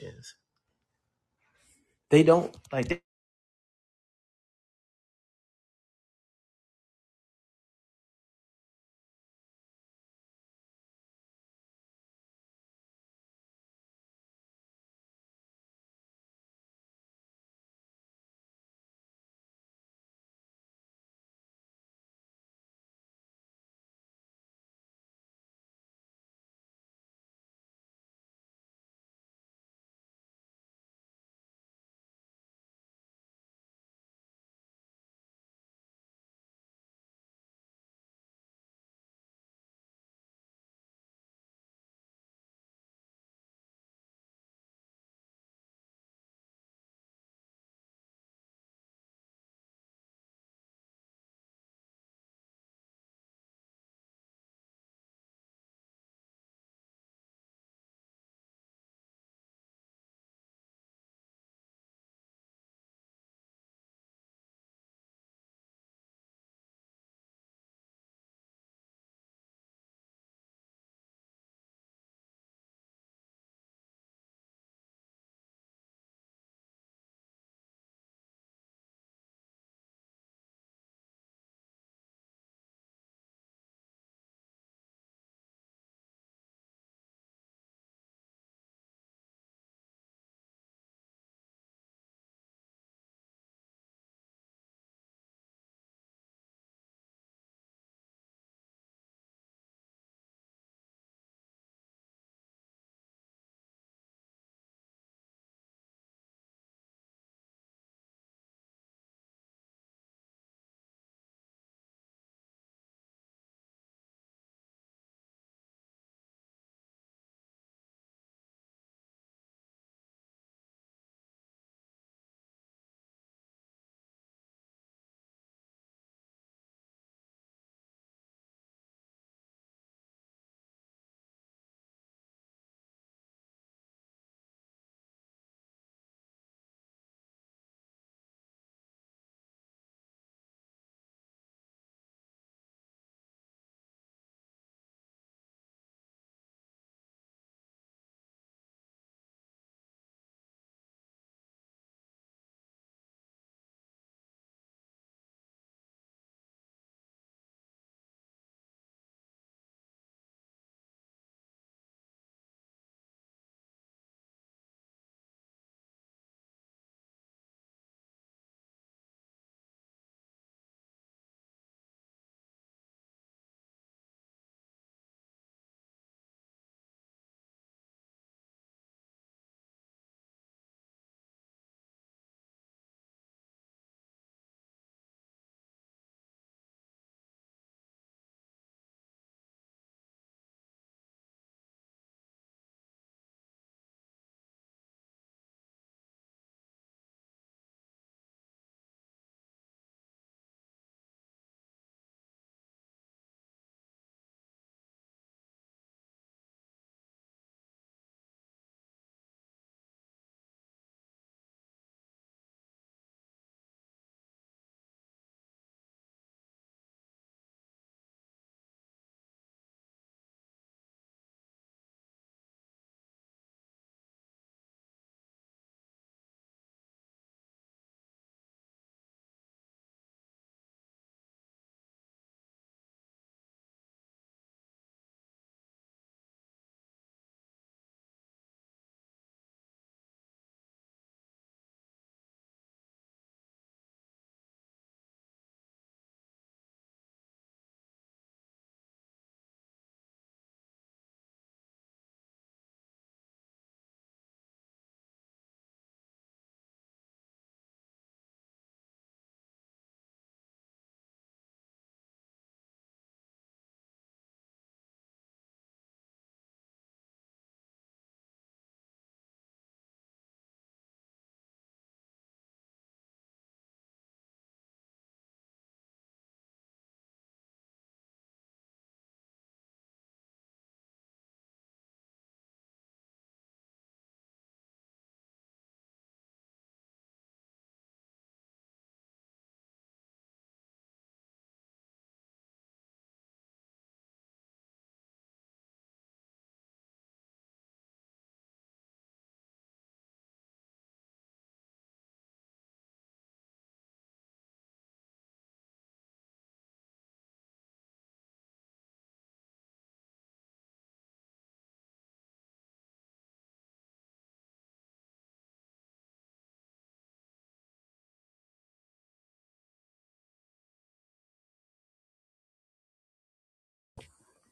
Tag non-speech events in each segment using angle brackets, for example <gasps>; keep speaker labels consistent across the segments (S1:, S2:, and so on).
S1: Yes. They don't.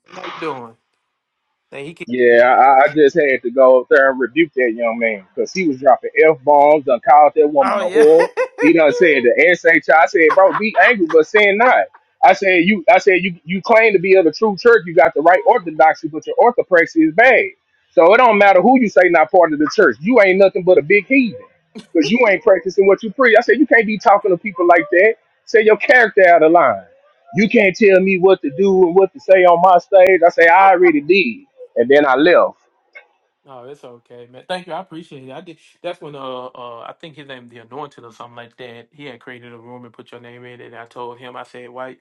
S1: How you doing? Hey, he can.
S2: Yeah, I, I just had to go up there and rebuke that young man because he was dropping f bombs. Done called that woman
S1: Oh
S2: a
S1: yeah.
S2: whore. He done
S1: <laughs>
S2: said the sh. I I said, bro, be angry, but sin not. I said, you. I said, you. You claim to be of the true church. You got the right orthodoxy, but your orthopraxy is bad. So it don't matter who you say not part of the church. You ain't nothing but a big heathen because you ain't practicing what you preach. I said, you can't be talking to people like that. Say your character out of line. You can't tell me what to do and what to say on my stage. I say, I already did and then I left.
S1: no, it's okay, man. Thank you. I appreciate it. I did. That's when uh, uh I think his name the Anointed or something like that. He had created a room and put your name in it. And I told him, I said, why,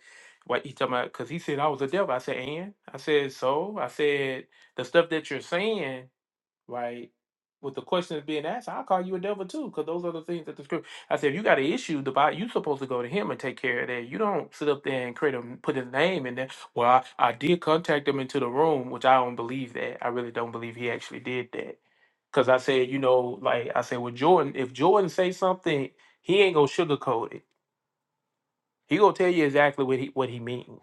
S1: why he talking about? Because he said I was a devil. I said, and I said, so I said the stuff that you're saying. right? With the question that's being asked, I'll call you a devil too, because those are the things that the script. I said, if you got an issue, the Bible, you supposed to go to him and take care of that. You don't sit up there and create him, put his name in there. Well, I, I did contact him into the room, which I don't believe that. I really don't believe he actually did that. Because I said, you know, like I said, well, Jordan, if Jordan say something, he ain't gonna sugarcoat it. He gonna tell you exactly what he what he means.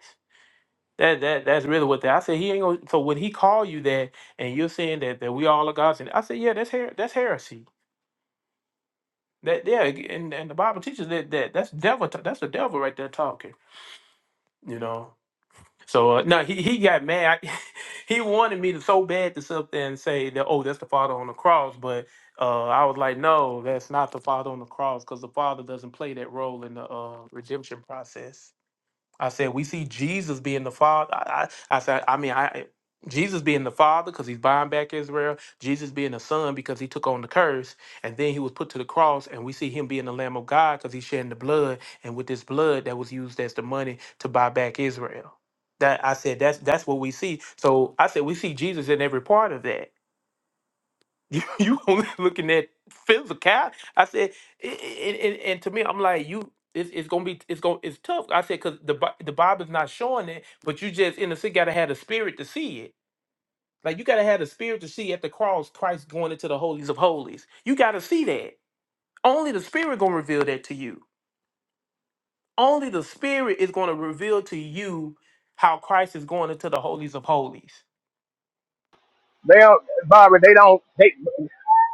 S1: That that that's really what that. I said he ain't gonna. So when he call you that, and you're saying that that we all are gods, and I said, yeah, that's her that's heresy That yeah, and, and the Bible teaches that that that's devil. ta- That's the devil right there talking. You know. So uh, no, he he got mad. <laughs> he wanted me to so bad to sit up there and say that oh that's the Father on the cross, but uh, I was like no, that's not the Father on the cross because the Father doesn't play that role in the uh, redemption process. I said, we see Jesus being the father. I, I, I said, I mean, I Jesus being the father because he's buying back Israel. Jesus being the son because he took on the curse, and then he was put to the cross. And we see him being the Lamb of God because he's shedding the blood, and with this blood that was used as the money to buy back Israel. That I said, that's that's what we see. So I said, we see Jesus in every part of that you <laughs> you only looking at physical. I said, and, and, and to me, I'm like, you, it's, it's gonna be, it's gonna, it's tough. I said, cause the Bi- the Bible's not showing it, but you just in the sense gotta have the spirit to see it. Like you gotta have the spirit to see at the cross, Christ going into the holies of holies. You gotta see that. Only the spirit gonna reveal that to you. Only the spirit is gonna reveal to you how Christ is going into the holies of holies.
S2: They don't, Bobby, they don't, they,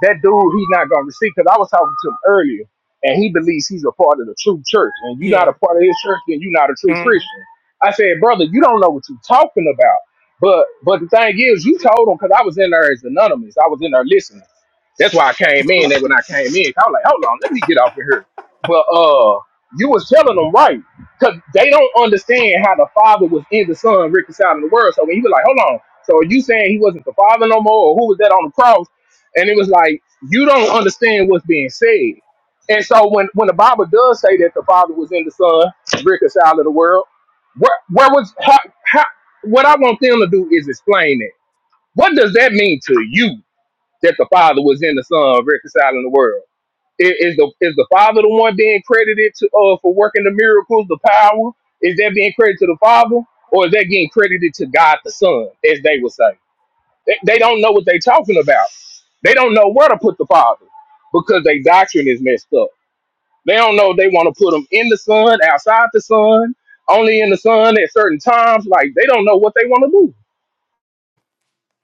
S2: that dude, he's not going to receive, because I was talking to him earlier, and he believes he's a part of the true church, and you're not
S1: Yeah.
S2: a part of his church, then you're not a true Christian. I said, brother, you don't know what you're talking about. But, but the thing is, you told him, because I was in there as anonymous. I was in there listening. That's why I came in, and when I came in, I was like, hold on, let me get off of here. But, uh, you was telling them right, because they don't understand how the Father was in the Son reconciling the world. So when he was like, hold on, So are you saying he wasn't the father no more, or who was that on the cross? And it was like you don't understand what's being said. And so when when the Bible does say that the Father was in the Son, reconciled to the world, where where was how, how, what I want them to do is explain it. What does that mean to you that the Father was in the Son, reconciling the world? I- Is the is the Father the one being credited to uh for working the miracles, the power? Is that being credited to the Father, or is that getting credited to God the Son, as they would say? They, they don't know what they're talking about. They don't know where to put the Father because their doctrine is messed up. They don't know if they want to put them in the sun, outside the sun, only in the sun at certain times. Like they don't know what they want to do.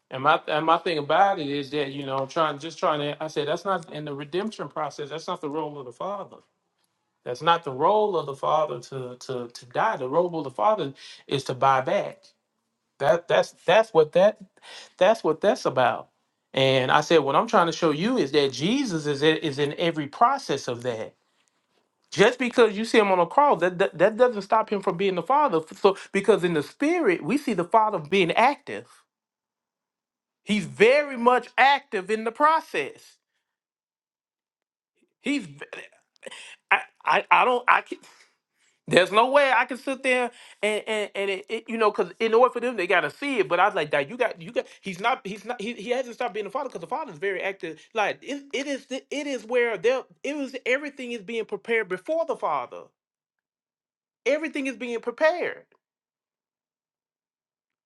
S1: And my and my thing about it is that you know I'm trying just trying to I said that's not in the redemption process that's not the role of the father that's not the role of the father to to to die the role of the father is to buy back that that's that's what that that's what that's about and I said what I'm trying to show you is that Jesus is in- is in every process of that just because you see him on a cross that that, that doesn't stop him from being the father so because in the spirit we see the father being active He's very much active in the process. He's v- I I, I don't I can, there's no way I can sit there and and, and it, it- you know because in order for them they gotta see it. But I was like that you got you got he's not he's not he, he hasn't stopped being a father because the father is very active. Like it, it is the- it is where there it was everything is being prepared before the father. Everything is being prepared.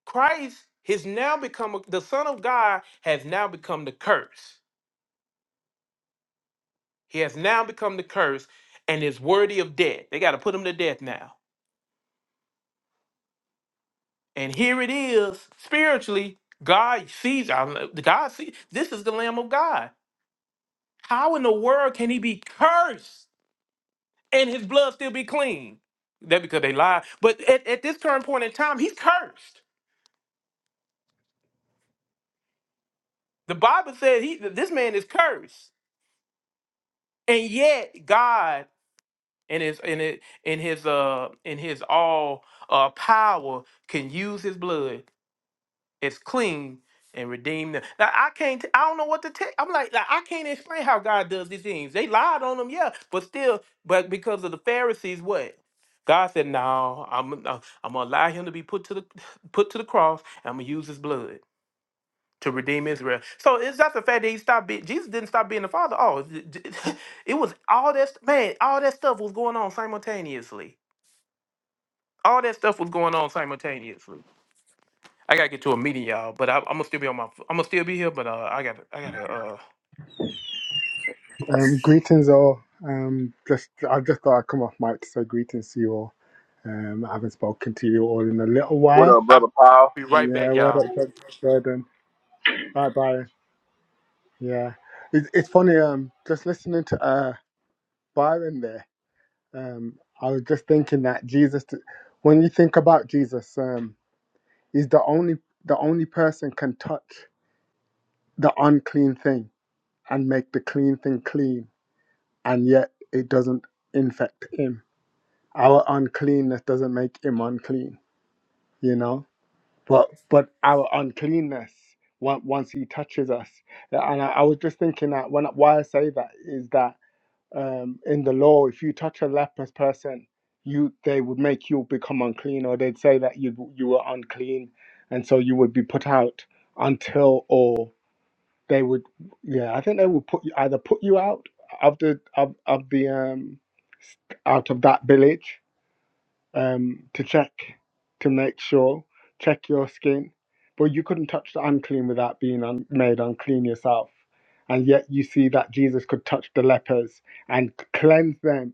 S1: Christ has now become a- the son of God has now become the curse. He has now become the curse and is worthy of death. They got to put him to death now. And here it is spiritually. God sees, I'm- God sees, this is the Lamb of God. How in the world can he be cursed and his blood still be clean? That because they lied. But at, at this current point in time, he's cursed. The Bible says he, this man is cursed. And yet God in his in it in his uh in his all uh power can use his blood It's clean and redeemed them. Now I can't. I don't know what to tell. I'm like, like, I can't explain how God does these things. They lied on them, yeah, but still, but because of the Pharisees, what? God said, "No, I'm uh, I'm gonna allow him to be put to the put to the cross. And I'm gonna use his blood to redeem Israel." So it's not the fact that he stopped being Jesus didn't stop being the Father. Oh, it it- <laughs> it was all that st- man, all that stuff was going on simultaneously. All that stuff was going on simultaneously. I gotta get to a meeting, y'all. But I, I'm gonna still be on my. I'm gonna still be here, but uh, I got. to I gotta. Uh,
S3: Um, greetings all. Um, just I just thought I'd come off mic to say greetings to you all. Um, I haven't spoken to you all in a little
S2: What
S3: while.
S2: up,
S1: I'll
S2: brother Paul?
S1: be right
S3: Yeah,
S1: back,
S3: where
S1: y'all.
S3: up, Doc Gordon? Bye bye. Yeah, it, it's funny. Um, just listening to uh Byron there. Um, I was just thinking that Jesus. When you think about Jesus, um, he's the only the only person can touch the unclean thing and make the clean thing clean, and yet it doesn't infect him Our uncleanness doesn't make him unclean, you know. But but our uncleanness on- once he touches us, and I, I was just thinking that when why I say that is that um, in the law, if you touch a leprous person, you they would make you become unclean, or they'd say that you you were unclean, and so you would be put out until or they would yeah I think they would put you either put you out of the of of the um out of that village um, to check to make sure check your skin. But you couldn't touch the unclean without being un- made unclean yourself. And yet you see that Jesus could touch the lepers and cleanse them.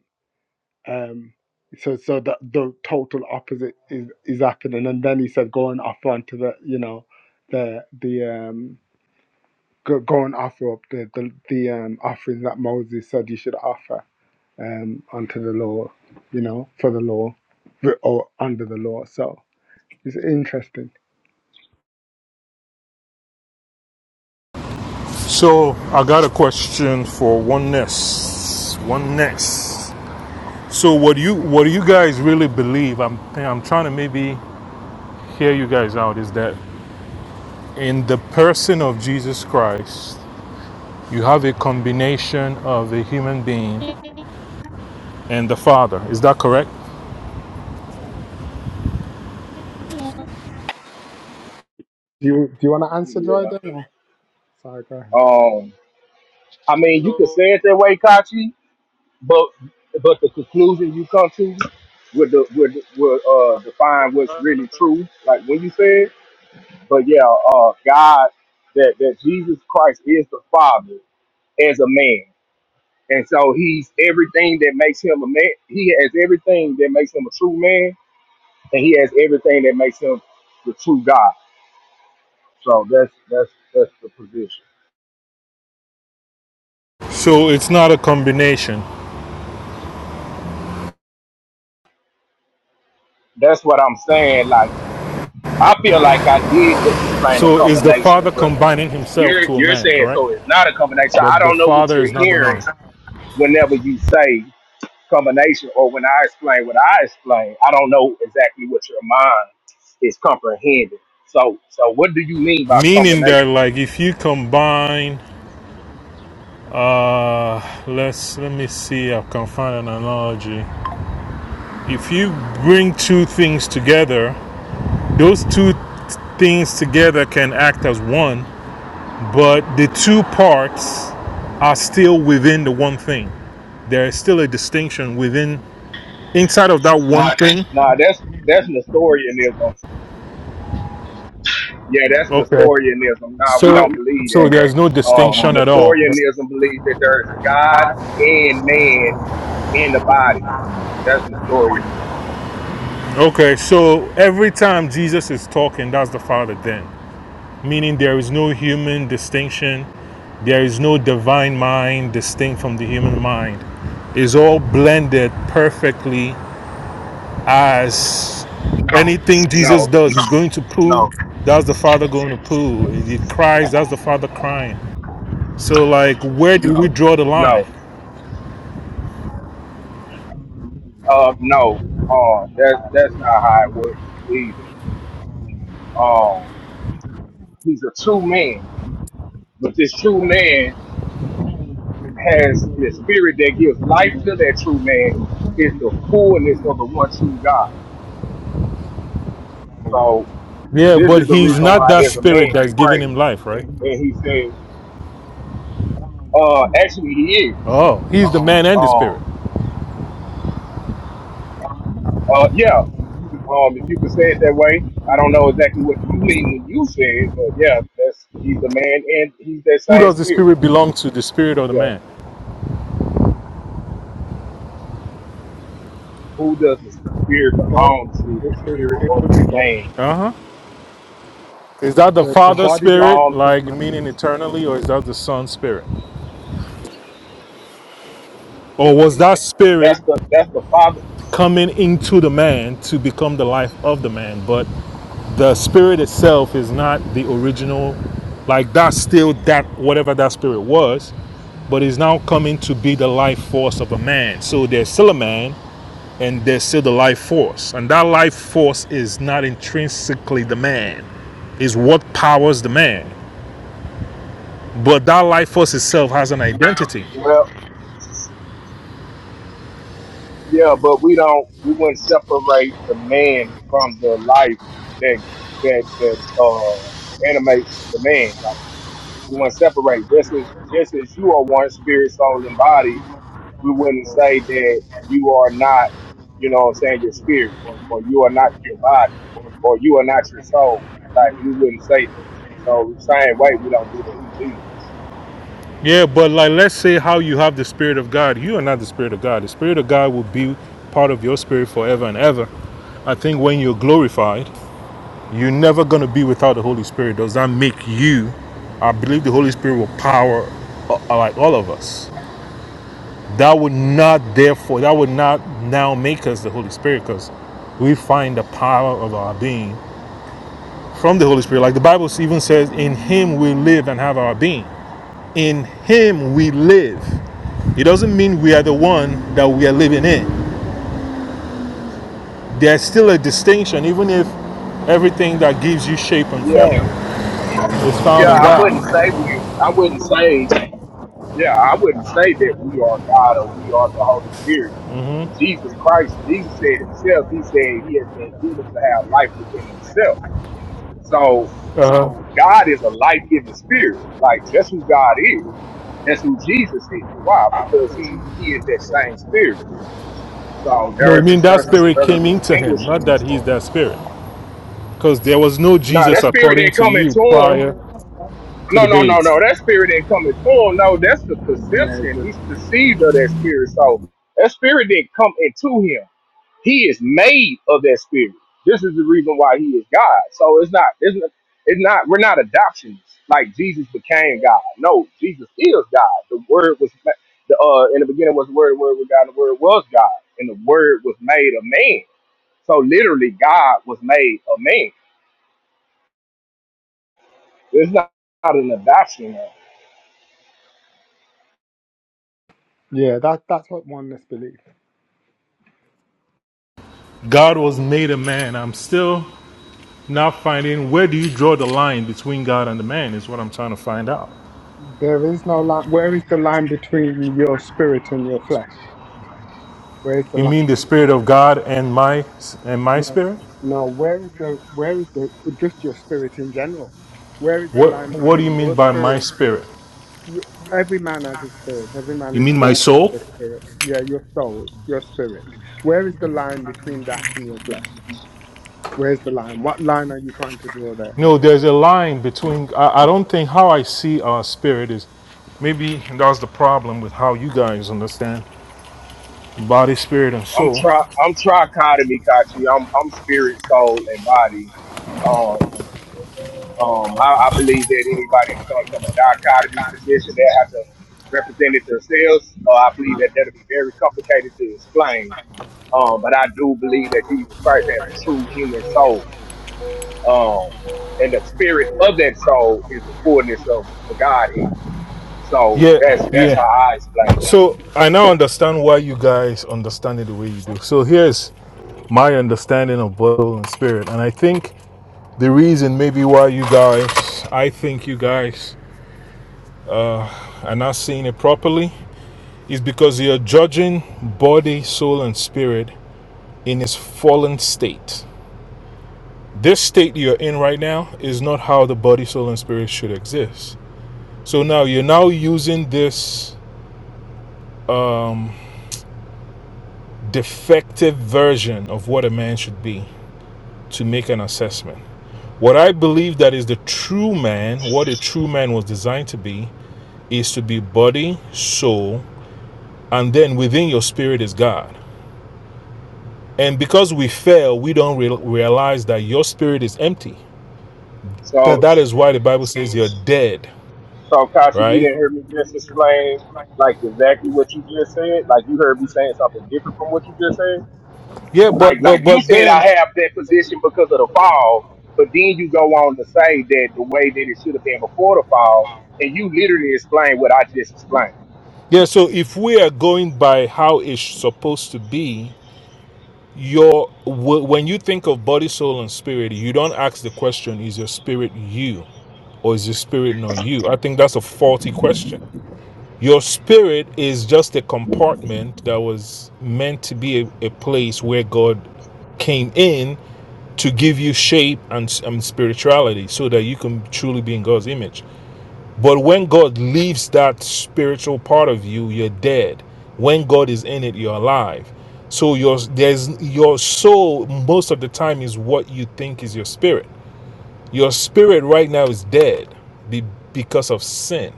S3: Um, so so that the total opposite is, is happening. And then he said, go and offer unto the you know the the um go, go and offer up the the, the um, offering that Moses said you should offer um, onto the law, you know, for the law or under the law. So it's interesting.
S4: So I got a question for oneness. Oneness. So what do you what do you guys really believe? I'm I'm trying to maybe hear you guys out. Is that in the person of Jesus Christ, you have a combination of a human being and the Father. Is that correct?
S3: Do you do you want to answer,
S2: Yeah.
S3: Jordan? Or? Sorry, go ahead.
S2: Um. I mean, you could
S5: So,
S2: say it that way, Kachi, but but the conclusion you come to would de- would would uh define what's really true. Like when you said, but yeah, uh, God that that Jesus Christ is the Father as a man. And so he's everything that makes him a man. He has everything that makes him a true man, and he has everything that makes him the true God. So that's that's that's the position.
S4: So it's not a combination.
S2: That's what I'm saying. Like I feel like I did just explain a
S4: So is the Father
S2: combination, but
S4: combining himself
S2: you're
S4: to a
S2: you're
S4: man,
S2: saying
S4: correct?
S2: so it's not a combination. I
S4: But the
S2: don't know what
S4: Father is
S2: you're
S4: not the man.
S2: hearing whenever you say combination or when I explain what I explain. I don't know exactly what your mind is comprehending. So so what do you mean by
S4: Meaning
S2: combination?
S4: that like if you combine Uh, let's let me see. I can find an analogy. If you bring two things together, those two th- things together can act as one, but the two parts are still within the one thing. There is still a distinction within inside of that one Right. thing.
S2: Nah, that's that's Nestorianism. Yeah, that's
S4: Okay. Uh,
S2: Nestorianism. Nah,
S4: So
S2: we don't believe
S4: so okay. there's no
S2: that. Um,
S4: distinction at all.
S2: Nestorianism believes that there's God and man in the body. That's Nestorianism.
S4: Okay, so every time Jesus is talking, that's the Father then. Meaning there is no human distinction, There is no divine mind distinct from the human mind. It's all blended perfectly as anything Jesus
S2: No,
S4: does, he's going to poo.
S2: no,
S4: That's the Father going to poo. He cries, that's the Father crying. So, like, where do we draw the line?
S2: no, uh, no. Um, that that's not how it works either. Um, he's a true man, but this true man has the spirit that gives life to that true man. Is the fullness of the one true God. So,
S4: Yeah,
S2: This
S4: but
S2: is the
S4: he's
S2: reason
S4: not
S2: why,
S4: that
S2: as a
S4: spirit
S2: man, he
S4: that's giving
S2: prays
S4: him life, right?
S2: and he says, "Uh, actually, he is."
S4: Oh, he's the man and the
S2: Um,
S4: spirit.
S2: uh, yeah. Um, if you can say it that way, I don't know exactly what you mean when you say it, but yeah, that's he's the man and he's that
S4: Who
S2: same
S4: does the
S2: spirit.
S4: spirit belong to, the spirit or the
S2: Yeah.
S4: man?
S2: Who does the spirit
S3: Both.
S2: belong to, the
S3: It, it,
S2: spirit
S3: it
S2: or
S3: would
S2: the
S3: be both.
S2: man?
S4: Uh huh. Is that the
S3: The the
S4: Father
S3: body belongs
S4: spirit,
S2: Um,
S3: to
S4: like
S3: man.
S4: meaning eternally, or is that the Son spirit? or
S3: It,
S4: was that spirit
S2: that's the that's the father.
S4: coming into the man to become the life of the man but the spirit itself is not the original like that's still that whatever that spirit was but is now coming to be the life force of a man so there's still a man and there's still the life force and that life force is not intrinsically the man is what powers the man but that life force itself has an identity
S2: Well. Yeah, but we don't. We wouldn't separate the man from the life that that that uh, animates the man. Like we wouldn't separate. Just as just as you are one spirit, soul, and body, we wouldn't say that you are not. You know, what I'm saying your spirit, or you are not your body, or you are not your soul. Like we wouldn't say that. So same way, we don't do that to Jesus.
S4: Yeah, but like let's say how you have the spirit of God, you are not the spirit of God. The spirit of God will be part of your spirit forever and ever. I think when you're glorified, you're never going to be without the Holy Spirit. Does that make you? I believe the Holy Spirit will power uh, uh, like all of us. That would not therefore that would not now make us the Holy Spirit because we find the power of our being from the Holy Spirit. Like the Bible even says, in him we live and have our being. In him we live It doesn't mean we are the one that we are living in. There's still a distinction, even if everything that gives you shape and
S2: Yeah,
S4: form is
S2: yeah.
S4: found in
S2: I wouldn't
S4: God.
S2: say we. I wouldn't say. Yeah, I wouldn't say that we are God or we are the Holy Spirit. But Jesus Christ, Jesus said himself, he said he has been given to have life within himself. So
S4: Uh-huh.
S2: God is a life giving spirit. Like that's who God is. That's who Jesus is. Why? Because he he is that same spirit. So
S4: No, we
S2: there's
S4: mean that
S2: there's a
S4: spirit
S2: there's a
S4: came into him,
S2: distinguishing
S4: not that he's
S2: between
S4: that spirit. Because there was no
S2: no
S4: Jesus
S2: that spirit
S4: according
S2: that
S4: to
S2: coming
S4: you
S2: to him.
S4: prior to
S2: No,
S4: the
S2: no, no,
S4: baby.
S2: no. That spirit that coming to him. No, that's the
S3: no, it
S2: perception. He's
S3: didn't.
S2: perceived of that spirit. So that spirit didn't come into him. He is made of that spirit. This is the reason why he is God. So it's not, it's not, it's not we're not adoptions like Jesus became God. No, Jesus is God. The word was ma- the uh in the beginning was the word, the word was God, and the word was God, and the word was made a man. So literally God was made a man. It's not, not an adoption. Man.
S3: Yeah, that that's what oneness believes.
S4: God was made a man. I'm still not finding where do you draw the line between God and the man is what I'm trying to find out.
S3: There is no line. Where is the line between your spirit and your flesh? Where is the
S4: You mean
S3: line?
S4: the spirit of God and my and my
S3: No,
S4: spirit?
S3: no. Where is the where is the just your spirit in general? Where is the
S4: What
S3: line
S4: what do you
S3: between
S4: mean
S3: your
S4: by my
S3: spirit?
S4: spirit?
S3: You, every man has a spirit. Every man
S4: You
S3: is
S4: mean my
S3: born
S4: soul?
S3: with a spirit. Yeah, your soul, your spirit. Where is the line between that and your flesh? Where's the line? What line are you trying to draw there?
S4: No, there's a line between. I, I don't think how I see our spirit is. Maybe and that's the problem with how you guys understand body, spirit, and
S2: I'm
S4: soul.
S2: tri I'm trichotomy, Kachi. I'm I'm spirit, soul, and body. Um, Um, I, I believe that anybody who comes from a dichotomy position, they have to represent it themselves. Uh, I believe that that'll be very complicated to explain. Um, but I do believe that Jesus Christ has a true human soul. Um, and the spirit of that soul is the fullness of the Godhead. So
S4: Yeah,
S2: that's that's
S4: yeah.
S2: how I explain it.
S4: So I now understand why you guys understand it the way you do. So here's my understanding of soul and spirit. And I think the reason maybe why you guys, I think you guys are not seeing it properly is because you're judging body, soul, and spirit in its fallen state. this state you're in right now is not how the body, soul, and spirit should exist. So now you're now using this defective version of what a man should be to make an assessment. What I believe that is the true man, what a true man was designed to be, is to be body, soul, and then within your spirit is God. And because we fail, we don't re- realize that your spirit is empty. That
S2: So,
S4: that is why the Bible says you're dead,
S2: so Kasha, you
S4: right?
S2: didn't hear me just explain like exactly what you just said. Like you heard me saying something different from what you just said.
S4: Yeah,
S2: Like
S4: but
S2: like
S4: but
S2: you
S4: but
S2: said, I
S4: then
S2: have that position because of the fall, but then you go on to say that the way that it should have been before the fall, and you literally explain what I just explained.
S4: Yeah, so if we are going by how it's supposed to be, your wh- when you think of body, soul, and spirit, you don't ask the question: Is your spirit you, or is your spirit not you? I think that's a faulty question. Your spirit is just a compartment that was meant to be a, a place where God came in to give you shape and, and spirituality, so that you can truly be in God's image. But when God leaves that spiritual part of you, you're dead. When God is in it, you're alive. So your there's your soul most of the time is what you think is your spirit. Your spirit right now is dead be- because of sin.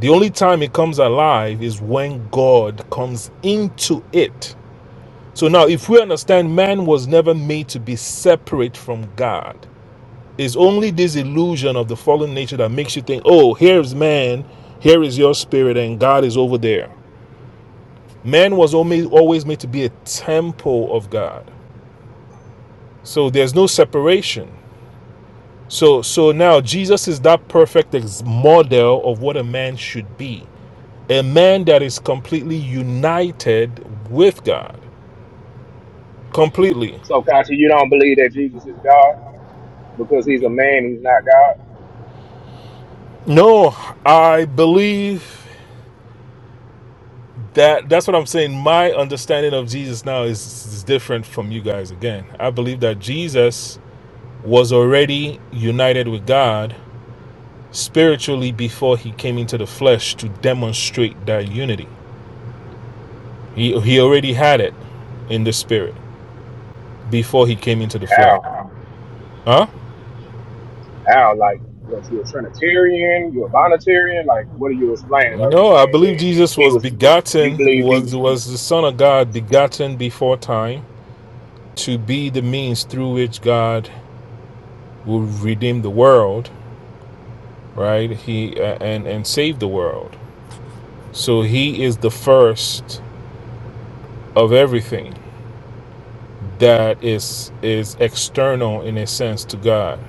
S4: The only time it comes alive is when God comes into it. So now if we understand man was never made to be separate from God. It's only this illusion of the fallen nature that makes you think, oh, here's man, here is your spirit, and God is over there. Man was alme- always made to be a temple of God. So there's no separation. So so now Jesus is that perfect model of what a man should be. A man that is completely united with God. Completely.
S2: So, Kachi, you don't believe that Jesus is God because he's a man, he's not God?
S4: No, I believe that that's what I'm saying. My understanding of Jesus now is, is different from you guys again. I believe that Jesus was already united with God spiritually before he came into the flesh to demonstrate that unity. He he already had it in the spirit before he came into the flesh.
S2: How?
S4: Huh?
S2: How? Like, what, you're a Trinitarian? You're a Bonitarian? Like, what are you explaining? Are you
S4: No, I
S2: saying
S4: believe
S2: that
S4: Jesus
S2: he
S4: was
S2: was, you
S4: begotten,
S2: believe
S4: was
S2: he's,
S4: was the Son of God begotten before time to be the means through which God will redeem the world right? He uh, and and saved the world. So he is the first of everything that is is external in a sense to God,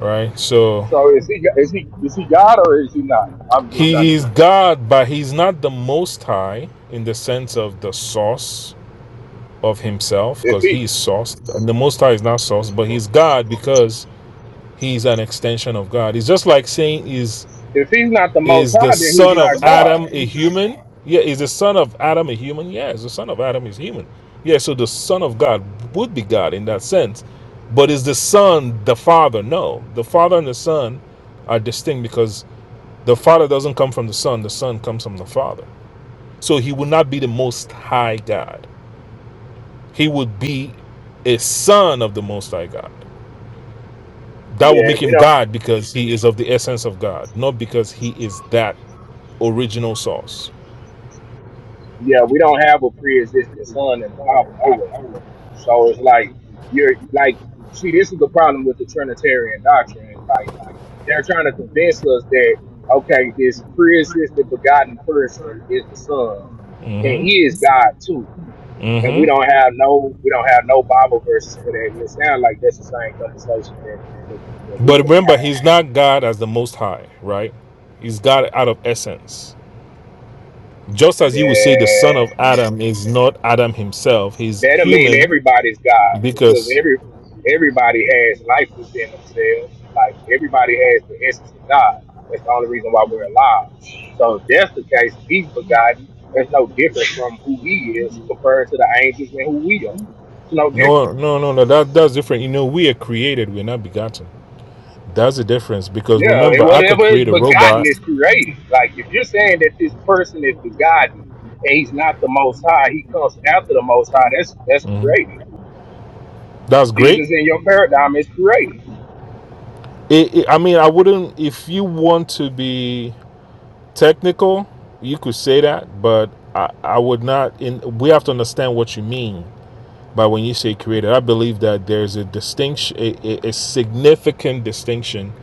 S4: right? So
S2: so is he, is he, is he God or is he not? I'm just trying
S4: he
S2: to
S4: is
S2: get that.
S4: God, but he's not the most high in the sense of the source of himself
S2: If
S4: because
S2: he,
S4: he is source. And the most high is not source, but he's God because he's an extension of God. It's just like saying is
S2: if he's not the most
S4: Is the
S2: high, then he's
S4: son of
S2: not God.
S4: Adam a human? Yeah, is the son of Adam a human? Yes, the son of Adam is human. Yeah, so the son of God would be God in that sense. But is the son the father? No. The father and the son are distinct because the father doesn't come from the son, the son comes from the father. So he would not be the most high God. He would be a son of the most high God. That would
S2: Yeah,
S4: make
S2: we
S4: him
S2: don't.
S4: God because he is of the essence of God, not because he is that original source.
S2: Yeah, we don't have a pre-existing son in the Bible nowhere. So it's like you're like, see, this is the problem with the Trinitarian doctrine. It's like they're trying to convince us that okay, this pre-existing begotten person is the son, and
S4: Mm-hmm.
S2: he is God too. And we
S4: hmm
S2: don't have no, we don't have no Bible verses for that. And it sounds like that's the same conversation that that, that we
S4: But
S2: can have.
S4: remember, he's not God as the Most High, right? He's God out of essence. Just as you would say the son
S2: Yeah,
S4: of Adam is not Adam himself, he's
S2: that don't mean
S4: human
S2: everybody's God because
S4: because
S2: every everybody has life within themselves. Like everybody has the essence of God. That's the only reason why we're alive. So if that's the case, if he's begotten, there's no difference from who he is compared to the angels and who we are. It's no difference.
S4: no, no, no, no, that, that's different. You know, we are created, we're not begotten. That's the difference because
S2: Yeah, and
S4: remember, I could
S2: whatever is
S4: create a
S2: begotten
S4: robot.
S2: is created. Like if you're saying that this person is begotten and he's not the most high, he comes after the most high, that's that's
S4: Mhm.
S2: created.
S4: That's great.
S2: Jesus in your paradigm is created.
S4: It, it, I mean, I wouldn't, if you want to be technical, you could say that, but I, I would not. In, we have to understand what you mean But when you say created, I believe that there's a distinction, a, a, significant distinction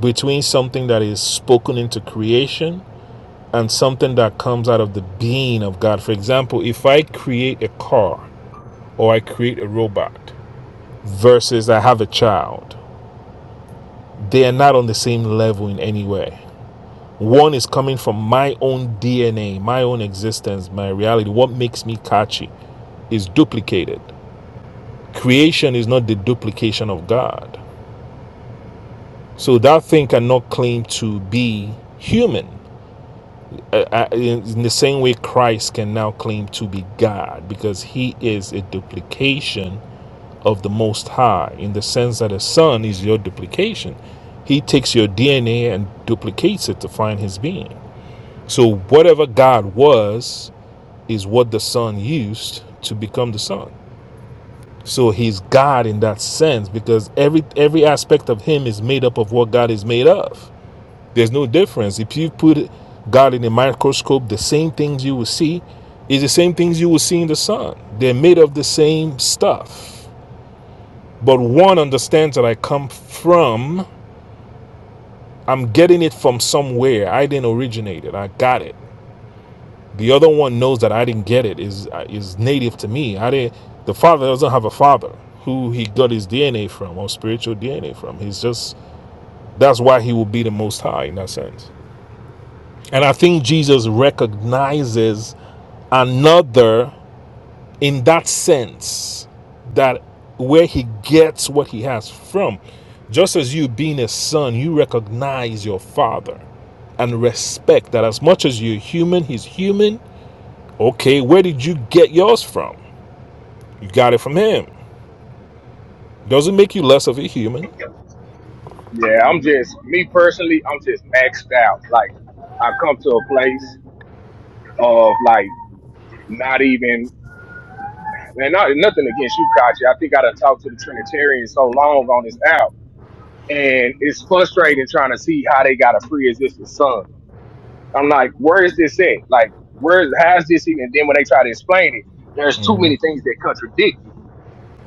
S4: between something that is spoken into creation and something that comes out of the being of God. For example, if I create a car or I create a robot versus I have a child, they are not on the same level in any way. One is coming from my own DNA, my own existence, my reality. What makes me catchy is duplicated. Creation is not the duplication of God. So that thing cannot claim to be human. Uh, uh, in the same way, Christ can now claim to be God because he is a duplication of the Most High in the sense that a son is your duplication. He takes your DNA and duplicates it to find his being. So, whatever God was, is what the son used to become the son. So, he's God in that sense because every, every aspect of him is made up of what God is made of. There's no difference. If you put God in a microscope, the same things you will see is the same things you will see in the sun. They're made of the same stuff. But one understands that I come from, I'm getting it from somewhere. I didn't originate it. I got it. The other one knows that I didn't get it. Is uh, is native to me. I didn't. The father doesn't have a father who he got his DNA from or spiritual DNA from. He's just that's why he will be the most high in that sense. And I think Jesus recognizes another in that sense that where he gets what he has from just as you being a son you recognize your father and respect that as much as you're human he's human okay where did you get yours from you got it from him doesn't make you less of a human
S2: Yeah, I'm just me personally. I'm just maxed out. Like I come to a place of like not even and not nothing against you, Kachi. I think I done talked to the Trinitarians so long on this app, and it's frustrating trying to see how they got a pre-existing son. I'm like, where is this at? Like, where how's this even? And then when they try to explain it, there's too
S4: Mhm.
S2: many things that contradict it,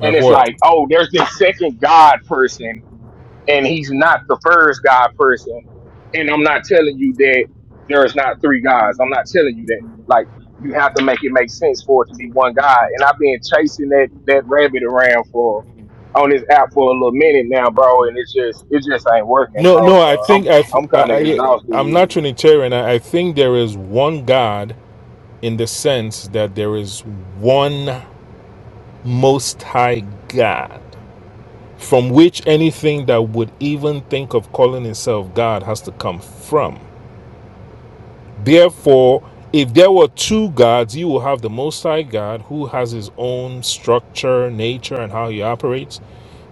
S2: and it's
S4: what
S2: like, oh, there's this second God person and he's not the first God person. And I'm not telling you that there's not three gods. I'm not telling you that. Like you have to make it make sense for it to be one God. And I've been chasing that that rabbit around for on this app for a little minute now, bro. And it's just it just ain't working,
S4: no
S2: bro.
S4: no i
S2: So I'm
S4: think i
S2: I'm
S4: i,
S2: kind of
S4: I
S2: exhausted
S4: i'm
S2: with
S4: not
S2: it.
S4: trinitarian I, I think there is one god in the sense that there is one Most High God, from which anything that would even think of calling itself God has to come from. Therefore, if there were two gods, you will have the Most High God, who has his own structure, nature, and how he operates.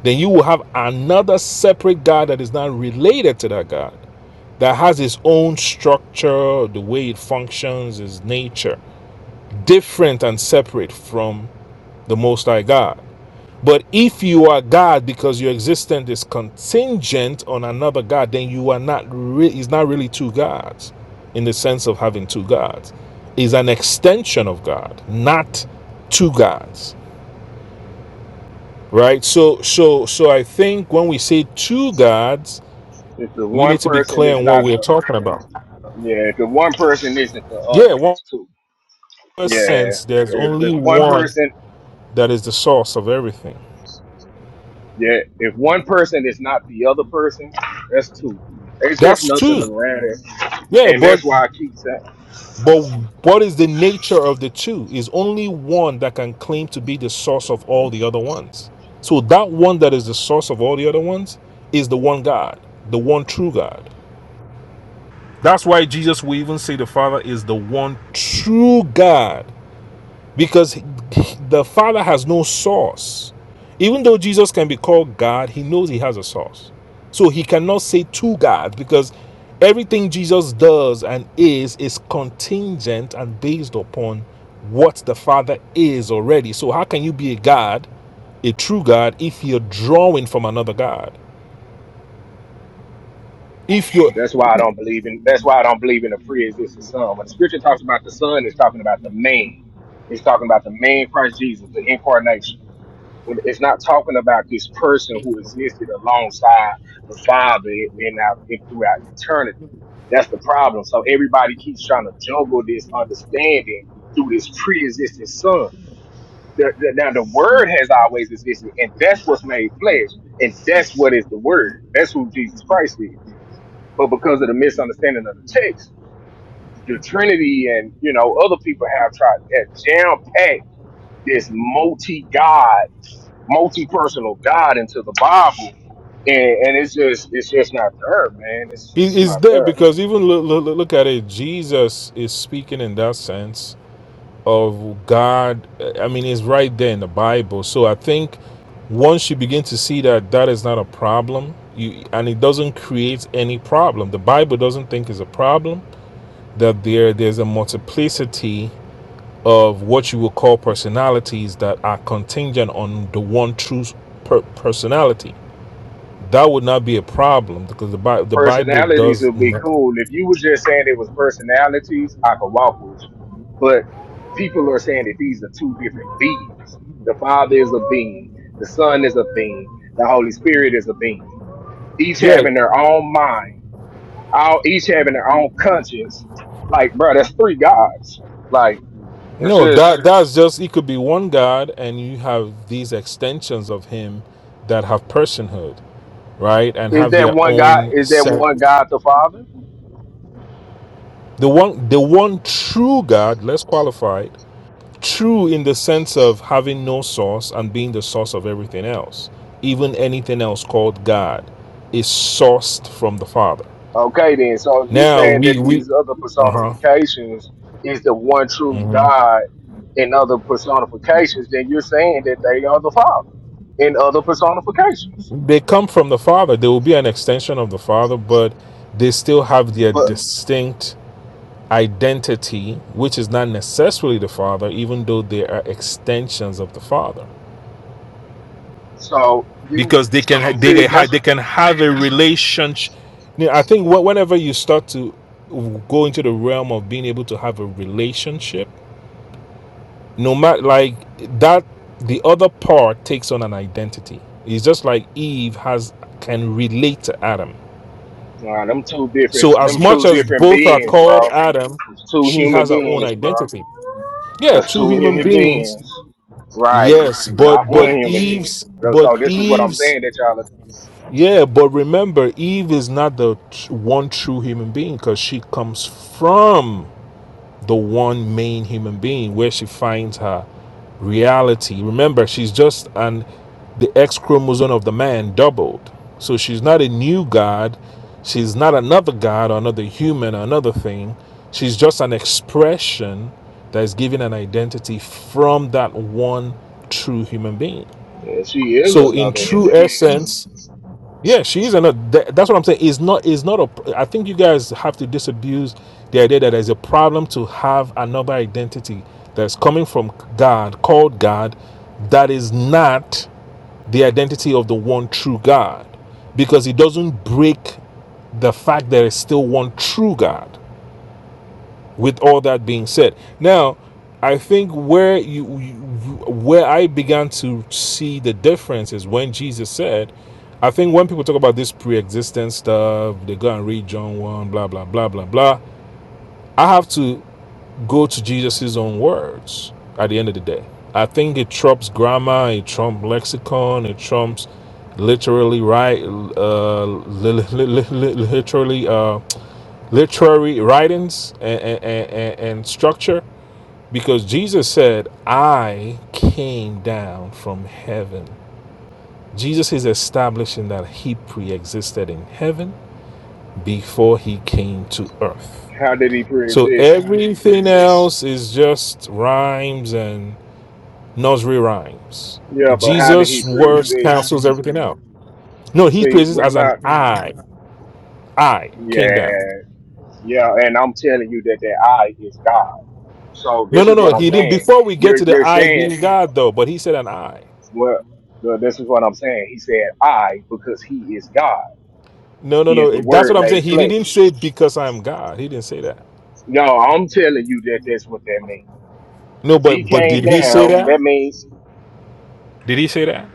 S4: Then you will have another separate God that is not related to that God, that has his own structure, the way it functions, his nature, different and separate from the Most High God. But if you are God because your existence is contingent on another God, then you are not really, it's not really two gods in the sense of having two gods. Is an extension of God, not two gods. Right? So so so I think when we say two gods,
S2: If the
S4: we
S2: one
S4: need to be
S2: person
S4: clear
S2: is
S4: on what
S2: not
S4: we're
S2: the
S4: talking about.
S2: yeah, if the one person isn't the
S4: Yeah,
S2: other,
S4: one
S2: that's two. Yeah.
S4: sense there's
S2: If, if
S4: only
S2: one
S4: one
S2: person
S4: that is the source of everything.
S2: Yeah, if one person is not the other person, that's two. There's just
S4: That's two.
S2: nothing
S4: No,
S2: around it,
S4: Yeah,
S2: and that's
S4: but
S2: why I keep saying,
S4: But
S2: okay.
S4: what is the nature of the two? Is only one that can claim to be the source of all the other ones. So that one that is the source of all the other ones is the one God, the one true God. That's why Jesus will even say the Father is the one true God because the Father has no source. Even though Jesus can be called God, he knows he has a source. So he cannot say two gods because everything Jesus does and is is contingent and based upon what the Father is already. So how can you be a God, a true God, if you're drawing from another God? If you're
S2: That's why I don't believe in. That's why I don't believe in a pre-existing son. When the scripture talks about the son, it's talking about the man. It's talking about the man Christ Jesus, the incarnation. When it's not talking about this person who existed alongside the Father in our in, throughout eternity. That's the problem. So everybody keeps trying to juggle this understanding through this pre-existing son The, the, now the word has always existed, and that's what's made flesh, and that's what is the word. That's who Jesus Christ is. But because of the misunderstanding of the text, the Trinity and you know other people have tried to jam pack this multi-God, multi-personal God into the Bible, and, and it's just it's just not there, man. It's, it's
S4: is
S2: not
S4: there
S2: there.
S4: because even look, look, look at it, Jesus is speaking in that sense of God, I mean, it's right there in the Bible. So I think once you begin to see that that is not a problem, you and it doesn't create any problem. The Bible doesn't think it's a problem that there there's a multiplicity of what you would call personalities that are contingent on the one true per- personality. That would not be a problem because the Bi- the Bible
S2: personalities
S4: does.
S2: would be cool. If you were just saying it was personalities, I could walk with you. But people are saying that these are two different beings. The Father is a being, the Son is a being, the Holy Spirit is a being. Each
S4: Yeah,
S2: having their own mind, all each having their own conscience. Like, bro, that's three gods. Like, it's
S4: No,
S2: just
S4: that that's just it could be one God and you have these extensions of him that have personhood, right? And
S2: is
S4: have
S2: that
S4: their
S2: one God?
S4: own
S2: Is that
S4: set.
S2: one God the Father?
S4: The one the one true God, less qualified, true in the sense of having no source and being the source of everything else. Even anything else called God is sourced from the Father.
S2: Okay, then. So you're
S4: Now
S2: saying that
S4: we we
S2: these other
S4: uh-huh.
S2: personifications is the one true
S4: hmm
S2: God in other personifications, then you're saying that they are the Father in other personifications.
S4: They come from the Father. They will be an extension of the Father, but they still have their
S2: But
S4: distinct identity, which is not necessarily the Father, even though they are extensions of the Father,
S2: so you
S4: because they can they
S2: see,
S4: can
S2: that's
S4: they can have a relationship. I think whenever you start to go into the realm of being able to have a relationship, no matter like that, the other part takes on an identity. It's just like Eve has can relate to Adam.
S2: nah, them two different,
S4: So as
S2: them
S4: much
S2: two
S4: as
S2: different
S4: both are
S2: beings,
S4: called
S2: bro.
S4: Adam,
S2: It's two
S4: she
S2: human
S4: has her own
S2: beings, bro.
S4: identity. Yeah,
S2: That's
S4: two
S2: two
S4: human Right.
S2: human
S4: beings
S2: beings, right?
S4: Yes,
S2: Not
S4: but
S2: one
S4: but
S2: human being.
S4: Eve's
S2: So
S4: but
S2: this is what I'm
S4: Eve's
S2: saying that y'all. Are,
S4: yeah, but remember Eve is not the tr- one true human being cuz she comes from the one main human being where she finds her reality. Remember, she's just an the X chromosome of the man doubled. So she's not a new god, she's not another god or another human or another thing. She's just an expression that is given an identity from that one true human being.
S2: Yeah, she is
S4: So in
S2: another
S4: true
S2: human being.
S4: essence, yeah, she is another. ad- That's what I'm saying. It's not. It's not a. I think you guys have to disabuse the idea that there's a problem to have another identity that's coming from God, called God, that is not the identity of the one true God, because it doesn't break the fact there is still one true God with all that being said now i think where you, you where i began to see the difference is when jesus said i think when people talk about this pre-existent stuff they go and read john 1 blah blah blah blah blah i have to go to jesus' own words at the end of the day i think it trumps grammar it trumps lexicon it trumps literally right uh li- li- li- li- li- literally uh literary writings and, and, and, and structure because Jesus said, I came down from heaven. Jesus is establishing that he pre existed in heaven before he came to earth.
S2: How did he
S4: So
S2: pre-exist?
S4: everything else is just rhymes and nursery rhymes.
S2: Yeah, but how did he
S4: Jesus' words
S2: pre-exist?
S4: cancels everything out. No, he
S2: See,
S4: praises
S2: we're
S4: as an
S2: not.
S4: I. I came
S2: Yeah,
S4: down.
S2: yeah, and I'm telling you that that I is God. So
S4: No,
S2: this
S4: no,
S2: is
S4: no.
S2: what I'm
S4: He didn't.
S2: saying.
S4: Before we get
S2: You're
S4: to the
S2: you're
S4: I
S2: saying
S4: being God, though, but he said an I.
S2: well. the- This is what I'm saying. He said I because he is God.
S4: No, no,
S2: He is the
S4: no. That's
S2: Word
S4: what I'm
S2: made
S4: saying. He didn't
S2: flesh.
S4: say because I'm God. He didn't say that.
S2: No, I'm telling you that that's what that means.
S4: No,
S2: If
S4: but
S2: he
S4: but
S2: came
S4: did he say
S2: down,
S4: that?
S2: that means
S4: Did he say that?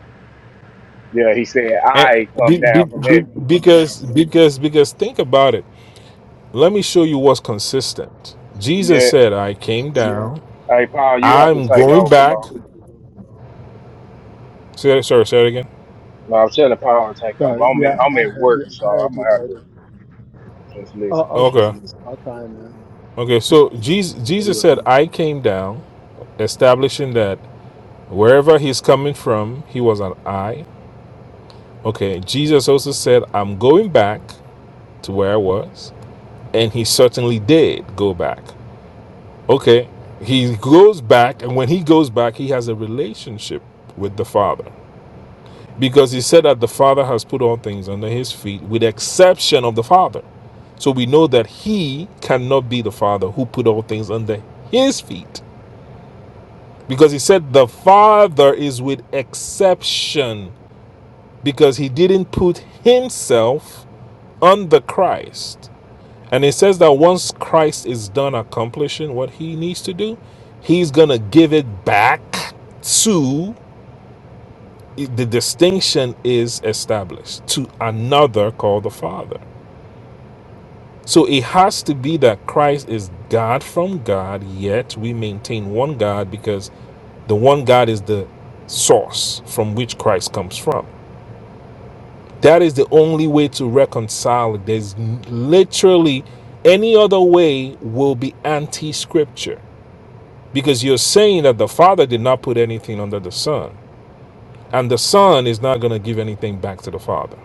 S2: yeah. He said
S4: And
S2: I come
S4: be, be,
S2: down from
S4: be-
S2: heaven.
S4: because because because think about it. Let me show you what's consistent. Jesus
S2: Yeah.
S4: said, "I came down.
S2: Hey Paul, you have to
S4: I'm
S2: take
S4: going
S2: over,
S4: back."
S2: bro.
S4: Say that, sorry, say it again.
S2: No, I'm telling the power to take over.
S3: So
S2: I'm at,
S3: yeah,
S2: I'm
S3: I
S2: at
S3: heard you.
S2: work,
S3: I
S2: so
S3: heard
S2: I'm
S3: you,
S2: gonna have to
S3: brother.
S2: just
S3: Oh,
S2: listen.
S3: okay.
S4: Okay,
S3: I'll try and uh,
S4: okay.
S3: pick
S4: So
S3: up
S4: Jesus
S3: from where you
S4: Jesus said,
S3: were.
S4: "I came down," establishing that wherever he's coming from, he was an I. Okay. Jesus also said, "I'm going back to where I was." and he certainly did go back. Okay, he goes back, and when he goes back, he has a relationship with the Father because he said that the Father has put all things under his feet, with the exception of the Father. So we know that he cannot be the Father who put all things under his feet because he said the Father is with exception because he didn't put himself under Christ. And it says that once Christ is done accomplishing what he needs to do, he's going to give it back to the distinction is established to another called the Father. So it has to be that Christ is God from God, yet we maintain one God because the one God is the source from which Christ comes from. That is the only way to reconcile. There's literally any other way will be anti scripture Because you're saying that the Father did not put anything under the Son, and the Son is not going to give anything back to the Father.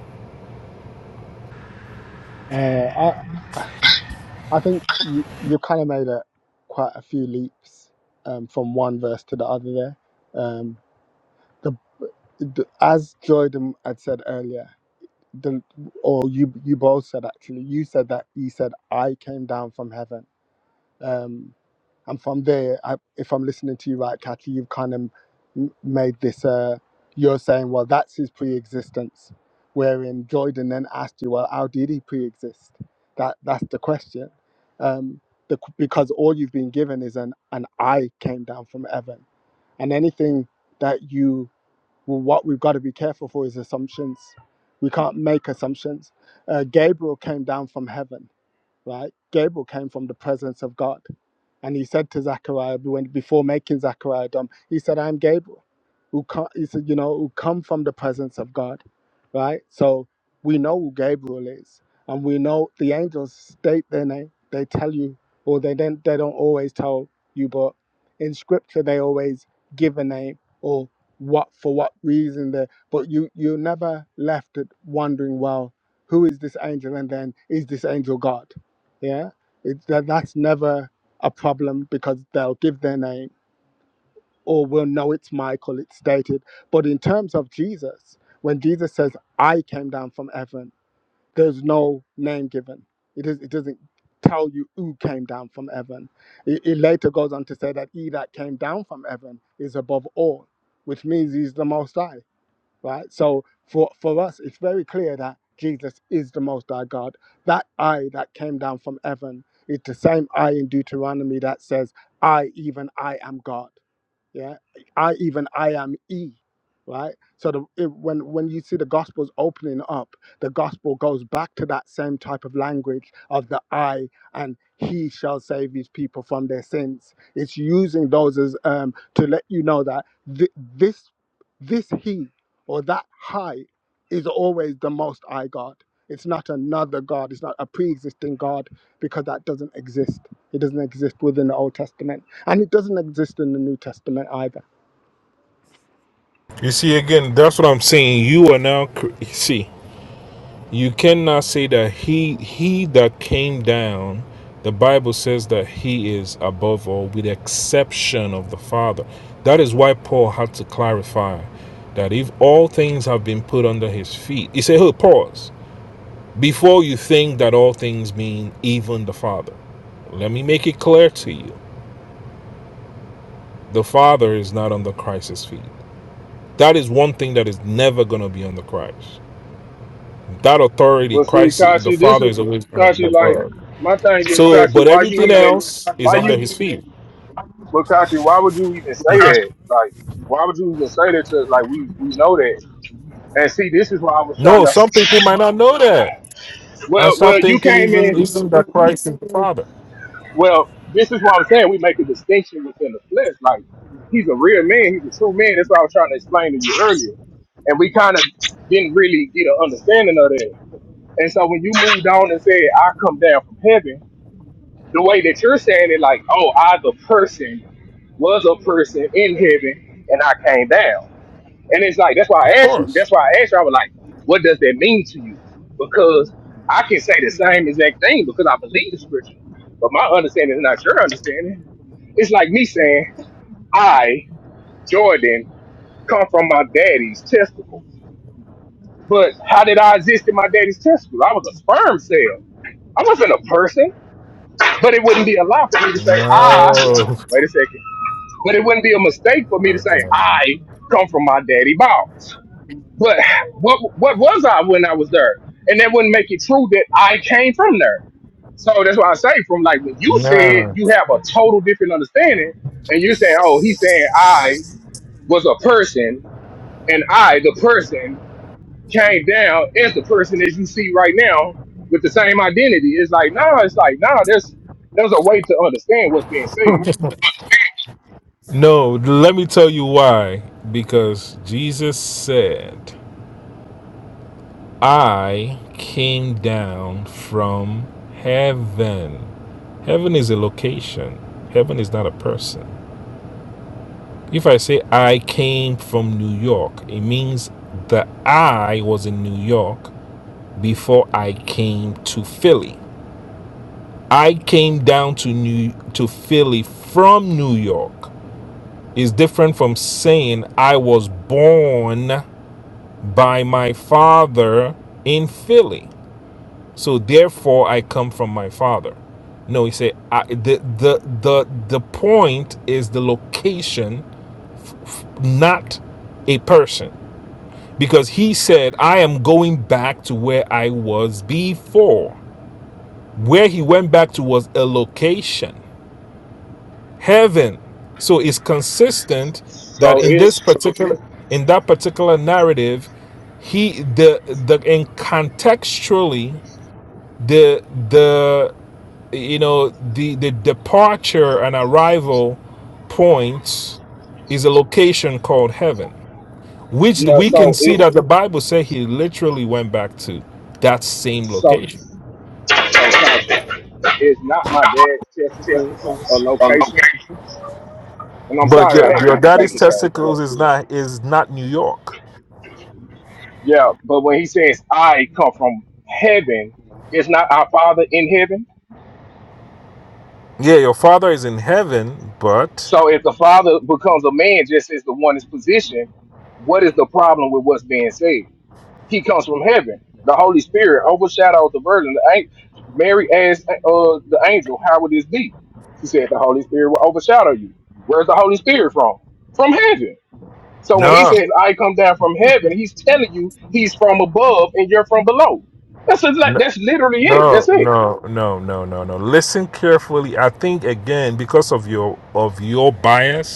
S3: Uh, I, I think you, you kind of made a, quite a few leaps um, from one verse to the other there. Um, the, the, as Jordan had said earlier, the or you you both said actually you said that he said I came down from heaven um and from there I, if I'm listening to you right Kathy you've kind of m- made this uh you're saying well that's his pre-existence wherein Jordan then asked you well how did he pre-exist that that's the question um the, q- because all you've been given is an an I came down from heaven and anything that you well, what we've got to be careful for is assumptions. We can't make assumptions. Uh, Gabriel came down from heaven, right? Gabriel came from the presence of God. And he said to Zechariah, when, before making Zechariah dumb, he said, I'm Gabriel, who come, he said, you know, who come from the presence of God, right? So we know who Gabriel is, and we know the angels state their name. They tell you, or they don't, they don't always tell you, but in Scripture they always give a name or what for what reason they but you you never left it wondering well who is this angel and then is this angel god yeah it, that, that's never a problem because they'll give their name or we'll know it's Michael, it's stated. But in terms of Jesus, when Jesus says, I came down from heaven, there's no name given. It, is, it doesn't tell you who came down from heaven. It, it later goes on to say that he that came down from heaven is above all, which means he's the most high right? So for, for us, it's very clear that Jesus is the Most High God. That I that came down from heaven is the same I in Deuteronomy that says, I, even I am God yeah i even i am e right so the, it, when when you see the gospels opening up the gospel goes back to that same type of language of the i and he shall save his people from their sins it's using those as um to let you know that thi- this this he or that high is always the most i god it's not another god it's not a pre-existing god because that doesn't exist it doesn't exist within the old testament and it doesn't exist in the New Testament either.
S4: You see, again, that's what I'm saying. You are now see. You cannot say that he he that came down. The Bible says that he is above all, with the exception of the Father. That is why Paul had to clarify that if all things have been put under his feet, he said, "Hey, pause." before you think that all things mean even the Father. Let me make it clear to you the Father is not under Christ's feet. That is one thing that is never going to be under Christ. That authority,
S2: Well, see,
S4: Christ, the
S2: Kashi, this
S4: Father
S2: is
S4: is always going to be
S2: Kashi. Like
S4: above.
S2: my thing is,
S4: So,
S2: Kashi,
S4: but
S2: why you
S4: everything
S2: even,
S4: else is
S2: why
S4: under
S2: you,
S4: his feet.
S2: but Kashi, why would you even say that? Like, why would you even say that to us? Like, we we know that. And see, this is why I was trying
S4: No,
S2: to.
S4: some people might not know that and
S2: Well,
S4: start
S2: well, you
S4: thinking
S2: came
S4: even,
S2: in.
S4: even that Christ is the Father.
S2: Well, this is what I'm saying. We make a distinction within the flesh. Like, he's a real man. He's a true man. That's what I was trying to explain to you earlier. And we kind of didn't really get an understanding of that And so when you moved on and said, I come down from heaven, the way that you're saying it, like, oh, I, the person, was a person in heaven and I came down. And it's like, that's why
S4: Of
S2: I asked you.
S4: course.
S2: That's why I asked you. I was like, what does that mean to you? Because I can say the same exact thing because I believe the scripture, but my understanding is not your understanding. It's like me saying, I, Jordan, come from my daddy's testicles. But how did I exist in my daddy's testicles? I was a sperm cell. I wasn't a person. But it wouldn't be a lie for me to say I.
S4: No. <laughs>
S2: Wait a second. But it wouldn't be a mistake for me to say
S4: Okay.
S2: I come from my daddy balls. But what what was I when I was there? And that wouldn't make it true that I came from there. So that's why I say from like when you said
S4: No.
S2: you have a total different understanding, and you say, oh, he's saying I was a person, and I, the person, came down as the person as you see right now with the same identity. It's like, nah, it's like, nah, there's there's a way to understand what's being said.
S4: No, let me tell you why. Because Jesus said, I came down from heaven. Heaven is a location, heaven is not a person. If I say I came from New York, it means that I was in New York before I came to Philly. I came down to New to Philly from New York is different from saying I was born by my father in Philly. So therefore I come from my father. No, he said I, the the the the point is the location, not a person. Because he said, I am going back to where I was before. Where he went back to was a location. Heaven. So it's consistent that
S2: So
S4: in
S2: it
S4: this particular in that particular narrative, he the the and contextually the the you know the the departure and arrival points is a location called heaven which
S2: yeah,
S4: we can
S2: so
S4: see
S2: it
S4: that the bible said he literally went back to that same
S2: so
S4: location
S2: it's not my dad's testicles or location. And I'm
S4: but
S2: sorry
S4: your,
S2: I had to
S4: your
S2: even take
S4: daddy's
S2: it there, but
S4: testicles is not is not new york
S2: yeah, but when he says I come from heaven, it's not our father in heaven.
S4: yeah your father is in heaven but
S2: So if the father becomes a man just as the one is positioned, what is the problem with what's being said? He comes from heaven. The Holy Spirit overshadows the Virgin. The an- Mary asked uh, the angel, "How would this be?" She said, "The Holy Spirit will overshadow you." Where's the Holy Spirit from? From heaven. So when he
S4: no
S2: says, "I come down from heaven," he's telling you he's from above and you're from below. That's a, like,
S4: no
S2: that's literally it.
S4: no
S2: That's it.
S4: no no no no no listen carefully i think again because of your of your bias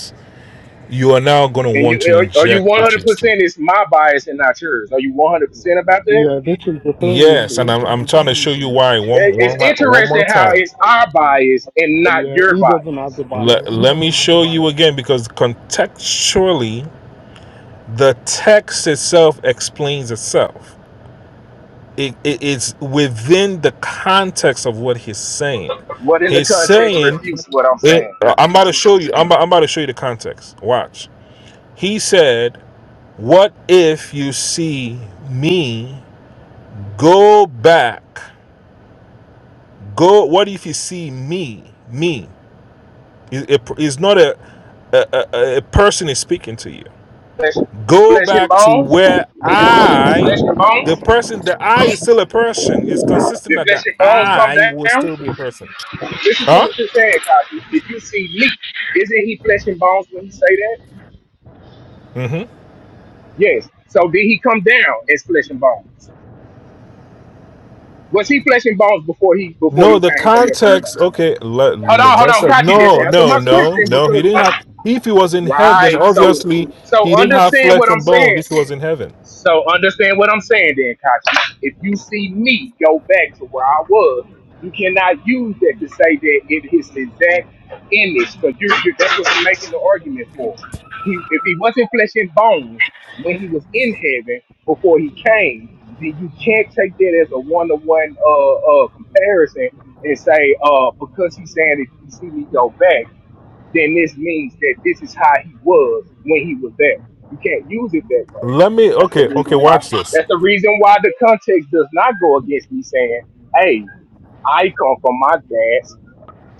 S4: you are now going to
S2: And
S4: want to
S2: you are, are you
S4: inject
S2: one hundred
S4: Rochester.
S2: percent? It's my bias and not yours. Are you one hundred percent about that?
S3: Yeah, this is the thing, you
S4: Yes,
S3: see.
S4: and I'm, I'm trying to show you why
S2: It-
S4: One
S2: It's
S4: one one more
S2: interesting how
S4: time.
S2: it's our bias and not
S3: Yeah,
S2: your
S3: he doesn't have
S2: bias.
S3: the Bible.
S4: Let, let me show you again because contextually, the text itself explains itself. It, it, it's within the context of what he's saying.
S2: What in the
S4: He's
S2: context
S4: saying,
S2: refutes what I'm
S4: it,
S2: saying?
S4: I'm about to show you. I'm about, I'm about to show you the context. Watch. He said, "What if you see me go back Go. what if you see me? Me. It- It's not a, a, a, a person is speaking to you.
S2: Flesh,
S4: Go
S2: flesh and
S4: back to
S2: bones,
S4: where I,
S2: flesh and
S4: the
S2: bones.
S4: person, the I is still a person. It's consistent
S2: If
S4: that the
S2: flesh and bones come
S4: I will
S2: down,
S4: still be a person.
S2: listen to
S4: Huh?
S2: what you're saying, Cosby. If you see me, isn't he flesh and bones when he say that?
S4: hmm
S2: Yes. So did he come down as flesh and bones? Was he flesh and bones before he before
S4: No,
S2: he
S4: the
S2: came from your paradigm?
S4: context. Okay, let,
S2: Hold on,
S4: let,
S2: hold
S4: us
S2: on, Kachi just
S4: no,
S2: answer
S4: no,
S2: my
S4: no,
S2: question
S4: no. He
S2: because
S4: didn't
S2: uh,
S4: have. If he was in heaven,
S2: right. So
S4: obviously
S2: so
S4: he didn't have
S2: understand
S4: flesh
S2: what I'm
S4: and bones.
S2: saying.
S4: If he was in heaven,
S2: So understand what I'm saying then, Kachi. If you see me go back to where I was, you cannot use that to say that it is exact image, because you, you, that's what you're making the argument for. He, if he wasn't flesh and bones when he was in heaven before he came, then you can't take that as a one-to-one uh, uh, comparison and say, uh, because he's saying if you see me go back, then this means that this is how he was when he was there. You can't use it that way.
S4: let me.
S2: That's the
S4: Okay, okay.
S2: reason why.
S4: Watch this.
S2: That's the reason why the context does not go against me saying, "Hey, I come from my dad's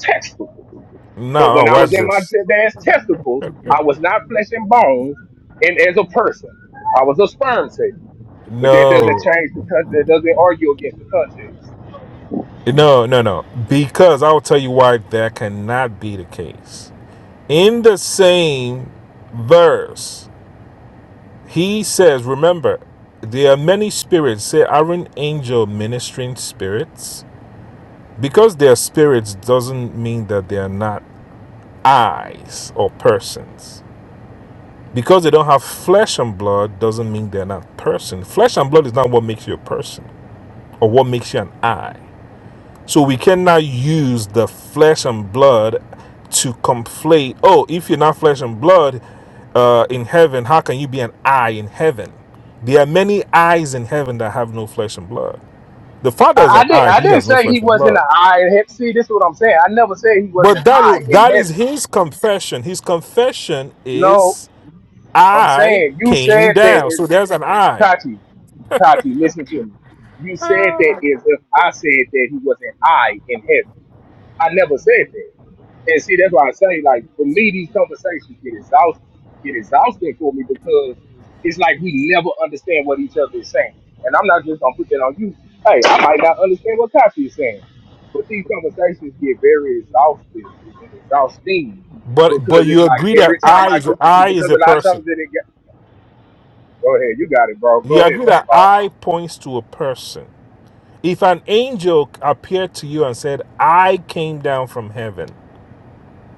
S2: testicles." But
S4: Now,
S2: when I was
S4: watch
S2: in my
S4: this.
S2: dad's testicles, I was not flesh and bones, and as a person, I was a sperm cell. But that doesn't
S4: No,
S2: change the context. That doesn't argue against the context.
S4: no, no, no. Because I'll tell you why that cannot be the case. In the same verse, he says, Remember, there are many spirits. Say, are an angel ministering spirits? Because they are spirits doesn't mean that they are not eyes or persons. Because they don't have flesh and blood doesn't mean they're not person. Flesh and blood is not what makes you a person or what makes you an eye. So we cannot use the flesh and blood to conflate. Oh, if you're not flesh and blood uh, in heaven, how can you be an eye in heaven? There are many eyes in heaven that have no flesh and blood. The Father is
S2: I, I
S4: an
S2: didn't.
S4: eye;
S2: I
S4: he
S2: didn't
S4: has no
S2: say he
S4: flesh and
S2: wasn't
S4: blood.
S2: an eye in heaven. See, this is what I'm saying. I never said he was
S4: But
S2: an
S4: that
S2: eye in
S4: that is
S2: heaven.
S4: his confession. His confession
S2: No,
S4: is,
S2: I'm
S4: "I
S2: saying you
S4: came
S2: said that
S4: down."
S2: is
S4: So there's an I.
S2: Tati, Tati, listen to me. You said that is if I said that he was an I in heaven. I never said that. And see, that's why I say, like, for me, these conversations get exhausted, get exhausting for me because it's like we never understand what each other is saying. And I'm not just gonna put that on you. Hey, I might not understand what Tati is saying. But these conversations get very exhaustive and exhausting
S4: But
S2: because
S4: but
S2: it's
S4: you
S2: like
S4: agree that
S2: every time
S4: I
S2: I
S4: is
S2: get
S4: I is
S2: because
S4: a
S2: a lot of
S4: person.
S2: times it Go ahead. You got it, bro.
S4: You
S2: Go ahead,
S4: agree
S2: brother
S4: that
S2: Paul.
S4: I points to a person. If an angel appeared to you and said, I came down from heaven,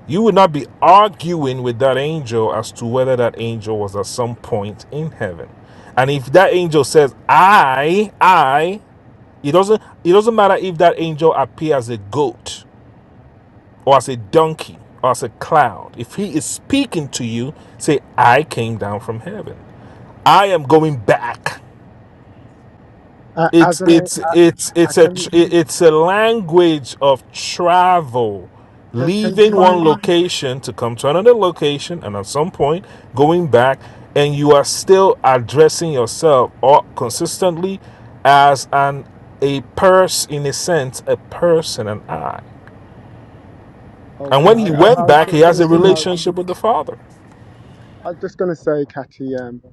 S4: you would not be arguing with that angel as to whether that angel was at some point in heaven. And if that angel says, I, I, it doesn't it doesn't matter if that angel appears as a goat or as a donkey or as a cloud. If he is speaking to you, say, I came down from heaven. I am going back.
S3: Uh, as
S4: it's
S3: an,
S4: it's
S3: a- uh,
S4: it's
S3: uh,
S4: it's a
S3: can you
S4: tr- it- it's a language of travel
S3: can can you
S4: leaving one
S3: find?
S4: location to come to another location and at some point going back and you are still addressing yourself or consistently as an a person in a sense a person an i and
S3: Okay,
S4: when
S3: I,
S4: he Okay,
S3: was- I
S4: went
S3: was
S4: back he
S3: just
S4: has
S3: gonna
S4: a
S3: s- I was
S4: relationship with the father
S3: I was just gonna say, Cathy. Um,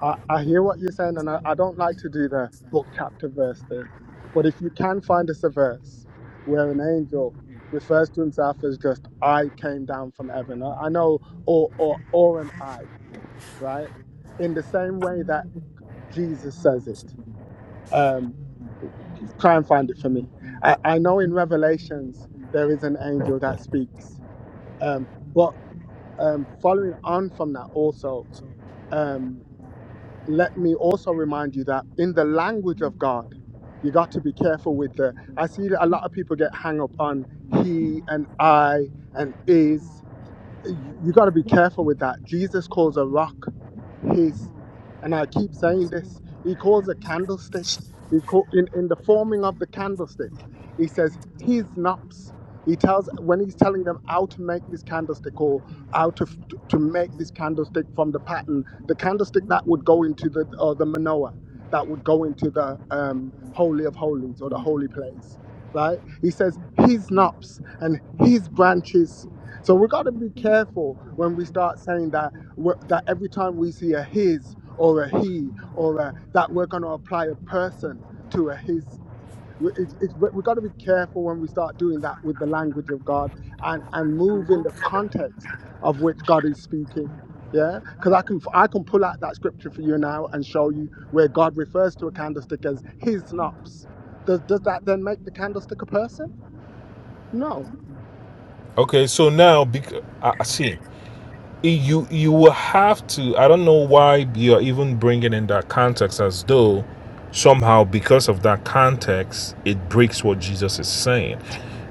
S3: I, I hear what you're saying, and I, I don't like to do the book chapter verse thing, but if you can find us a verse where an angel refers to himself as just I came down from heaven, I I know, or or or an I, right? In the same way that Jesus says it. Um, try and find it for me. I, I know in Revelations there is an angel that speaks. Um, but um, following on from that, also, um, let me also remind you that in the language of God, you got to be careful with the. I see that a lot of people get hung up on he and I and is you, you got to be careful with that. Jesus calls a rock his, and I keep saying this. He calls a candlestick. He call, in in the forming of the candlestick. He says his knops. He tells when he's telling them how to make this candlestick or how to f- to make this candlestick from the pattern, the candlestick that would go into the or the menorah that would go into the um, holy of holies or the holy place, right? He says his knops and his branches so we got to be careful when we start saying that we're- that every time we see a his or a he or a, that we're going to apply a person to a his. We- It's, it's, we got to be careful when we start doing that with the language of God and and move in the context of which God is speaking. Yeah, because I can I can pull out that scripture for you now and show you where God refers to a candlestick as his knops. Does does that then make the candlestick a person? No,
S4: okay so now because i I see you you will have to i don't know why you're even bringing in that context as though somehow because of that context it breaks what jesus is saying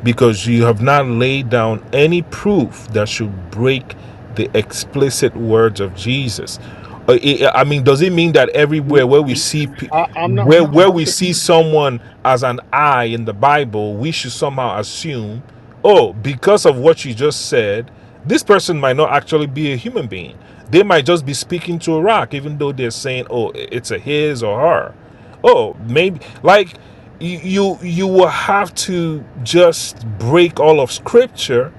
S4: because you have not laid down any proof that should break the explicit words of jesus Uh, it- i mean does it mean that everywhere where we see pe-
S3: I, I'm not.
S4: where where
S3: trying
S4: we
S3: to.
S4: see someone as an i in the bible we should somehow assume oh because of what you just said this person might not actually be a human being they might just be speaking to a rock even though they're saying oh it's a his or her oh maybe like you you you will have to just break all of scripture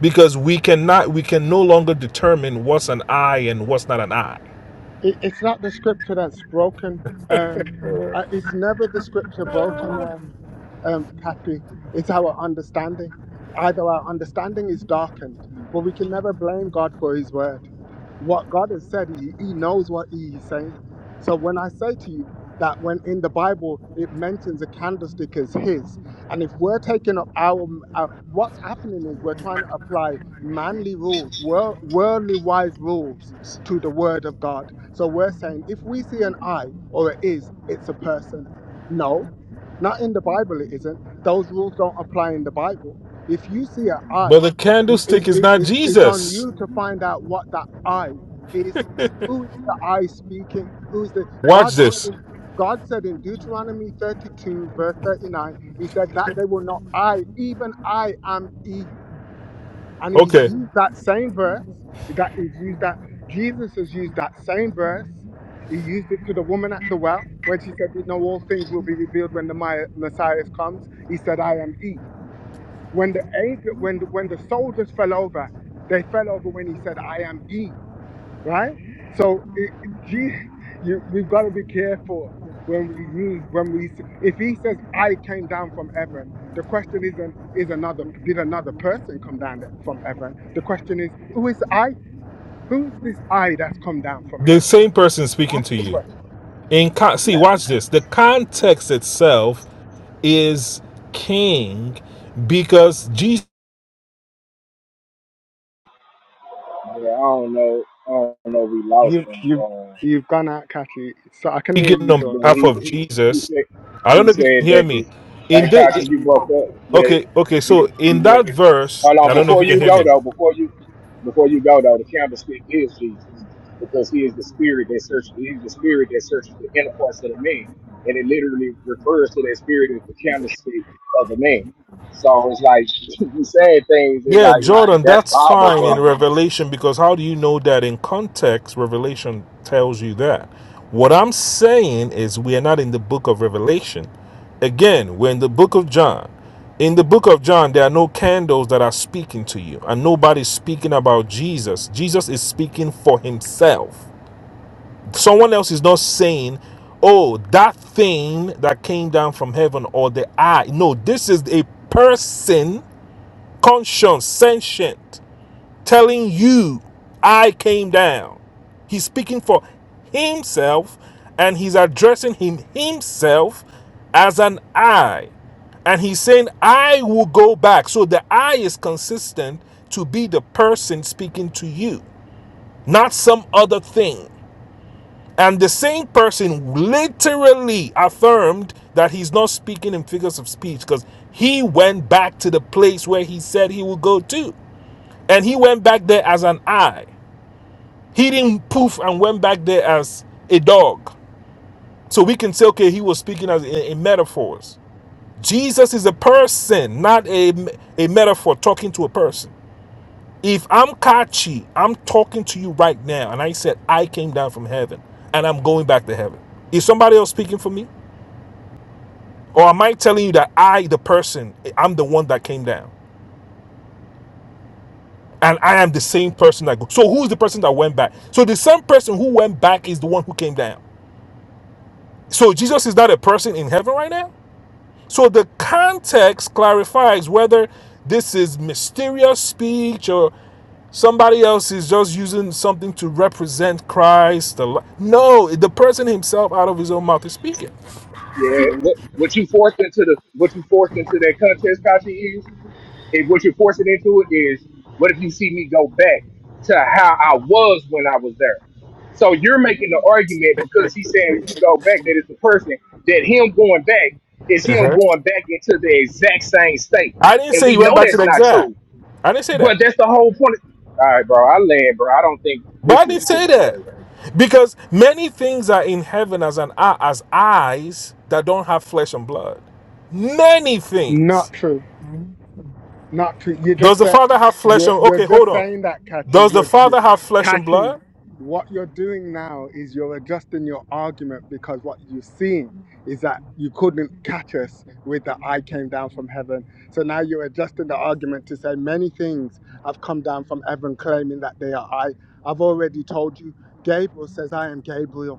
S4: because we cannot we can no longer determine what's an eye and what's not an eye
S3: it, it's not the scripture that's broken. Um, uh, it's never the scripture broken, um, um, Kathy. It's our understanding. Either our understanding is darkened, but we can never blame God for His word. What God has said, He, he knows what He is saying. So when I say to you that when in the Bible it mentions a candlestick as His, and if we're taking up our, our what's happening is we're trying to apply manly rules, world, worldly wise rules to the word of God. So we're saying if we see an I or it is, it's a person. No, not in the Bible, it isn't. Those rules don't apply in the Bible. If you see an I,
S4: but the
S3: you- it,
S4: candlestick is
S3: it,
S4: not
S3: it's, it's on
S4: jesus
S3: you to find out what that I is. Who is the I speaking? Who is the
S4: watch
S3: God said
S4: this
S3: in God said in Deuteronomy 32, verse 39, He said that they will not I, even I am He. And he's
S4: okay
S3: used that same verse, that he's used that Jesus has used that same verse. He used it to the woman at the well when she said, We know all things will be revealed when the Mi- Messiah comes. He said, I am He." When the angel, when when the soldiers fell over, they fell over when he said, I am He." right? So it, Je- you, we've got to be careful when we use when we s- if he says I came down from heaven, the question isn't is another did another person come down th- from heaven? The question is who is I? Who is this I that's come down from
S4: the
S3: heaven?
S4: same person speaking
S3: That's
S4: to
S3: the
S4: you
S3: question.
S4: in con- see
S3: Yeah,
S4: watch this the context itself is king because jesus
S2: Yeah, I don't know. I don't know if we lost
S3: you
S2: him.
S3: you
S2: Uh,
S3: you've gone out, Kathy. So I can hear
S4: speaking
S3: you,
S4: on
S2: but
S3: Jordan.
S4: behalf
S2: he,
S4: of
S2: he he
S4: jesus
S2: said
S4: i don't
S2: he
S4: know if you can
S2: said
S4: hear
S2: that the
S4: me in
S2: hey
S4: the
S2: Kachi, you broke up. Yeah,
S4: Okay, okay.
S2: you
S4: So in
S2: you went.
S4: that verse,
S2: Hold
S4: I
S2: on,
S4: don't know if
S2: before
S4: you can
S2: you
S4: hear
S2: go
S4: me.
S2: though, before you before you go though, the candlestick is Jesus because he is the spirit that searches. He's the spirit that searches the inner parts of the man, and it literally refers to that spirit as the candlestick of the man. So it's like <laughs> you saying things and
S4: Yeah,
S2: like
S4: Jordan,
S2: that's
S4: that's
S2: Bible,
S4: fine
S2: bro.
S4: in Revelation because how do you know that in context? Revelation tells you that. What I'm saying is we are not in the book of Revelation. Again, we're in the book of John. In the book of John, there are no candles that are speaking to you, and nobody's speaking about Jesus. Jesus is speaking for himself. Someone else is not saying, oh, that thing that came down from heaven or the eye. No, this is a person, conscious, sentient, telling you, I came down. He's speaking for himself and he's addressing him himself as an I. And he's saying, I will go back. So the I is consistent to be the person speaking to you, not some other thing. And the same person literally affirmed that he's not speaking in figures of speech because he went back to the place where he said he would go to. And he went back there as an eye. He didn't poof and went back there as a dog. So we can say, okay, he was speaking as in, in metaphors. Jesus is a person, not a, a metaphor talking to a person. If I'm Kachi, I'm talking to you right now, and I said, I came down from heaven and I'm going back to heaven. Is somebody else speaking for me? Or am I telling you that I, the person, I'm the one that came down? And I am the same person that goes. So who's the person that went back? So the same person who went back is the one who came down. So Jesus is not a person in heaven right now? So the context clarifies whether this is mysterious speech or somebody else is just using something to represent Christ. No, the person himself out of his own mouth is speaking.
S2: Yeah, what what you forced into the what you forced into that contest, Kachi, is and what you're forcing into it is what if you see me go back to how I was when I was there? So you're making the argument because he's saying if you go back, that it's the person that him going back is him
S4: Uh-huh.
S2: going back into the exact same state,
S4: I didn't
S2: and
S4: say he
S2: we
S4: went
S2: know
S4: back to
S2: that's
S4: the
S2: not
S4: exact.
S2: true.
S4: I didn't say
S2: But
S4: that.
S2: that's the whole point. All right, bro, I land, bro. I don't think
S4: But
S2: this
S4: I
S2: is
S4: didn't
S2: this
S4: say
S2: is
S4: that
S2: crazy.
S4: because many things are in heaven as an eye, as eyes that don't have flesh and blood. Many
S3: Not
S4: things.
S3: true. Not true. You
S4: Does
S3: just
S4: the
S3: said
S4: Father have flesh
S3: you're
S4: and
S3: you're
S4: okay? Hold
S3: just
S4: on.
S3: saying that,
S4: Does
S3: Kachi.
S4: the
S3: You're you,
S4: Father have flesh and
S3: Kachi.
S4: blood?
S3: What you're doing now is you're adjusting your argument because what you're seeing is that you couldn't catch us with the "I came down from heaven." So now you're adjusting the argument to say many things have come down from heaven, claiming that they are I. I've already told you. Gabriel says, "I am Gabriel."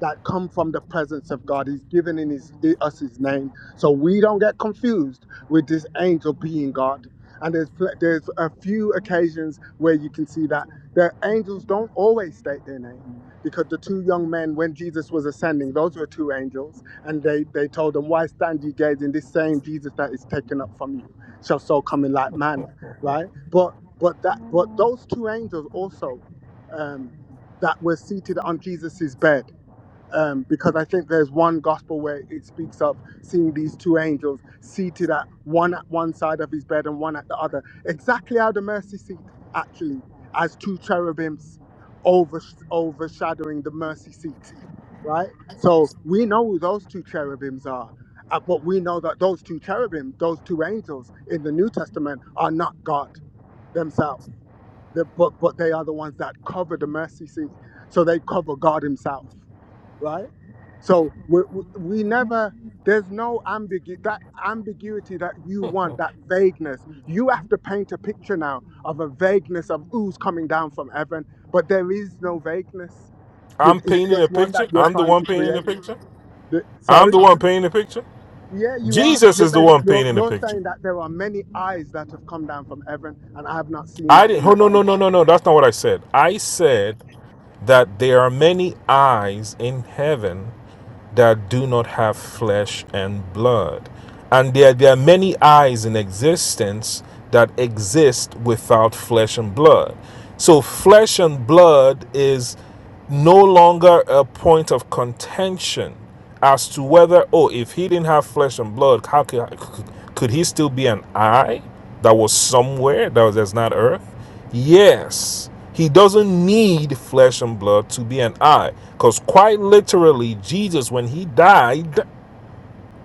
S3: that come from the presence of God. He's given in his, in us his name. So we don't get confused with this angel being God. And there's, pl- there's a few occasions where you can see that the angels don't always state their name. Because the two young men, when Jesus was ascending, those were two angels, and they, they told him, Why stand ye gazing? This same Jesus that is taken up from you shall so come in like manner, right? But but that but those two angels also um, that were seated on Jesus's bed um, because I think there's one gospel where it speaks of seeing these two angels seated at one at one side of his bed and one at the other, exactly how the mercy seat actually, as two cherubims over, overshadowing the mercy seat, right? So we know who those two cherubims are. uh, but we know that those two cherubims, those two angels in the New Testament, are not God themselves. They're- but but they are the ones that cover the mercy seat. So they cover God Himself right? So we, we, we never, there's no ambiguity, that ambiguity that you want, that vagueness. You have to paint a picture now of a vagueness of who's coming down from heaven, but there is no vagueness.
S4: I'm
S3: Did- It's
S4: painting a
S3: just one
S4: picture.
S3: that you're
S4: I'm the
S3: trying
S4: one
S3: to
S4: painting the
S3: create.
S4: picture.
S3: The-
S4: I'm
S3: sorry?
S4: the one painting the picture.
S3: Yeah, you are.
S4: Jesus
S3: You're,
S4: is the
S3: ma-
S4: one
S3: you're,
S4: painting the
S3: you're
S4: picture.
S3: saying that there are many eyes that have come down from heaven, and I have not seen
S4: I
S3: that
S4: didn't.
S3: in
S4: Oh
S3: the
S4: no no no
S3: Bible.
S4: no no. That's not what I said. I said that there are many eyes in heaven that do not have flesh and blood. And there, there are many eyes in existence that exist without flesh and blood. So, flesh and blood is no longer a point of contention as to whether, oh, if he didn't have flesh and blood, how could, could he still be an eye that was somewhere that was that's not earth? Yes, he doesn't need flesh and blood to be an eye. Because quite literally, Jesus, when he died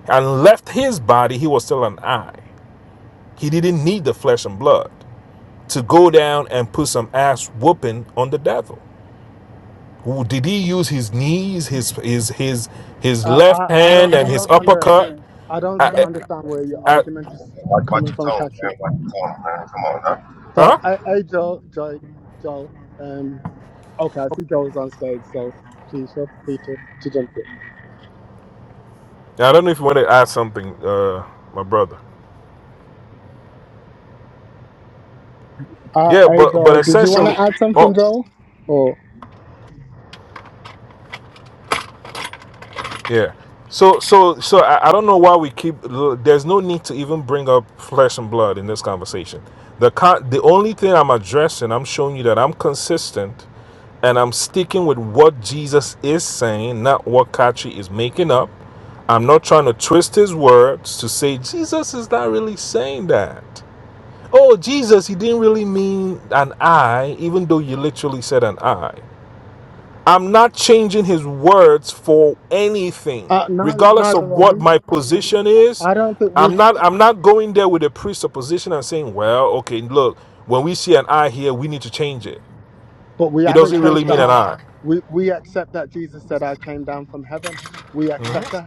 S4: and left his body, he was still an eye. He didn't need the flesh and blood to go down and put some ass whooping on the devil. Did he use his knees, his his his his
S3: Uh,
S4: left
S3: I, I
S4: hand,
S3: don't,
S4: and
S3: I
S4: his
S3: don't under,
S4: uppercut?
S3: I don't st-
S4: I, I,
S3: understand where your
S4: I,
S3: argument is
S6: Watch, watch
S3: coming
S6: your
S3: from,
S6: tone,
S3: Katri.
S6: man. Watch your tone, man. Come on, now.
S3: So,
S4: huh?
S3: I hey Joel, Joel, Joel. Um, okay, I see Joel's on stage, so please feel free to, to jump in.
S4: I don't know if you want to add something, uh, my brother.
S3: Uh,
S4: Yeah,
S3: hey
S4: but but
S3: Joel, did you want
S4: essentially,
S3: to add something,
S4: oh.
S3: Joel? Or
S4: Yeah. So so so I, I don't know why we keep there's no need to even bring up flesh and blood in this conversation. The con- the only thing I'm addressing, I'm showing you that I'm consistent and I'm sticking with what Jesus is saying, not what Kachi is making up. I'm not trying to twist his words to say Jesus is not really saying that. Oh, Jesus, he didn't really mean an eye, even though you literally said an eye. I'm not changing his words for anything,
S3: uh, neither,
S4: regardless
S3: neither
S4: of
S3: are
S4: what
S3: we.
S4: my position is.
S3: I don't think we,
S4: I'm not I'm not going there with a presupposition and saying, well, okay, look, when we see an I here, we need to change it.
S3: but we
S4: It
S3: haven't
S4: doesn't really
S3: changed that.
S4: mean an
S3: I,
S4: I.
S3: we we accept that Jesus said, "I came down from heaven." We accept that.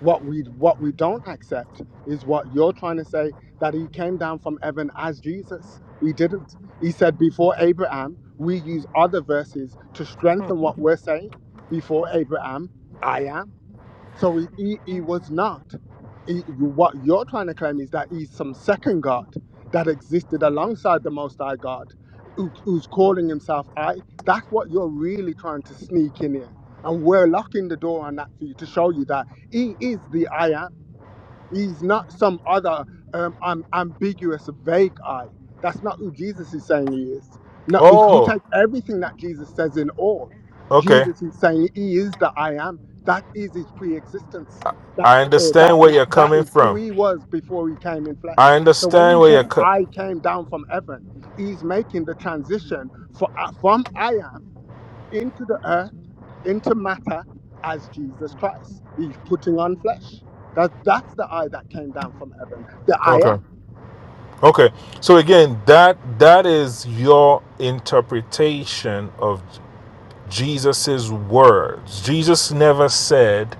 S3: What we what we don't accept is what you're trying to say that he came down from heaven as Jesus. We didn't. He said before Abraham, we use other verses to strengthen what we're saying. Before Abraham, I am. So he, he, he was not. He- what you're trying to claim is that he's some second God that existed alongside the Most High God, who, who's calling himself I. That's what you're really trying to sneak in here. And we're locking the door on that for you to show you that he is the I am. He's not some other um, um, ambiguous, vague I. That's not who Jesus is saying he is. Now, if you
S4: Oh,
S3: take everything that Jesus says in all,
S4: okay.
S3: Jesus is saying he is the I am. That is his pre-existence. That
S4: I
S3: or that
S4: understand where you're
S3: that
S4: coming
S3: is who
S4: from.
S3: he was before he came in
S4: I
S3: flesh. So when
S4: understand
S3: he
S4: where
S3: says
S4: you're co-
S3: I came down from heaven, he's making the transition for, uh, from I am into the earth, into matter as Jesus Christ. He's putting on flesh. That, that's the I that came down from heaven, the I
S4: okay.
S3: am.
S4: Okay. So again, that that is your interpretation of Jesus's words. Jesus never said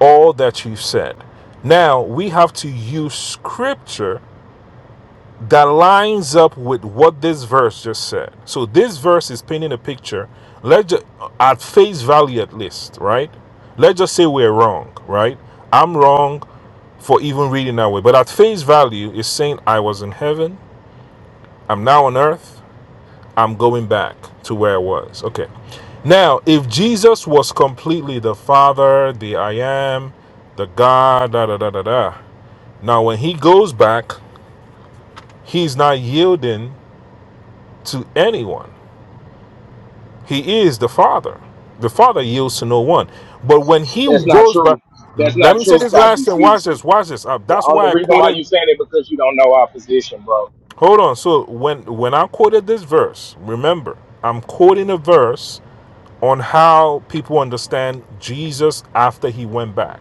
S4: all that you've said. Now we have to use scripture that lines up with what this verse just said. So this verse is painting a picture. Let's just, at face value, at least, right? Let's just say we're wrong, right? I'm wrong for even reading that way, but at face value, it's saying I was in heaven. I'm now on earth. I'm going back to where I was. Okay. Now, if Jesus was completely the Father, the I am, the God, da da da da da. Now, when he goes back, he's not yielding to anyone. He is the Father. The Father yields to no one. But when he
S2: That's not
S4: goes back,
S2: true. That's
S4: let
S2: not
S4: me say
S2: true,
S4: this last
S2: Kachi.
S4: thing.
S2: See.
S4: Watch this. Watch this. Uh,
S2: The
S4: that's
S2: only
S4: why I
S2: reason why you
S4: quoted.
S2: saying it because you don't know our position, bro.
S4: Hold on. So when when I quoted this verse, remember, I'm quoting a verse on how people understand Jesus after he went back.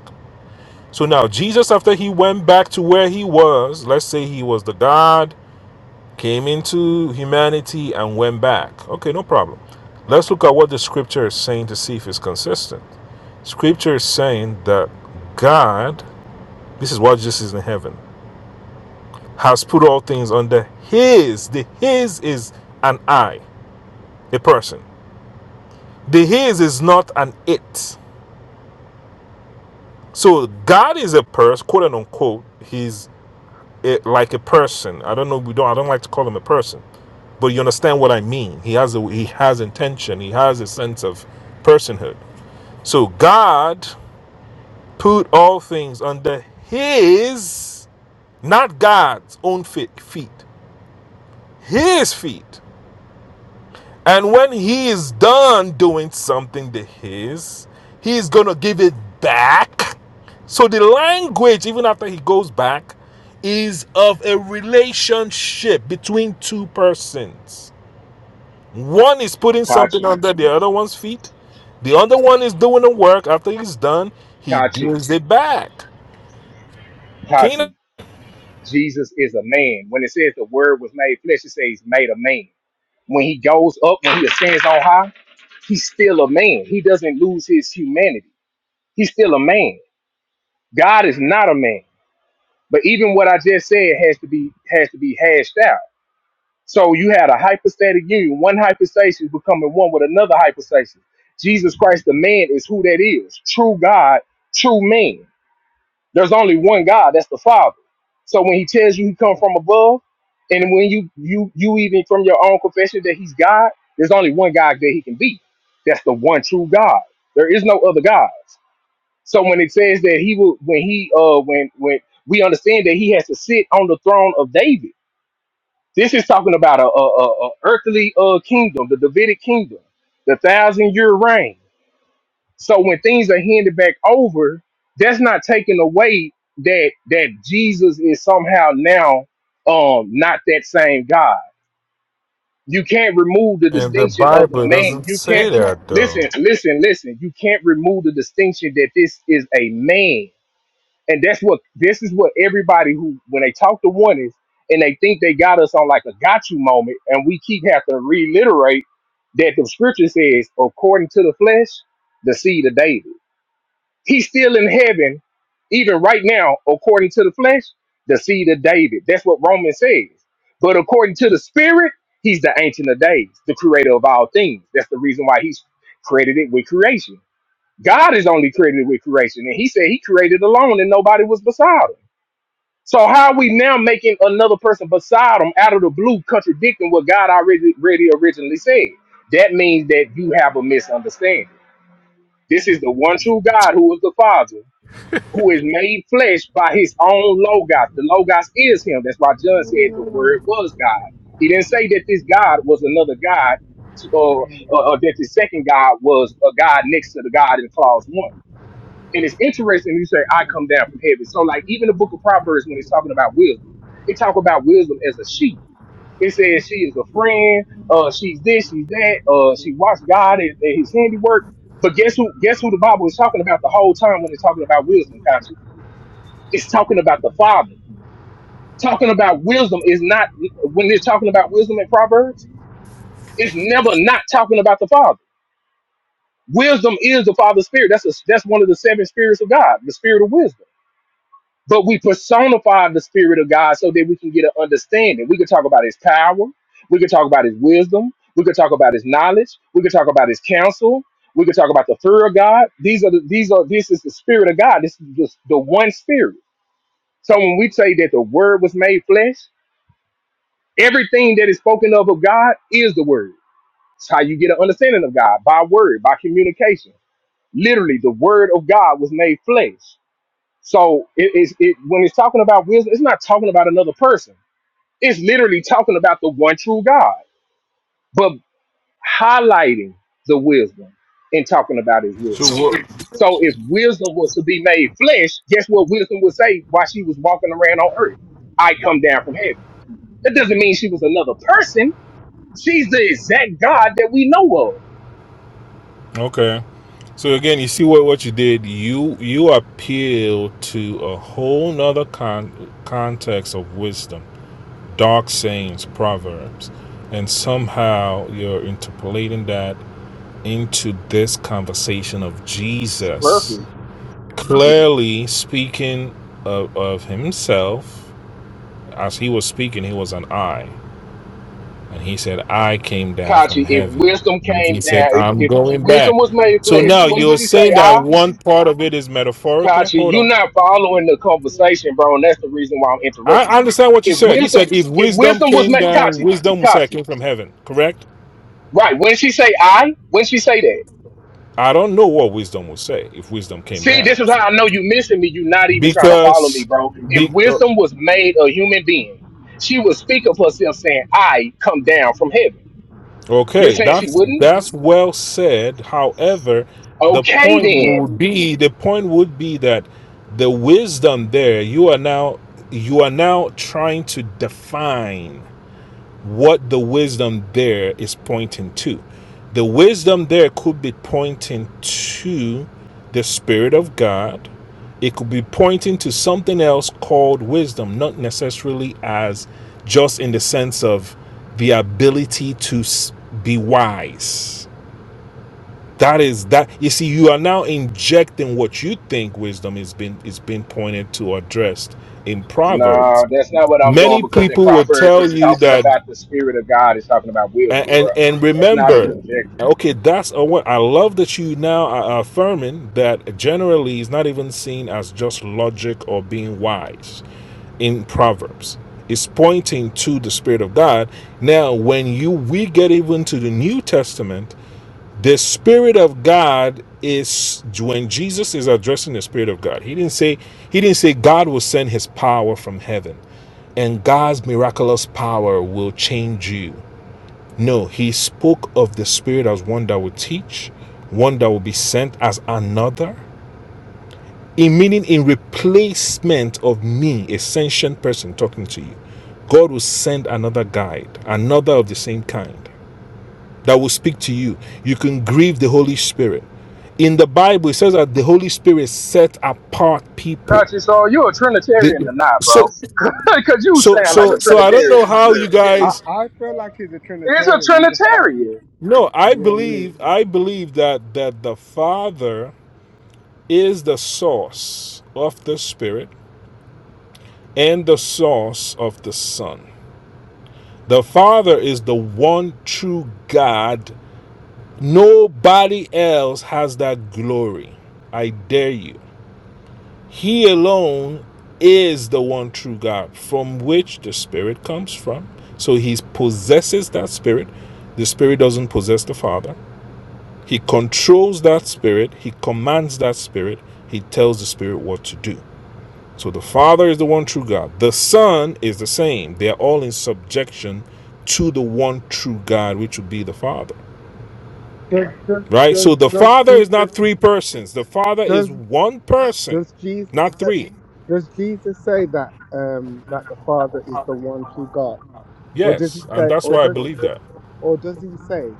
S4: So now Jesus, after he went back to where he was, let's say he was the God came into humanity and went back. Okay, no problem. Let's look at what the scripture is saying to see if it's consistent. Scripture is saying that God, this is what Jesus is in heaven, has put all things under His. The His is an I, a person. The His is not an it. So God is a person, quote and unquote. He's it, like a person. I don't know. We don't. I don't like to call him a person, but you understand what I mean. He has a, he has intention. He has a sense of personhood. So God put all things under His, not God's own fe- feet, His feet. And when he is done doing something to his, he's going to give it back. So the language, even after he goes back, is of a relationship between two persons. One is putting something
S2: Kachi,
S4: under the other one's feet, the other one is doing the work. After he's done, he
S2: Kachi,
S4: gives it back. Can you- know?
S2: Kachi. Jesus is a man. When it says the word was made flesh, it says he's made a man. When he goes up, when he ascends on high, he's still a man. He doesn't lose his humanity. He's still a man. God is not a man. But even what I just said has to be has to be hashed out. So you had a hypostatic union, one hypostasis becoming one with another hypostasis. Jesus Christ, the man, is who that is. True God, true man. There's only one God, that's the Father. So when he tells you he come from above, and when you you you even from your own confession that he's God, there's only one God that he can be. That's the one true God. There is no other gods. So when it says that he will when he uh when when we understand that he has to sit on the throne of David. This is talking about a, a, a, a earthly uh kingdom, the Davidic kingdom, the thousand year reign. So when things are handed back over, that's not taking away that that Jesus is somehow now um not that same God. You can't remove the
S4: And the
S2: distinction of the
S4: Bible
S2: man.
S4: doesn't
S2: You
S4: say
S2: can't
S4: that,
S2: listen,
S4: though.
S2: listen, listen. You can't remove the distinction that this is a man. And that's what this is what everybody who when they talk to one is and they think they got us on like a got you moment, and we keep have to reiterate that the scripture says, according to the flesh, the seed of David. He's still in heaven, even right now, according to the flesh, the seed of David. That's what Romans says. But according to the spirit, he's the ancient of days, the creator of all things. That's the reason why he's credited with creation. God is only credited with creation, and he said he created alone and nobody was beside him. So how are we now making another person beside him out of the blue contradicting what God already, already originally said? That means that you have a misunderstanding. This is the one true God who is the Father who is made flesh by his own logos. The logos is him. That's why John said the word was God. He didn't say that this God was another God, or, or, or that the second God was a God next to the God in clause one. And it's interesting you say, "I come down from heaven." So, like even the Book of Proverbs, when it's talking about wisdom, it talk about wisdom as a sheep. It says she is a friend. Uh, she's this, she's that. Uh, she watched God and, and His handiwork. But guess who? Guess who the Bible is talking about the whole time when it's talking about wisdom, Kachi? It's talking about the Father. Talking about wisdom is not when they're talking about wisdom in Proverbs. It's never not talking about the Father. Wisdom is the Father's spirit. That's a, that's one of the seven spirits of God, the spirit of wisdom. But we personify the spirit of God so that we can get an understanding. We can talk about His power. We can talk about His wisdom. We can talk about His knowledge. We can talk about His counsel. We can talk about the fear of God. These are the, these are this is the spirit of God. This is just the one spirit. So when we say that the word was made flesh, Everything that is spoken of of God is the word. It's how you get an understanding of God by word, by communication. Literally, the word of God was made flesh. So it is it, when it's talking about wisdom, it's not talking about another person. It's literally talking about the one true God, but highlighting the wisdom and talking about His wisdom. So if wisdom was to be made flesh, guess what wisdom would say while she was walking around on earth? I come down from heaven. That doesn't mean she was another person She's the exact God that we know of.
S4: Okay. So again, you see what, what you did. You you appeal to a whole nother con- context of wisdom, dark sayings, proverbs, and somehow you're interpolating that into this conversation of
S2: It's
S4: Jesus,
S2: Perfect.
S4: clearly speaking of, of himself. As he was speaking, he was an I. And he said, I came down from
S2: Kachi, if
S4: heaven.
S2: wisdom
S4: And
S2: came
S4: he said,
S2: down, if,
S4: I'm
S2: if
S4: going back.
S2: wisdom was made
S4: So
S2: flesh,
S4: now
S2: wouldn't
S4: you're
S2: she
S4: saying
S2: say,
S4: that
S2: I?
S4: one part of it is metaphorical.
S2: Kachi,
S4: Hold
S2: you're
S4: on.
S2: not following the conversation, bro, and that's the reason why I'm
S4: I
S2: interrupting
S4: I
S2: you.
S4: understand what you
S2: If
S4: said. He
S2: wisdom,
S4: said, if
S2: if
S4: wisdom
S2: wisdom was
S4: came
S2: made,
S4: down,
S2: Kachi,
S4: wisdom would say, I
S2: Kachi,
S4: came from heaven, correct?
S2: right, when she say I, when she say that,
S4: I don't know what wisdom would say if wisdom came
S2: see, this
S4: down.
S2: is how I know you missing me. You're not even trying to follow me,
S4: Because
S2: bro. If
S4: be, uh,
S2: wisdom was made a human being, she would speak of herself saying, I come down from heaven. You're
S4: Okay,
S2: saying she
S4: that's
S2: wouldn't?
S4: that's well said. However, the
S2: Okay,
S4: point
S2: then.
S4: would be the point would be that the wisdom there you are now you are now trying to define what the wisdom there is pointing to. The wisdom there could be pointing to the Spirit of God. It could be pointing to something else called wisdom, not necessarily as just in the sense of the ability to be wise. That is that you see, you are now injecting what you think wisdom is being is being pointed to or addressed in Proverbs.
S2: No, that's not what I'm doing
S4: Many
S2: because in
S4: people will
S2: Proverbs
S4: tell
S2: it's
S4: you
S2: talking
S4: that
S2: about the Spirit of God. It's talking about
S4: and
S2: wisdom, bro.
S4: and, and
S2: That's not a
S4: remember
S2: conjecture.
S4: okay that's a one i love that you now are affirming that generally is not even seen as just logic or being wise in proverbs it's pointing to the spirit of god now when you we get even to the new testament the spirit of god is when jesus is addressing the spirit of god he didn't say he didn't say god will send his power from heaven and god's miraculous power will change you no, he spoke of the Spirit as one that would teach, one that would be sent as another. In meaning, in replacement of me, a sentient person talking to you, God will send another guide, another of the same kind that will speak to you. You can grieve the Holy Spirit. In the Bible, it says that the Holy Spirit set apart people.
S2: Conscious, so you a Trinitarian
S4: The-
S2: or not,
S4: so,
S2: bro? <laughs> Because you
S4: so,
S2: sound like
S4: so,
S2: a
S4: so I don't know
S2: Trinitarian for
S4: how you
S2: sure.
S3: I,
S4: guys.
S3: I feel like he's a
S2: It's a
S3: Trinitarian. He's just fighting it.
S2: Trinitarian.
S4: No, I
S3: Yeah,
S4: believe,
S3: he
S4: I believe that that the Father is the source of the Spirit and the source of the Son. The Father is the one true God. Nobody else has that glory. I dare you. He alone is the one true God from which the Spirit comes from. So he possesses that Spirit. The Spirit doesn't possess the Father. He controls that Spirit. He commands that Spirit. He tells the Spirit what to do. So the Father is the one true God. The Son is the same. They are all in subjection to the one true God, which would be the Father.
S3: is. Does,
S4: Right?
S3: does,
S4: So the
S3: does, does
S4: Father is not
S3: Jesus,
S4: three persons. The Father
S3: does,
S4: is one person,
S3: does Jesus,
S4: not
S3: say,
S4: three.
S3: does Jesus say that, um, that the Father is the one true God? Or does he
S4: Yes. And
S3: say,
S4: that's
S3: or
S4: why I
S3: does,
S4: believe
S3: or,
S4: that.
S3: or does he say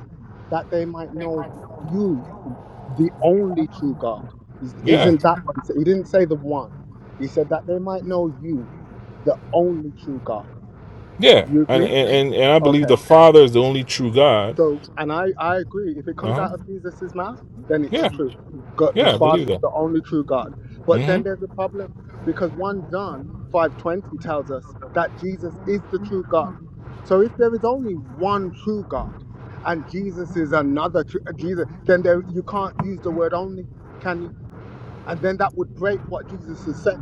S3: that they might know you the only true God. Is-
S4: Yeah.
S3: Isn't that what he said? He didn't say the one. He said that they might know you, the only true God.
S4: Yeah.
S3: You
S4: And
S3: agree?
S4: and, and, I believe
S3: Okay.
S4: the Father is the only true God.
S3: So, and I, I agree. If it comes
S4: Uh-huh.
S3: out of Jesus' mouth, then it's
S4: Yeah.
S3: true. God, the
S4: Yeah, I
S3: Father
S4: believe
S3: is
S4: that.
S3: the only true God. But
S4: hmm
S3: then there's a problem because 1 John 5.20 tells us that Jesus is the true God. So if there is only one true God and Jesus is another true, Jesus, then there, you can't use the word only, can you? And then that would break what Jesus has said.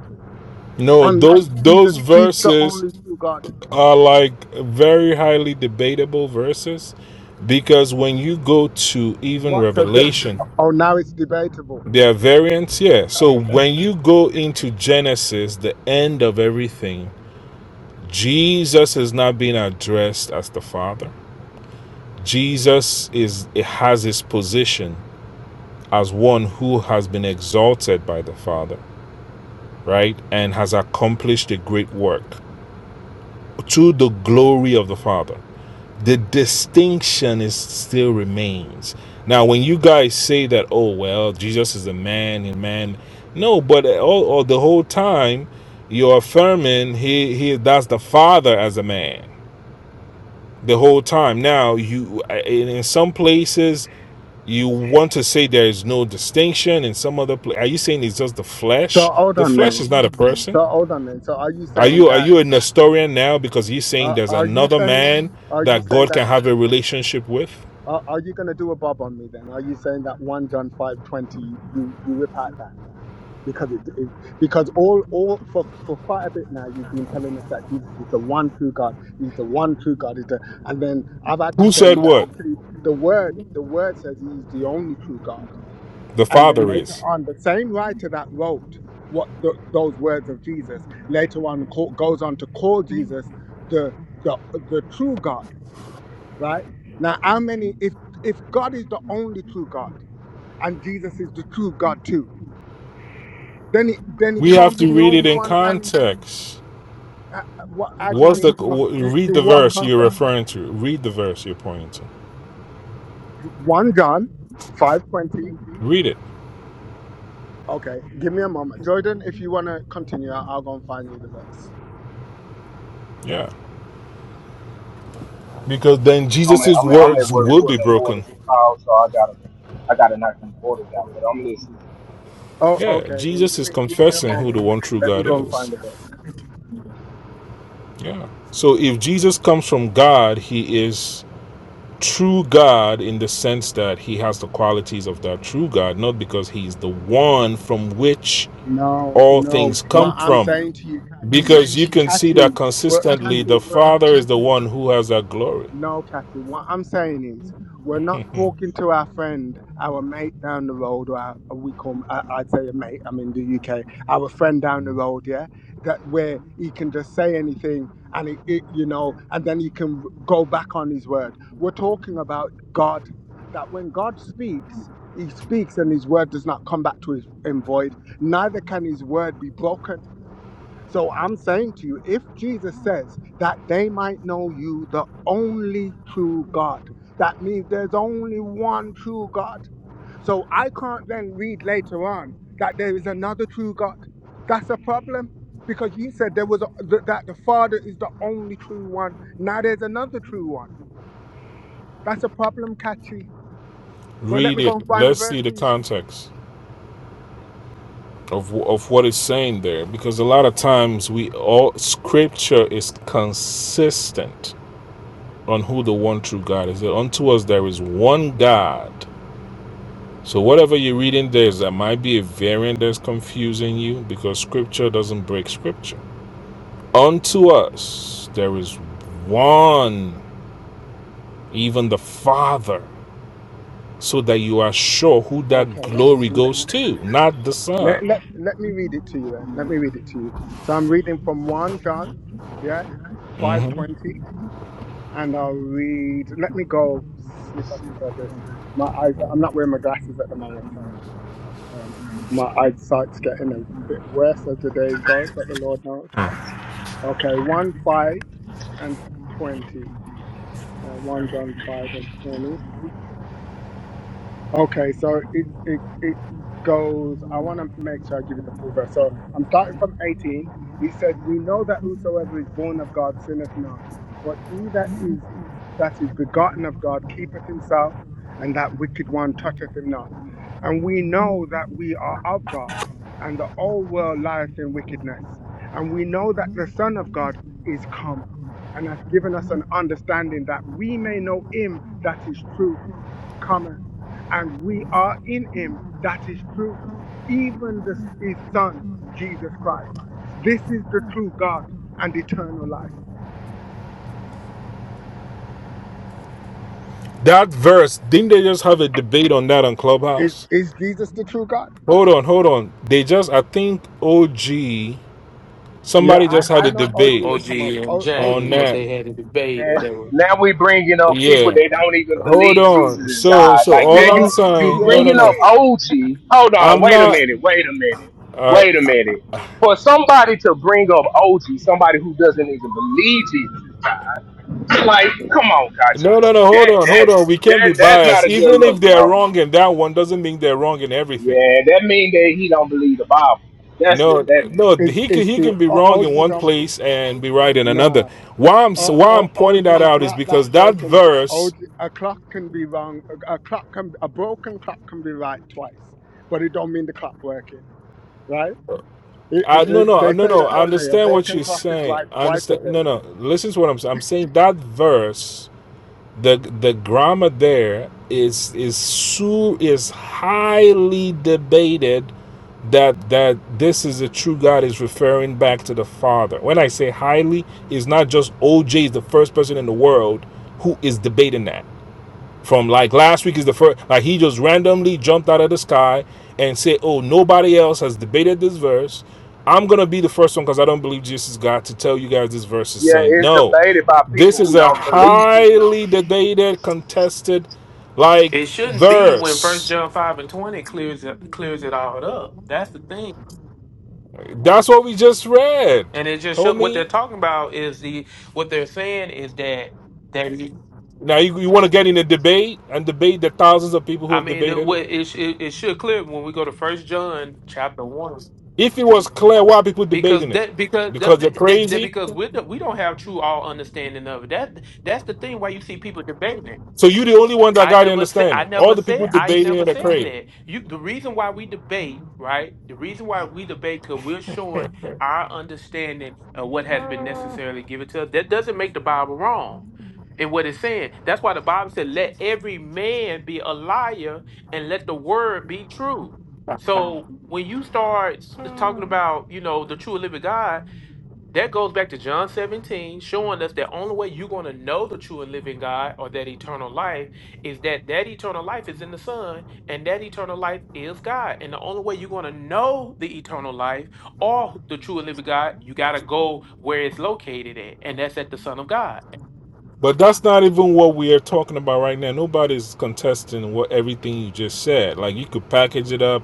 S4: No,
S3: Unless
S4: those
S3: Jesus
S4: those
S3: is the
S4: verses
S3: only true God.
S4: are like very highly debatable verses because when you go to even
S3: What? So, the,
S4: Revelation,
S3: oh, now it's debatable.
S4: there are variants, yeah. So
S3: Okay.
S4: when you go into Genesis, the end of everything, Jesus is not being addressed as the Father. Jesus is it has his position as one who has been exalted by the Father, right? And has accomplished a great work to the glory of the Father. the distinction is still remains. Now, when you guys say that, oh well, Jesus is a man and man, no, but all, all the whole time you're affirming he he that's the Father as a man the whole time. Now you in, in some places you want to say there is no distinction in some other place. Are you saying it's just the
S3: So
S4: flesh?
S3: hold
S4: The
S3: on
S4: flesh
S3: then.
S4: is not a person.
S3: So hold on then. So are you
S4: Are
S3: saying
S4: you are
S3: that?
S4: you a Nestorian now because he's saying
S3: Uh,
S4: there's
S3: are you
S4: another
S3: saying?
S4: man
S3: Are you
S4: that
S3: saying
S4: God
S3: that?
S4: can have a relationship with?
S3: Uh, are you going to do a bob on me then? Are you saying that one John five twenty? You you rip out that? because it, it because all all for, for quite a bit now you've been telling us that Jesus is the one true God. He's the one true God. Is the and then I've had to
S4: Who
S3: show
S4: said
S3: you that
S4: what?
S3: actually the word the word says he is the only true God.
S4: The
S3: And then
S4: Father
S3: later
S4: is.
S3: on, the same writer that wrote what the, those words of Jesus later on call, goes on to call Jesus the the the true God. Right now, how many if if God is the only true God and Jesus is the true God too? Then it then it
S4: We have
S3: can't be
S4: to
S3: the
S4: read it
S3: only
S4: in
S3: one. Can
S4: context.
S3: uh, uh, what? How do you
S4: What's
S3: mean?
S4: the
S3: it can't-
S4: w-
S3: In,
S4: read the
S3: in what
S4: verse you're
S3: context?
S4: referring to? Read the verse you're pointing to.
S3: One John, five twenty.
S4: Read it.
S3: Okay, give me a moment, Jordan. If you wanna continue, I- I'll go and find you the verse.
S4: Yeah. Because then
S2: I'm at,
S4: Jesus'
S2: I'm, I'm at
S4: words
S2: work,
S4: will be
S2: Portland
S4: broken.
S2: orders. Oh, so I gotta, I gotta knock these orders out. But I'm listening.
S3: Oh,
S4: Yeah.
S3: okay. Then
S4: Jesus
S3: give
S4: is
S3: me give me a
S4: confessing who
S3: moment,
S4: the one
S3: Catherine.
S4: true
S3: Let me
S4: God
S3: go and
S4: is.
S3: find the verse.
S4: Yeah. So if Jesus comes from God, he is true God in the sense that he has the qualities of that true God, not because he's the one from which
S3: No,
S4: all
S3: no.
S4: things
S3: What
S4: come
S3: I'm
S4: from.
S3: saying to you, Catherine,
S4: Because you can see
S3: Cathy,
S4: that
S3: we're,
S4: consistently
S3: Cathy,
S4: the
S3: we're,
S4: Father is the one who has that glory.
S3: No, Kathy, what I'm saying is we're not talking to our friend, our mate down the road, or our, we call, 'em- I- I'd say a mate, I'm in the UK, our friend down the road, yeah, that where he can just say anything and it, it you know, and then he can go back on his word. We're talking about God, that when God speaks, he speaks and his word does not come back to his in void, neither can his word be broken. So I'm saying to you, if Jesus says that they might know you, the only true God, that means there's only one true God. So I can't then read later on that there is another true God. That's a problem because you said there was a, th- that the Father is the only true one. Now there's another true one. That's a problem, Catchy. But let
S4: Read
S3: me go and
S4: it.
S3: find the
S4: Let's
S3: verse
S4: see the
S3: for you.
S4: context of, of what it's saying there. Because a lot of times we all scripture is consistent on who the one true God is. Unto us there is one God. So whatever you're reading there is that might be a variant that's confusing you because scripture doesn't break scripture. Unto us there is one, even the Father. so that you are sure who that
S3: Okay,
S4: glory
S3: let,
S4: goes to, not the
S3: Let, let,
S4: Son.
S3: let me read it to you then. Let me read it to you. So I'm reading from 1 John, yeah,
S4: Mhm.
S3: 520. And I'll read, let me go, see if I can go a bit. My eyes, I'm not wearing my glasses at the moment, so um, my eyesight's getting a bit worse as the days go, but the Lord knows. Okay, 1 5 and 20. Uh, 1 John 5 and 20. Okay, so it, it, it goes, I want to make sure I give you the full verse. So I'm starting from 18. It says, We know that whosoever is born of God sinneth not, but he that is that is begotten of God keepeth himself, and that wicked one toucheth him not. And we know that we are of God, and the whole world lieth in wickedness. And we know that the Son of God is come, and hath given us an understanding that we may know him that is true cometh, and we are in him that is true, even the, his Son, Jesus Christ. This is the true God and eternal life.
S4: That verse, didn't they just have a debate on that on
S3: Is,
S4: Clubhouse?
S3: is Jesus the true God?
S4: Hold on, hold on. They just, I think OG,
S3: Yeah,
S4: somebody
S3: I,
S4: just had
S3: I
S4: a
S3: know OG
S4: debate
S3: would
S1: OG
S3: come up.
S1: and
S3: O, OG,
S4: on
S1: James that
S4: that.
S1: they had a debate
S2: man.
S1: that they were.
S2: Now we bringing up people
S4: Yeah.
S2: that don't even
S4: Hold
S2: believe Jesus
S4: on.
S2: is
S4: So,
S2: God.
S4: so
S2: Like,
S4: all
S2: man,
S4: I'm
S3: yeah,
S2: you you
S4: saying, no,
S3: yeah,
S4: no,
S2: bringing
S3: <laughs>
S2: up
S4: no.
S2: OG. Hold on,
S4: I'm
S2: wait a
S4: not,
S2: minute, wait a minute,
S4: uh,
S2: wait a minute. For somebody to bring up OG, somebody who doesn't even believe Jesus, like, come on,
S4: no,
S2: Kachi,
S4: no,
S2: that
S4: no. Hold on,
S2: that
S4: hold on. We can't be
S2: that that's
S4: biased.
S2: not a good
S4: Even if
S2: look, bro.
S4: they're wrong in that one, doesn't mean they're wrong in everything.
S2: Yeah, that means that he don't believe the Bible. That's what
S4: No,
S2: that means.
S4: no,
S3: it's,
S4: he can
S3: it's
S4: he
S3: true.
S4: can be
S3: O,
S4: wrong in
S3: OG
S4: one
S3: don't,
S4: place and be right in another.
S3: nah.
S4: Why I'm s-
S3: O,
S4: why
S3: o,
S4: I'm pointing
S3: OG
S4: that
S3: is
S4: out is
S3: not that
S4: because that
S3: broken. OG,
S4: verse.
S3: a clock can be wrong. A, a clock can, a broken clock can be right twice, but it don't mean the clock working, right? It, it,
S4: I no
S3: it,
S4: no
S3: they
S4: no
S3: say
S4: no.
S3: that,
S4: I
S3: don't they? A
S4: understand what
S3: broken
S4: you're
S3: clock is
S4: saying.
S3: right
S4: I
S3: twice a
S4: understand. No
S3: day.
S4: no. Listen to what I'm saying. I'm saying that verse. The the grammar there is is su is highly debated that that this is the true God is referring back to the Father. When I say highly, it's not just OJ is the first person in the world who is debating that From like last week is the first, like he just randomly jumped out of the sky and said, Oh, nobody else has debated this verse. I'm going to be the first one because I don't believe Jesus is God to tell you guys this verse is
S2: Yeah,
S4: saying,
S2: it's
S4: No,
S2: debated by
S4: this
S2: people
S4: is
S2: who
S4: a
S2: don't believe it.
S4: highly debated, contested, like
S1: It shouldn't be when First
S4: verse.
S1: John five and twenty clears it clears it all up. That's the thing,
S4: That's what we just read,
S1: and it just show, what they're
S4: homie.
S1: talking about is the what they're saying is that that
S4: Now you, you want to get in a debate and debate the thousands of people who
S1: I
S4: have
S1: mean it,
S4: debated it.
S1: what it, sh- it it should clear when we go to First John chapter one.
S4: If it was clear, why are people
S1: because
S4: debating it?
S1: that because
S4: Because
S1: that,
S4: they're
S1: that, that-
S4: crazy.
S1: because we don't- we don't have true all understanding of it. That that's the thing why you see people debating it.
S4: So you are the only one that
S1: I
S4: got the
S1: never said I
S4: understanding. All
S1: never
S4: the people
S1: said I
S4: debating
S1: never
S4: it are
S1: said
S4: crazy.
S1: that. You the reason why we debate, right? The reason why we debate because we're showing our understanding of what has been necessarily given to us. That doesn't make the Bible wrong in what it's saying. That's why the Bible said, let every man be a liar and let the word be true. So when you start s- talking about, you know, the true and living God, that goes back to John 17, showing us that only way you're going to know the true and living God or that eternal life is that that eternal life is in the Son and that eternal life is God. And the only way you're going to know the eternal life or the true and living God, you got to go where it's located at, and that's at the Son of God.
S4: But that's not even what we are talking about right now. Nobody's contesting what everything you just said. Like you could package it up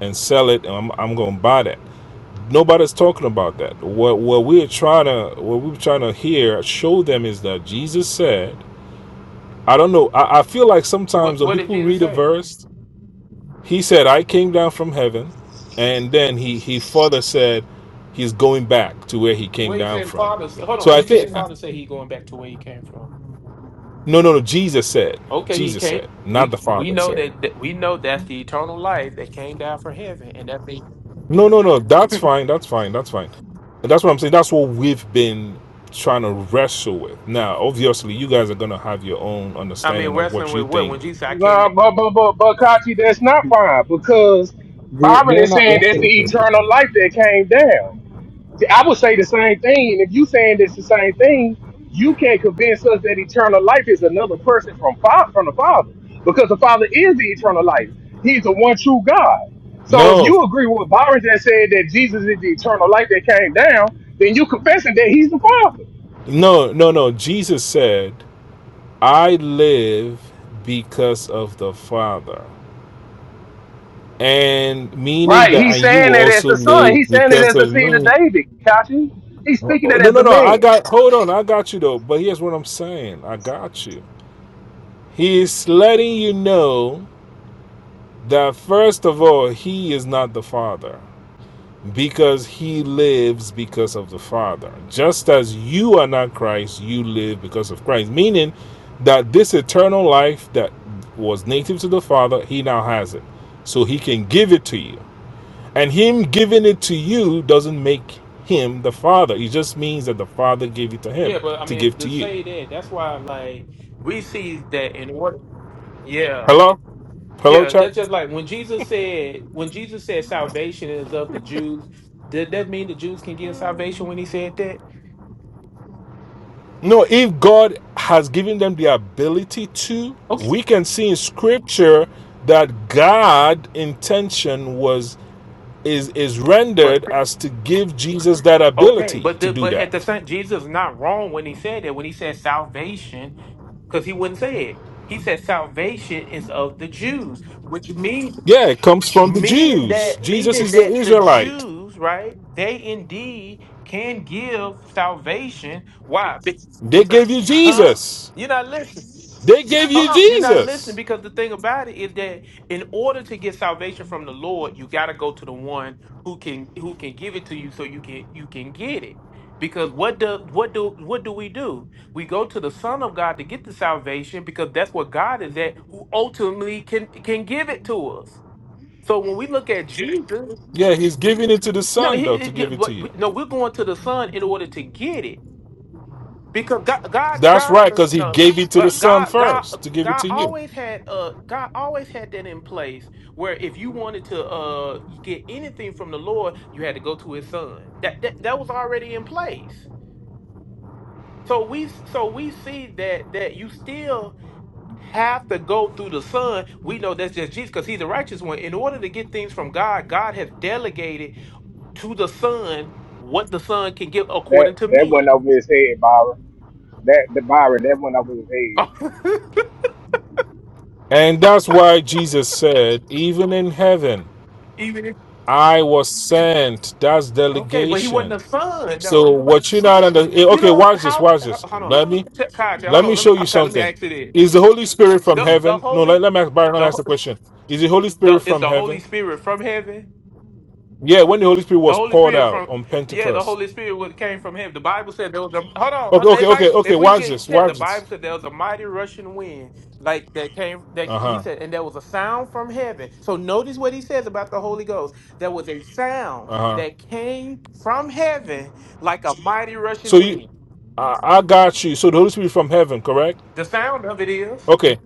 S4: and sell it, and I'm, I'm gonna buy that. Nobody's talking about that. What what we're trying to what we're trying to hear show them is that Jesus said. I don't know. I, I feel like sometimes
S1: What,
S4: when
S1: what did
S4: people
S1: Jesus
S4: read a
S1: say?
S4: verse He said, I came down from heaven. And then he, he further said, he's going back to where he came
S1: What he
S4: down
S1: said,
S4: from.
S1: Father, hold on,
S4: So I
S1: what he said,
S4: think, Jesus.
S1: Father said he going back to where he came from.
S4: no, no, no, Jesus said,
S1: Okay, he
S4: Jesus
S1: can't.
S4: said, not the
S1: We we
S4: Father
S1: know
S4: said.
S1: that that- we know that's the eternal life that came down for heaven, and that's the
S4: No, no, no, that's fine, that's fine, that's fine. And that's what I'm saying. That's what we've been trying to wrestle with. Now, obviously, you guys are going to have your own
S1: I mean,
S4: understanding of
S1: wrestling
S4: what you
S1: with what?
S4: think.
S1: When Jesus, said, I came.
S2: Nah,
S1: To,
S2: but but but but Kachi, that's not fine because
S3: We,
S2: Byron
S3: we're
S2: is
S3: not
S2: saying that's
S3: wrestling.
S2: the eternal life that came down. I would say the same thing, if you saying it's the same thing, you can't convince us that eternal life is another person from fa- from the Father, because the Father is the eternal life. He's the one true God. So if
S4: No,
S2: you agree with Byron that said that Jesus is the eternal life that came down, then you confessing that He's the Father.
S4: no, no, no. Jesus said, I live because of the Father. and meaning
S2: Right.
S4: that
S2: He's
S4: and you
S2: saying
S4: will
S2: it as
S4: also
S2: the son.
S4: live
S2: He's saying it
S4: because
S2: as the
S4: of
S2: seed of
S4: me.
S2: David. Kachi. He's
S4: Oh,
S2: speaking
S4: oh,
S2: it
S4: No,
S2: as
S4: no,
S2: a
S4: no. I
S2: man.
S4: got hold on. I got you though. But here's what I'm saying. I got you. He's letting you know that first of all, he is not the father because he lives because of the father. Just as you are not Christ, you live because of Christ. Meaning that this eternal life that was native to the father, he now has it. So he can give it to you. And him giving it to you doesn't make him the father. It just means that the father gave it to
S1: yeah,
S4: him
S1: but I
S4: to
S1: mean,
S4: give
S1: to
S4: to you.
S1: say that, that's why, like, we see that in order. Yeah,
S4: Hello? Hello,
S1: yeah.
S4: church?
S1: That's just like when Jesus said, when Jesus said salvation is of the Jews. Did that mean the Jews can get salvation when he said that?
S4: No, if God has given them the ability to,
S1: Okay,
S4: we can see in scripture that God intention was is is
S1: but
S4: rendered as to give Jesus that
S1: okay,
S4: ability
S1: but
S4: to
S1: the,
S4: do
S1: but at the
S4: that.
S1: same, Jesus is not wrong when he said that. When he said salvation, because he wouldn't say it. He said salvation is of the Jews, which means
S4: Yeah, it comes from the
S1: Meaning
S4: Jews.
S1: that
S4: Jesus
S1: meaning
S4: is the
S1: that the
S4: Israelite.
S1: Jews, right? They indeed can give salvation. Why? Be-
S4: They gave you
S1: huh?
S4: Jesus.
S1: You're not listening.
S4: They gave you
S1: Hold on. You're not listening
S4: Jesus.
S1: because the thing about it is that in order to get salvation from the Lord, you gotta go to the one who can who can give it to you so you can you can get it. Because what do what do what do we do? We go to the Son of God to get the salvation because that's what God is at, who ultimately can can give it to us. So when we look at Jesus,
S4: Yeah, he's giving it to the
S1: no,
S4: son
S1: he,
S4: though
S1: he-
S4: to
S1: he-
S4: give it to
S1: but
S4: you.
S1: we- no, we're going to the Son in order to get it because God, God,
S4: That's
S1: God,
S4: right,
S1: uh,
S4: because he
S1: no,
S4: gave it to the
S1: but
S4: son
S1: God, God, uh,
S4: first to give it
S1: God
S4: to you.
S1: always had, uh, God always had that in place where if you wanted to, uh, get anything from the Lord, you had to go to His Son. That that, that was already in place. So we, so we see that that you still have to go through the Son. We know that's just Jesus because He's the righteous one. In order to get things from God, God has delegated to the son what the son can give
S2: That
S1: according to
S2: that
S1: men.
S2: went over his head, Byron. That the Byron that went over his head.
S1: <laughs>
S4: And that's why Jesus said, Even in heaven,
S1: Even if
S4: I was sent. That's
S1: okay, but he wasn't
S4: delegation.
S1: a son
S4: So
S1: though.
S4: what you're not under eh,
S1: You
S4: okay,
S1: know
S4: watch this,
S1: how
S4: watch
S1: h-
S4: this.
S1: hold on,
S4: Let me
S1: Ch- Kai, Ch-
S4: let
S1: hold on.
S4: me
S1: Let me
S4: show you
S1: okay, let me
S4: something.
S1: ask you this:
S4: Is the Holy Spirit from
S1: the the
S4: heaven? No, let,
S1: holy
S4: let me ask Byron, let me
S1: the
S4: ask the question. Is the Holy
S1: the
S4: Spirit
S1: is
S4: from
S1: the Holy
S4: heaven?
S1: Spirit from heaven?
S4: Yeah, when the Holy Spirit
S1: The
S4: was
S1: Holy
S4: poured
S1: Spirit
S4: out
S1: from
S4: on
S1: yeah, the
S4: Pentecost.
S1: Holy Spirit would came from him. The Bible said there was a hold on. uh,
S4: Okay, okay,
S1: If
S4: okay,
S1: I
S4: okay,
S1: if we can
S4: watch
S1: get
S4: this,
S1: checked, the
S4: watch
S1: Bible
S4: this.
S1: said there was a mighty rushing wind like that came that he
S4: Uh-huh.
S1: said, and there was a sound from heaven. So notice what he says about the Holy Ghost. There was a sound
S4: Uh-huh.
S1: that came from heaven like a mighty
S4: So
S1: rushing
S4: you,
S1: wind.
S4: I, I got you. So the Holy Spirit from heaven, correct?
S1: The sound of it is
S4: Okay.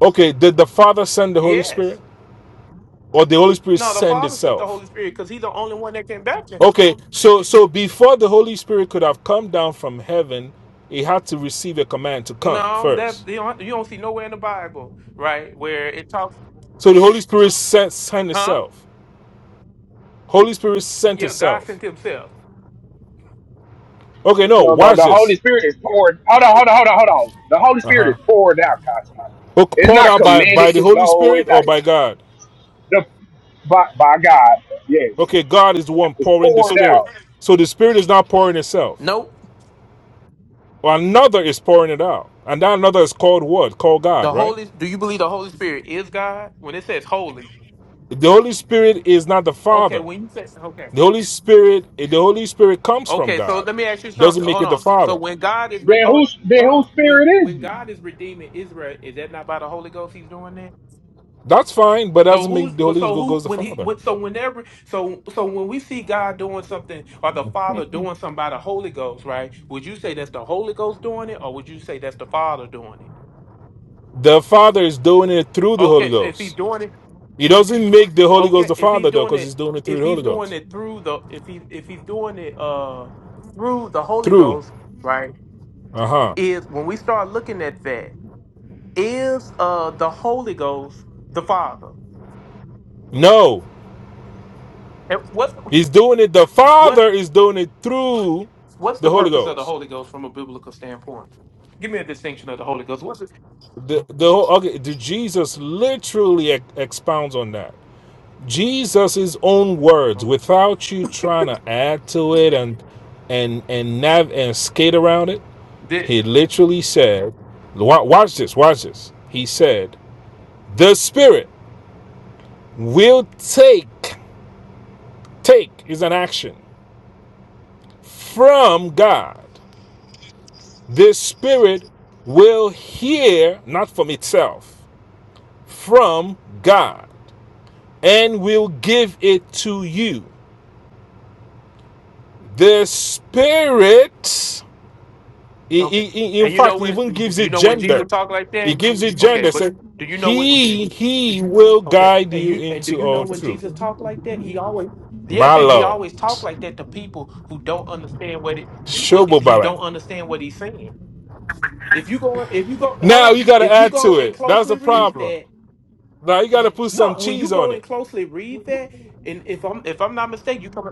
S4: Okay. Did the Father send the Holy
S1: yes.
S4: Spirit, or the Holy Spirit
S1: No, the
S4: send
S1: Father sent the
S4: itself?
S1: Holy Spirit because He's the only one that can baptize.
S4: Okay. So so before the Holy Spirit could have come down from heaven, it had to receive a command to come
S1: No, that's
S4: first.
S1: you don't, you don't see nowhere in the Bible, right, where it talks,
S4: So the Holy Spirit sent sent
S1: huh?
S4: itself. Holy Spirit sent
S1: Yeah, God
S4: itself.
S1: sent himself.
S4: Okay. No.
S2: No, the,
S4: Watch
S2: the Holy
S4: this.
S2: Spirit is poured. Hold on, hold on, hold on, hold on. The Holy
S4: Uh
S2: Spirit is
S4: huh.
S2: poured out, Kashi. It's
S4: Poured
S2: not
S4: out by
S2: commanded
S4: by the
S2: to
S4: Holy
S2: go. It's
S4: Spirit
S2: not
S4: or by God?
S2: the by, by God. Yes,
S4: Okay. God is the one
S2: it's
S4: pouring the
S2: poured
S1: So,
S2: out.
S4: Spirit. So the Spirit is not pouring itself.
S1: Nope.
S4: Well, another is pouring it out. And that another is called what? Called God,
S1: The
S4: right?
S1: Holy do you believe the Holy Spirit is God? When it says holy.
S4: The Holy Spirit is not the
S1: Okay,
S4: Father.
S1: when you say okay.
S4: The Holy Spirit, the Holy Spirit comes from
S1: Okay, so
S4: God.
S1: let me ask you
S4: Doesn't
S1: something.
S4: make
S1: Hold
S4: it the
S1: on. So
S4: Father.
S1: when God is re-
S2: Then
S1: oh,
S2: whose then
S1: hold on.
S2: whose
S1: When
S2: spirit is
S1: when
S2: he?
S1: God is redeeming Israel, is that not by the Holy Ghost he's doing that?
S4: That's fine, but
S1: So
S4: doesn't
S1: who's
S4: make the
S1: but
S4: Holy
S1: so who
S4: Ghost the
S1: when he
S4: Father.
S1: when, so whenever so so when we see God doing something or the Father doing something by the Holy Ghost, right? Would you say that's the Holy Ghost doing it or would you say that's the Father doing it?
S4: The Father is doing it through the Holy
S1: Okay, so if he's
S4: Ghost.
S1: doing it
S4: He doesn't make the Holy Ghost
S1: Okay,
S4: the
S1: if he's
S4: Father though,
S1: doing
S4: because
S1: it,
S4: he's doing it through
S1: if
S4: the
S1: he's
S4: Holy
S1: doing
S4: Ghost.
S1: it through the, if he if he's doing it uh through the Holy
S4: Through.
S1: Ghost, right?
S4: Uh-huh.
S1: Is when we start looking at that, is uh the Holy Ghost the Father?
S4: No.
S1: And what
S4: He's doing it. The
S1: what
S4: Father is doing it through
S1: what's
S4: the
S1: the
S4: Holy
S1: purpose of the
S4: Ghost.
S1: Holy Ghost from a biblical standpoint? Give me a distinction of the Holy Ghost. What's it?
S4: The, the okay, the Jesus literally ex- expounds on that. Jesus' own words,
S1: oh,
S4: without you trying to add to it and and and nav and skate around it.
S1: Did
S4: He literally said, wa- "Watch this, watch this." He said, "The Spirit will take take is an action from God. The Spirit will hear not from itself, from God." and will give it to you. The Spirit, i-
S1: okay?
S4: i- in
S1: And you know
S4: fact,
S1: when
S4: even gives
S1: you
S4: it
S1: know when Jesus
S4: gender.
S1: talked like
S4: He
S1: that?
S4: gives it
S1: Okay,
S4: gender.
S1: but
S4: Said,
S1: do you know when?
S4: He He will
S1: Okay.
S4: guide
S1: And
S4: you
S1: you and do
S4: into
S1: you know
S4: all
S1: when
S4: truth.
S1: Jesus talked like that? He always Yeah,
S4: My
S1: and he
S4: Lord,
S1: always talked like that to people who don't understand what it, it- what it- who
S4: Shobobara.
S1: don't understand what he's saying. If you go if you go hold
S4: Now
S1: on,
S4: you got to
S1: if you
S4: add
S1: go
S4: to
S1: and
S4: it. That's the
S1: closely read
S4: problem.
S1: that,
S4: Now you got to put some
S1: no, when you
S4: cheese on
S1: go and
S4: it.
S1: closely read that, and if I'm if I'm not mistaken, you come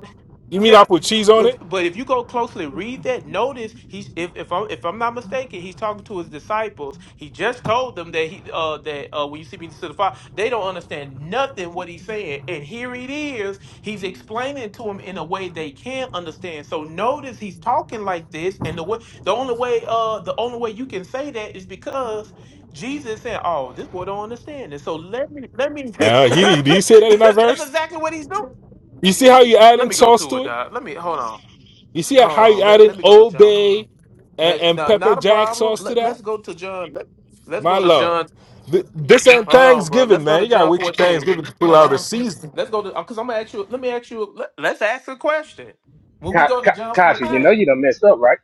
S4: You mean I
S1: yeah.
S4: put cheese on
S1: If,
S4: it?
S1: but if you go closely read that, notice he's if if I'm if I'm not mistaken, he's talking to his disciples. He just told them that he uh that uh when you see me to the Father, they don't understand nothing what he's saying. And here it is, he's explaining to them in a way they can understand. So notice he's talking like this, and the way the only way uh the only way you can say that is because Jesus said, "Oh, this boy don't understand it." So let me let me. <laughs>
S4: Uh, he did. Did he say that in that
S1: That's
S4: verse?
S1: exactly what he's doing.
S4: You see how you
S1: Uh,
S4: are
S1: Let
S4: adding
S1: me go
S4: sauce
S1: to
S4: to
S1: it,
S4: it?
S1: Doc. Let me hold on.
S4: You see
S1: Hold
S4: how you
S1: on. Let
S4: adding
S1: let me go to
S4: Old
S1: John. f-
S4: Bay and,
S1: Let,
S4: and
S1: no,
S4: pepper
S1: not a
S4: jack
S1: problem.
S4: sauce to
S1: Let,
S4: that?
S1: let's go to John. Let, let's
S4: My
S1: go to
S4: lord.
S1: John.
S4: Th- This ain't
S1: Hold on, bro.
S4: Thanksgiving,
S1: Let's go
S4: man.
S1: to
S4: You gotta
S1: John
S4: wait till
S1: 14.
S4: Thanksgiving to pull
S1: Hold
S4: out a
S1: on.
S4: season.
S1: Let's go to because I'm gonna ask you. Let me ask you. Let, let's ask a question. When we
S2: Ka,
S1: go to
S2: Ka,
S1: John
S2: Kashi, you know
S1: 14,
S2: you done messed up, right?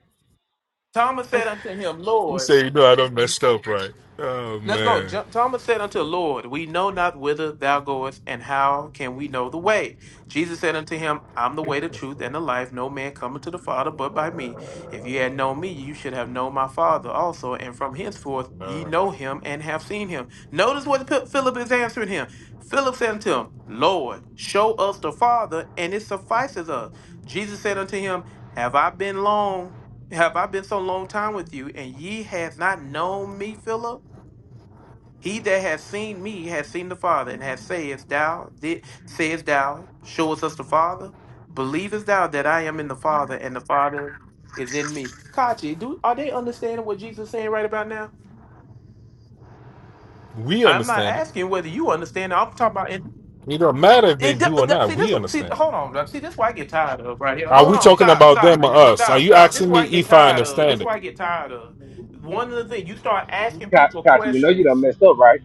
S1: Thomas said unto him,
S4: You
S1: "Lord."
S4: say, you know, I don't messed up, right? Oh,
S1: Let's go.
S4: man.
S1: Jo- Thomas said unto the Lord, We know not whither thou goest, and how can we know the way? Jesus said unto him, I'm the way, the truth, and the life. No man cometh to the Father but by me. If ye had known me, you should have known my Father also, and from henceforth ye
S4: Uh,
S1: know him and have seen him. Notice what P- Philip is answering him. Philip said unto him, Lord, show us the Father, and it suffices us. Jesus said unto him, Have I been long? Have I been so long time with you, and ye have not known me, Philip? He that has seen me has seen the Father, and has says thou did says thou, showest us the Father. Believest thou that I am in the Father, and the Father is in me? Kachi, do are they understanding what Jesus is saying right about now?
S4: we
S1: I'm not
S4: understand it.
S1: asking whether you understand. I'm talking about in
S4: It don't matter if they
S1: it,
S4: do
S1: do-
S4: or
S1: do-
S4: not.
S1: see this.
S4: We
S1: See,
S4: understand it.
S1: hold on. bro. See, this is why I get tired of right here.
S4: Are
S1: Hold
S4: we
S1: on.
S4: talking
S1: Stop.
S4: about them
S1: Stop.
S4: or us? Are
S1: Stop.
S4: you
S1: Stop. This
S4: asking
S1: is
S4: me
S1: why I get
S4: if I
S1: tired of. This
S4: understand
S1: is
S4: it?
S1: why I get tired of. One of the things you start asking
S2: Ka,
S1: people
S2: Kashi, you know you done
S1: questions.
S2: messed up, right?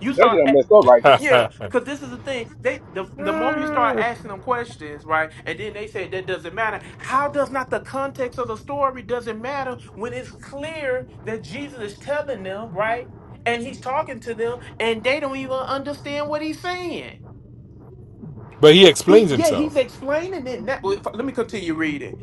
S1: You
S2: You know
S1: start.
S2: you done messed up, right?
S1: Yeah, because this is the thing. They the
S4: <laughs>
S1: the moment you start asking them questions, right, and then they say that doesn't matter. How does not the context of the story doesn't matter when it's clear that Jesus is telling them, right, and he's talking to them, and they don't even understand what he's saying.
S4: but he
S1: He
S4: explains
S1: yeah, he's
S4: himself.
S1: explaining it now. Well, if- Let me continue reading,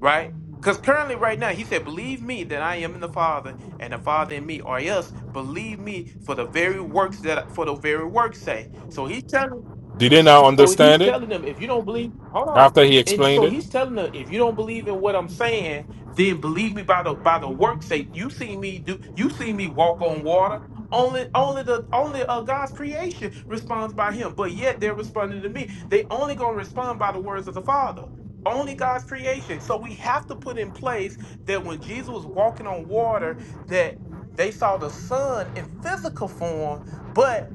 S1: right. Because currently, right now, he said, Believe me that I am in the Father, and the Father in me, or else believe me for the very works that for the very works' sake. So he's telling
S4: Did they now
S1: so he's
S4: understand it
S1: telling them, if you don't believe, hold on.
S4: after he
S1: And
S4: explained
S1: so
S4: it?
S1: he's telling them, if you don't believe in what I'm saying, then believe me by the by the works that you see me do. You see me walk on water. Only, only the only uh, God's creation responds by Him, but yet they're responding to me. They only gonna respond by the words of the Father. Only God's creation. So we have to put in place that when Jesus was walking on water, that they saw the Son in physical form, but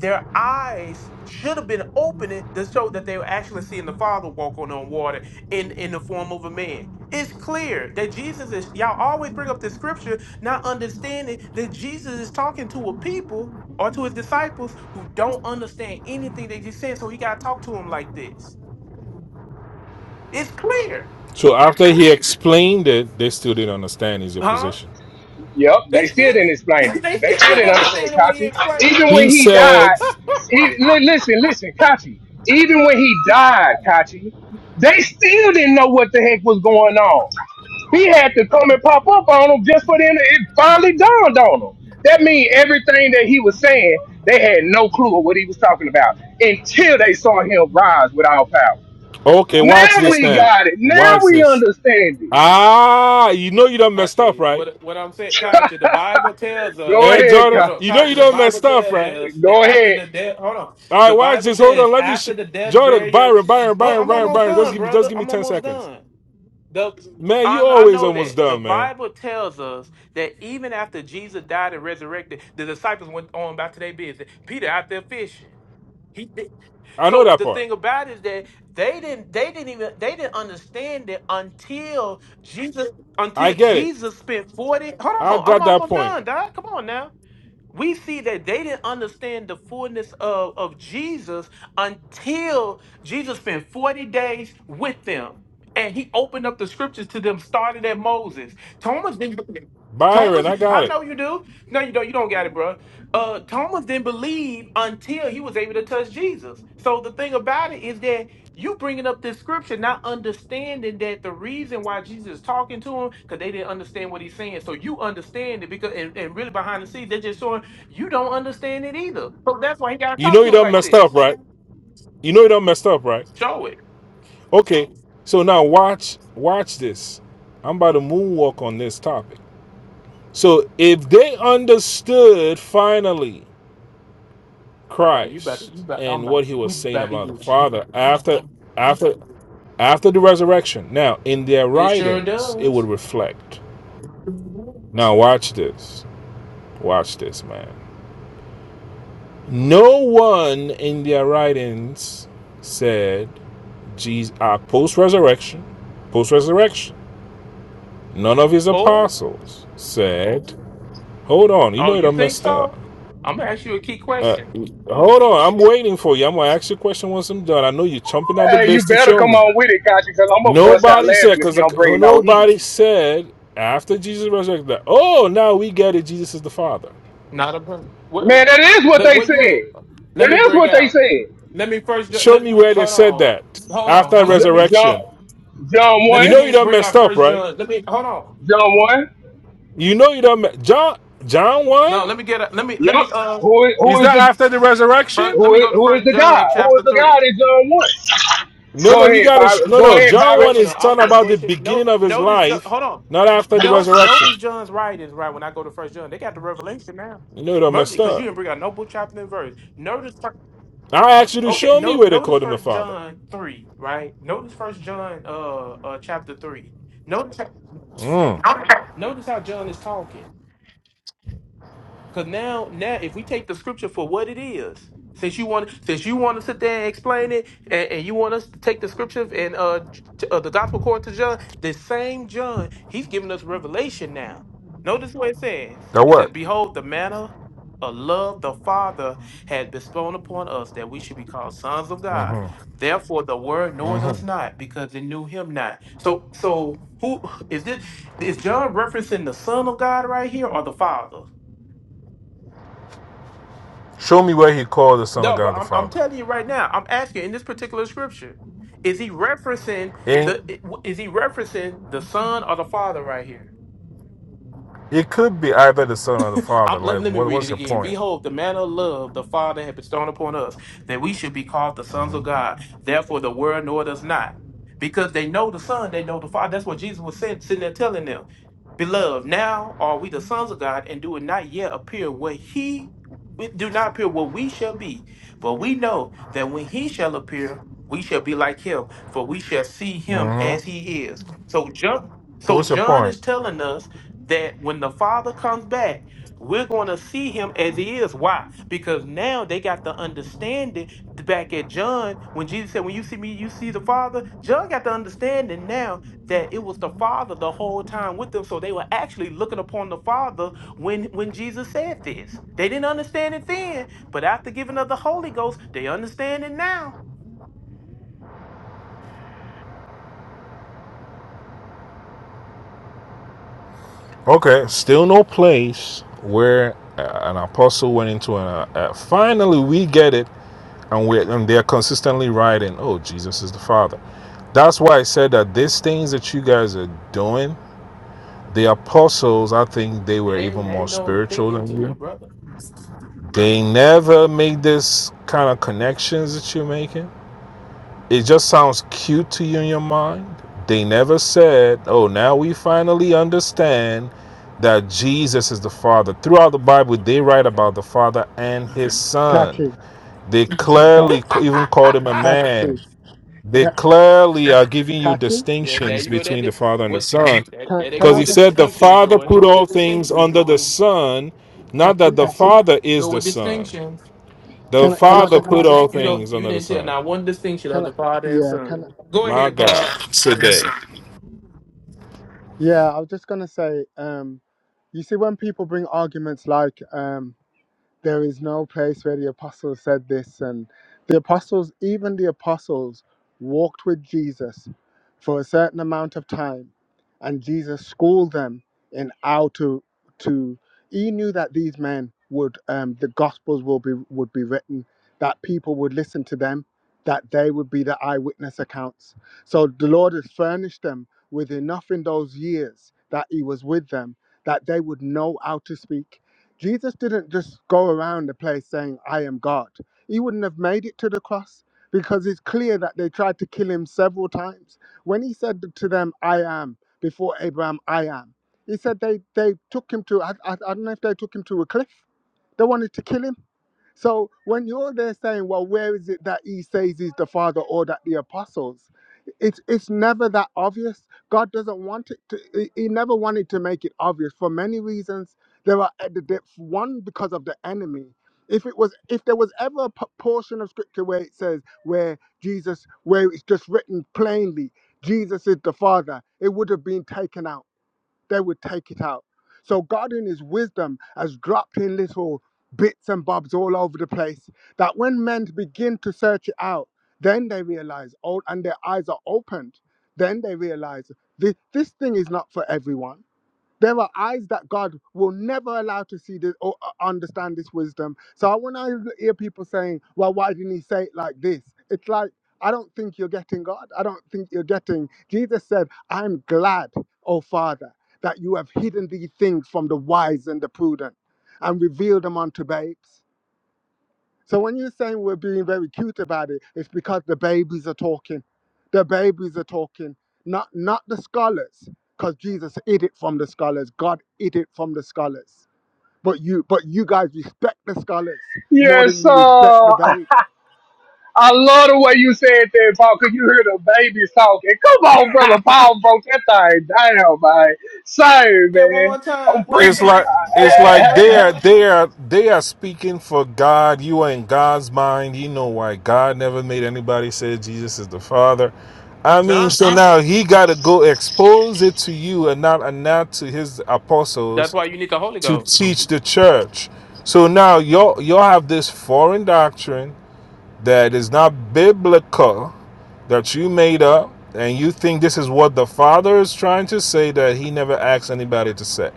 S1: their eyes should have been opening to show that they were actually seeing the Father walk on on water in, in the form of a man. It's clear that Jesus is, y'all always bring up the scripture, not understanding that Jesus is talking to a people or to his disciples who don't understand anything that he's saying. So he got to talk to them like this. It's clear,
S4: So after he explained it, they still didn't understand his
S1: huh?
S4: position.
S2: Yep,
S1: They
S2: they still
S1: still,
S2: didn't
S1: <laughs>
S2: explain it.
S1: they
S2: They
S1: still
S2: still
S1: didn't
S2: didn't understand it,
S1: understand it when he
S2: Kachi.
S1: explained
S2: Even
S1: it.
S2: when
S4: He
S2: he died,
S4: said,
S2: e-
S1: <laughs>
S2: li- listen, listen, Kachi. Even when he died, Kachi, they still didn't know what the heck was going on. He had to come and pop up on them just for them. to- It finally dawned on them. That means everything that he was saying, they had no clue of what he was talking about until they saw him rise with all power.
S4: "Okay, watch
S2: Now
S4: this
S2: we
S4: now.
S2: got it. Now
S4: Watch
S2: we
S4: this.
S2: understand it.
S4: Ah, you know you don't messed up,
S1: Kachi,
S4: right?
S1: what what I'm saying, Kachi, the Bible tells
S2: Go
S1: us.
S4: Hey,
S2: ahead,
S4: Jordan,
S1: Hold
S2: Kachi.
S1: on,
S4: you know you
S1: Kachi, the
S4: don't
S1: Bible
S4: messed up,
S1: tells
S4: right?
S1: us that
S2: Go
S1: after
S2: ahead.
S1: the death, hold on,
S4: All right,
S1: the
S4: watch
S1: Bible
S4: this. Hold on,
S1: says
S4: let me. Sh-
S1: after the death,
S4: Jordan,
S1: burial.
S4: Byron, Byron,
S1: Oh,
S4: Byron,
S1: I'm
S4: Byron,
S1: almost
S4: Byron. Just
S1: done,
S4: give me, just
S1: brother.
S4: give me
S1: I'm
S4: ten
S1: almost
S4: seconds.
S1: done. The
S4: Man,
S1: I,
S4: you
S1: kn- I
S4: always
S1: know
S4: almost
S1: that the
S4: done, man.
S1: Bible tells us that even after Jesus died and resurrected, the disciples went on about their business. Peter out there fishing.
S4: I know
S1: So
S4: that
S1: the
S4: part.
S1: thing about it is that they didn't they didn't even they didn't understand it until Jesus
S4: I
S1: until
S4: get it.
S1: Jesus spent 40 Hold
S4: I
S1: on, I'm
S4: got that
S1: almost
S4: point,
S1: done, Doc. Come on now we see that they didn't understand the fullness of, of Jesus until Jesus spent 40 days with them. And he opened up the scriptures to them, started at Moses. Thomas didn't believe.
S4: Byron.
S1: Thomas,
S4: I got
S1: I
S4: it.
S1: know you do. No, you don't. You don't got it, bro. Uh, Thomas didn't believe until he was able to touch Jesus. So the thing about it is that you bringing up this scripture, not understanding that the reason why Jesus is talking to him, because they didn't understand what he's saying. So you understand it because, and, and really behind the scenes, they're just showing you don't understand it either. So that's why he gotta
S4: You
S1: talk
S4: know you
S1: to him
S4: don't
S1: like
S4: messed up,
S1: this.
S4: right? You know you don't messed up, right?
S1: Show it.
S4: Okay, so now watch watch this. I'm about to moonwalk on this topic. So if they understood finally
S1: Oh, God, you about to, you
S4: Christ
S1: about, I'm
S4: and
S1: about,
S4: what he
S1: we
S4: was saying
S1: about to
S4: about the
S1: get you.
S4: Father after after after the resurrection, now in their
S1: It sure
S4: writings it would
S1: does.
S4: reflect. Now watch this. Watch this, man. No one in their writings said Jesus uh, post resurrection, post resurrection. None of his
S1: Oh,
S4: apostles said Hold on. You
S1: oh,
S4: know you
S1: you
S4: done
S1: think
S4: messed up.
S1: so? I'm gonna ask you a key
S4: Uh,
S1: question.
S4: hold on. I'm waiting for you. I'm going to ask you a question once I'm done. I know you're chomping at the
S2: Hey,
S4: bit
S2: you
S4: to
S2: better
S4: show
S2: come
S4: me.
S2: on with it, Kachi, because I'm gonna bust out
S4: Nobody said,
S2: laughing if
S4: because
S2: you don't bring no heat.
S4: nobody said after Jesus resurrected that, oh, now we get it. Jesus is the Father.
S1: Not a per- where,
S2: Man, that is what
S1: let,
S2: they
S1: where you
S2: said.
S1: at?
S2: That
S1: Let me
S2: is
S1: bring
S2: what they
S1: out.
S2: said.
S1: Let me first. ju-
S4: Show
S1: Let
S4: me where they
S1: hold
S4: said
S1: on,
S4: that
S1: hold on,
S4: after
S1: hold on. Let me
S2: J- John,
S4: resurrection.
S2: John
S1: let
S4: You
S1: me
S2: one,
S4: know you
S1: get
S4: done
S1: bring
S4: messed
S1: out
S4: up,
S1: first
S4: right?
S1: John. Let me hold
S2: John
S1: on.
S2: one.
S4: You know you done. Me- John, John
S1: No,
S4: 1?
S1: let me get a, let me let
S2: Yup.
S1: me uh
S2: Who is
S4: Is
S2: who is
S4: that
S2: the
S4: after the resurrection?
S1: first let
S2: who
S1: me
S2: is,
S1: go to
S2: who is
S1: first
S2: the God?
S1: John
S2: Who is
S1: chapter
S2: the
S1: three.
S2: God in John one?
S4: No,
S2: Go
S4: no, you
S2: ahead,
S4: got to. Sh-
S2: Byron.
S4: no,
S2: Go
S4: no.
S1: Hold
S2: ahead,
S1: on.
S4: John
S1: I'm
S2: Byron.
S4: 1
S1: finna
S4: is
S1: I'm
S4: talking
S1: finna
S4: about the
S1: bullshit. No,
S4: beginning of his
S1: notice. Jo-
S4: life,
S1: hold on.
S4: not after the
S1: No,
S4: resurrection.
S1: notice John's right is right. When I go to First John, they got the revelation now.
S4: You know don't
S1: Murder,
S4: messed
S1: because you
S4: up.
S1: didn't bring out no book chapter and verse. Notice. fir-
S4: I asked you to
S1: Okay.
S4: show me
S1: No,
S4: where they
S1: notice
S4: called him the
S1: First
S4: Father.
S1: John three. Right. Notice First John uh uh chapter three. Notice. how-
S4: Mm.
S1: Notice how John is talking. Cause now, now if we take the scripture for what it is, since you want, since you want to sit there and explain it, and, and you want us to take the scripture and uh, J- uh the gospel according to John, the same John, he's giving us revelation now. Notice what it says.
S4: Now
S1: It says,
S4: what?
S1: "Behold, the manner of love the Father had bestowed upon us, that we should be called sons of God.
S4: Mm-hmm.
S1: Therefore, the world knoweth us
S4: Mm-hmm.
S1: not, because it knew Him not." So, so who is this? Is John referencing the Son of God right here, or the Father?
S4: Show me where he called the Son of
S1: No, but
S4: God the
S1: I'm, I'm
S4: Father.
S1: telling you right now. I'm asking in this particular scripture, is he referencing
S4: It,
S1: the is he referencing the son or the father right here?
S4: it could be either the Son or the Father.
S1: I'm, let,
S4: Like,
S1: let me
S4: what,
S1: read
S4: what's
S1: it
S4: your
S1: again.
S4: point?
S1: Behold, the manner of love the Father had bestowed upon us, that we should be called the sons of God. Therefore, the world knoweth us not. Because they know the Son, they know the Father. That's what Jesus was saying, sitting there telling them. Beloved, now are we the sons of God, and do it not yet appear what he it do not appear what we shall be, but we know that when he shall appear, we shall be like him, for we shall see him as
S4: Mm-hmm.
S1: he is. So John,
S4: So
S1: so
S4: what's your
S1: John
S4: point?
S1: is telling us that when the Father comes back, we're going to see him as he is. Why? Because now they got the understanding back at John when Jesus said, When you see me, you see the Father. John got the understanding now that it was the Father the whole time with them. So they were actually looking upon the Father when, when Jesus said this. They didn't understand it then, but after giving of the Holy Ghost, they understand it now.
S4: Okay, still no place where uh, an apostle went into an. Uh, uh, finally, we get it, and we are and they're consistently writing, "Oh, Jesus is the Father." That's why I said that these things that you guys are doing The apostles, I think they were even
S1: Ain't,
S4: more
S1: ain't no
S4: spiritual
S1: thinking
S4: than
S1: to
S4: you.
S1: it, brother.
S4: They never made this kind of connections that you're making. It just sounds cute to you in your mind. They never said, "Oh, now we finally understand that Jesus is the Father." Throughout the Bible, they write
S1: Okay.
S4: about the Father and His Son.
S3: Catchy,
S4: They
S3: Ca-
S4: clearly
S1: <laughs>
S4: even called him a man.
S3: catchy,
S4: They
S3: Ca-
S4: clearly are giving you
S3: catchy.
S1: there, there
S4: distinctions
S1: you go. That,
S4: between the
S1: that,
S4: Father and the
S1: what,
S4: Son.
S1: that,
S3: Can
S1: there they
S3: can
S1: go
S4: Because
S3: I
S4: he
S1: with the
S3: just
S4: said the
S1: distinctions,
S4: Father
S1: Jordan.
S4: put all things under the Son, not that
S3: catchy?
S4: the Father is
S1: Go
S4: the
S1: with
S4: Son.
S1: distinctions.
S4: The
S3: Can I can I
S4: Father
S3: just
S4: put all
S1: You don't.
S4: things
S1: You
S4: under the
S1: didn't tell
S4: Son.
S1: not one distinction of
S3: can I?
S1: the father and
S3: Yeah, can
S1: son.
S3: I,
S1: Go
S4: My
S1: ahead, Paul.
S4: God, today
S3: yeah. I was just gonna say. Um, you see, when people bring arguments like um There is no place where the apostles said this. And the apostles, even the apostles, walked with Jesus for a certain amount of time. And Jesus schooled them in how to, to he knew that these men would, um, the gospels will be, would be written, that people would listen to them, that they would be the eyewitness accounts. So the Lord has furnished them with enough in those years that he was with them that they would know how to speak Jesus didn't just go around the place saying, I am God. He wouldn't have made it to the cross because it's clear that they tried to kill him several times. When he said to them, I am, before Abraham, I am, he said they, they took him to, I, I, I don't know if they took him to a cliff. They wanted to kill him. So when you're there saying, well, where is it that he says he's the Father or that the apostles? It's it's never that obvious. God doesn't want it to. He he never wanted to make it obvious for many reasons. There are at the depth one because of the enemy. If it was, if there was ever a p- portion of scripture where it says where Jesus, where it's just written plainly, Jesus is the Father, it would have been taken out they would take it out. So God in his wisdom has dropped in little bits and bobs all over the place that when men begin to search it out, then they realize, oh, and their eyes are opened, then they realize this, this thing is not for everyone there are eyes that God will never allow to see this or uh, understand this wisdom. So when I hear people saying, well, why didn't he say it like this? It's like, I don't think you're getting God. I don't think you're getting. Jesus said, I'm glad, oh Father, that you have hidden these things from the wise and the prudent and revealed them unto babes. So when you're saying we're being very cute about it, it's because the babies are talking. The babies are talking, not not the scholars, because Jesus hid it from the scholars. God hid it from the scholars. But you, but you guys respect the scholars more than
S2: Yes,
S3: you respect the
S2: uh,
S3: babe.
S2: I love the way you said that, Paul. Cause you hear the babies talking. Come on, brother Paul, broke that thing down, man. Sorry,
S1: Say that one
S2: man.
S1: more
S2: I'm
S1: time. What did he
S2: pre.
S4: it's
S1: say?
S4: like it's
S1: Say that
S2: <laughs>
S1: one
S4: like
S1: more
S4: they are
S1: time.
S4: they are they are speaking for God. You are in God's mind. You know why God never made anybody say Jesus is the Father. I mean,
S1: Johnson.
S4: so now he got to go expose it to you and not and not to his apostles
S1: That's why you need the Holy
S4: to
S1: Ghost.
S4: teach the church. So now y'all y'all have this foreign doctrine that is not biblical that you made up, and you think this is what the Father is trying to say that He never asked anybody to say.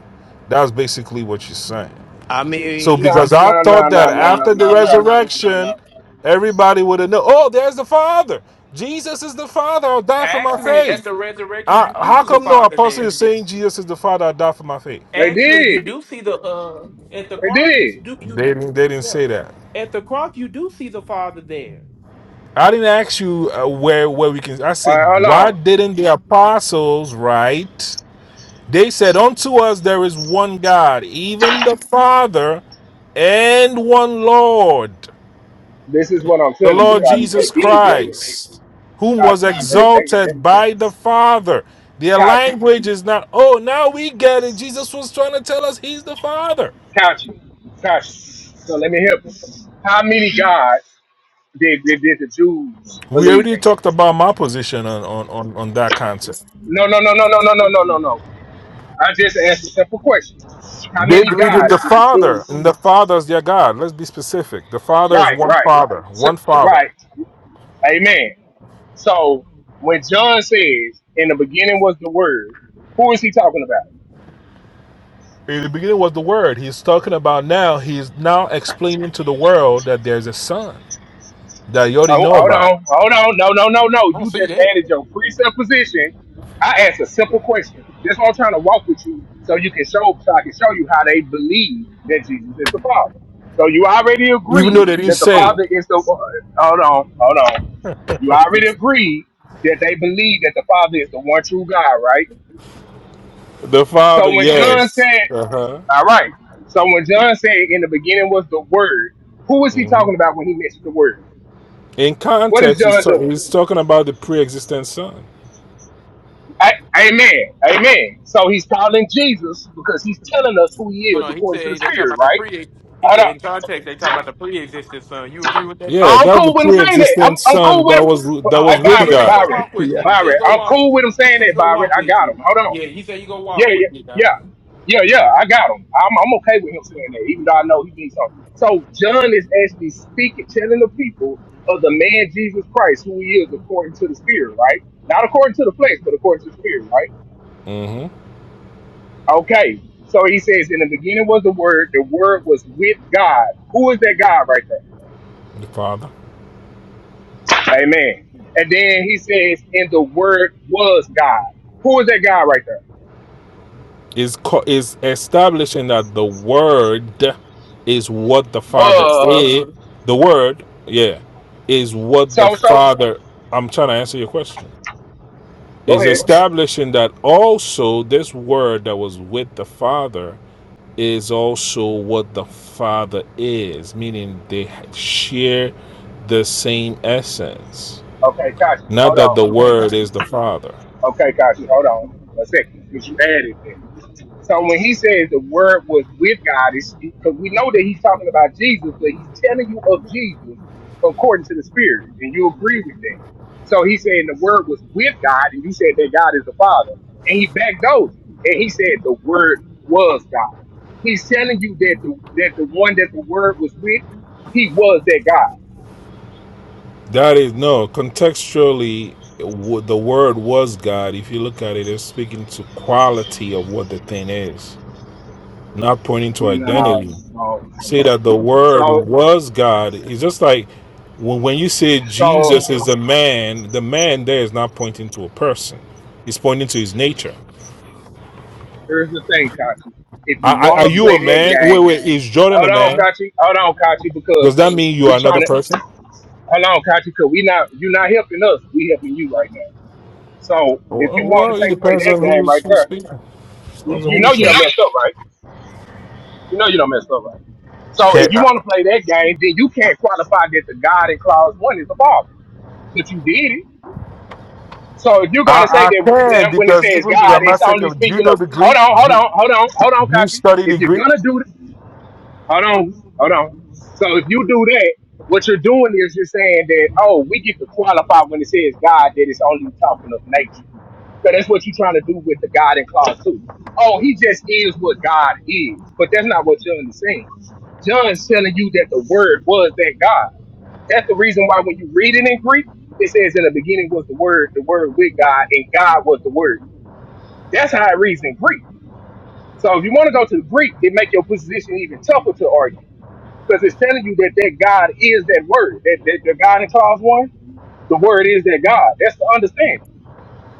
S4: That's basically what you're saying.
S1: I
S4: So
S1: mean,
S2: No,
S4: because I
S2: no, no,
S4: thought
S2: no,
S4: that No,
S2: no, no,
S4: after the no, no, no,
S2: no,
S4: no,
S2: Kachi.
S4: resurrection, no. everybody would have known. Oh, there's the Father. Jesus is the Father. I'll die for my
S1: Actually, at
S4: faith.
S1: the resurrection,
S4: I,
S1: you do
S4: how
S1: see the
S4: come no
S1: Father
S4: apostle
S1: there.
S4: is saying Jesus is the Father? I die for my faith.
S2: They
S1: Actually, you
S2: did.
S1: do see the uh at the
S2: They
S1: cross. You
S2: did.
S1: do you do-
S4: They didn't. They didn't
S1: yeah.
S4: say that.
S1: At the cross, you do see the Father there.
S4: I didn't ask you uh, where where we can. I
S2: All
S4: said,
S2: right, hold
S4: why
S2: on.
S4: didn't the apostles write? They said, unto us there is one God, even the Father, and one Lord,
S2: This is what I'm
S4: the
S2: telling you,
S4: Lord
S2: Kachi.
S1: <laughs>
S2: They
S4: Jesus
S2: did
S1: I
S2: say that.
S4: Christ, whom was
S2: Kachi. They, they, they,
S4: exalted by the Father. Their
S2: Kachi.
S4: language is not, oh, now we get it. Jesus was trying to tell us he's the Father.
S2: Kachi. Kachi. So let me help you. How many gods did, did, did the Jews
S4: We
S2: believe
S4: already
S2: in?
S4: talked about my position on, on, on, on that concept.
S2: No, no, no, no, no, no, no, no, no, no. I just asked a simple question. How
S4: They
S2: many
S4: believe in
S2: gods
S4: the
S2: did the
S4: Father,
S2: Jews?
S4: and the Father is their God. Let's be specific. The Father is
S2: Right,
S4: one
S2: right.
S4: Father,
S2: So,
S4: one Father.
S2: right. Amen. So when John says, "In the beginning was the Word," who is he talking about?
S4: In the beginning was the Word. He's talking about now. He's now explaining to the world that there's a Son that you already
S2: Oh,
S4: know
S2: hold
S4: about,
S2: on, hold on, no, no, no, no.
S1: don't
S2: You
S1: see
S2: just
S1: that.
S2: added your presupposition. I asked a simple question. That's why I'm trying to walk with you, so you can show, so I can show you how they believe that Jesus is the Father. So you already
S4: even
S2: agree
S4: though they didn't
S2: that the
S4: say it.
S2: Father is the. uh, Hold on, hold on. You already agreed that they believe that the Father is the one true God, right?
S4: The
S2: So
S4: Father,
S2: when John
S4: yes.
S2: said
S4: Uh huh.
S2: All right. So when John said in the beginning was the word, who was he
S4: hmm
S2: talking about when he mentioned the word?
S4: In
S2: What is
S4: context, he's,
S2: John
S4: ta-
S2: doing?
S4: he's talking about the pre-existent Son.
S2: A- amen. Amen. So he's calling Jesus because he's telling us who he
S1: Hold
S2: is
S1: on. He
S2: according to the
S1: said they talking
S2: Spirit,
S1: about the
S2: right?
S1: pre. He
S2: Hold
S1: said
S2: up.
S1: in context they talking about the pre-existing son. You agree with that,
S4: Yeah,
S2: I'm
S1: George?
S4: that's the
S2: cool with him saying that. I'm,
S4: pre-existent
S2: I'm
S4: Son
S2: cool
S4: that
S2: with
S4: was
S2: him.
S4: that
S2: Hey,
S4: was
S1: Oh, okay.
S4: with
S1: He
S2: Byron,
S1: said he go
S4: God.
S2: Byron,
S1: walk with you.
S3: Yes.
S1: He said
S2: Byron.
S1: he go
S2: I'm
S1: walk.
S2: cool with him
S1: He
S2: saying
S1: said he
S2: that,
S1: go
S2: Byron.
S1: walk
S2: I
S1: with
S2: got him.
S1: you.
S2: Hold on.
S1: Yeah. He said he go
S2: Yeah,
S1: walk with
S2: yeah,
S1: you. Guys.
S2: yeah, yeah, yeah. I got him. I'm, I'm okay with him saying that, even though I know he means something. So John is actually speaking, telling the people of the man Jesus Christ, who he is according to the Spirit, right? Not according to the flesh, but according to the Spirit, right?
S4: hmm
S2: Okay. So he says, in the beginning was the Word. The Word was with God. Who is that God right
S4: The Father.
S2: there? Amen. And then he says, and the Word was God. Who is that God right there?
S4: is co- is establishing that the word is what the father
S2: Was.
S4: is. The word, yeah, is what the
S2: So, so.
S4: father. I'm trying to answer your question.
S2: Go
S4: Is
S2: ahead.
S4: establishing that also this word that was with the father is also what the father is, meaning they share the same essence.
S2: Okay, Kashi.
S4: Not
S2: Hold
S4: that
S2: on.
S4: the word is the father.
S2: Okay, Kashi, hold on one second, because you added that. So when he says the word was with God, it's because we know that he's talking about Jesus, but he's telling you of Jesus according to the Spirit, and you agree with that. So he's saying the word was with God, and you said that God is the Father, and he backdosed it, and he said the word was God. He's telling you that the that the one that the word was with, he was that God.
S4: That is no contextually. w- The word was God. If you look at it, it's speaking to quality of what the thing is, not pointing to
S2: No,
S4: identity.
S2: so
S4: Say that the word
S2: so
S4: was God. It's just like when when you say
S2: so
S4: Jesus is a man. The man there is not pointing to a person. it's pointing to his nature.
S2: Here's the thing, Kachi. If
S4: Are,
S2: you
S4: are
S2: want
S4: are
S2: to
S4: you a
S2: play that
S4: man? Wait,
S2: game,
S4: wait. Is Jordan a
S2: hold on,
S4: man?
S2: Kachi. Hold on, Kachi,
S4: Does
S2: because
S4: that mean you are
S2: we
S4: another
S2: trying to
S4: person?
S2: hold on, Kachi, because we not you're not helping us. We helping you right now. So if
S4: Well,
S2: you want
S4: well,
S2: to
S4: it
S2: take play
S4: depends
S2: that
S4: on
S2: game
S4: who's
S2: right
S4: who's
S2: there,
S4: speaking.
S2: you,
S4: Depends
S2: you
S4: on
S2: know
S4: who's
S2: you
S4: talking.
S2: don't messed up, right? You know you don't messed up, right? So if you want to play that game, then you can't qualify that the God in clause one is the Father, but you did it. So if you're gonna
S4: I,
S2: say
S4: I
S2: that
S4: can
S2: that when it
S4: because
S2: says
S4: even
S2: God, it's only
S4: grammatically, do you
S2: speaking
S4: know
S2: of
S4: the Greek?
S2: hold on, hold on, hold on, hold on,
S4: You
S2: Kachi.
S4: study the
S2: If you're
S4: Greek?
S2: gonna do Hold on, hold on. So if you do that, what you're doing is you're saying that oh, we get to qualify when it says God that it's only talking of nature. So that's what you're trying to do with the God in clause two. Oh, he just is what God is, but that's not what John is saying. John's telling you that the Word was that God. That's the reason why when you read it in Greek, it says in the beginning was the Word, the Word with God, and God was the Word. That's how it reads in Greek. So if you want to go to the Greek, it make your position even tougher to argue because it's telling you that that God is that word. That, that the God in clause one, the word is that God. That's the understanding.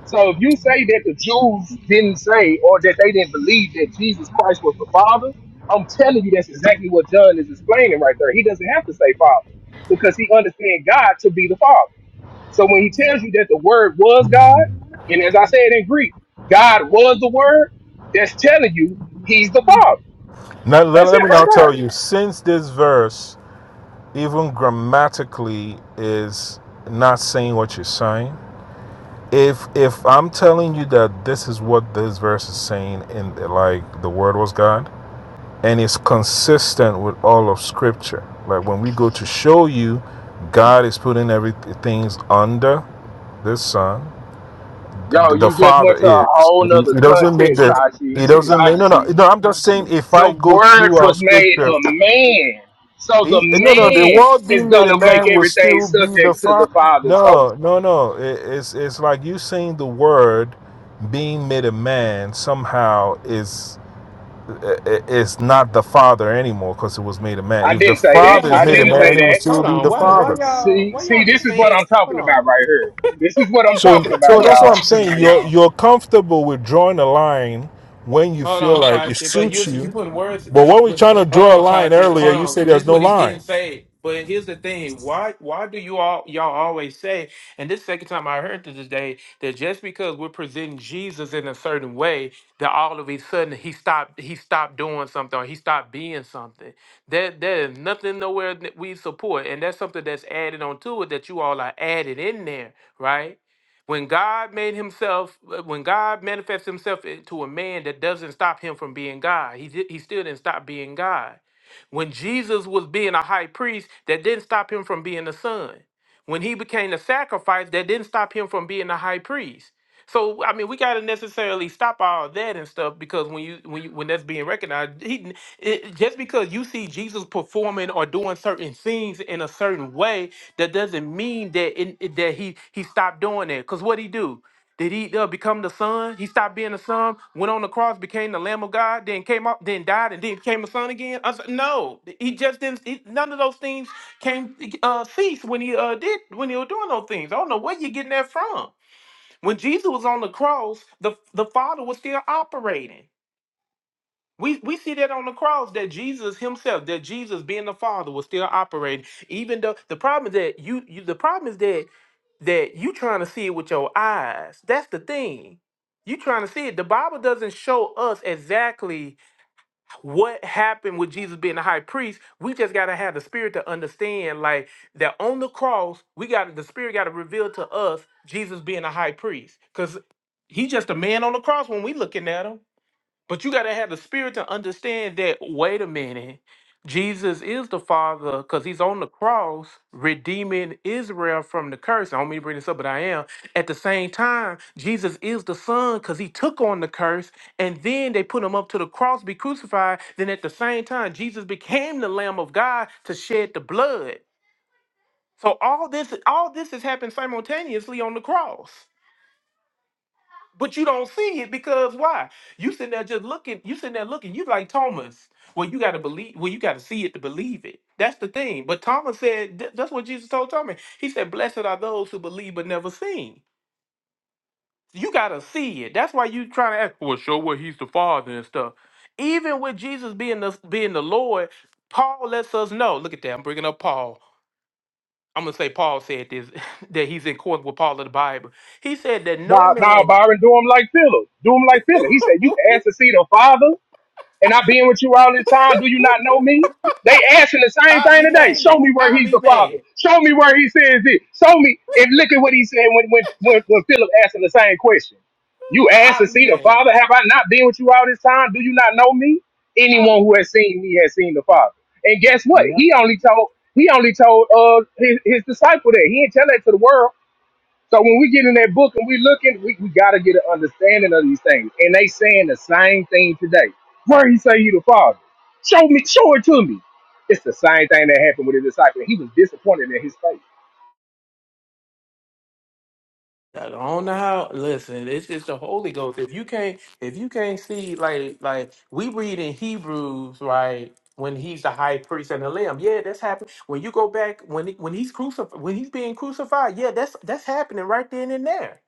S2: So if you say that the Jews didn't say or that they didn't believe that Jesus Christ was the Father, I'm telling you that's exactly what John is explaining right there. He doesn't have to say Father because he understands God to be the Father. So when he tells you that the Word was God, and as I said in Greek, God was the Word, that's telling you He's the Father.
S4: Now, let,
S2: That's
S4: let
S2: it
S4: me
S2: right
S4: now
S2: there.
S4: tell you since this verse, even grammatically, is not saying what you're saying. If if I'm telling you that this is what this verse is saying in like the word was God and it's consistent with all of scripture. Like when we go to show you God is putting everything under this sun
S2: Yo,
S4: the
S2: you just
S4: father
S2: went to a
S4: is.
S2: whole
S4: He
S2: nother
S4: he doesn't make
S2: context,
S4: the.
S2: Kachi.
S4: He doesn't make no no
S2: Kachi.
S4: no. I'm just saying if
S2: The
S4: I go
S2: word
S4: through our
S2: was made
S4: scripture,
S2: a man. So the
S4: he, no no the
S2: man
S4: world
S2: is
S4: being made a
S2: gonna make
S4: man will
S2: everything
S4: still be the
S2: subject to the
S4: father.
S2: father. So
S4: No no no. It, it's it's like you saying the word being made a man somehow is i- i- is not the father anymore because it was made a man.
S2: I
S4: If the
S2: didn't say
S1: He
S2: that.
S4: father
S1: never
S4: is
S2: I
S4: made a
S1: said
S2: didn't
S1: that. Was,
S2: say
S4: man, it will
S2: that.
S4: still
S1: hold
S4: be
S1: on.
S4: the
S1: Why? Why
S4: father.
S1: y'all?
S2: See,
S1: Why
S2: see,
S1: y'all be
S2: this is what
S1: saying?
S2: I'm talking
S1: Hold
S2: about
S1: on.
S2: right here. This is what I'm
S4: So,
S2: talking
S4: so
S2: about,
S4: that's what
S2: y'all.
S4: I'm saying. You're you're comfortable with drawing a line when you
S1: Hold
S4: feel
S1: on,
S4: like it
S1: Kachi. But
S4: suits
S1: you you
S4: you.
S1: putting words
S4: But
S1: no.
S4: when we're
S1: But
S4: trying to
S1: hold
S4: draw a
S1: on,
S4: line
S1: Kachi. Hold
S4: earlier, you say
S1: on. This
S4: there's
S1: is
S4: no
S1: what he
S4: line.
S1: didn't say. But here's the thing. Why why do you all y'all always say? And this second time I heard this today that just because we're presenting Jesus in a certain way, that all of a sudden he stopped he stopped doing something or he stopped being something. That there is nothing nowhere that we support, and that's something that's added on to it that you all are added in there, right? When God made himself, uh, when God manifests himself to a man, that doesn't stop him from being God. He, di- he still didn't stop being God. When Jesus was being a high priest, that didn't stop him from being the son. When he became the sacrifice, that didn't stop him from being the high priest. So I mean, we gotta necessarily stop all that and stuff because when you when you, when that's being recognized, he, it, just because you see Jesus performing or doing certain things in a certain way that doesn't mean that in, that he he stopped doing that. Cause what he do? Did he uh, become the son? He stopped being the son, went on the cross, became the Lamb of God, then came up, then died, and then became a son again. I said, no, he just didn't. He, none of those things came uh, cease when he uh, did when he was doing those things. I don't know where you're getting that from. When Jesus was on the cross, the the Father was still operating. We we see that on the cross that Jesus himself, that Jesus being the Father was still operating. Even though the problem is that you, you the problem is that that you trying to see it with your eyes. That's the thing. You trying to see it. The Bible doesn't show us exactly what happened with Jesus being the high priest. We just gotta have the spirit to understand, like that on the cross, we got the spirit gotta reveal to us Jesus being a high priest. Cause he's just a man on the cross when we looking at him. But you got to have the spirit to understand that, wait a minute, Jesus is the Father because he's on the cross redeeming Israel from the curse. I don't mean to bring this up, but I am. At the same time, Jesus is the Son because he took on the curse and then they put him up to the cross, be crucified. Then at the same time, Jesus became the Lamb of God to shed the blood. So all this, all this has happened simultaneously on the cross. But you don't see it because why? You sitting there just looking. You sitting there looking. You like Thomas. Well, you got to believe. Well, you got to see it to believe it. That's the thing. But Thomas said th- that's what Jesus told Thomas. He said, "Blessed are those who believe but never seen." You got to see it. That's why you trying to ask. Well, show what he's the Father and stuff. Even with Jesus being the being the Lord, Paul lets us know. Look at that. I'm bringing up Paul. I'm gonna say Paul said this <laughs> that he's in court with Paul of the Bible. He said that no
S2: Now, now
S1: man.
S2: Byron do him like Philip. Do him like Philip. He said, You asked to see the father? And I've been with you all this time. Do you
S1: <laughs>
S2: not know me? They asking the same
S1: I'll
S2: thing
S1: be
S2: today. Show
S1: mad.
S2: me where
S1: I'll
S2: he's
S1: be
S2: the father.
S1: mad.
S2: Show me where he says it. Show me. And look at what he said when when when, when Philip asking the same question. You asked to
S1: I'll be
S2: see the
S1: mad.
S2: Father. Have I not been with you all this time? Do you not know me?
S1: I'll
S2: Anyone
S1: be.
S2: who has seen me has seen the Father. And guess what?
S3: Yep. <laughs>
S2: He only told he only told uh his, his disciple that. He didn't tell that to the world. So when we get in that book and we looking, we, we gotta get an understanding of these things. And they saying the same thing today. Where he say you the father? Show me, show it to me. It's the same thing that happened with his disciple. He was disappointed in his faith.
S1: I don't know how. Listen, it's just the Holy Ghost. If you can't, if you can't see, like, like we read in Hebrews, right? When he's the high priest and the lamb, yeah, that's happening. When you go back, when he, when he's crucified, when he's being crucified, yeah, that's that's happening right then and there.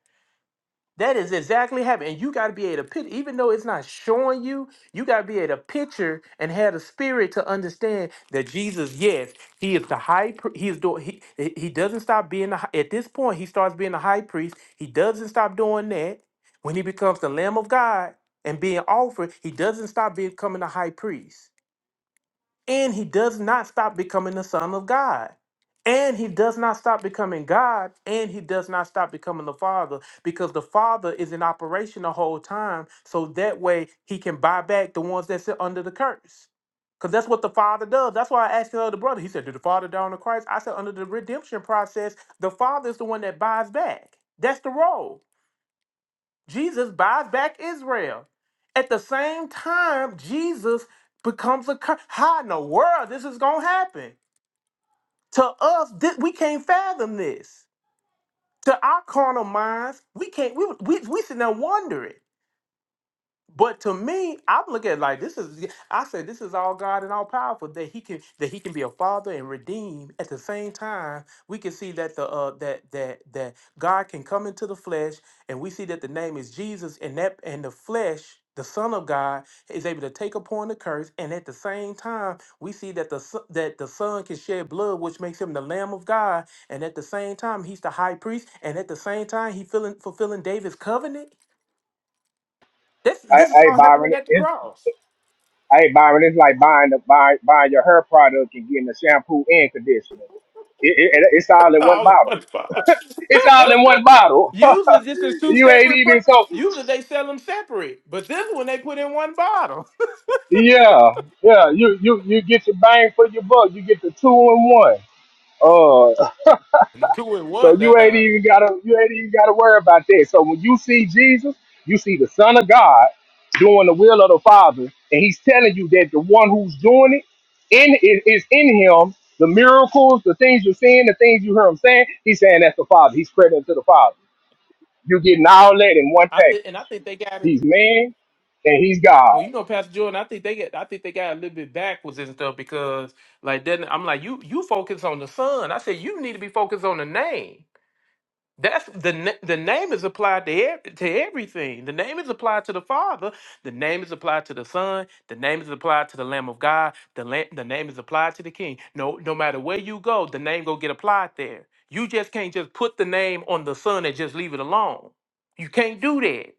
S1: That is exactly happening. And you got to be able to picture, even though it's not showing you, you got to be able to picture and have the spirit to understand that Jesus, yes, he is the high priest. He is doing, he, he he doesn't stop being, the, hi- at this point, he starts being the high priest. He doesn't stop doing that. When he becomes the Lamb of God and being offered, he doesn't stop becoming the high priest. And he does not stop becoming the Son of God. And he does not stop becoming God. And he does not stop becoming the Father because the Father is in operation the whole time. So that way he can buy back the ones that sit under the curse. Because that's what the Father does. That's why I asked the other brother. He said, Did the Father die on the Christ? I said, Under the redemption process, the Father is the one that buys back. That's the role. Jesus buys back Israel. At the same time, Jesus becomes a curse. How in the world this is gonna happen? To us, thi- we can't fathom this. To our carnal minds, we can't. We we we sitting there wondering. But to me, I look at it like this is yeah, I said this is all God and all powerful that he can that he can be a father and redeem. At the same time, we can see that the uh that that that God can come into the flesh and we see that the name is Jesus and that and the flesh the Son of God is able to take upon the curse, and at the same time, we see that the Son- that the Son can shed blood, which makes him the Lamb of God, and at the same time, he's the High Priest, and at the same time, he filling, fulfilling David's covenant. This
S2: Hey,
S1: this is
S2: hey
S1: all happening
S2: Byron,
S1: at the
S2: it's,
S1: cross.
S2: hey Byron, it's like buying the buy, buying your hair product and getting the shampoo and conditioner. It, it, it's all in one
S1: All in
S2: bottle.
S1: one box.
S2: It's all in one
S1: <laughs>
S2: bottle. <laughs>
S1: Usually this is two
S2: you ain't
S1: separate pro-
S2: even so.
S1: usually they sell them separate, but this one they put in one bottle. <laughs>
S2: Yeah, yeah. You you you get your bang for your buck. You get the two in one. Uh,
S1: two in
S2: So
S1: one,
S2: you ain't
S1: uh,
S2: even gotta you ain't even gotta worry about that. So when you see Jesus, you see the Son of God doing the will of the Father, and He's telling you that the one who's doing it in is, is in Him. The miracles, the things you're seeing, the things you hear Him saying, He's saying that's the Father. He's crediting to the Father. You're getting all that in one
S1: I think and I
S2: package.
S1: think they got it.
S2: He's man and He's God.
S1: Well, you know, Pastor Jordan, I think they get I think they got a little bit backwards and stuff because like then I'm like, you you focus on the son. I said you need to be focused on the name. That's the na- the name is applied to ev- to everything. The name is applied to the Father. The name is applied to the Son. The name is applied to the Lamb of God. The la- the name is applied to the King. No, no matter where you go, the name go get applied there. You just can't just put the name on the Son and just leave it alone. You can't do that.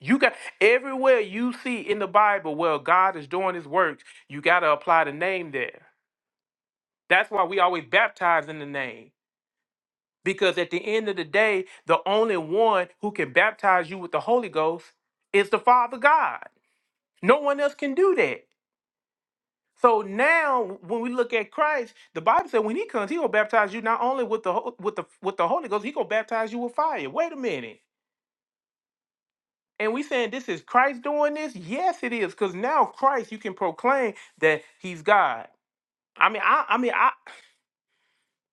S1: You got everywhere you see in the Bible where God is doing His works, you got to apply the name there. That's why we always baptize in the name. Because at the end of the day, the only one who can baptize you with the Holy Ghost is the Father God. No one else can do that. So now when we look at Christ, the Bible said when he comes, he will baptize you not only with the ho- with the with the Holy Ghost, he gonna baptize you with fire. Wait a minute. And we saying this is Christ doing this? Yes, it is, because now Christ, you can proclaim that he's God. I mean, I, I mean, I,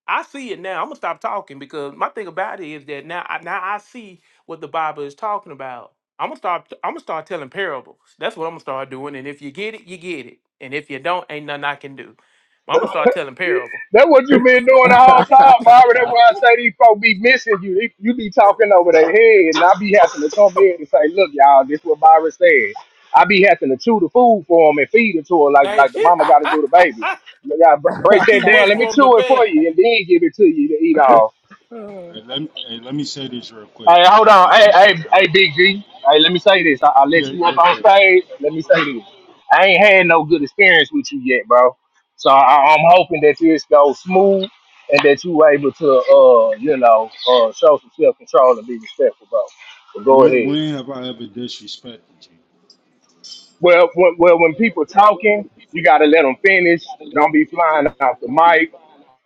S1: I see it now. I'm gonna stop talking because my thing about it is that now I now I see what the Bible is talking about. I'm gonna start I'm gonna start telling parables. That's what I'm gonna start doing. And if you get it, you get it. And if you don't, ain't nothing I can do. But I'm gonna start telling parables.
S2: That's what you been doing the
S7: Hey,
S2: whole
S7: Z-
S2: time, Barbara. That's
S7: Zara,
S2: why I say these folks be missing you. They, you be talking over their head, and I be having to come in and say, "Look, y'all, this what Barbara said." I be having to chew the food for them and feed it to her, like like
S1: Thank
S2: the
S1: you.
S2: mama
S1: <laughs>
S2: got to do the baby. You got break
S1: it's
S2: that
S1: too
S2: down.
S1: much
S2: Let me
S1: for them to
S2: chew it for
S1: bear.
S2: you, and then give it to you to eat off.
S7: hey, let, me, hey, let me say this real quick.
S2: Hey, hold
S7: Hey,
S2: on.
S7: uh,
S2: Hey, hey,
S7: Jordan,
S2: hey,
S7: I,
S2: Big G. Hey, let me say this. I, I let
S7: yeah,
S2: you up
S7: what's
S2: on
S7: good?
S2: stage. Let me say this. I ain't had no good experience with you yet, bro. So I, I'm hoping that this goes smooth and that you able to, uh, you know, uh, show some self control and be respectful, bro. So go
S7: When,
S2: ahead.
S7: when have I ever disrespected you?
S2: Well, when, well, when people talking, you gotta let them finish. Don't be flying off the mic.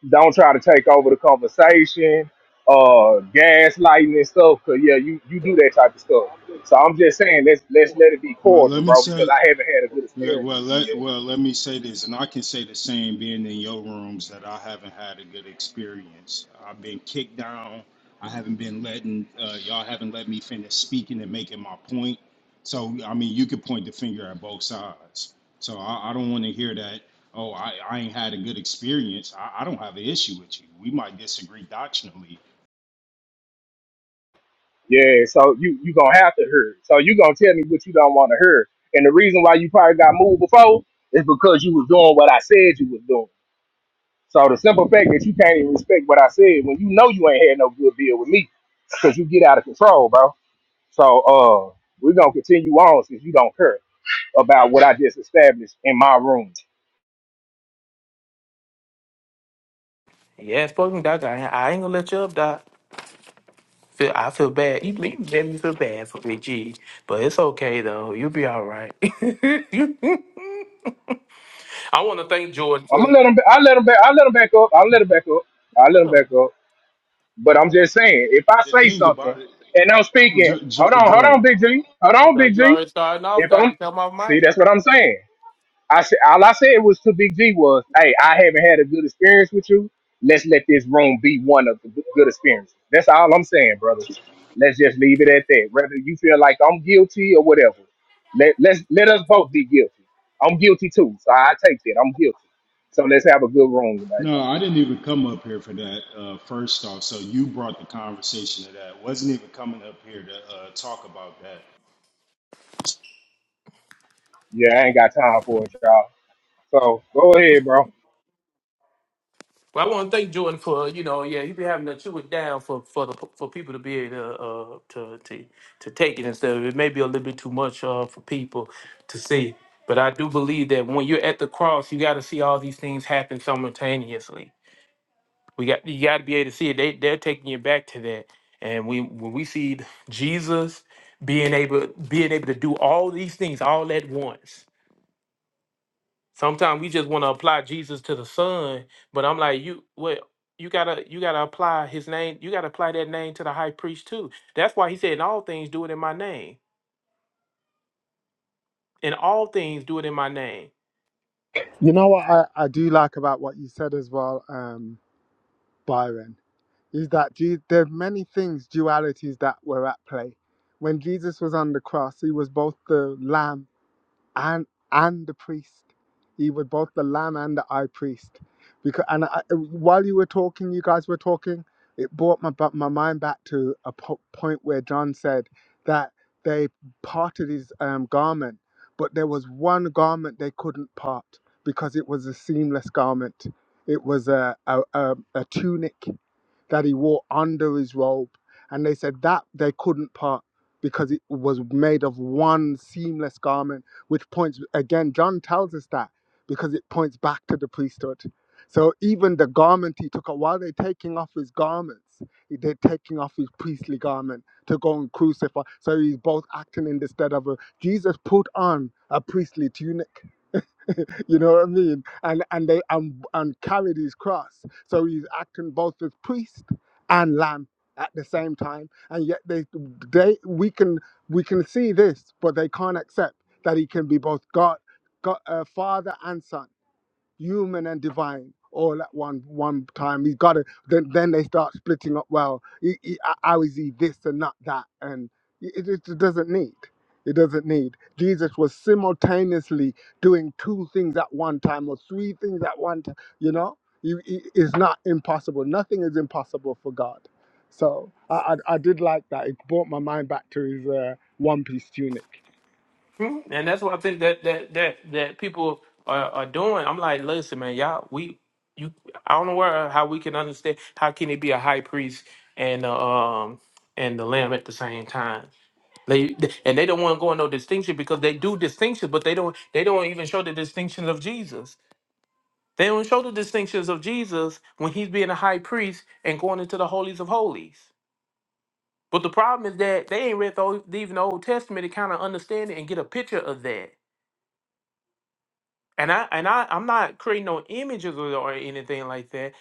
S2: Don't try to take over the conversation, uh, gaslighting and stuff. Cause yeah, you you do that type of stuff. So I'm just saying, let's let's let it be
S7: Well, let
S2: cordial,
S7: me
S2: bro, because
S7: say,
S2: I haven't had a good
S7: Yeah,
S2: experience
S7: well,
S2: with you
S7: let,
S2: yet.
S7: well, let me say this, and I can say the same being in your rooms that I haven't had a good experience. I've been kicked down. I haven't been letting, uh, y'all haven't let me finish speaking and making my point. So, I mean, you could point the finger at both sides. So, I, I don't want to hear that, oh, I, I ain't had a good experience. I, I don't have an issue with you. We might disagree doctrinally.
S2: Yeah, so you you gonna have to hear. it. So you gonna tell me what you don't want to hear. And the reason why you probably got moved before is because you was doing what I said you was doing. So the simple fact that you can't even respect what I said when you know you ain't had no good deal with me, because you get out of control, bro. So uh, we're gonna continue on since you don't care. about what I just established in my room.
S1: Yeah, fucking doc. I, I ain't gonna let you up, doc. Feel, I feel bad. You, you made me feel bad for me, gee. But it's okay though. You'll be all right. <laughs> I want to thank Jordan
S2: I'm gonna let
S1: for.
S2: them. I let them back. I let them back up. I let them back up. I let them back up. But I'm
S1: Oh,
S2: just saying, if I
S7: The
S2: say
S7: thing
S2: something
S7: about it,
S2: and I'm speaking,
S7: jo-
S2: hold
S7: jo-
S2: on, hold
S7: Jordan,
S2: on, Big G, hold
S1: no,
S2: on,
S1: no,
S2: Big G.
S1: you already starting off,
S2: If
S1: dog.
S2: I'm
S1: You come off
S2: see,
S1: mic.
S2: that's what I'm saying. I said all I said was to Big G was, hey, I haven't had a good experience with you. Let's let this room be one of the good good experiences. That's all I'm saying, brother. Let's just leave it at that. Whether you feel like I'm guilty or whatever, let let's let us both be guilty. I'm guilty too, so I take that. I'm guilty. So let's have a good room tonight,
S7: No,
S2: bro.
S7: I didn't even come up here for that. Uh, first off, so you brought the conversation to that. Wasn't even coming up here to uh, talk about that.
S2: Yeah, I ain't got time for it, y'all. So go ahead, bro.
S1: Well, I want to thank Jordan for you know, yeah, he been having to chew it down for for the for people to be able to uh, to, to to take it and stuff. It may be a little bit too much uh, for people to see, but I do believe that when you're at the cross, you got to see all these things happen simultaneously. We got you got to be able to see it. They they're taking you back to that, and we when we see Jesus being able being able to do all these things all at once Sometimes we just want to apply Jesus to the Son, but I'm like, you what you gotta you gotta apply his name, you gotta apply that name to the high priest too. That's why he said, In all things do it in my name. In all things do it in my name.
S3: you know what I, I do like about what you said as well, um, Byron. is that Je- there are many things, dualities that were at play. When Jesus was on the cross, he was both the lamb and and the priest. He was both the lamb and the high priest. Because and I, uh, while you were talking, you guys were talking, it brought my bu- my mind back to a po- point where John said that they parted his um, garment, but there was one garment they couldn't part because it was a seamless garment. It was a a, a, a tunic that he wore under his robe. And they said that they couldn't part because it was made of one seamless garment, which points again, John tells us that because it points back to the priesthood. So even the garment he took off, while they're taking off his garments, they're taking off his priestly garment to go and crucify. So he's both acting in the stead of a Jesus put on a priestly tunic you know what I mean? And and they and, and carried his cross. So he's acting both as priest and lamb at the same time. And yet they they we can we can see this, but they can't accept that he can be both God, God uh, Father and Son human and divine all at one one time. He's got to. Then then they start splitting up. Well, he, he, how is he this and not that? And it, it it doesn't need. It doesn't need. Jesus was simultaneously doing two things at one time or three things at one time. You know, he, he, it's not impossible. Nothing is impossible for God. So I, I I did like that. It brought my mind back to his uh, one piece tunic.
S1: Hmm? And that's what I think that that that that people are, are doing. I'm like, listen, man, y'all, we you I don't know where how we can understand how can he be a high priest and uh, um and the lamb at the same time. They and they don't want to go in no distinction because they do distinctions, but they don't they don't even show the distinctions of Jesus. They don't show the distinctions of Jesus when he's being a high priest and going into the holies of holies. But the problem is that they ain't read the old, even the Old Testament to kind of understand it and get a picture of that. And I and I I'm not creating no images or, or anything like that.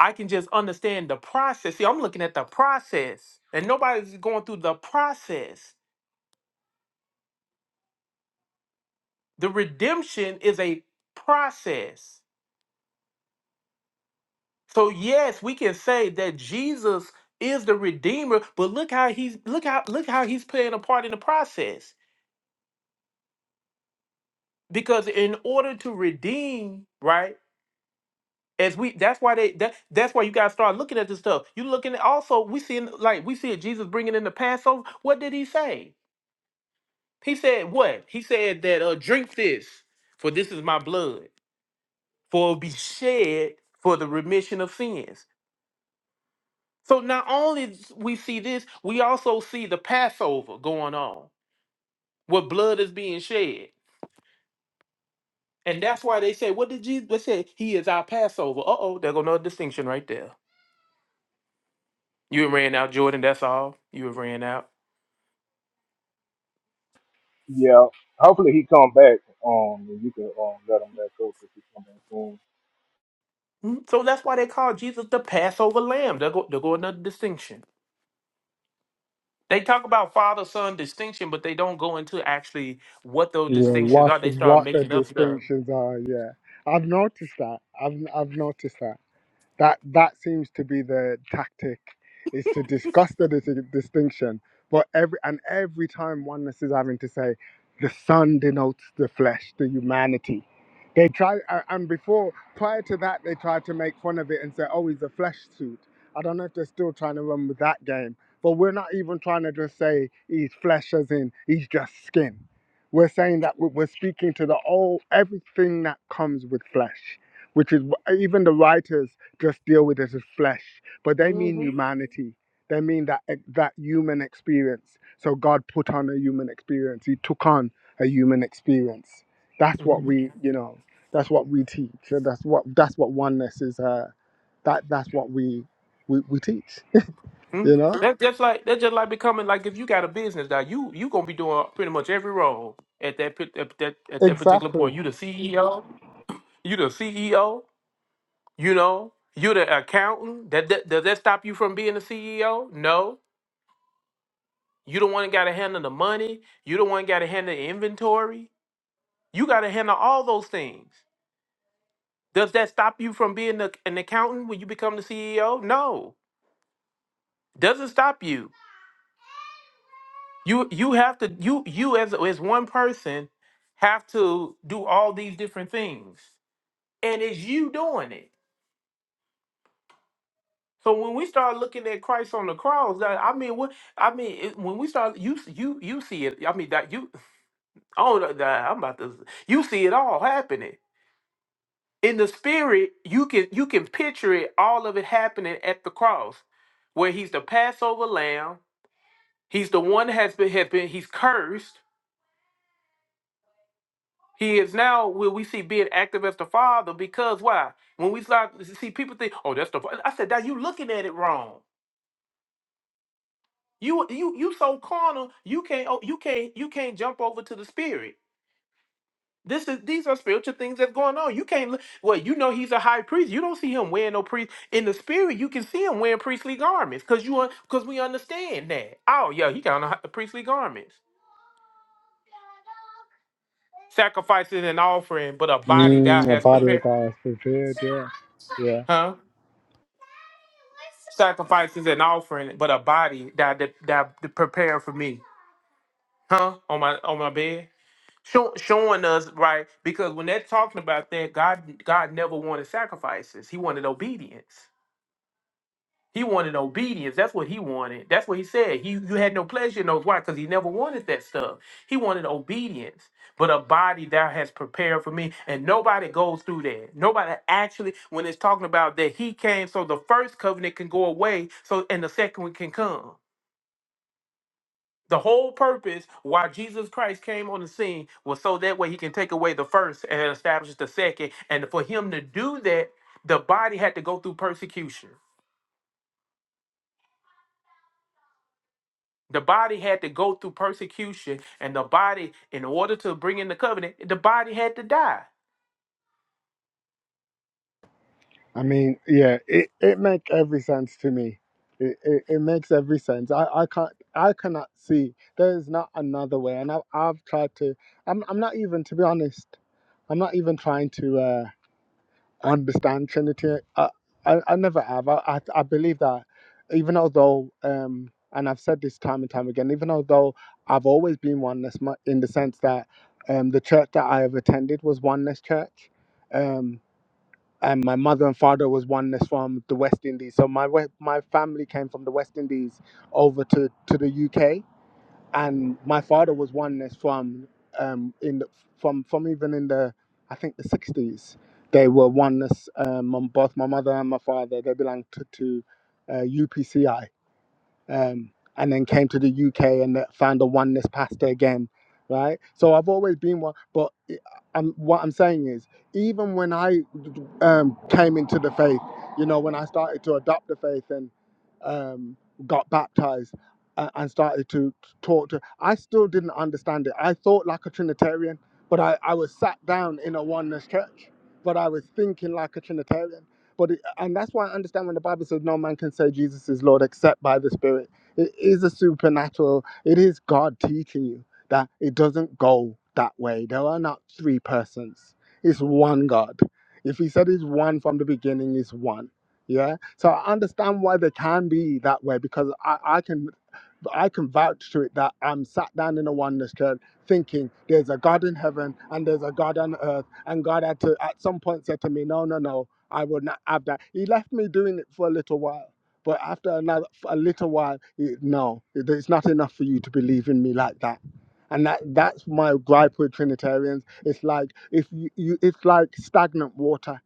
S1: I can just understand the process. See, I'm looking at the process, and nobody's going through the process. The redemption is a process. So yes, we can say that Jesus is the redeemer, but look how he's look how look how he's playing a part in the process. Because in order to redeem, right? As we that's why they that that's why you gotta start looking at this stuff. You looking at also we seeing like we see Jesus bringing in the Passover. What did he say? He said what? He said that uh drink this for this is my blood for it will be shed for the remission of sins. So not only s- we see this, we also see the Passover going on where blood is being shed. And that's why they say, what did Jesus say? He is our Passover. Uh-oh, there go another distinction right there. You ran out, Jordan, that's all. You have ran out.
S2: Yeah, hopefully he come back. Um, and you can um let him back up if he come back soon.
S1: Mhm. So that's why they call Jesus the Passover lamb. There go, there go another distinction. They talk about father son distinction, but they don't go into actually what those
S3: Yeah,
S1: distinctions
S3: what
S1: are. They start
S3: what the
S1: making up stuff.
S3: distinctions are. Yeah, I've noticed that. I've I've noticed that that that seems to be the tactic is to discuss the dis- distinction but every and every time oneness is having to say the sun denotes the flesh the humanity they try a- and before prior to that they tried to make fun of it and say oh he's a flesh suit i don't know if they're still trying to run with that game but we're not even trying to just say he's flesh as in he's just skin we're saying that we- we're speaking to the all everything that comes with flesh which is wh- even the writers just deal with it as flesh, but they mean
S1: hmm
S3: humanity. They mean that eh, that human experience. So God put on a human experience. He took on a human experience. That's what we, you know, that's what we teach, and that's what that's what oneness is. Uh, that that's what we we, we teach. <laughs>
S1: Hmm?
S3: You know,
S1: That's just like that's just like becoming like if you got a business now you you gonna be doing pretty much every role at that pit- at that at that particular
S3: exactly.
S1: point. You the CEO, you the CEO, you know, you the accountant. That, that does that stop you from being the CEO? No, you the one got to handle the money. You the one got to handle the inventory. You got to handle all those things. Does that stop you from being the, an accountant when you become the CEO? No, doesn't stop you You you have to you you as as one person have to do all these different things, and it's you doing it. So when we start looking at Christ on the cross, that- I mean, what I mean, it, when we start, you s- you you see it. I mean, that you <laughs> oh, the- the- I'm about to. You see it all happening in the spirit. You can you can picture it, all of it happening at the cross, where he's the Passover lamb. He's the one that has been, has been he's cursed He is now Will we see being active as the father because why? When we start to see people think, oh, that's the fa-" I said, that you looking at it wrong. You you you so carnal, you can't oh, you can't you can't jump over to the spirit. This is these are spiritual things that's going on. You can't look- well, you know he's a high priest. You don't see him wearing no priest in the spirit. You can see him wearing priestly garments because you because we understand that. Oh yeah, he got on the priestly garments, sacrifices and offering, but a body thou
S3: Mm, a
S1: hast
S3: body
S1: prepared,
S3: that is prepared. Yeah, Yeah,
S1: huh? Sacrifices and offering, but a body that that, that prepared for me, huh? On my on my bed, Show, showing us right because when they're talking about that, God God never wanted sacrifices. He wanted obedience. He wanted obedience. That's what he wanted. That's what he said. He you had no pleasure in those. Why? Because he never wanted that stuff. He wanted obedience. But a body thou has prepared for me. And nobody goes through that. Nobody actually, when it's talking about that he came, so the first covenant can go away, so and the second one can come. The whole purpose why Jesus Christ came on the scene was so that way he can take away the first and establish the second. And for him to do that, the body had to go through persecution. The body had to go through persecution, and the body, in order to bring in the covenant, the body had to die.
S3: I mean, yeah, it, it make every sense to me. It, it, it makes every sense. I, I can't I cannot see there's not another way. And I, I've tried to. I'm I'm not even to be honest. I'm not even trying to uh, understand Trinity. I, I I never have. I I, I believe that even although um and I've said this time and time again, even although I've always been oneness mu- in the sense that um the church that I have attended was oneness church. Um and my mother and father was one that's from the West Indies. So my we- my family came from the West Indies over to, to the UK, and my father was one that's from um in the, from from even in the I think the sixties. They were one that's um, on both my mother and my father. They belonged to, to uh, UPCI um, and then came to the UK and found a oneness pastor again, right? So I've always been one, but I'm, what I'm saying is, even when I um, came into the faith, you know, when I started to adopt the faith and um, got baptized a- and started to talk to, I still didn't understand it. I thought like a Trinitarian, but I, I was sat down in a oneness church, but I was thinking like a Trinitarian but it, and that's why I understand when the Bible says no man can say Jesus is Lord except by the Spirit. It is a supernatural. It is God teaching you that it doesn't go that way. There are not three persons. It's one God. If He said He's one from the beginning, He's one. Yeah. So I understand why they can be that way because I, I can. But I can vouch to it that I'm sat down in a oneness church thinking there's a God in heaven and there's a God on earth. And God had to, at some point, said to me, No, no, no, I will not have that. He left me doing it for a little while. But after another, for a little while, he, no, it- it's not enough for you to believe in me like that. And that, that's my gripe with Trinitarians. It's like if you, you it's like stagnant water.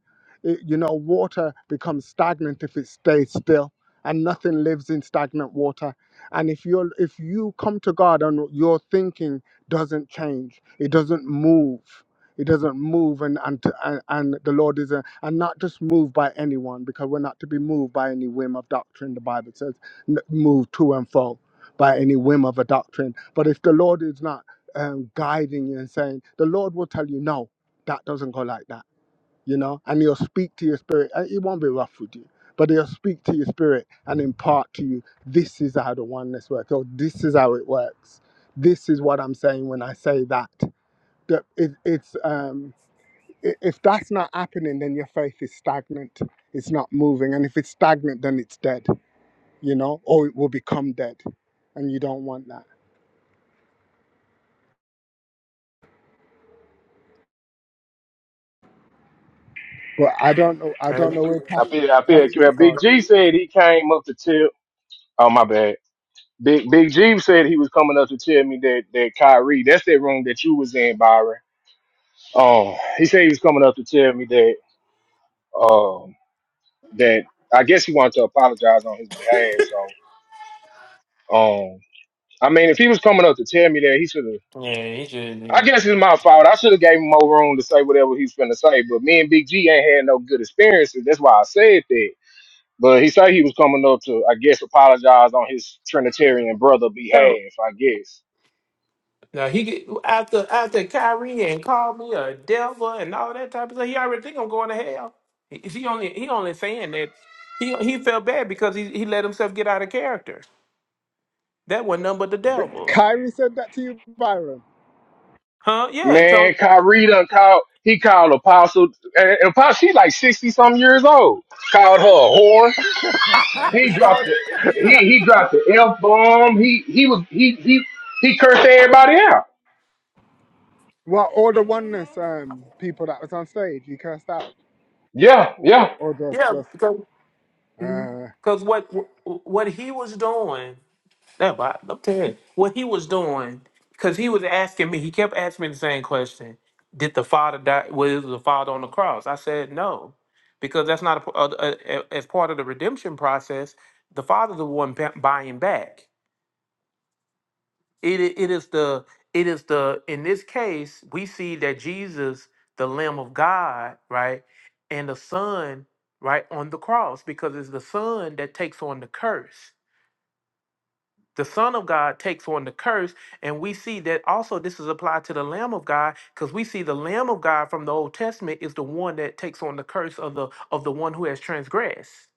S3: It- you know, water becomes stagnant if it stays still, and nothing lives in stagnant water and if you if you come to God and your thinking doesn't change, it doesn't move, it doesn't move, and and and, and the Lord is a, and not just moved by anyone because we're not to be moved by any whim of doctrine. The Bible says, n- move to and fro by any whim of a doctrine. But if the Lord is not um, guiding you and saying, the Lord will tell you no. That doesn't go like that you know, and he'll speak to your spirit. Uh, It won't be rough with you, but he'll speak to your spirit and impart to you this is how the oneness works, or this is how it works. This is what I'm saying when I say that. that it, it's um, i- if that's not happening, then your faith is stagnant. It's not moving, and if it's stagnant, then it's dead. You know, or it will become dead, and you don't want that. But I don't know. I
S1: Right?
S3: don't know where
S2: I
S3: Catchy,
S2: feel I feel like,
S3: Catchy
S2: well,
S3: is
S2: Big
S3: going.
S2: G said he came up to tell oh my bad. Big Big G said he was coming up to tell me that that Kyrie, that's that room that you was in, Byron. Um he said he was coming up to tell me that um that I guess he wanted to apologize on his behalf. So um I mean if he was coming up to tell me that he should have
S1: Yeah, he
S2: I
S1: should.
S2: guess it's my fault. I should have gave him more room to say whatever he's finna say, but me and Big G ain't had no good experiences. That's why I said that. But he said he was coming up to, I guess, apologize on his Trinitarian brother
S1: So
S2: behalf. I guess.
S1: now he get, after after Kyrie and called me a devil and all that type of stuff. He already think I'm going to hell. He, he only he only saying that he he felt bad because he, he let himself get out of character. That was none but the devil,
S3: Kyrie said that to you, Byron.
S1: huh? Yeah, he
S2: Man,
S1: told me.
S2: Kyrie done called. He called Apostle. And and Apostle, she like sixty some years old. Called her a whore.
S1: <laughs>
S2: He
S1: So,
S2: dropped the. He he dropped the f bomb. He he was he he he cursed everybody out.
S3: Well, all the
S1: mhm.
S3: oneness um, people that was on stage, you cursed out,
S2: Yeah, yeah.
S3: or just
S1: yeah,
S3: just.
S1: because
S3: Uh,
S1: because what what he was doing. That but I'm telling you, what he was doing, because he was asking me, he kept asking me the same question: Did the father die? Was the father on the cross? I said no, because that's not a, a, a- a- as part of the redemption process. The father's the one bu- buying back. It i- it is the it is the in this case we see that Jesus, the Lamb of God, right, and the Son, right, on the cross, because it's the Son that takes on the curse the son of god takes on the curse and we see that also this is applied to the lamb of god because we see the lamb of god from the old testament is the one that takes on the curse of the of the one who has transgressed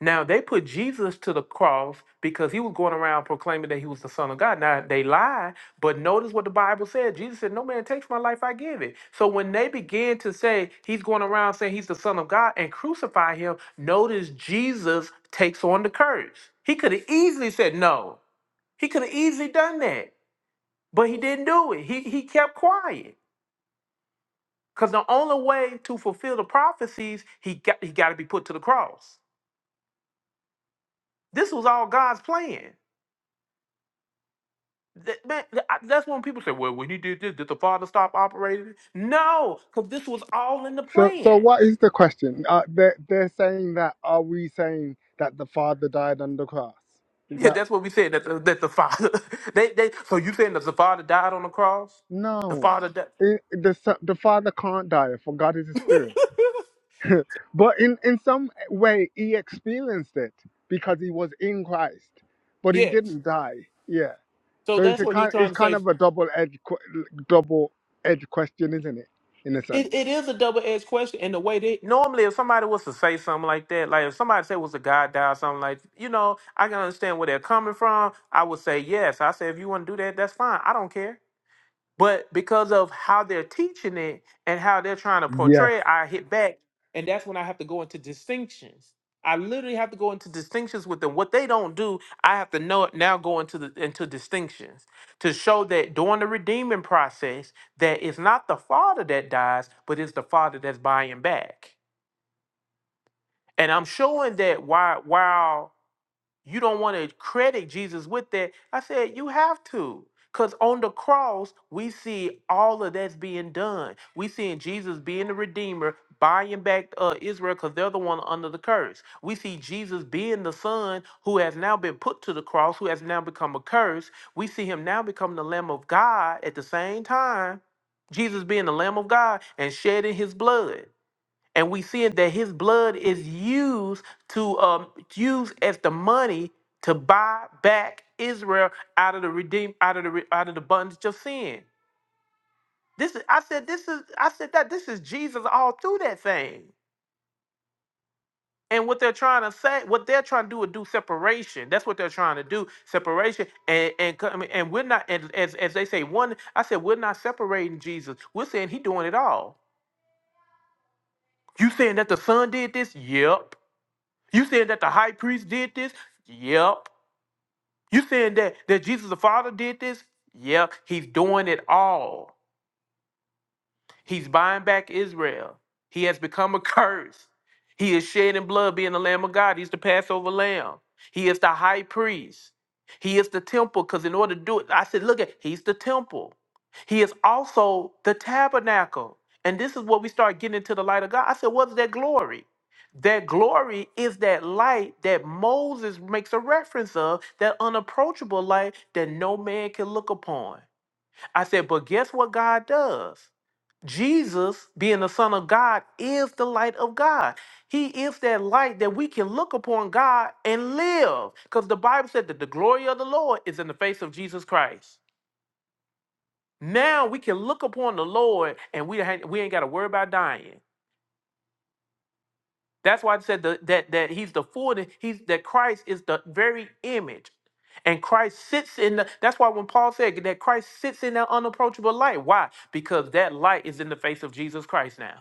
S1: now they put jesus to the cross because he was going around proclaiming that he was the son of god now they lied but notice what the bible said jesus said no man takes my life i give it so when they begin to say he's going around saying he's the son of god and crucify him notice jesus takes on the curse he could have easily said no he could have easily done that, but he didn't do it. He he kept quiet because the only way to fulfill the prophecies, he got he got to be put to the cross. This was all God's plan. Th- man, th- I- that's when people say, "Well, when he did this, did the Father stop operating?" No, because this was all in the
S3: so, so
S1: plan.
S3: what is the question? Uh, they are they're they're saying that are we saying that the father died on the cross? Is
S1: Yeah,
S3: that
S1: that's what we said that the, that the Father. <laughs> They they. So you saying that the Father died on the cross? The
S3: no?
S1: Father died.
S3: It, the son- the father can't die, for God is a
S1: <laughs>
S3: spirit. But in in some way, he experienced it because he was in Christ, but he
S1: yes.
S3: didn't die. Yeah.
S1: So
S3: So it's
S1: that's
S3: a
S1: what you're
S3: kind it's
S1: trying to
S3: kind
S1: say.
S3: of a double edge double edged question, isn't it? In a
S1: It,
S3: sense.
S1: it is a double edged question in the way that normally if somebody was to say something like that, like if somebody say was a guy die or something like you know, I can understand where they're coming from. I would say yes. I say if you want to do that, that's fine. I don't care. But because of how they're teaching it and how they're trying to portray it, I hit back. And that's when I have to go into distinctions. I literally have to go into distinctions with them. What they don't do, I have to know it now go into the into distinctions to show that during the redeeming process, that it's not the father that dies, but it's the father that's buying back. And I'm showing that while while you don't want to credit Jesus with that. I said, you have to. Because on the cross, we see all of that's being done. We seeing Jesus being the Redeemer, buying back uh, Israel because they're the one under the curse. We see Jesus being the Son who has now been put to the cross, who has now become a curse. We see him now become the Lamb of God at the same time. Jesus being the Lamb of God and shedding his blood and we seeing that his blood is used to um used as the money to buy back Israel out of the redeem out of the re- out of the bondage of sin. This is I said this is I said that this is Jesus all through that thing. And what they're trying to say, what they're trying to do is do separation. That's what they're trying to do, separation. And and come- and we're not and as as they say one. I said we're not separating Jesus. We're saying he doing it all. You saying that the son did this? Yep. You saying that the high priest did this? Yep. You saying that that Jesus the Father did this? Yep. He's doing it all. He's buying back Israel. He has become a <laughs> curse. He is shedding blood, being the Lamb of God. He's the Passover Lamb. He is the high priest. He is the temple, because in order to do it, I said, look at, he's the temple. He is also the tabernacle. And this is what we start getting into the light of God. I said, what's that glory? That glory is that light that Moses makes a reference of, that unapproachable light that no man can look upon. I said, but guess what God does? Jesus, being the Son of God, is the light of God. He is that light that we can look upon God and live. Because the Bible said that the glory of the Lord is in the face of Jesus Christ. Now we can look upon the Lord and we, ain't- we ain't got to worry about dying. That's why I said the, that, that he's the fullness, he's, that Christ is the very image. And Christ sits in the, that's why when Paul said that Christ sits in that unapproachable light. Why? Because that light is in the face of Jesus Christ now.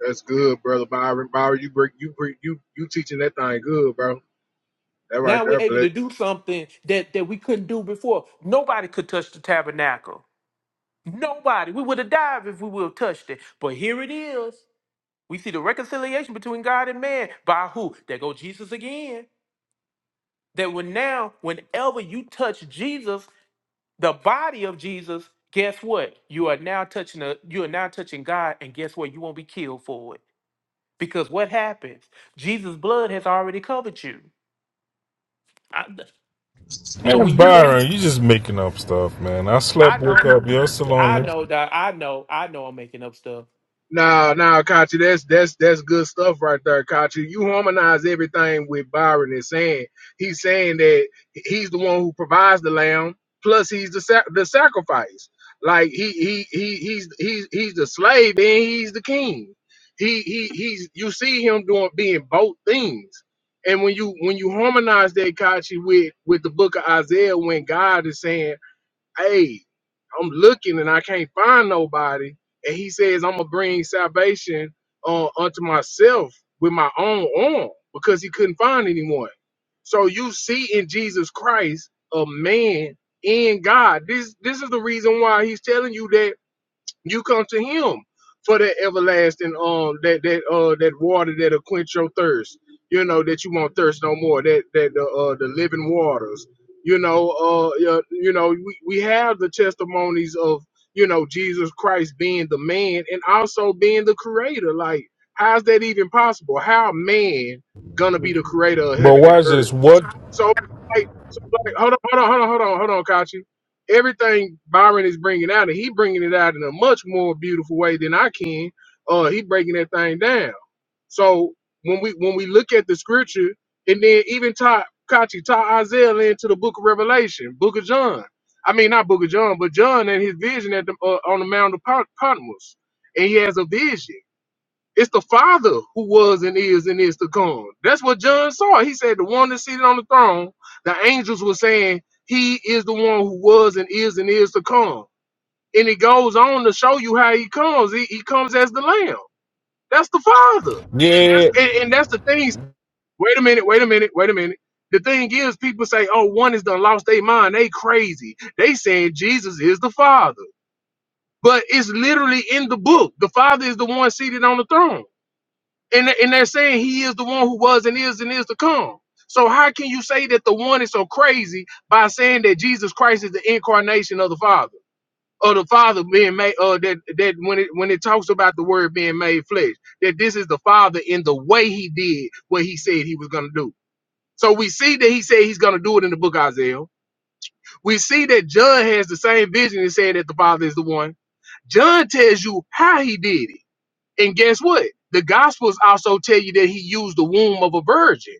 S2: That's good, brother Byron. Byron, you bring you bring you you teaching that thing good, bro. That right
S1: Now we're
S2: there,
S1: able
S2: bless.
S1: to do something that, that we couldn't do before. Nobody could touch the tabernacle. Nobody. We would have died if we would have touched it. But here it is. We see the reconciliation between God and man. By who? There go Jesus again. That when now, whenever you touch Jesus, the body of Jesus, guess what? You are now touching a, you are now touching God, and guess what? You won't be killed for it. Because what happens? Jesus' blood has already covered you. I- so
S4: Man,
S1: when you
S4: Byron, you just making up stuff, man. I
S1: I
S4: slept, woke
S1: know
S4: up, you're still
S1: I
S4: on it.
S1: know that I know I know I'm making up stuff.
S2: No, no, Kachi, that's that's that's good stuff right there, Kachi. You harmonize everything with Byron is saying. He's saying that he's the one who provides the lamb, plus he's the sac- the sacrifice. Like he he he he's he's he's the slave and he's the king. He he he's you see him doing being both things. And when you when you harmonize that Kachi with with the book of Isaiah, when God is saying hey, I'm looking and I can't find nobody. And he says, I'm gonna bring salvation uh, unto myself with my own arm because he couldn't find anyone. So you see in Jesus Christ a man in God. This this is the reason why he's telling you that you come to him for that everlasting um that that uh that water that'll quench your thirst. You know that you won't thirst no more. That that the uh the living waters. You know uh you you know we, we have the testimonies of you know Jesus Christ being the man and also being the creator. Like how's that even possible? How man gonna be the creator of
S4: But
S2: heaven and
S4: watch
S2: earth?
S4: this. What?
S2: So, like, so like, hold on, hold on, hold on, hold on, hold on, Kachi. Everything Byron is bringing out, and he bringing it out in a much more beautiful way than I can. Uh, he breaking that thing down. So when we when we look at the scripture, and then even tie Kachi tie Isaiah into the Book of Revelation, Book of John. I mean, not Book of John, but John and his vision at the uh, on the Mount of Pot- Patmos, and he has a vision. It's the Father who was and is and is to come. That's what John saw. He said, The one that's seated on the throne, the angels were saying, He is the one who was and is and is to come. And it goes on to show you how He comes. He, he comes as the Lamb. That's the Father.
S4: Yeah.
S2: And, and that's the thing. Wait a minute, wait a minute, wait a minute. The thing is, people say, Oh, one is done lost their mind. They crazy. They saying Jesus is the Father. But it's literally in the book. The Father is the one seated on the throne and and they're saying he is the one who was and is and is to come. So how can you say that the one is so crazy by saying that Jesus Christ is the incarnation of the Father, or the Father being made, or that that when it when it talks about the Word being made flesh, that this is the Father in the way He did what He said He was going to do. So we see that He said He's going to do it in the Book of Isaiah. We see that John has the same vision and saying that the Father is the one. John tells you how He did it. And guess what? The Gospels also tell you that he used the womb of a virgin.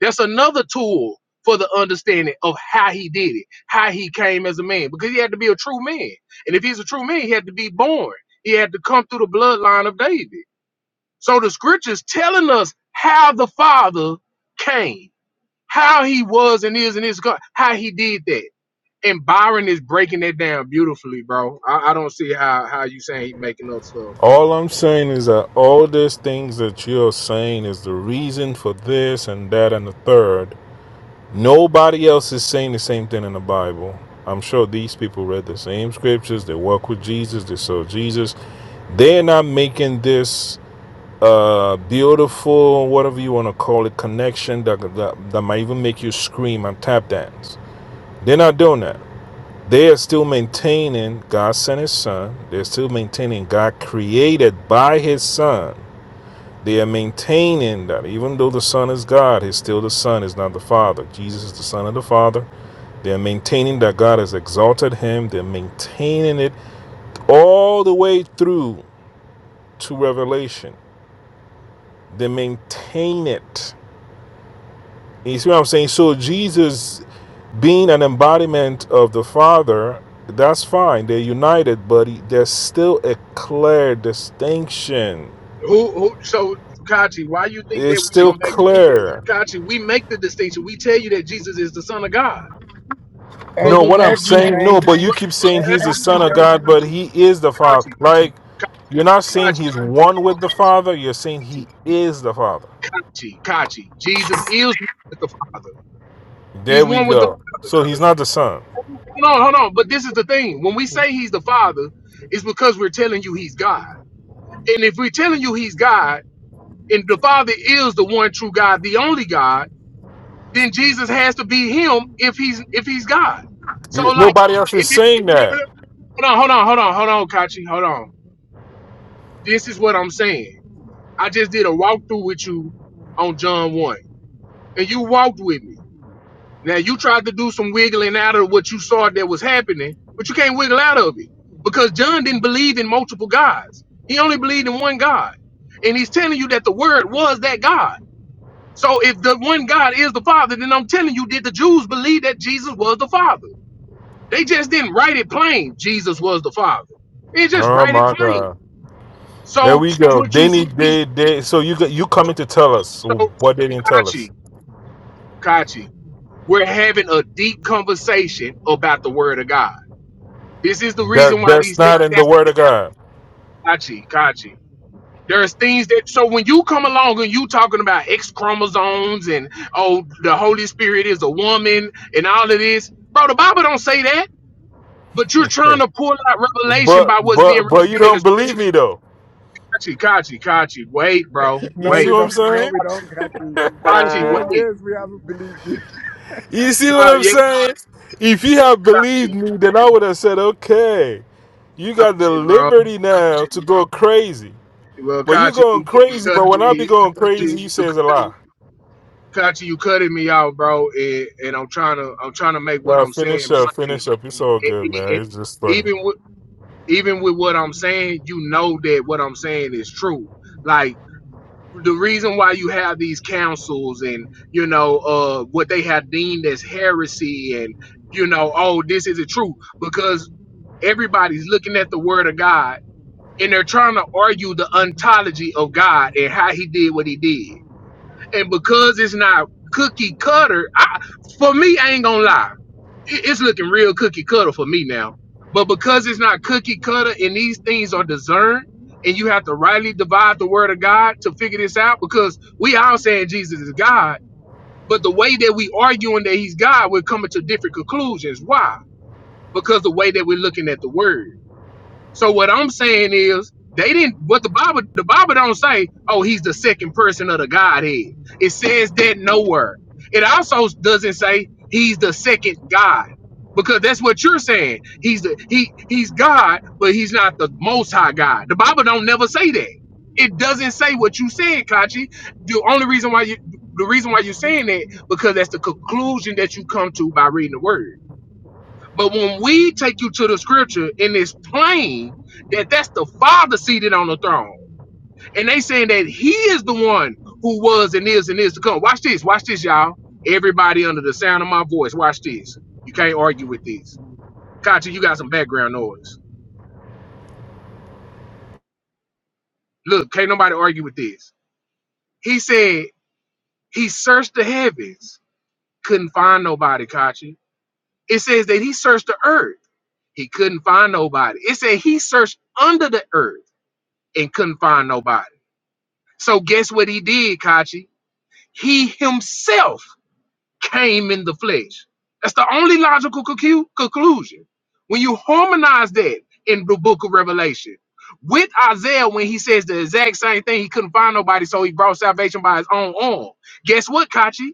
S2: That's another tool for the understanding of how he did it, how he came as a man, because he had to be a true man. And if he's a true man, he had to be born. He had to come through the bloodline of David. So the scriptures telling us how the Father came, how he was and is and is God, how he did that. And Byron is breaking that down beautifully, bro. I, I don't see how how you saying he making up stuff.
S4: All I'm saying is that all these things that you're saying is the reason for this and that and the third. Nobody else is saying the same thing in the Bible. I'm sure these people read the same scriptures. They walk with Jesus. They saw Jesus. They're not making this uh, beautiful, whatever you want to call it, connection that, that, that might even make you scream and tap dance. They're not doing that. They are still maintaining God sent His Son. They're still maintaining God created by His Son. They are maintaining that even though the Son is God, He's still the Son, is not the Father. Jesus is the Son of the Father. They're maintaining that God has exalted him. They're maintaining it all the way through to Revelation. They maintain it. You see what I'm saying? So Jesus being an embodiment of the Father, that's fine. They're united, but there's still a clear distinction.
S2: Who, who? So, Kachi, why you think that
S4: It's
S2: we
S4: still
S2: don't make
S4: clear.
S2: Kachi? We make the distinction. We tell you that Jesus is the Son of God, but
S3: Ev-
S4: No,
S2: when
S4: what
S2: we,
S4: I'm
S3: every
S4: saying, no,
S3: day,
S4: but you
S2: but,
S4: keep saying
S3: e-
S2: eh,
S4: he's the
S2: hold on,
S3: every
S4: son of
S3: day.
S2: Kachi,
S4: God, but he is the father.
S2: Kachi,
S4: Like,
S2: Kachi,
S4: you're not saying
S2: Kachi,
S4: he's one with the father, you're saying he
S2: okay,
S4: is the father.
S2: Kachi, Kachi, Kachi. Jesus is one with the Father.
S4: There
S2: He's
S4: we
S2: one with the.
S4: go. So he's not the son.
S2: Hold on, hold on. But this is the thing. When we say He's the Father, it's because we're telling you He's God. And if we're telling you He's God, and the Father is the one true God, the only God. then Jesus has to be him if he's if he's God. So
S4: You-
S2: like
S4: Nobody else is
S2: it did
S4: saying that.
S2: hold on, hold on, hold on, hold on, Kachi, hold on. This is what I'm saying. I just did a walkthrough with you on John 1. And you walked with me. Now you tried to do some wiggling out of what you saw that was happening, but you can't wiggle out of it. Because John didn't believe in multiple gods. He only believed in one God. And he's telling you that the word was that God. So if the one God is the Father, then I'm telling you, did the Jews believe that Jesus was the Father? They just didn't write it plain. Jesus was the Father. They just
S4: Oh
S2: write it
S4: my
S2: plain.
S4: God. There
S2: So
S4: we go.
S2: what
S4: They
S2: you
S4: need
S2: see,
S4: they they so you got you coming to tell us
S2: so
S4: what they didn't tell us.
S2: Kachi, Kachi, we're having a deep conversation about the Word of God. This is the reason
S4: That
S2: why
S4: that's
S2: these things
S4: not in the word of God.
S2: happen, Kachi, Kachi. There's things that so when you come along and you talking about X chromosomes and oh the Holy Spirit is a woman and all of this, bro, the Bible don't say that. But you're trying
S4: Hey.
S2: to pull out revelation
S4: But
S2: by what's
S4: but
S2: being
S4: but you
S2: written in the
S4: don't
S2: scripture.
S4: believe me though.
S2: Kachi, Kachi, Kachi, wait, bro,
S3: <laughs>
S4: You
S3: No,
S4: see
S3: we
S2: wait.
S3: don't.
S4: what
S3: No,
S4: I'm
S3: we don't, Kathy. For
S2: Kachi,
S4: saying?
S3: four
S4: <laughs>
S2: wait.
S3: years, we haven't believed you. <laughs>
S4: You see what
S2: Not
S4: I'm
S2: yet,
S4: saying? If you had believed
S2: Kachi,
S4: me, then I would have said, okay, you got the
S2: Kachi, bro.
S4: liberty now to go crazy.
S2: Well,
S4: But you
S2: Kachi,
S4: going
S2: you keep
S4: crazy,
S2: cutting
S4: but when I be
S2: me.
S4: going
S2: Kachi,
S4: crazy, you say
S2: you,
S4: it's a
S2: cut-
S4: lie.
S2: Kachi, you cutting me out, bro. And, and I'm trying to, I'm trying to make what
S4: Nah,
S2: I'm
S4: finish
S2: saying
S4: up,
S2: plain.
S4: finish up. It's all
S2: It,
S4: good,
S2: it,
S4: man.
S2: it-
S4: It's just funny.
S2: even with, even with what I'm saying, you know that what I'm saying is true. Like the reason why you have these councils and you know uh what they have deemed as heresy and you know oh this isn't true because everybody's looking at the word of God and they're trying to argue the ontology of God and how he did what he did. And because it's not cookie cutter, I, for me, I ain't gonna lie, it- it's looking real cookie cutter for me now. But because it's not cookie cutter and these things are discerned, and you have to rightly divide the word of God to figure this out, because we all saying Jesus is God, but the way that we arguing that he's God, we're coming to different conclusions. Why? Because the way that we're looking at the word. So what I'm saying is they didn't what the Bible the Bible don't say, oh, he's the second person of the Godhead. It says that nowhere. It also doesn't say he's the second God. Because that's what you're saying. He's the he he's God, but he's not the most high God. The Bible don't never say that. It doesn't say what you said, Kachi. The only reason why you the reason why you're saying that, because that's the conclusion that you come to by reading the word. But when we take you to the scripture and it's plain that that's the Father seated on the throne, and they saying that He is the one who was and is and is to come. Watch this, watch this, y'all. Everybody under the sound of my voice, watch this. You can't argue with this. Kachi, you got some background noise. Look, can't nobody argue with this. He said he searched the heavens, couldn't find nobody, Kachi. It says that he searched the earth, he couldn't find nobody. It said he searched under the earth and couldn't find nobody. So guess what he did, Kachi? He himself came in the flesh. That's the only logical concu- conclusion. When you harmonize that in the book of Revelation with Isaiah, when he says the exact same thing, he couldn't find nobody, so he brought salvation by his own arm. Guess what, Kachi?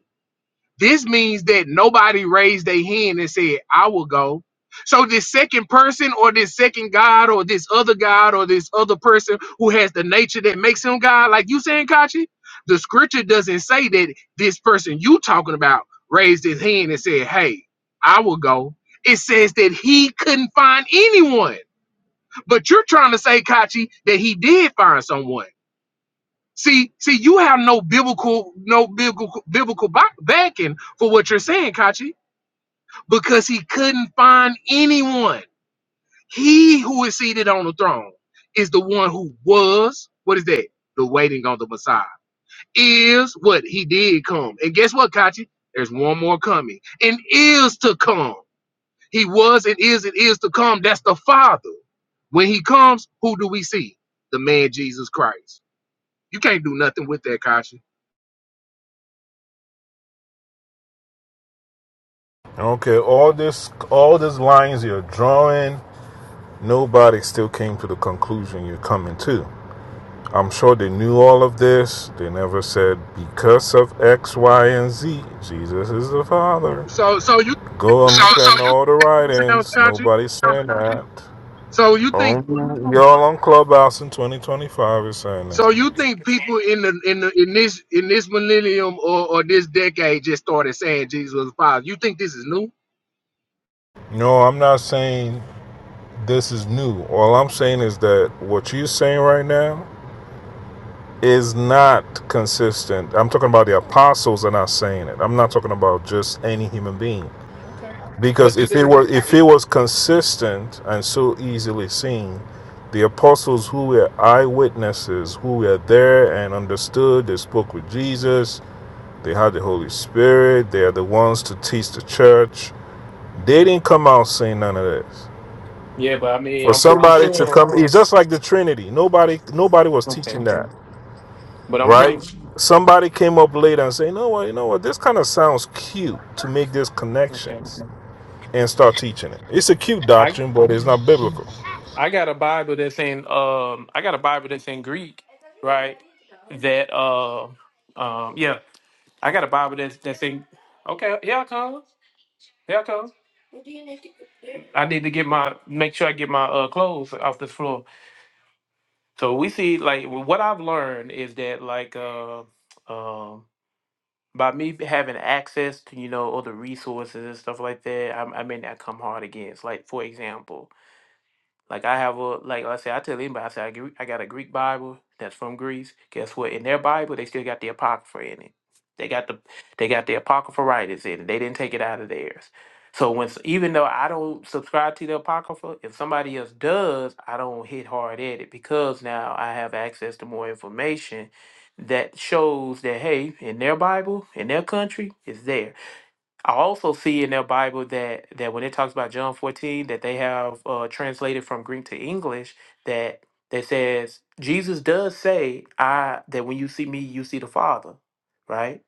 S2: This means that nobody raised their hand and said, I will go. So this second person or this second God or this other God or this other person who has the nature that makes him God, like you saying, Kachi, the scripture doesn't say that this person you talking about raised his hand and said, Hey, I will go. It says that he couldn't find anyone. But you're trying to say, Kachi, that he did find someone. See, see, you have no biblical, no biblical, biblical ba- backing for what you're saying, Kachi, because he couldn't find anyone. He who is seated on the throne is the one who was. What is that? The waiting on the Messiah is what he did come. And guess what, Kachi? There's one more coming, and is to come. He was and is and is to come. That's the Father. When he comes, who do we see? The man Jesus Christ. You can't do nothing with that, Kachi.
S4: Okay, all this all these lines you're drawing, nobody still came to the conclusion you're coming to. I'm sure they knew all of this. They never said because of X, Y, and Z, Jesus is the Father.
S2: So so you
S4: Go, I'm So, so saying all the
S2: That was
S4: writings.
S2: country.
S4: Nobody's saying that.
S2: So you think
S4: Only y'all on Clubhouse in 2025 is saying that.
S2: so you think people in the in the in this in this millennium or, or this decade just started saying Jesus was the father. You think this is new?
S4: No, I'm not saying this is new. All I'm saying is that what you're saying right now is not consistent. I'm talking about the apostles are not saying it. I'm not talking about just any human being.
S1: Okay. But
S4: Because
S1: the
S4: if
S1: thing,
S4: it were if it was consistent and so easily seen, the apostles who were eyewitnesses, who were there and understood, they spoke with Jesus, they had the Holy Spirit, they are the ones to teach the church. They didn't come out saying none of this.
S1: yeah, but I mean,
S4: For
S1: I'm pretty
S4: somebody to
S1: sure.
S4: come it's just like the Trinity. Nobody nobody was
S1: Okay.
S4: teaching that.
S1: But I'm
S4: Right?
S1: pretty
S4: Somebody came up later and say, you know what, you know what, this kind of sounds cute to make these
S1: okay.
S4: connections. and start teaching it. It's a cute
S1: I
S4: doctrine, but it's not biblical.
S1: I got a Bible that's in um I got a Bible that's in Greek, right? That uh um yeah, I got a Bible that's that's in okay, here I come. Here I come. I need to get my make sure I get my uh clothes off the floor. So we see like what I've learned is that like uh um by me having access to you know other resources and stuff like that, I, I may not come hard against. Like for example, Like I have a like I say I tell anybody I say I, gre- I got a Greek Bible that's from Greece. Guess what? In their Bible they still got the apocrypha in it. They got the they got the apocrypha writers in it. They didn't take it out of theirs. So when s- even though I don't subscribe to the apocrypha, if somebody else does, I don't hit hard at it because now I have access to more information that shows that hey, in their Bible, in their country, it's there. I also see in their Bible that that when it talks about John 14, that they have uh, translated from Greek to English that that says Jesus does say I that when you see me, you see the Father, right?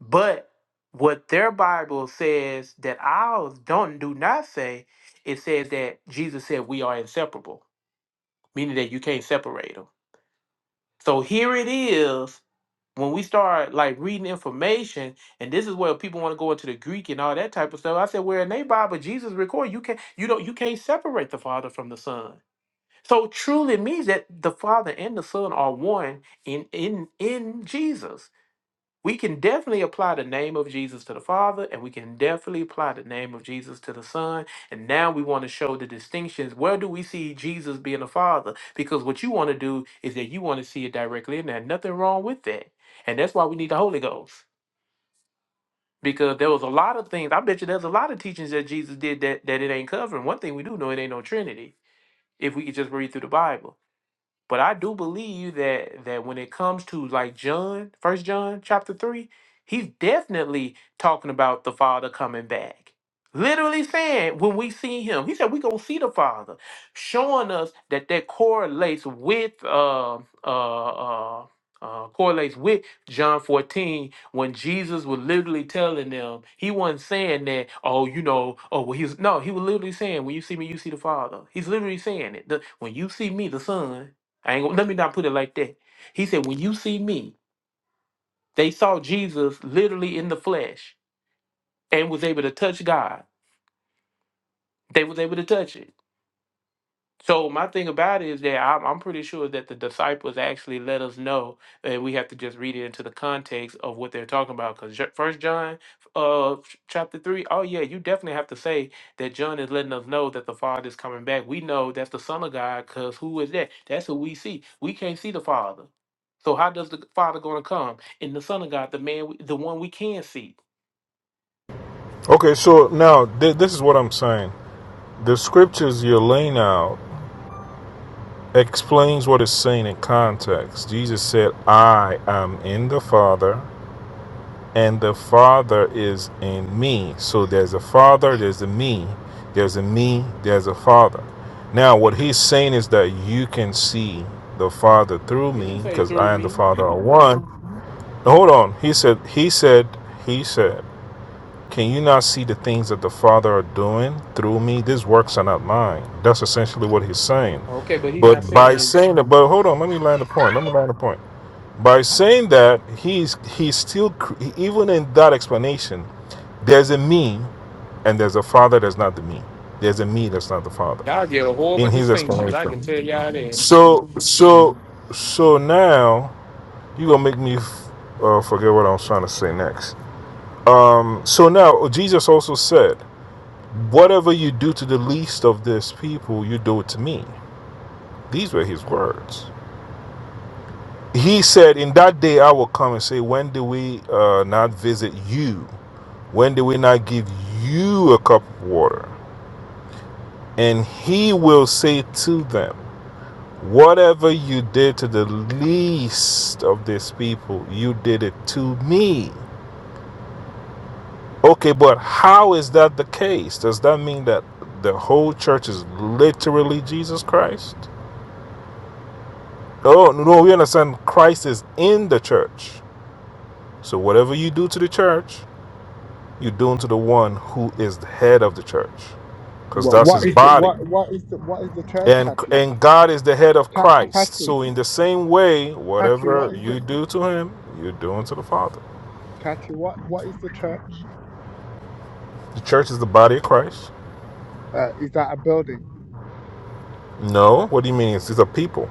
S1: But what their Bible says that ours don't do not say, it says that Jesus said we are inseparable, meaning that you can't separate them. So here it is when we start like reading information, and this is where people want to go into the Greek and all that type of stuff. I said, where in they Bible Jesus record, you can't you don't you can't separate the Father from the Son. So truly means that the Father and the Son are one in in in Jesus we can definitely apply the name of Jesus to the Father, and we can definitely apply the name of Jesus to the Son. And now we want to show the distinctions. Where do we see Jesus being the Father? Because what you want to do is that you want to see it directly and there's Nothing wrong with that. And that's why we need the Holy Ghost. Because there was a lot of things. I bet you there's a lot of teachings that Jesus did that, that it ain't covering. One thing we do know it ain't no Trinity. If we could just read through the Bible. But I do believe that that when it comes to like John, First John chapter three, he's definitely talking about the Father coming back. Literally saying when we see him, he said we gonna see the Father, showing us that that correlates with uh, uh, uh, uh, correlates with John fourteen when Jesus was literally telling them he wasn't saying that oh you know oh well he's no he was literally saying when you see me you see the Father. He's literally saying it. The, when you see me the Son I ain't gonna, let me not put it like that. He said, when you see me, they saw Jesus literally in the flesh and was able to touch God. They was able to touch it. So my thing about it is that I'm, I'm pretty sure that the disciples actually let us know, and we have to just read it into the context of what they're talking about. Because First John, uh, ch- chapter three, oh yeah, you definitely have to say that John is letting us know that the Father is coming back. We know that's the Son of God, because who is that? That's who we see. We can't see the Father, so how does the Father going to come in the Son of God, the man, we- the one we can see?
S4: Okay, so now th- this is what I'm saying. The scriptures you're laying out explains what it's saying in context. Jesus said, "I am in the Father, and the Father is in me." So there's a Father, there's a me, there's a me, there's a Father.
S1: Okay.
S4: Now, what he's saying is that you can see the Father through
S1: You didn't
S4: me
S1: say
S4: because
S1: through
S4: I and the
S1: me.
S4: Father are one. Now, Hold on. He said, he said, he said, Can you not see the things that the Father are doing through me? These works are not mine. That's essentially what he's saying.
S1: Okay, but he's not
S4: But by
S1: saying
S4: saying that, but hold on, let me land the point. Let me land the point. By saying that, he's he's still cr- even in that explanation. There's a me, and there's a father that's not the me. There's a me that's not the father
S1: y'all get horrible
S4: in his
S1: distinctions. I
S4: explanation.
S1: can tell y'all that.
S4: So so so now you gonna make me f- uh, forget what I was trying to say next. Um, so now Jesus also said. Whatever you do to the least of this people, you do it to me. These were his words. He said, In that day I will come and say, When do we uh, not visit you? When do we not give you a cup of water? And he will say to them, Whatever you did to the least of these people, you did it to me. Okay, but how is that the case? Does that mean that the whole church is literally Jesus Christ? Oh, no, no, we understand Christ is in the church. So whatever you do to the church, you're doing to the one who is the head of the church, because
S3: What?
S4: that's
S3: What
S4: his
S3: is the?
S4: body.
S3: What? What is the? What is the church,
S4: And,
S3: Kathy?
S4: and God is the head of
S3: Ka-
S4: Christ.
S3: Kathy,
S4: So, in the same way,
S3: Kathy, what
S4: whatever
S3: is
S4: you
S3: it?
S4: do to him, you're doing to the Father.
S3: Kathy, what? What is the church?
S4: The church is the body of Christ.
S3: Uh, is that a building?
S4: No. What do you mean? It's it's a people.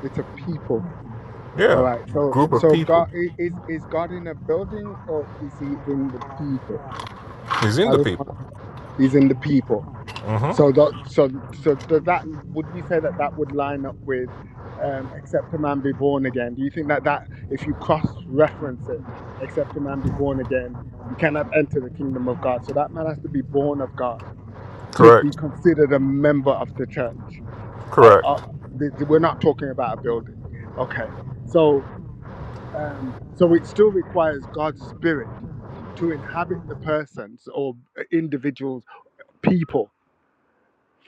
S3: It's a people. All
S4: Yeah.
S3: right. So,
S4: Group of
S3: so
S4: people.
S3: God i- is is God in a building or is He in the people?
S4: He's in
S3: I
S4: the
S3: just want.
S4: people.
S3: He's in the people.
S4: hmm
S3: So, tho- so, so does that? Would you say that that would line up with um, "Except a Man Be Born Again"? Do you think that that, if you cross-reference it, "Except a Man Be Born Again," you cannot enter the kingdom of God. So that man has to be born of God to be
S4: Correct.
S3: considered a member of the church. Uh,
S4: Correct.
S3: uh, th- th- we're not talking about a building, okay? So, um, so it still requires God's Spirit to inhabit the persons or uh, individuals, people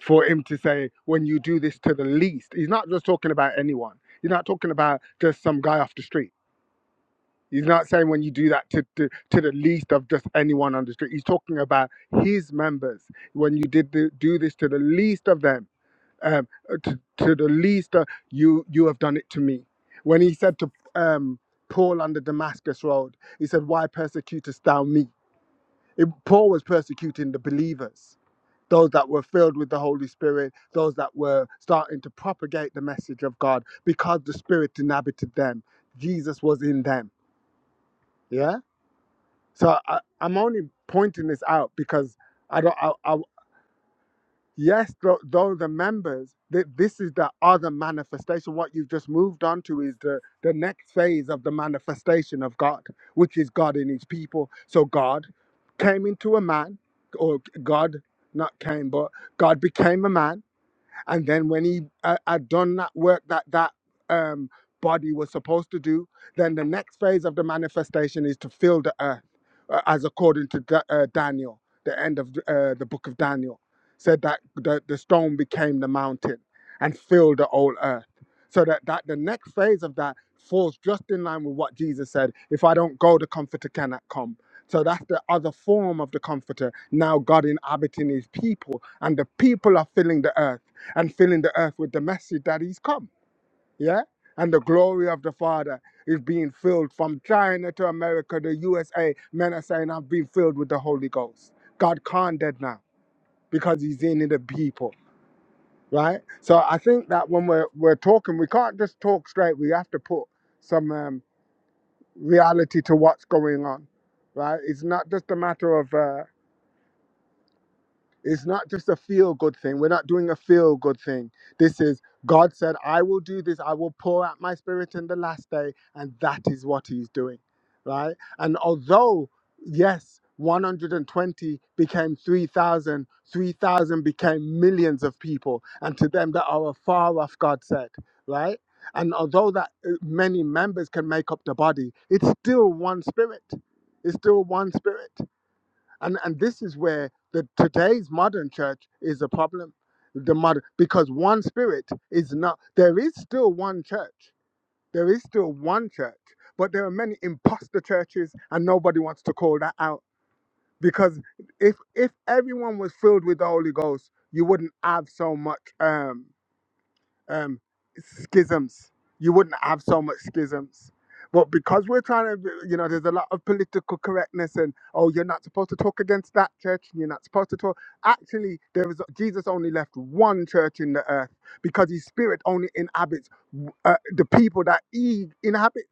S3: for him to say, when you do this to the least, he's not just talking about anyone. He's not talking about just some guy off the street. He's not saying when you do that to, to, to the least of just anyone on the street. He's talking about his members. When you did the, do this to the least of them, um, uh, to, to the least, uh, you you have done it to me. When he said to um, Paul on the Damascus road, he said, "Why persecutest thou me?" It, Paul was persecuting the believers those that were filled with the Holy Spirit, those that were starting to propagate the message of God because the Spirit inhabited them. Jesus was in them. Yeah. So I, I'm only pointing this out because I don't. I, I, yes, though, though the members, th- this is the other manifestation. What you've just moved on to is the the next phase of the manifestation of God, which is God in His people. So God came into a man, or God not came, but God became a man And then when he uh, had done that work that that um, body was supposed to do, then the next phase of the manifestation is to fill the earth, uh, as according to Da- uh, Daniel, the end of uh, the book of Daniel, said that the, the stone became the mountain and filled the whole earth. So that, that the next phase of that falls just in line with what Jesus said if I don't go, the comforter cannot come. So that's the other form of the comforter. Now God inhabiting his people, and the people are filling the earth and filling the earth with the message that he's come. Yeah? And the glory of the Father is being filled from China to America, the USA. Men are saying, I've been filled with the Holy Ghost. God can't dead now because he's in the people, right? So I think that when we're, we're talking, we can't just talk straight. We have to put some um, reality to what's going on, right? It's not just a matter of. uh, It's not just a feel good thing. We're not doing a feel good thing. This is God said, I will do this. I will pour out my spirit in the last day. And that is what he's doing, right? And although, yes, 120 became 3,000, 3,000 became millions of people. And to them that are afar off, God said, right? And although that uh, many members can make up the body, it's still one spirit. It's still one spirit and and this is where the today's modern church is a problem the modern because one spirit is not there is still one church there is still one church but there are many imposter churches and nobody wants to call that out because if if everyone was filled with the holy ghost you wouldn't have so much Um, um, schisms. You wouldn't have so much schisms. But because we're trying to, you know, there's a lot of political correctness and, oh, you're not supposed to talk against that church and you're not supposed to talk. Actually, there is, Jesus only left one church in the earth because his spirit only inhabits uh, the people that he inhabits.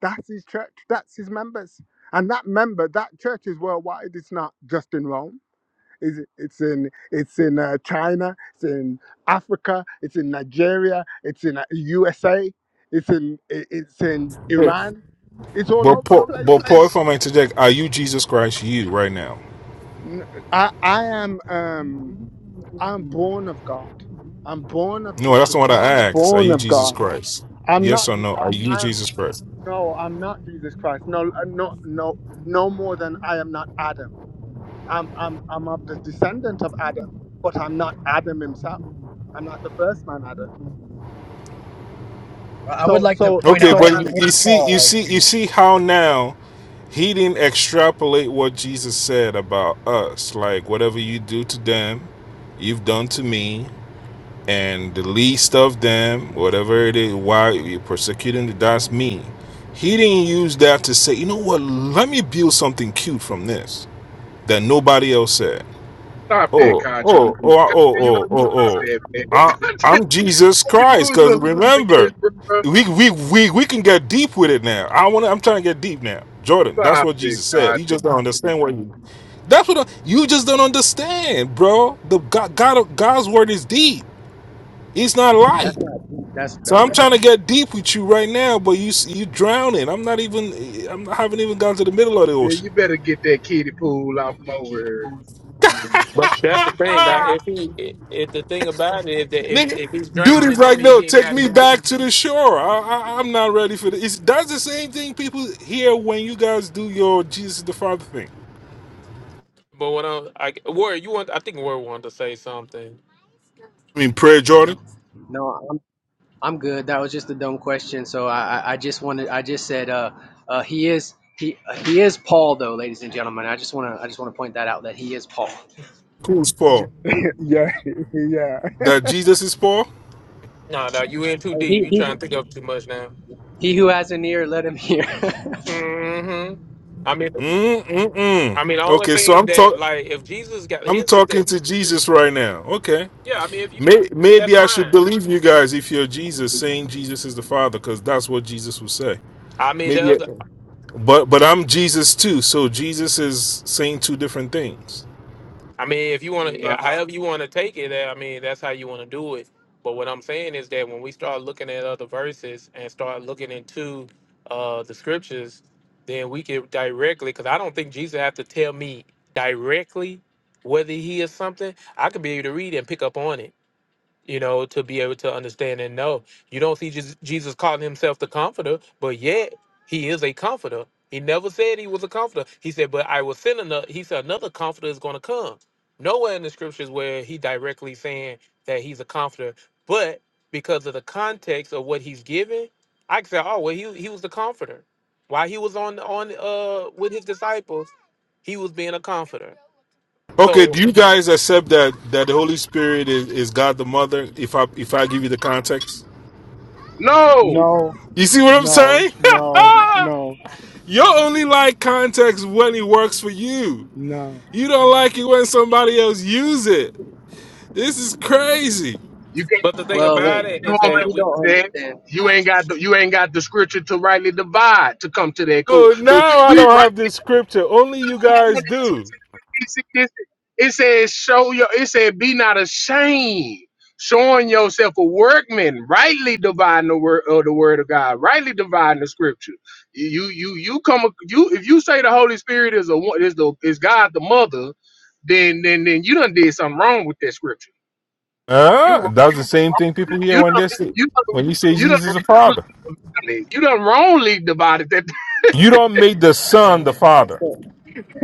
S3: That's his church, that's his members. And that member, that church is worldwide, it's not just in Rome. It's, it's in it's in uh, China. It's in Africa. It's in Nigeria. It's in uh, USA. It's in i- it's in Iran. It's all
S4: But,
S3: over the
S4: Paul- but
S3: place.
S4: Paul, if I may interject, are you Jesus Christ, you right now?
S3: N- I I am um I'm born of God. I'm born of
S4: No, that's
S3: Jesus.
S4: the one I
S3: Christ. I'm
S4: asked. Are
S3: born
S4: you
S3: of
S4: Jesus
S3: God.
S4: Christ?
S3: I'm
S4: Yes
S3: not.
S4: or no? Are
S3: I, I,
S4: you
S3: I'm,
S4: Jesus Christ?
S3: no, I'm not Jesus Christ. No, uh, no, no, no more than I am not Adam. I'm, I'm, I'm of the descendant of Adam, but I'm not Adam himself. I'm not the first man Adam.
S8: But I would
S3: So,
S8: like to
S3: so,
S8: point
S4: Okay,
S8: out
S3: so,
S8: that he
S4: but
S3: um,
S4: you
S8: is
S4: see, you
S8: Paul. ladies
S4: see,
S8: and
S4: you
S8: gentlemen.
S4: see how now he didn't extrapolate what Jesus said about us. Like whatever you do to them, you've done to me, and the least of them, whatever it is, why you're persecuting, that's me. He didn't use that to say, you know what? Let me build something cute from this that nobody else said.
S2: Stop that,
S4: oh,
S2: country.
S4: oh, oh, oh,
S2: Country, you
S4: oh, oh,
S2: gotta stop
S4: oh. oh.
S2: that, man. <laughs>
S4: I, I'm
S2: Country,
S4: Jesus
S2: you
S4: Christ.
S2: was
S4: Because
S2: a
S4: remember,
S2: this, bro.
S4: we, we, we, we can get deep with it now. I want. to. I'm trying to get deep now. Jordan, that's
S2: Stop
S4: what
S2: that,
S4: Jesus said. You
S2: country.
S4: just don't understand what you. That's what I- you just don't understand, bro. The God, God, God's word is deep. It's not light.
S8: That's not deep. that's
S4: So I'm
S8: dumb.
S4: trying to get deep with you right now, but you you drowning. I'm not even. I'm not, haven't even gone to the middle of the
S2: Man,
S4: ocean.
S2: you better get that kiddie pool off from over here.
S1: But that's the thing. Right? If he, if if the thing about it is that if
S4: Nigga,
S1: if he's
S4: dude is
S1: drowning, that
S4: like,
S1: means
S4: no,
S1: he ain't
S4: take
S1: got
S4: me
S1: too
S4: back
S1: deep.
S4: to the shore. I, I, I'm not ready for this. It's, that's the same thing people hear when you guys do your Jesus the Father thing.
S1: But what i I Warrior, you want? I think Warrior wanted to say something.
S4: I mean, prayer, Jordan.
S8: No, I'm I'm good. That was just a dumb question. So I I, I just wanted I just said uh uh he is he uh, he is Paul though, ladies and gentlemen. I just wanna I just wanna point that out that he is Paul.
S4: Who's Paul?
S3: <laughs> yeah, <laughs> yeah.
S4: That Jesus is Paul?
S1: No, no, you in too
S8: And
S1: deep.
S8: He
S1: You
S8: he
S1: trying to think of too much now.
S8: he who has an ear, let him hear. <laughs>
S1: hmm I mean,
S4: Mm-mm-mm.
S1: I mean, the only
S4: Okay, so
S1: thing
S4: I'm
S1: that
S4: talk,
S1: like if Jesus got
S4: I'm
S1: here's the
S4: talking
S1: thing.
S4: to Jesus right now. Okay.
S1: Yeah, I mean, if you
S4: May-
S1: that's
S4: Maybe I should
S1: fine.
S4: believe you guys if you're Jesus saying Jesus is the Father, because that's what Jesus would say.
S1: I mean, the
S4: Maybe,
S1: other.
S4: but but I'm Jesus too, so Jesus is saying two different things.
S1: I mean, if you want to,
S2: No,
S1: however you want to take it, I mean, that's how you want to do it. But what I'm saying is that when we start looking at other verses and start looking into uh, the scriptures, then we can directly, because I don't think Jesus have to tell me directly whether he is something. I could be able to read and pick up on it you know, to be able to understand and know. You don't see Jes- Jesus calling himself the comforter, but yet he is a comforter. He never said he was a comforter. He said, but I will send another. He said, another comforter is going to come. Nowhere in the scriptures where he directly saying that he's a comforter, but because of the context of what he's given, I can say, oh, well, he, he was the comforter. While he was on on uh with his disciples, he was being a comforter.
S4: Okay, do
S1: So,
S4: you guys accept that that the Holy Spirit is, is God the Mother? If I if I give you the context,
S2: no,
S3: No,
S4: you see what I'm
S3: no,
S4: saying?
S3: no, no,
S4: <laughs> you only like context when it works for you.
S3: no.
S4: You don't like it when somebody else use it. This is crazy.
S2: you can't.
S1: but the thing
S8: well,
S2: You
S8: wait,
S1: about it
S2: can't
S1: is
S2: hold
S8: well
S1: that
S8: you
S1: we,
S2: my
S8: don't
S2: hand.
S8: understand.
S2: You ain't got the you ain't got the scripture to rightly divide to come to that. Cool,
S4: Oh,
S2: cool.
S4: now I
S2: We
S4: don't
S2: right.
S4: have this scripture. Only you guys do.
S2: It says, show your, it said, be not ashamed, showing yourself a workman, rightly dividing the word of the word of God, rightly dividing the scripture. You, you, you come, you, if you say the Holy Spirit is a, one- is the, is God the mother, then, then, then you done did something wrong with that scripture. You,
S4: Huh?
S2: wrong-
S4: That's the same thing people hear
S2: you,
S4: when
S2: done,
S4: they say
S2: you, done,
S4: when you say
S2: you
S4: Jesus is a father.
S2: done, you done wrongly divided that
S4: You don't make the
S1: yeah.
S4: son the
S8: That's
S4: father.
S8: the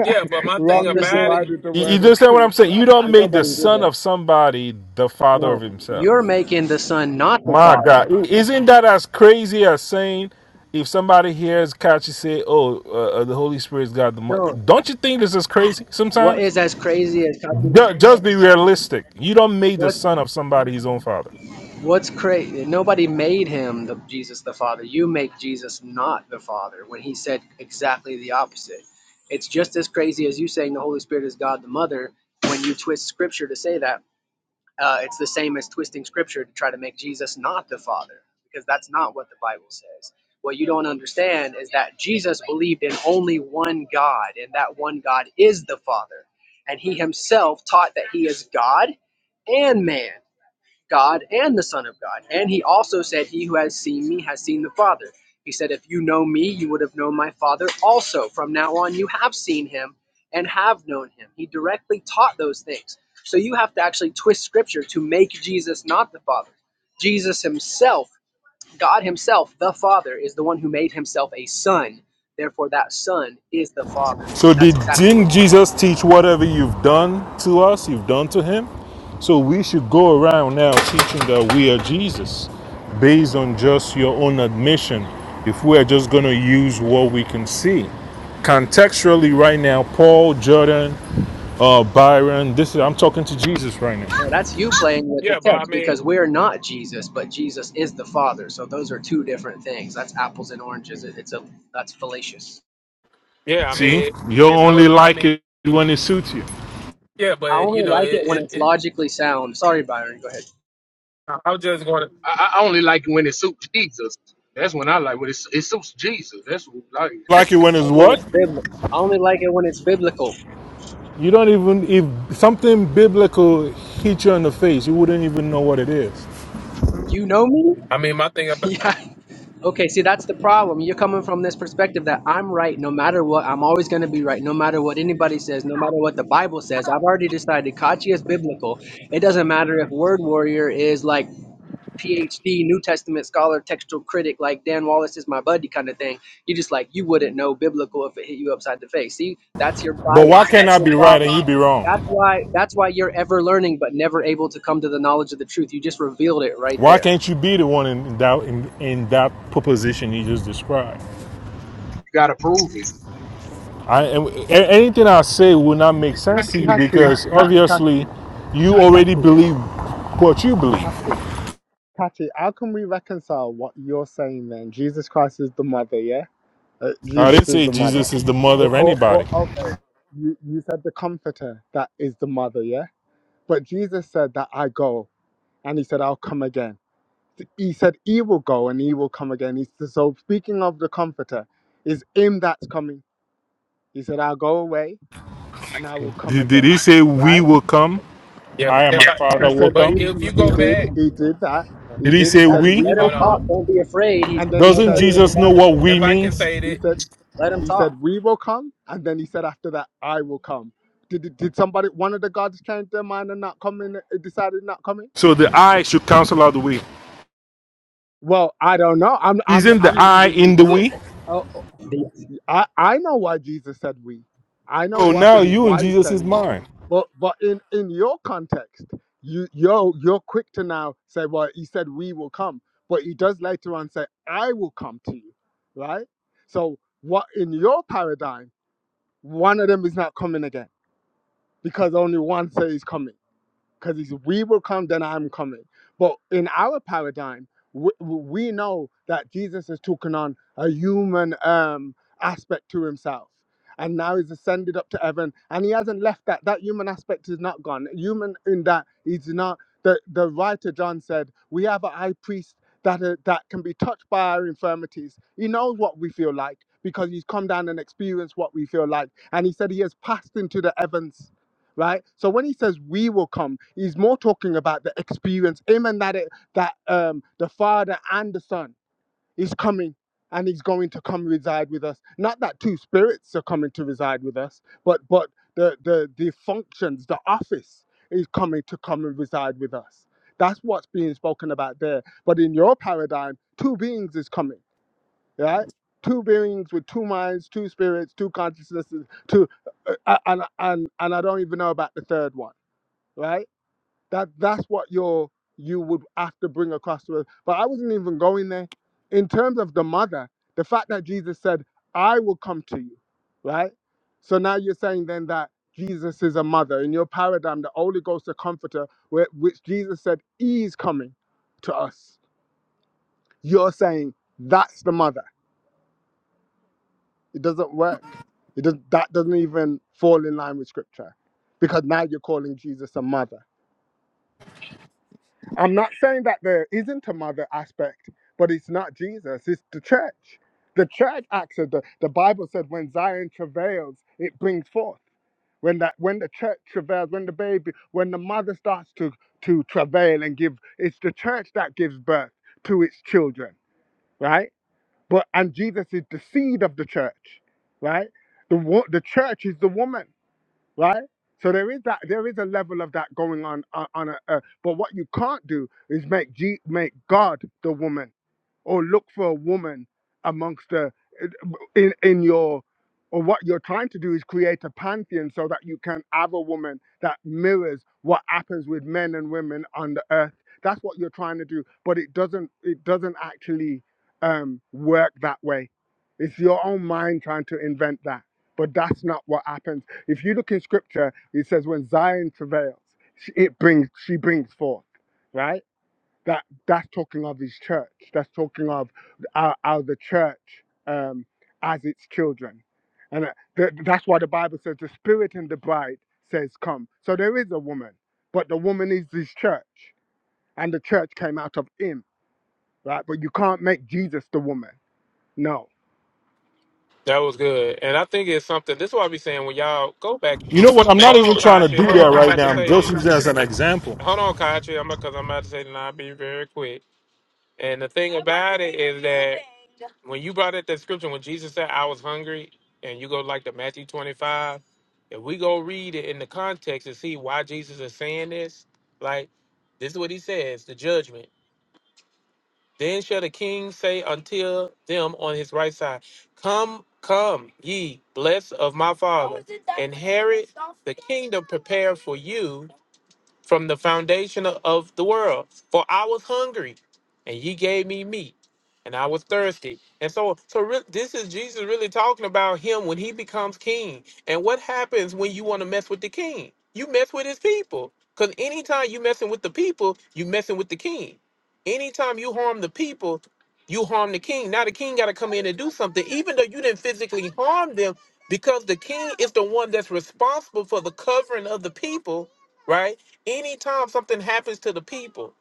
S1: Yeah, but my thing
S8: that's the
S3: Wrongly
S1: about it,
S8: saying.
S3: divided the
S4: You, you
S3: word of
S4: understand what I'm
S3: truth.
S4: saying? You don't
S8: Ain't
S4: make the
S8: nobody did
S4: son
S8: that.
S4: of somebody the father of
S8: No,
S4: himself.
S8: you're making the son not the
S4: My
S8: father.
S4: God, I- isn't that as crazy as saying if somebody hears Kachi say, "Oh, uh, uh, the Holy Spirit's got the," money,"
S8: No,
S4: don't you think this is crazy
S8: what
S4: sometimes?
S8: is as crazy as copy?
S4: Ju- Just be realistic. You don't make the
S8: What
S4: son of somebody his own father.
S8: What's crazy? Nobody made him the Jesus the Father. You make Jesus not the Father when he said exactly the opposite. It's just as crazy as you saying the Holy Spirit is God the Mother when you twist Scripture to say that. Uh, it's the same as twisting Scripture to try to make Jesus not the Father because that's not what the Bible says. What you don't understand is that Jesus believed in only one God, and that one God is the Father. And he himself taught that he is God and man. God and the Son of God. And he also said, He who has seen me has seen the Father. He said, If you know me, you would have known my Father also. From now on, you have seen him and have known him. He directly taught those things. So you have to actually twist scripture to make Jesus not the Father. Jesus himself, God himself, the Father, is the one who made himself a son. Therefore, that son is the Father.
S4: So did
S8: That's exactly what
S4: didn't
S8: he taught.
S4: Jesus teach whatever you've done to us, you've done to him? So we should go around now teaching that we are Jesus based on just your own admission. If we are just going to use what we can see. Contextually right now, Paul, Jordan, uh, Byron, this is I'm talking to Jesus right
S8: Well,
S4: now.
S8: that's you playing with the
S1: yeah, but I
S8: text
S1: mean,
S8: because we're not Jesus, but Jesus is the Father. So those are two different things. That's apples and oranges. It- It's a that's fallacious.
S1: yeah, I
S4: See?
S1: mean,
S4: You'll
S1: it's
S4: only
S1: no, I
S4: like it
S1: mean,
S4: when it suits you.
S1: yeah,
S8: I
S1: but you
S8: only
S1: know,
S8: like it
S1: it,
S8: when
S1: it,
S8: it's
S1: it
S8: logically sound. Sorry, Byron. Go ahead.
S1: I I was just going to,
S2: I, I only like it when it suits Jesus. That's when I like when it, su- it suits Jesus. That's what I like. You
S4: Like it when it's
S8: And When
S4: what?
S8: it's biblical, I only like it when it's biblical.
S4: You don't even if something biblical hit you in the face, you wouldn't even know what it is.
S8: You know me?
S1: I mean, my thing
S8: <laughs>
S1: about,
S8: yeah. Okay. See, that's the problem. You're coming from this perspective that I'm right no matter what. I'm always going to be right no matter what anybody says, no matter what the Bible says. I've already decided Kachi is biblical. It doesn't matter if Word Warrior is like PhD New Testament scholar, textual critic, like Dan Wallace is my buddy kind of thing. You just like you wouldn't know biblical if it hit you upside the face. See, that's your
S4: But why
S8: bias.
S4: can't
S8: That's
S4: I
S8: your
S4: be right and
S8: problem.
S4: you be
S8: That's
S4: wrong?
S8: why that's why you're ever learning but never able to come to the knowledge of the truth. You just revealed it right
S4: Why
S8: there.
S4: can't you be the one in, that in, in that proposition you just described?
S2: gotta prove it.
S4: I and anything I say will not make sense to
S3: <laughs>
S4: you
S3: Catty,
S4: because
S3: Ca-
S4: obviously
S3: Catty,
S4: you already
S3: Catty,
S4: believe what you believe.
S3: Catty, Catty, how can we reconcile what you're saying then? Jesus Christ is the mother, yeah? Uh,
S4: I didn't
S3: Jesus is
S4: say
S3: the mother.
S4: Jesus is the mother of
S3: Or, or,
S4: anybody.
S3: or, okay, you, you said the comforter, that is the mother, yeah? But Jesus said that I go, and he said, I'll come again. He said, He will go and he will come again. He's, so, speaking of the Comforter, is him that's coming. He said, I'll go away and I will come
S4: Did, did
S3: again.
S4: he say we
S3: Right?
S4: will come?
S1: yeah,
S4: I and my
S1: if I,
S4: father
S3: He
S4: will
S3: said,
S1: but
S3: we,
S4: come.
S1: if
S3: he,
S1: you
S3: he
S1: go
S3: did.
S1: back,
S3: He did that. He
S4: Did he
S3: did. He
S4: say
S8: That's
S3: said,
S8: it.
S4: we?
S3: We
S8: Let
S3: will
S1: hold
S8: him
S3: come.
S8: talk.
S1: on,
S8: Don't be afraid. He's
S3: And
S8: going
S3: then
S8: to
S3: he
S8: tell
S4: Doesn't
S3: said,
S8: you what the
S4: Jesus know
S8: Bible
S4: what
S8: says.
S4: we
S1: if I can
S4: means?
S1: say
S3: He
S1: that,
S3: said,
S8: Let him
S3: He
S8: talk.
S3: said, We will come. And then he said, After that, I will come. Did, did somebody, one of the gods change their mind and not coming, decided not coming?
S4: So the I should cancel out the we.
S3: Well, I don't know. I'm, I'm,
S4: Isn't the
S3: I'm
S4: I
S3: leaving you
S4: in the
S3: to it.
S4: we?
S3: Oh. I, I know why Jesus said we. I know
S4: So
S3: what
S4: now
S3: he,
S4: you in
S3: why he's
S4: Jesus'
S3: saying we.
S4: mind.
S3: But but in, in your context, you you're you're quick to now say, well, he said we will come, but he does later on say, I will come to you, right? So what in your paradigm, one of them is not coming again because only one says he's coming because it's we will come, then I'm coming. But in our paradigm, we, we know that Jesus is taking on a human um, aspect to himself. And now he's ascended up to heaven, and he hasn't left that. That human aspect is not gone. Human in that he's not. The, the writer John said, "We have a high priest that uh, that can be touched by our infirmities. He knows what we feel like because he's come down and experienced what we feel like. And he said he has passed into the heavens right? So when he says we will come, he's more talking about the experience, him and that that um the Father and the Son is coming and he's going to come reside with us. Not that two spirits are coming to reside with us, but but the the the functions, the office is coming to come and reside with us. That's what's being spoken about there. But in your paradigm, two beings is coming right? Two beings with two minds, two spirits, two consciousnesses, two, uh, uh, uh, and and and I don't even know about the third one, right? That that's what you're you would have to bring across to us. But I wasn't even going there. In terms of the mother, the fact that Jesus said, "I will come to you," right? So now you're saying then that Jesus is a mother in your paradigm, the Holy Ghost, the Comforter, where, which Jesus said is coming to us. You're saying that's the mother It doesn't work. It does that doesn't even fall in line with scripture. Because now you're calling Jesus a mother. I'm not saying that there isn't a mother aspect, but it's not Jesus, it's the church. The church acts as the, the Bible said when Zion travails, it brings forth. When that when the church travails, when the baby, when the mother starts to to travail and give, it's the church that gives birth to its children, right? But and Jesus is the seed of the church, right? The wo- the church is the woman right? So there is that there is a level of that going on on, on a, uh, but what you can't do is make G, make God the woman or look for a woman amongst the in in your or what you're trying to do is create a pantheon so that you can have a woman that mirrors what happens with men and women on the earth. That's what you're trying to do, but it doesn't it doesn't actually um, work that way. It's your own mind trying to invent that, but that's not what happens if you look in scripture, it says when Zion travails, she- it brings she brings forth, right? That that's talking of his church. That's talking of our, our the church um, as its children, and uh, th- that's why the Bible says the Spirit and the Bride says, "Come." So there is a woman, but the woman is his church, and the church came out of him, right? But you can't make Jesus the woman. No,
S1: that was good, and I think it's something. This is what I be saying when y'all go back.
S4: You know what? I'm not
S1: Hold
S4: even
S1: on,
S4: trying to
S1: Kachi,
S4: do
S1: hold
S4: that
S1: on, I'm
S4: right
S1: about
S4: now.
S1: to
S4: I'm
S1: say
S4: just
S1: this.
S4: using it as an example.
S1: Hold on, Kachi, I'm because I'm about to say, it, and I'll be very quick. And the thing about it is that when you brought up that scripture, when Jesus said, I was hungry, and you go like to Matthew 25, if we go read it in the context and see why Jesus is saying this, like this is what he says the judgment. Then shall the king say until them on his right side, Come, come, ye blessed of my father, inherit the kingdom prepared for you from the foundation of of the world. For I was hungry, and ye gave me meat, and I was thirsty. And so, so re- this is Jesus really talking about him when he becomes king. And what happens when you want to mess with the king? You mess with his people. Because anytime you messing with the people, you messing with the king. Anytime you harm the people, you harm the king. Now the king got to come in and do something, even though you didn't physically harm them, because the king is the one that's responsible for the covering of the people right? anytime something happens to the people,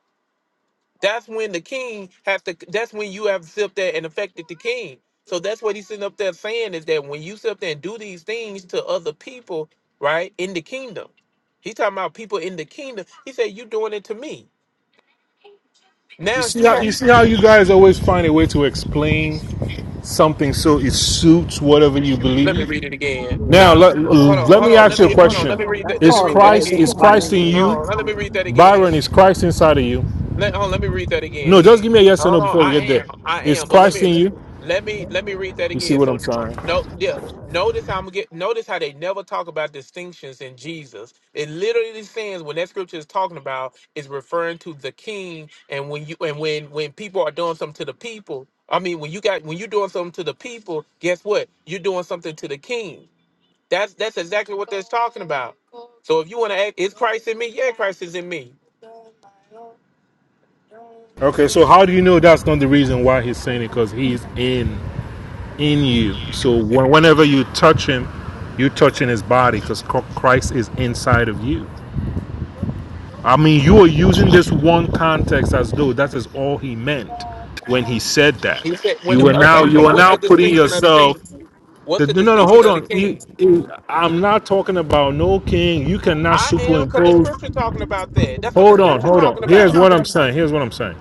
S1: that's when the king has to. That's when you have to sit up there and affected the king. So that's what he's sitting up there saying is that when you sit up there and do these things to other people, right in the kingdom, he's talking about people in the kingdom. He said, "You doing it to me."
S4: You
S1: Now,
S4: see
S1: he-
S4: how you see how you guys always find a way to explain something so it suits whatever you
S1: let me
S4: believe.
S1: read it again.
S4: Now
S1: Now,
S4: let,
S1: hold on,
S4: let
S1: hold
S4: me
S1: on.
S4: ask
S1: Let
S4: you a
S1: me hold on. Let
S4: question.
S1: me read
S8: That's
S1: that. Let me
S4: Is
S1: read
S8: called
S1: that
S4: Christ
S8: rightly
S1: again.
S4: is
S8: dividing
S4: Christ
S8: the
S4: in
S8: word.
S4: you?
S1: Hold on. Let me read that again.
S4: Byron, is Christ inside of you?
S1: Let hold on, let me read that
S4: No,
S1: again.
S4: just give me a yes or no
S1: Hold on,
S4: before we
S1: I
S4: get there.
S1: am, I
S4: Is
S1: am, but let
S4: Christ
S1: me,
S4: in you?
S1: let me, let me read that
S4: You see
S1: again.
S4: what I'm
S1: So,
S4: saying?
S1: no, yeah, notice how I'm get. Notice how they never talk about distinctions in Jesus. It literally says when that scripture is talking about is referring to the King, and when you and when when people are doing something to the people. I mean, when you got when you're doing something to the people, guess what? You're doing something to the King. That's that's exactly what that's talking about. So if you want to act, is Christ in me? Yeah, Christ is in me.
S4: Okay, so how do you know that's not the reason why he's saying it? Because he's in. in you. So whenever you touch him, you're touching his body because Christ is inside of you. I mean, you are using this one context as though that is all he meant when he said that.
S1: He said, "When
S4: You
S1: it,
S4: are
S1: uh,
S4: now you
S1: okay,
S4: are
S1: what's
S4: now
S1: the
S4: putting
S1: distinction of the
S4: yourself.
S1: king? What's
S4: The,
S1: the
S4: no, no, no,
S1: distinction
S4: hold
S1: of the
S4: on. You,
S1: king?
S4: you- I'm not talking about no king. You cannot
S1: I am because the
S4: superimpose.
S1: scripture talking about that. That's what the
S4: Hold on,
S1: scripture
S4: hold on.
S1: talking
S4: Here's
S1: about.
S4: what I'm saying. Here's what I'm saying.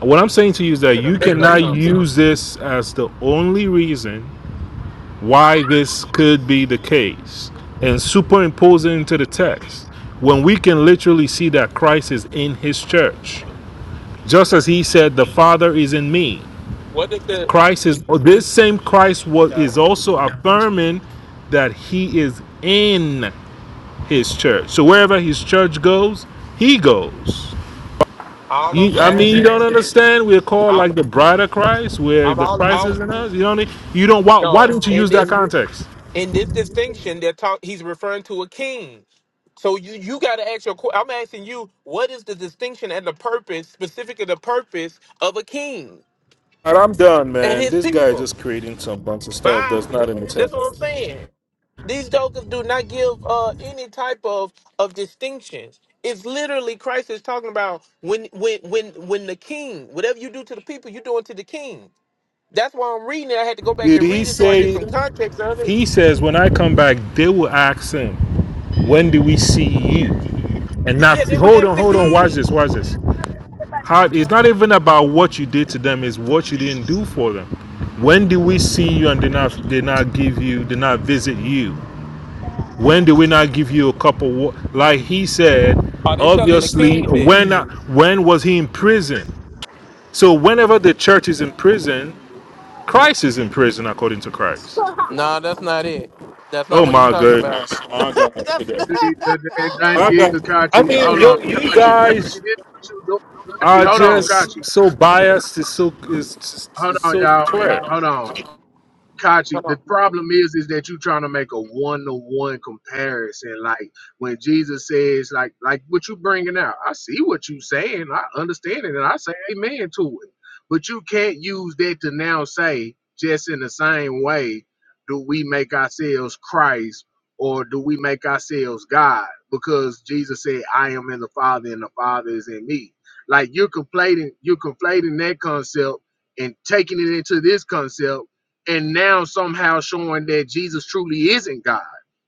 S4: What I'm saying to you is that
S1: You
S4: you
S1: gonna make up
S4: cannot
S1: something?
S4: use this as the only reason why this could be the case and superimpose it into the text when we can literally see that Christ is in his church. Just as he said, The Father is in me.
S1: What is the?
S4: Christ is, this same Christ was,
S1: No.
S4: is also affirming that he is in his church. So wherever his church goes, he goes.
S1: All I'm
S4: You, I mean, you don't
S1: asking,
S4: understand. We're called
S1: I'm
S4: like the bride of Christ, where
S1: I'm
S4: the
S1: all
S4: Christ is
S1: all
S4: in us. You don't. You don't. Why, why
S1: no.
S4: didn't you use
S1: In
S4: that
S1: this
S4: context?
S1: in this distinction, they're talk. He's referring to a king. So you you got to ask your. que- I'm asking you, what is the distinction and the purpose, specifically the purpose of a king
S4: All right, I'm done,
S1: and
S4: man.
S1: his
S4: This guy is
S1: people?
S4: just creating some bunch of stuff
S1: Bye.
S4: that's not in the
S1: That's what I'm
S4: text.
S1: saying. These jokers do not give uh, any type of of distinctions. It's literally Christ is talking about when when when when the king, whatever you do to the people, you're doing to the king. That's why I'm reading it. I had to go back
S4: Did
S1: and
S4: he
S1: read it so I get
S4: say?
S1: some context of it.
S4: He says when I come back, they will ask him, "When do we see you?" And not
S1: Yeah, they were
S4: hold
S1: asked
S4: on,
S1: the
S4: hold on. Watch this,
S1: king.
S4: watch this. How it's not even about what you did to them; it's what you didn't do for them. When do we see you and did not did not give you did not visit you? When do we not give you a couple? wa- Like he said,
S1: Are they telling the
S4: obviously,
S1: king
S4: when
S1: this?
S4: when was he in prison? So whenever the church is in prison, Christ is in prison according to Christ.
S1: No, that's not it. That's not
S4: Oh
S1: what he's
S4: my
S1: talking about.
S4: goodness.
S1: <laughs> that's <laughs>
S2: See, That did
S4: Okay.
S2: to
S4: I
S2: Kachi.
S4: mean,
S2: Hold on,
S4: you you
S2: Kachi.
S4: guys
S2: Kachi, this is what you
S1: he
S2: doing?
S4: are
S2: Kachi,
S1: talking
S2: hold
S1: about
S2: on,
S1: what?
S4: just
S2: Kachi.
S4: so biased. It's so it's, just-
S2: Hold
S4: it's
S2: on,
S4: so
S2: y'all.
S4: clear.
S2: Hold on. Kachi,
S1: Come
S2: the
S1: on.
S2: problem is, is that you're trying to make a one-to-one comparison. Like when Jesus says, like, like what you bringing out. I see what you saying. I understand it, and I say amen to it. But you can't use that to now say, just in the same way, do we make ourselves Christ or do we make ourselves God? Because Jesus said, I am in the Father, and the Father is in me. Like you're conflating, you're conflating that concept and taking it into this concept and now somehow showing that Jesus truly isn't God.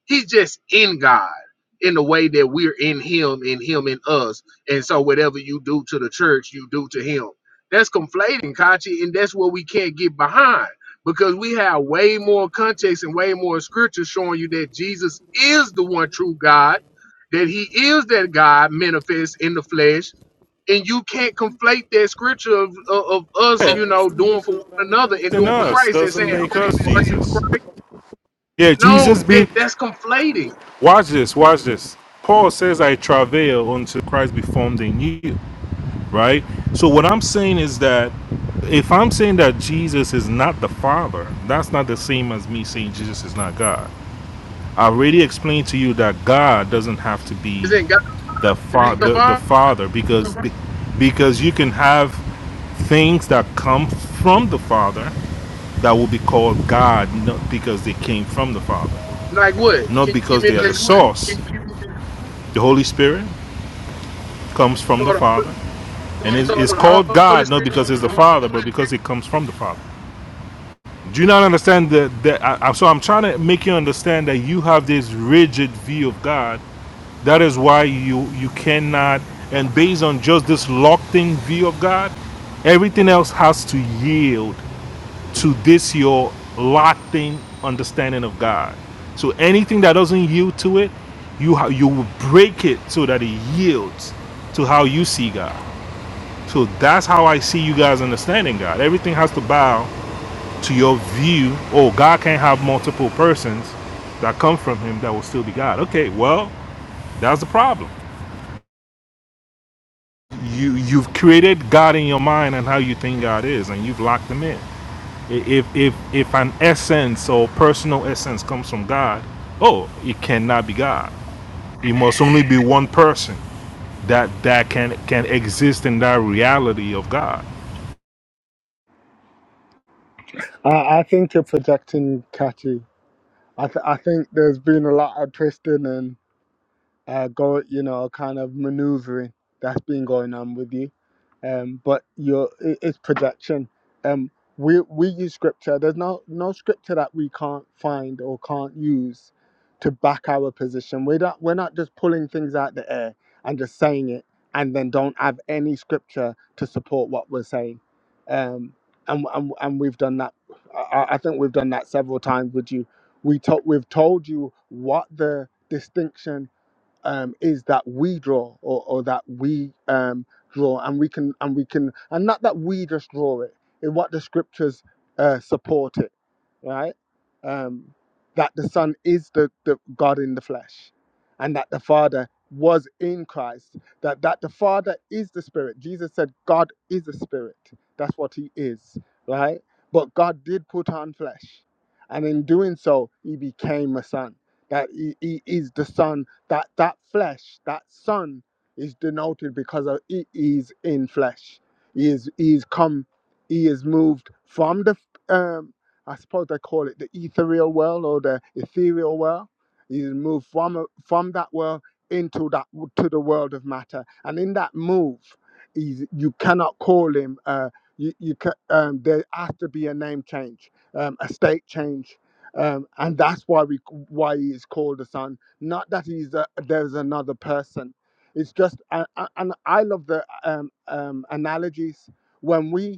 S2: He's just in God in the way that we're in Him, in Him in us. And so whatever you do to the church, you do to Him. That's conflating, Kachi, and that's what we can't get behind because we have way more context and way more scripture showing you that Jesus is the one true God, that He is that God manifest in the flesh and you can't conflate that scripture of, of, of us, you know, doing for one another and
S4: In
S2: doing for
S4: us
S2: Christ and saying,
S4: doesn't make
S2: oh,
S4: us
S2: aren't you
S4: Jesus.
S2: Christ?
S4: Yeah,
S2: No,
S4: Jesus be.
S2: that that's conflating.
S4: Watch this. Watch this. Paul says, "I travail until Christ be formed in you." Right. So what I'm saying is that if I'm saying that Jesus is not the Father, that's not the same as me saying Jesus is not God. I already explained to you that God doesn't have to be
S2: Isn't God
S4: the
S2: so
S4: father, the, the
S2: far?
S4: father, because be- because you can have things that come from the Father that will be called God, not because they came from the Father,
S2: Like what?
S4: not
S2: Can you give
S4: because
S2: me an
S4: they are the
S2: example?
S4: source. The Holy Spirit comes from
S2: So
S4: the
S2: the, Holy-
S4: Father, and it's
S2: so
S4: is called
S2: the Holy
S4: God not
S2: Spirit.
S4: because it's the Father, but because it comes from the Father. Do you not understand that? that I, so I'm trying to make you understand that you have this rigid view of God. That is why you you cannot. And based on just this locked-in view of God, everything else has to yield to this your locked-in understanding of God. So anything that doesn't yield to it, you ha- you will break it so that it yields to how you see God. So that's how I see you guys understanding God. Everything has to bow to your view, oh, God can't have multiple persons that come from him that will still be God. Okay, well, that's the problem. You you've created God in your mind and how you think God is, and you've locked him in. If if if an essence or personal essence comes from God, oh, it cannot be God. It must only be one person that that can can exist in that reality of God.
S3: I I think you're projecting, Catchy. I, th- I think there's been a lot of twisting and uh, go, you know, kind of maneuvering that's been going on with you. Um, but you're, i- it's projection. Um, we, we use scripture. There's no, no scripture that we can't find or can't use to back our position. We're not, we're not just pulling things out the air and just saying it and then don't have any scripture to support what we're saying. Um, and, and, and we've done that. I, I I think we've done that several times with you. We to, we've told you what the distinction um, is that we draw or, or that we um, draw and we can and we can and not that we just draw it in what the scriptures uh, support it right um, that the son is the, the god in the flesh and that the father was in christ that that the father is the spirit jesus said god is a spirit that's what he is right but god did put on flesh and in doing so he became a son that he, he is the son that that flesh, that son, is denoted because of he is in flesh. He is he is come, he is moved from the um, I suppose they call it the ethereal world or the ethereal world. He is moved from from that world into that to the world of matter, and in that move, he's, you cannot call him. Uh, you you ca- um, there has to be a name change, um, a state change, um, and that's why we why he is called the son not that he's a, there's another person. It's just, and, and I love the um, um, analogies when we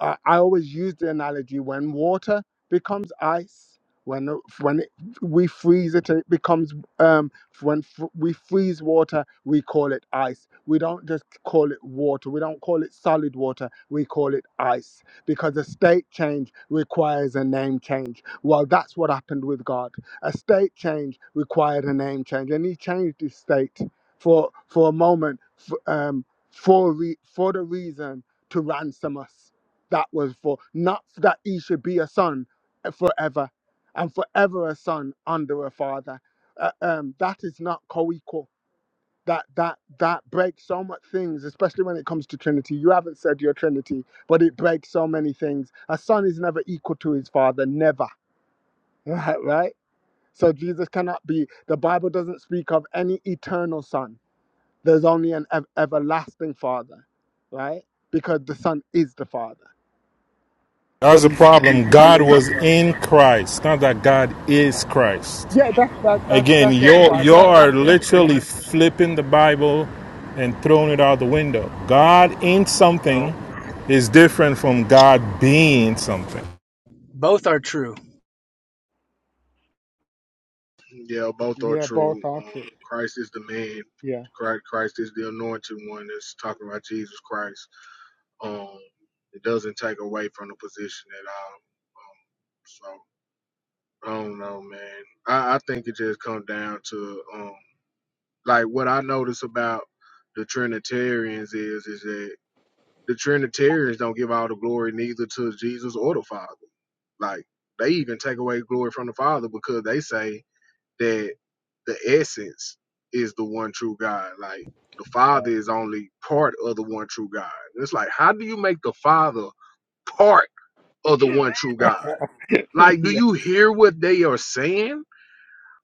S3: I, I always use the analogy when water becomes ice, when when it, we freeze it, it becomes um, when f- we freeze water, we call it ice. We don't just call it water. We don't call it solid water. We call it ice because a state change requires a name change. Well, that's what happened with God. A state change required a name change, and He changed His state for for a moment f- um, for re- for the reason to ransom us that was for not that he should be a son eh, forever and forever a son under a father Uh, um that is not co-equal that that that breaks so much things especially when it comes to trinity you haven't said your trinity but it breaks so many things a son is never equal to his father never <laughs> right right so jesus cannot be the bible doesn't speak of any eternal son there's only an ev- everlasting father right because the son is the father
S4: That's
S3: but
S4: the
S3: he, he's
S4: problem.
S3: son
S4: God
S3: in the
S4: was
S3: world
S4: in Christ, not that God is Christ.
S3: Yeah, that's that, that's
S4: Again,
S3: that's what the
S4: you're you
S3: Bible says.
S4: are literally flipping the Bible and throwing it out the window. God in something
S8: No,
S4: is different from God being something.
S8: both are true.
S2: Yeah, both are
S3: Yeah, both
S2: true.
S3: are
S2: Um,
S3: true.
S2: Christ is the man.
S3: Yeah,
S2: Christ, Christ is the anointed one that's talking about Jesus Christ. Um, it doesn't take away from the position at all. Um, I don't know, man. I, I think it just comes down to um like what I notice about the Trinitarians is is that the Trinitarians don't give all the glory neither to Jesus or the Father. Like they even take away glory from the Father because they say that the essence is the one true God. Like the Father is only part of the one true God. And it's like, how do you make the Father part of the
S3: <laughs>
S2: one true God? Like, do
S3: yeah,
S2: you hear what they are saying?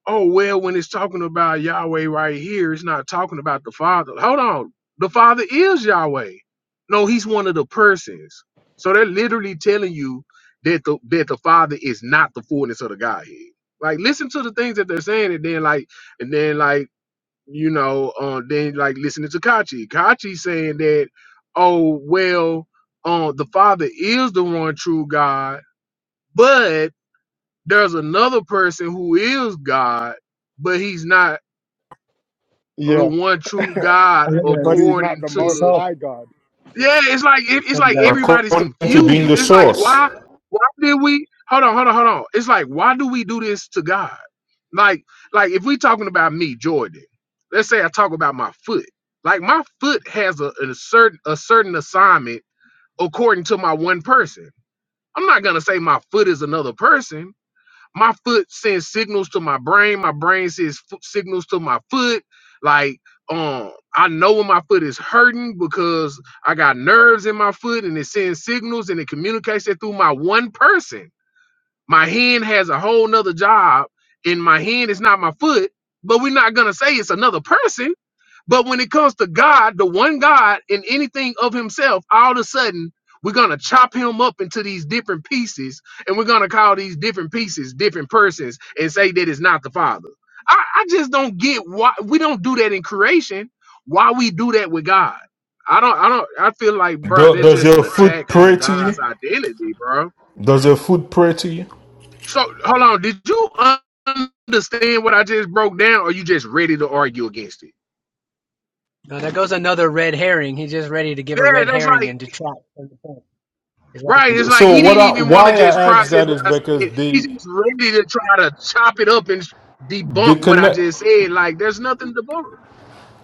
S2: oh well when it's talking about yahweh right here it's not talking about the father hold on the father is yahweh no he's one of the persons so they're literally telling you that the that the father is not the fullness of the godhead like listen to the things that they're saying and then like and then like you know uh, then like listening to kachi kachi saying that oh well uh, the father is the one true god but. There's another person who is God, but he's not the
S3: yeah.
S2: one
S3: <laughs>
S2: true God
S9: Hello
S3: but
S9: guys,
S3: he's not
S2: according
S3: the Most
S9: what's
S2: to.
S9: up?
S3: High God. Yeah.
S2: Yeah, it's like it,
S9: What's
S2: it's
S9: up
S2: like
S9: guys?
S2: everybody's
S4: According to being
S2: confused.
S4: the
S2: It's like
S4: source.
S2: why why did we hold on hold on hold on? It's like why do we do this to God? Like like if we talking about me, Jordan. Let's say I talk about my foot. Like my foot has a, a certain a certain assignment according to my one person. I'm not gonna say my foot is another person my foot sends signals to my brain. My brain sends fo- signals to my foot. Like, um, I know when my foot is hurting because I got nerves in my foot and it sends signals and it communicates it through my one person. My hand has a whole nother job and my hand is not my foot, but we're not going to say it's another person but when it comes to God, the one God and anything of himself, all of a sudden, we're going to chop him up into these different pieces and we're going to call these different pieces different persons and say that it's not the Father. I, I just don't get why we don't do that in creation, why we do that with God. I don't, I don't, I feel like, bro,
S4: Do-
S2: that's
S4: does
S2: just
S4: your
S2: an
S4: food
S2: attack
S4: pray
S2: on
S4: to you?
S2: God's identity, bro.
S4: Does your food pray to you?
S2: So hold on, did you un- understand what I just broke down or you just ready to argue against it?
S8: Now there goes another red herring. He's just ready to give a
S2: Yeah,
S8: red
S2: that's
S8: herring
S2: like
S8: and detract from the point. like,
S2: Right. It's like
S4: So
S2: he
S4: what
S2: didn't
S4: I
S2: even want to
S4: why
S2: just
S4: I ask
S2: process
S4: that
S2: what
S4: is
S2: I
S4: because
S2: said. He's
S4: they
S2: just ready to try to chop it up and
S4: they
S2: debunk what I
S4: connect
S2: just said. Like there's nothing to debunk.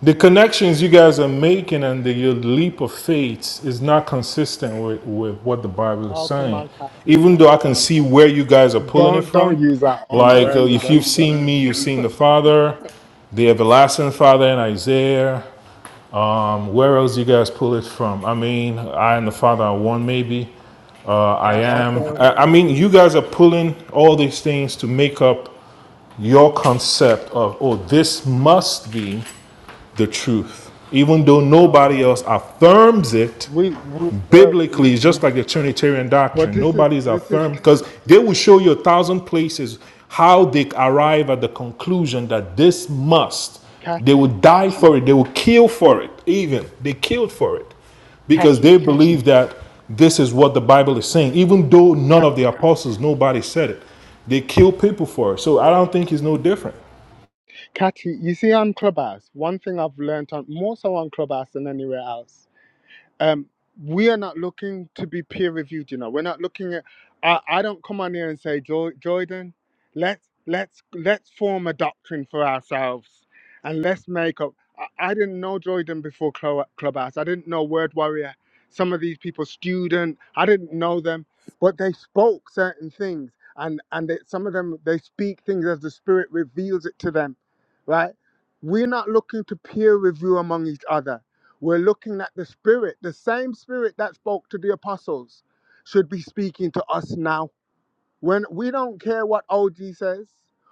S4: The connections you guys are making and the, your leap of faith is not consistent with, with what the Bible is
S3: Oh, come
S4: saying.
S3: on, Kathy.
S4: Even though I can see where you guys are pulling it
S3: Don't don't
S4: from,
S3: use our own
S4: like uh,
S3: words
S4: if you've
S3: against us.
S4: seen me, you've seen the Father, the everlasting Father in Isaiah. Um, where else you guys pull it from? I mean, I and the Father are one, maybe. Uh, I
S8: yeah.
S4: am.
S8: Also,
S4: I, I mean, you guys are pulling all these things to make up your concept of, oh, this must be the truth. Even though
S8: uh,
S4: nobody else affirms it
S3: We we we're,
S4: biblically, it's just like the Trinitarian
S3: well,
S4: doctrine.
S3: this is
S4: Nobody's
S3: this is
S4: affirmed because they will show you a thousand places how they arrive at the conclusion that this must. They will
S3: catchy,
S4: die for it, they will kill for it, even. They killed for it because
S3: catchy,
S4: they believe that this is what the Bible is saying, even though
S3: Ca-
S4: none of the apostles, nobody said it. They kill people for it. So I don't think it's no different.
S3: catchy. You see, on Clubhouse, one thing I've learned on more so on Clubhouse than anywhere else um, we are not looking to be peer reviewed. You know, we're not looking at. I, I don't come on here and say, "Jo- Jordan, let's let's let's form a doctrine for ourselves, and let's make up. I, I didn't know Jordan before Clo- Clubhouse. I didn't know Word Warrior. Some of these people, student, I didn't know them, but they spoke certain things, and and they, some of them they speak things as the Spirit reveals it to them, right? We're not looking to peer review among each other we're looking at the Spirit, the same Spirit that spoke to the apostles should be speaking to us now when we don't care what OG says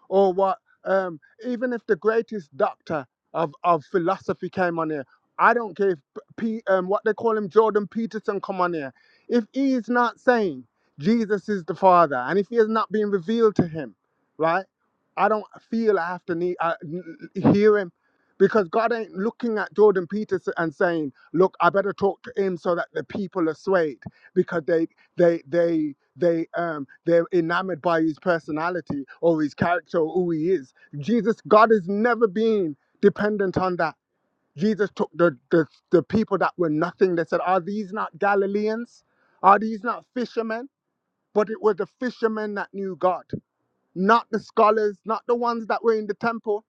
S3: or what um, even if the greatest doctor of, of philosophy came on here, I don't care if P, um, what they call him Jordan Peterson come on here. If he is not saying Jesus is the Father and if he has not been revealed to him, right? I don't feel I have to need uh, n- n- hear him because God ain't looking at Jordan Peterson and saying, "Look, I better talk to him so that the people are swayed because they they they." they um they're enamored by his personality or his character or who he is jesus god has never been dependent on that jesus took the the, the people that were nothing they said are these not galileans are these not fishermen but it was the fishermen that knew god not the scholars not the ones that were in the temple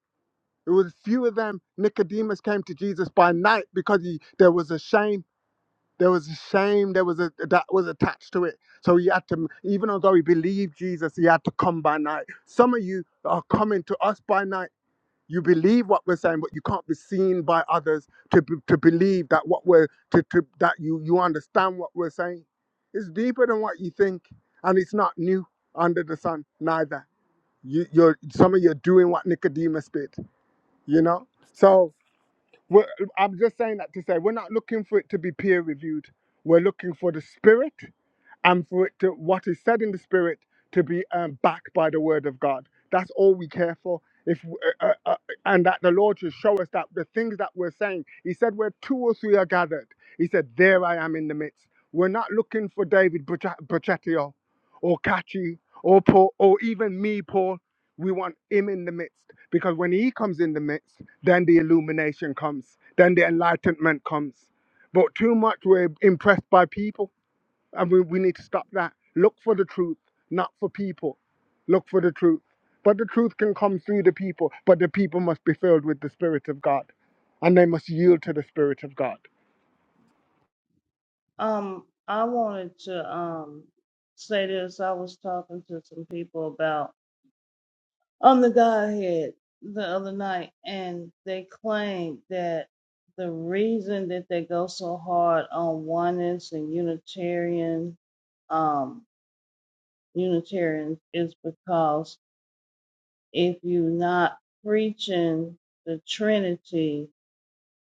S3: it was few of them nicodemus came to jesus by night because he there was a shame there was a shame that was a, that was attached to it. So he had to, even although he believed Jesus, he had to come by night. Some of you are coming to us by night. You believe what we're saying, but you can't be seen by others to be- to believe that what we're to, to that you you understand what we're saying. It's deeper than what you think, and it's not new under the sun neither. You, you're some of you are doing what Nicodemus did, you know. So. We're, I'm just saying that to say we're not looking for it to be peer reviewed. We're looking for the spirit and for it to what is said in the spirit to be um, backed by the word of God. That's all we care for. If uh, uh, uh, and that the Lord should show us that the things that we're saying, He said, where two or three are gathered, He said, there I am in the midst. We're not looking for David Bracha- Brachetio or Kachi or Paul or even me, Paul. We want Him in the midst because when He comes in the midst, then the illumination comes, then the enlightenment comes. But too much we're impressed by people and we, we need to stop that. Look for the truth, not for people. Look for the truth. But the truth can come through the people, but the people must be filled with the Spirit of God. And they must yield to the Spirit of God.
S10: Um, I wanted to um say this. I was talking to some people about on the Godhead the other night, and they claimed that the reason that they go so hard on oneness and Unitarian, um, Unitarians is because if you're not preaching the Trinity,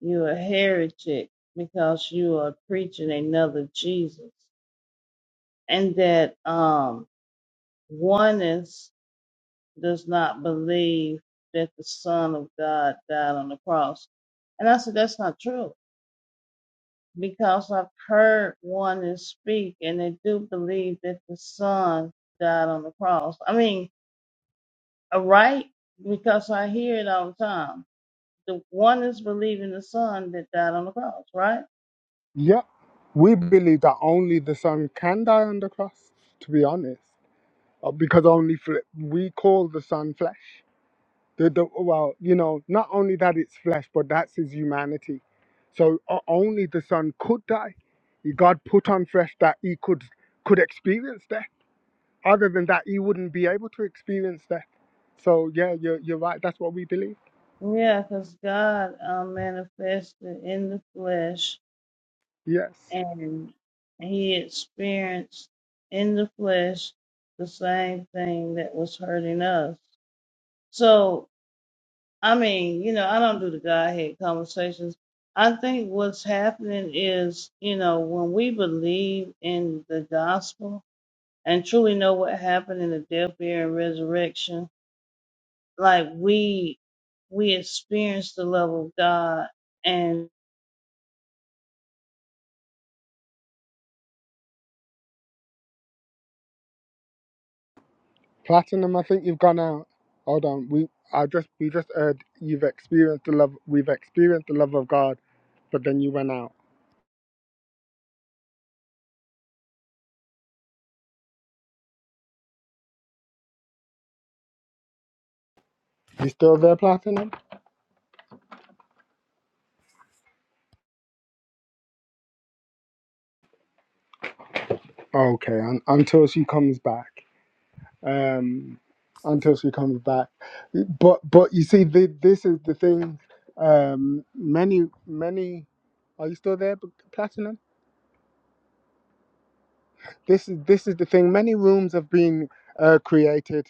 S10: you're a heretic because you are preaching another Jesus, and that um Oneness does not believe that the Son of God died on the cross. And I said, that's not true because I've heard oneness speak and they do believe that the Son died on the cross. I mean, uh, right? Because I hear it all the time. The oneness believing the Son that died on the cross, right?
S3: Yep, we believe that only the Son can die on the cross, to be honest. uh, Because only fl- we call the Son flesh. The, the well, you know, not only that it's flesh, but that's his humanity. So o- only the son could die. He- God put on flesh that he could could experience death. Other than that, he wouldn't be able to experience death. So yeah, you're you're right. That's what we believe.
S10: Yeah, because God uh, manifested in the flesh
S3: Yes,
S10: and he experienced in the flesh the same thing that was hurting us. So, I mean, you know, I don't do the Godhead conversations. I think what's happening is, you know, when we believe in the gospel and truly know what happened in the death, burial, and resurrection, like we we experience the love of God and.
S3: platinum. I think you've gone out. Hold on. We I just we just heard you've experienced the love. We've experienced the love of God, but then you went out. You still there, platinum? Okay. Un until she comes back. um, until she comes back. But but you see, the, this is the thing. Um, many many. Are you still there, Platinum? This is this is the thing. Many rooms have been uh, created,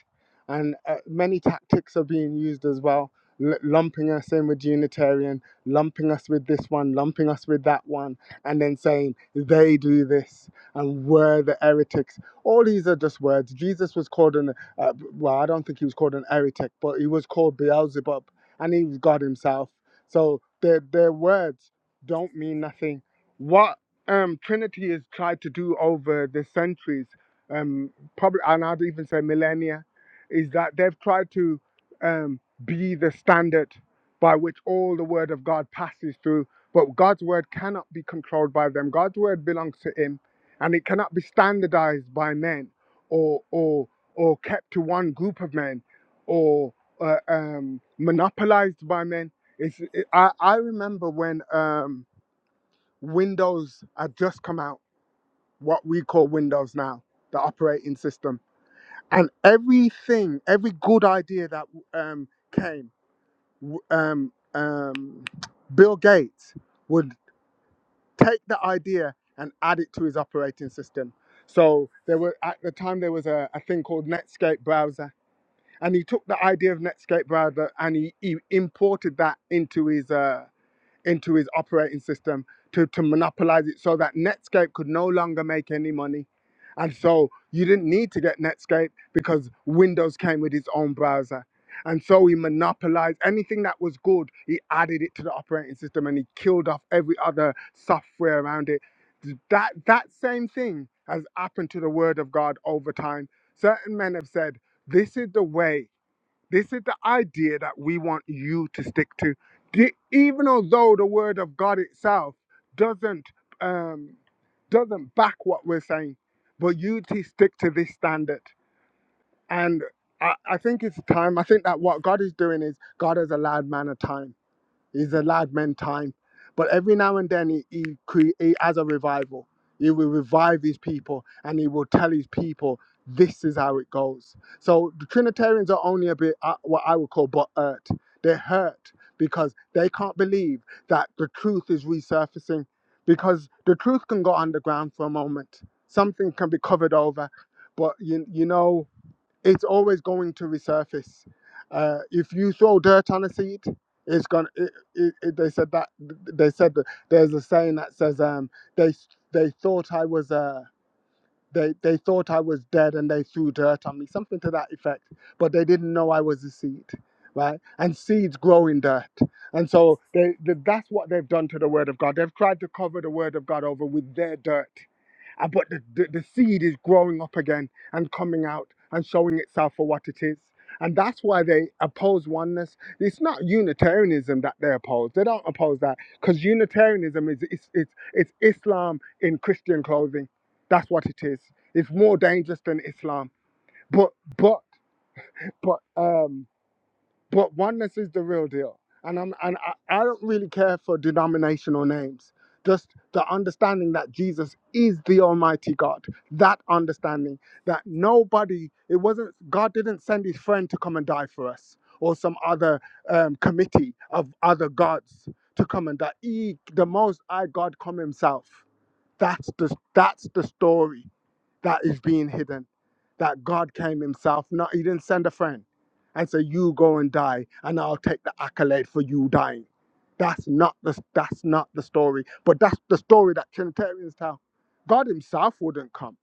S3: and uh, many tactics are being used as well. L- lumping us in with Unitarian, lumping us with this one, lumping us with that one, and then saying they do this and we're the heretics. All these are just words. Jesus was called an uh, well, I don't think he was called an heretic, but he was called Beelzebub, and he was God himself. So their their words don't mean nothing. What um, Trinity has tried to do over the centuries, um, probably, and I'd even say millennia, is that they've tried to um, be the standard by which all the Word of God passes through. But God's Word cannot be controlled by them. God's Word belongs to Him, and it cannot be standardized by men or or or kept to one group of men or uh, um, monopolized by men. It's, it, I, I remember when. Um, Windows had just come out, what we call Windows now, the operating system. And everything, every good idea that um, came, w- um, um, Bill Gates would take the idea and add it to his operating system. So there were at the time there was a, a thing called Netscape browser, and he took the idea of Netscape browser and he, he imported that into his. uh, into his operating system to, to monopolize it so that Netscape could no longer make any money. And so you didn't need to get Netscape because Windows came with its own browser. And so he monopolized anything that was good, he added it to the operating system and he killed off every other software around it. That, that same thing has happened to the Word of God over time. Certain men have said, This is the way this is the idea that we want you to stick to. The, even although the word of God itself doesn't um, doesn't back what we're saying, but you to stick to this standard. And I, I think it's time. I think that what God is doing is God has allowed man a time. He's a live man time. But every now and then he, he, cre- he has a revival. He will revive his people and he will tell his people, this is how it goes. So the Trinitarians are only a bit uh, what I would call but hurt. They're hurt because they can't believe that the truth is resurfacing because the truth can go underground for a moment. Something can be covered over. But you, you know, it's always going to resurface. Uh, if you throw dirt on a seed, it's gonna. It, it, it, they said that. They said that there's a saying that says um, they they thought I was a. They they thought I was dead and they threw dirt on me, something to that effect. But they didn't know I was a seed, right? And seeds grow in dirt, and so they, they that's what they've done to the Word of God. They've tried to cover the Word of God over with their dirt, Uh, but the, the, the seed is growing up again and coming out and showing itself for what it is. And that's why they oppose oneness. It's not Unitarianism that they oppose. They don't oppose that because Unitarianism is it's, it's, it's Islam in Christian clothing. That's what it is. It's more dangerous than Islam. But but but um but oneness is the real deal. And I'm and I, I don't really care for denominational names. Just the understanding that Jesus is the Almighty God. That understanding that nobody, it wasn't God didn't send his friend to come and die for us or some other um, committee of other gods to come and die. He, the most high God come himself. That's the that's the story that is being hidden. That God came Himself. Not He didn't send a friend and say, "You go and die, and I'll take the accolade for you dying." That's not the that's not the story. But that's the story that Trinitarians tell. God Himself wouldn't come,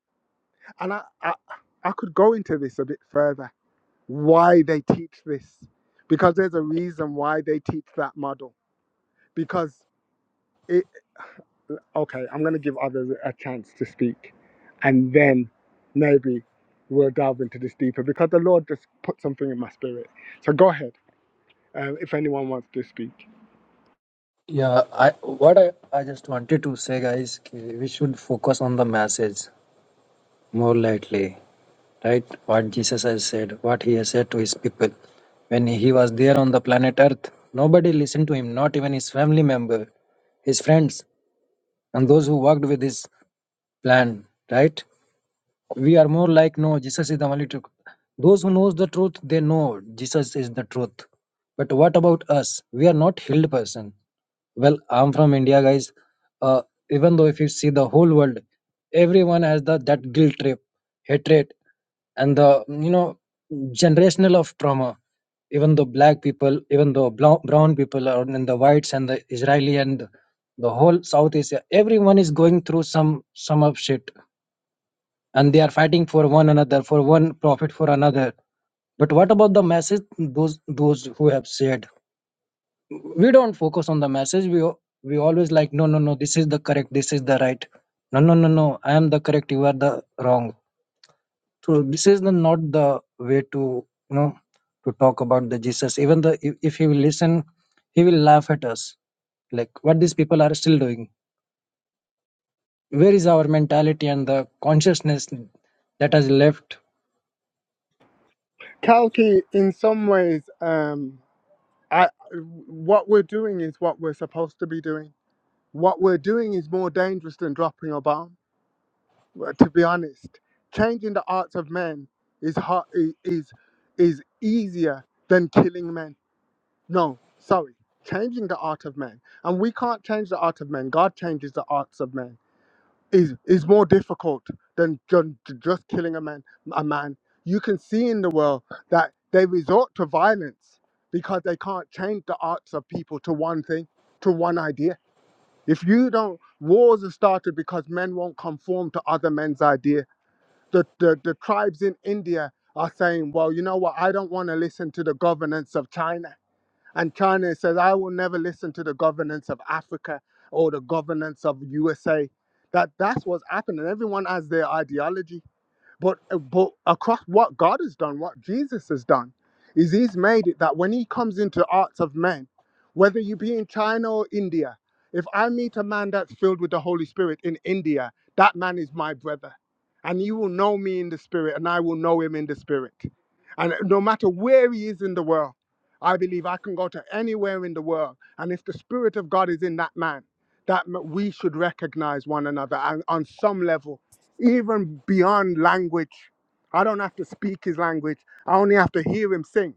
S3: and I I, I could go into this a bit further. Why they teach this? Because there's a reason why they teach that model. Because it okay, I'm going to give others a chance to speak. And then maybe we'll delve into this deeper because the Lord just put something in my spirit. So go ahead um, if anyone wants to speak.
S9: Yeah, I what I, I just wanted to say, guys, कि we should focus on the message more lightly, right? What Jesus has said, what he has said to his people. When he was there on the planet Earth, nobody listened to him, not even his family member, his friends, and those who worked with his plan, right? We are more like, no, Jesus is the only truth. Those who knows the truth, they know Jesus is the truth. But what about us? We are not healed person Well, I'm from India, guys. Uh, even though if you see the whole world, everyone has the that guilt trip, hatred, and the you know generational of trauma. Even the black people, even the blo- brown people, are- and the whites and the Israeli and the whole South Asia, everyone is going through some some of shit, and they are fighting for one another, for one profit, for another. But what about the masses? Those those who have said we don't focus on the message we we always like no no no this is the correct this is the right no no no no i am the correct you are the wrong so this is the not the way to you know to talk about the jesus even the if, if he will listen he will laugh at us like what these people are still doing where is our mentality and the consciousness that has left
S3: Kalki, in some ways, um, I, what we're doing is what we're supposed to be doing. What we're doing is more dangerous than dropping a bomb, uh, to be honest. Changing the hearts of men is, hard, is, is easier than killing men No, sorry. Changing the art of man. And we can't change the art of man. God changes the arts of man. Is is more difficult than ju- ju- just killing a man a man. You can see in the world that they resort to violence because they can't change the arts of people to one thing, to one idea. If you don't wars are started because men won't conform to other men's idea. The the, the tribes in India are saying, Well, you know what, I don't want to listen to the governance of China and China says, I will never listen to the governance of Africa or the governance of USA. That that's what's happening. Everyone has their ideology. But, uh, but across what God has done, what Jesus has done, is He's made it that when He comes into the hearts of men, whether you be in China or India, if I meet a man that's filled with the Holy Spirit in India, that man is my brother. And you will know me in the Spirit, and I will know him in the Spirit. And uh, no matter where he is in the world, I believe I can go to anywhere in the world. And if the Spirit of God is in that man, that m- we should recognize one another and on some level even beyond language. I don't have to speak his language. I only have to hear him sing,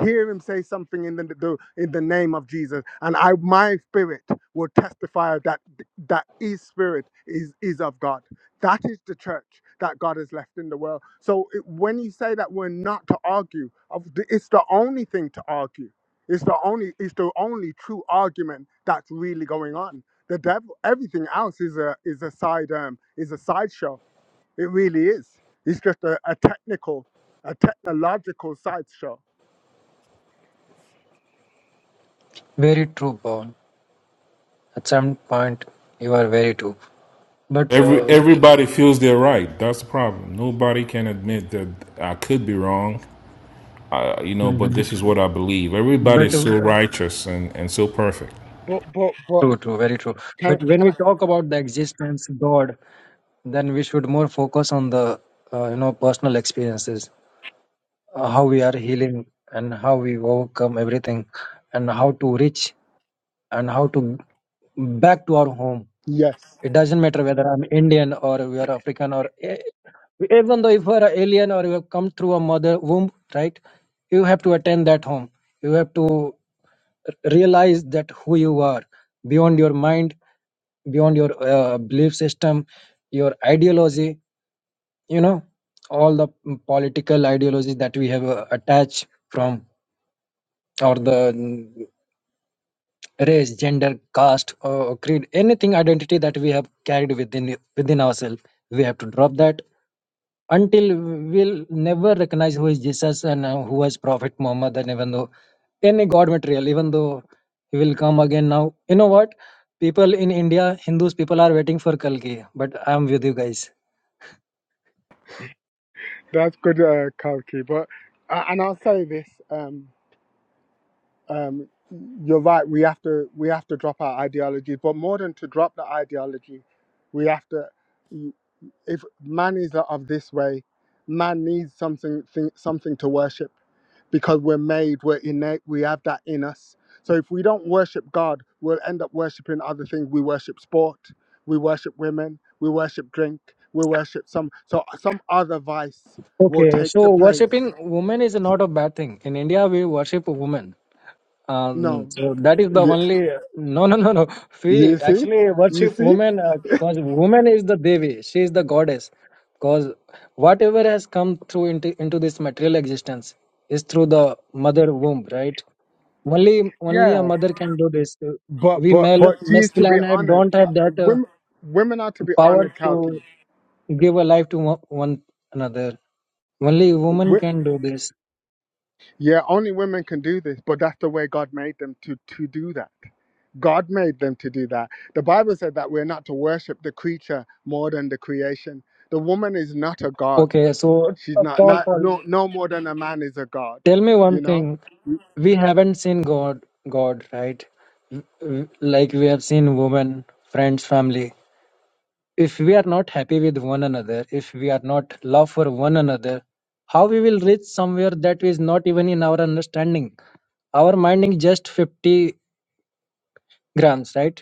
S3: hear him say something in the, the in the name of Jesus, and I my spirit will testify that that his spirit is is of God. That is the church that God has left in the world. So it, when you say that we're not to argue, of the- it's the only thing to argue. It's the only it's the only true argument that's really going on. The devil, everything else is a is a side um is a sideshow it really is. It's just a, a technical, a technological sideshow.
S9: very true paul at some point you are very true but
S4: Every
S9: uh,
S4: everybody feels they're right. That's the problem. Nobody can admit that I could be wrong. Uh, you know, but
S9: Mhm.
S4: this is what I believe. Everybody
S9: but
S4: is
S9: uh,
S4: so righteous and and so perfect.
S3: But but but
S9: True, true, very true. But
S3: can
S9: when
S3: can
S9: we
S3: I?
S9: talk about the existence God, then we should more focus on the uh, you know personal experiences, uh, how we are healing and how we overcome everything, and how to reach and how to back to our home.
S3: Yes,
S9: It doesn't matter whether I'm Indian or we are African or e- even though if you are an alien or you have come through a mother womb, right? You have to attend that home. You have to realize that who you are beyond your mind beyond your uh, belief system your ideology you know all the political ideologies that we have uh, attached from or the mm, race gender caste or creed anything identity that we have carried within within ourselves we have to drop that until we'll never recognize who is jesus and uh, who is prophet muhammad and even though any god material even though he will come again now you know what people in india hindus people are waiting for kalki but i am with you guys
S3: that's good, uh, Kalki. But uh, and I'll say this. Um, um, you're right. We have to we have to drop our ideology. But more than to drop the ideology, we have to. If man is of this way, man needs something thing, something to worship. because we're made, we're innate, we have that in us. So if we don't worship God, we'll end up worshiping other things. We worship sport, we worship women, we worship drink, we worship some so some other vice will
S9: okay
S3: take
S9: so
S3: the place.
S9: worshipping women is not a bad thing in india we worship women Um,
S3: No,
S9: so that is the
S3: you,
S9: only. No, no, no, no. We
S3: you see,
S9: actually
S3: you
S9: worship
S3: see,
S9: woman because woman is the Devi. She is the goddess. Because whatever has come through into, into this material existence is through the mother womb, right? Only only a
S3: yeah.
S9: mother can do this.
S3: But
S9: We
S3: but
S9: male
S3: but she is to be
S9: masculine have,
S3: honored.
S9: don't
S3: Uh,
S9: have that uh,
S3: Women women are to be
S9: power
S3: honored,
S9: to
S3: Kalki.
S9: give a life to one, one another. Only woman
S3: Wi-
S9: can do this.
S3: Yeah, only women can do this, but that's the way God made them to to do that. God made them to do that. The Bible said that we're not to worship the creature more than the creation. The woman is not a god.
S9: Okay, so
S3: She's not
S9: Paul,
S3: not
S9: Paul.
S3: no no more than a man is a god.
S9: Tell me one
S3: You know.
S9: thing. We haven't seen God, God, right? W- Like we have seen women, friends, family. If we are not happy with one another, if we are not love for one another, how we will reach somewhere that is not even in our understanding? Our mind is just 50 grams, right?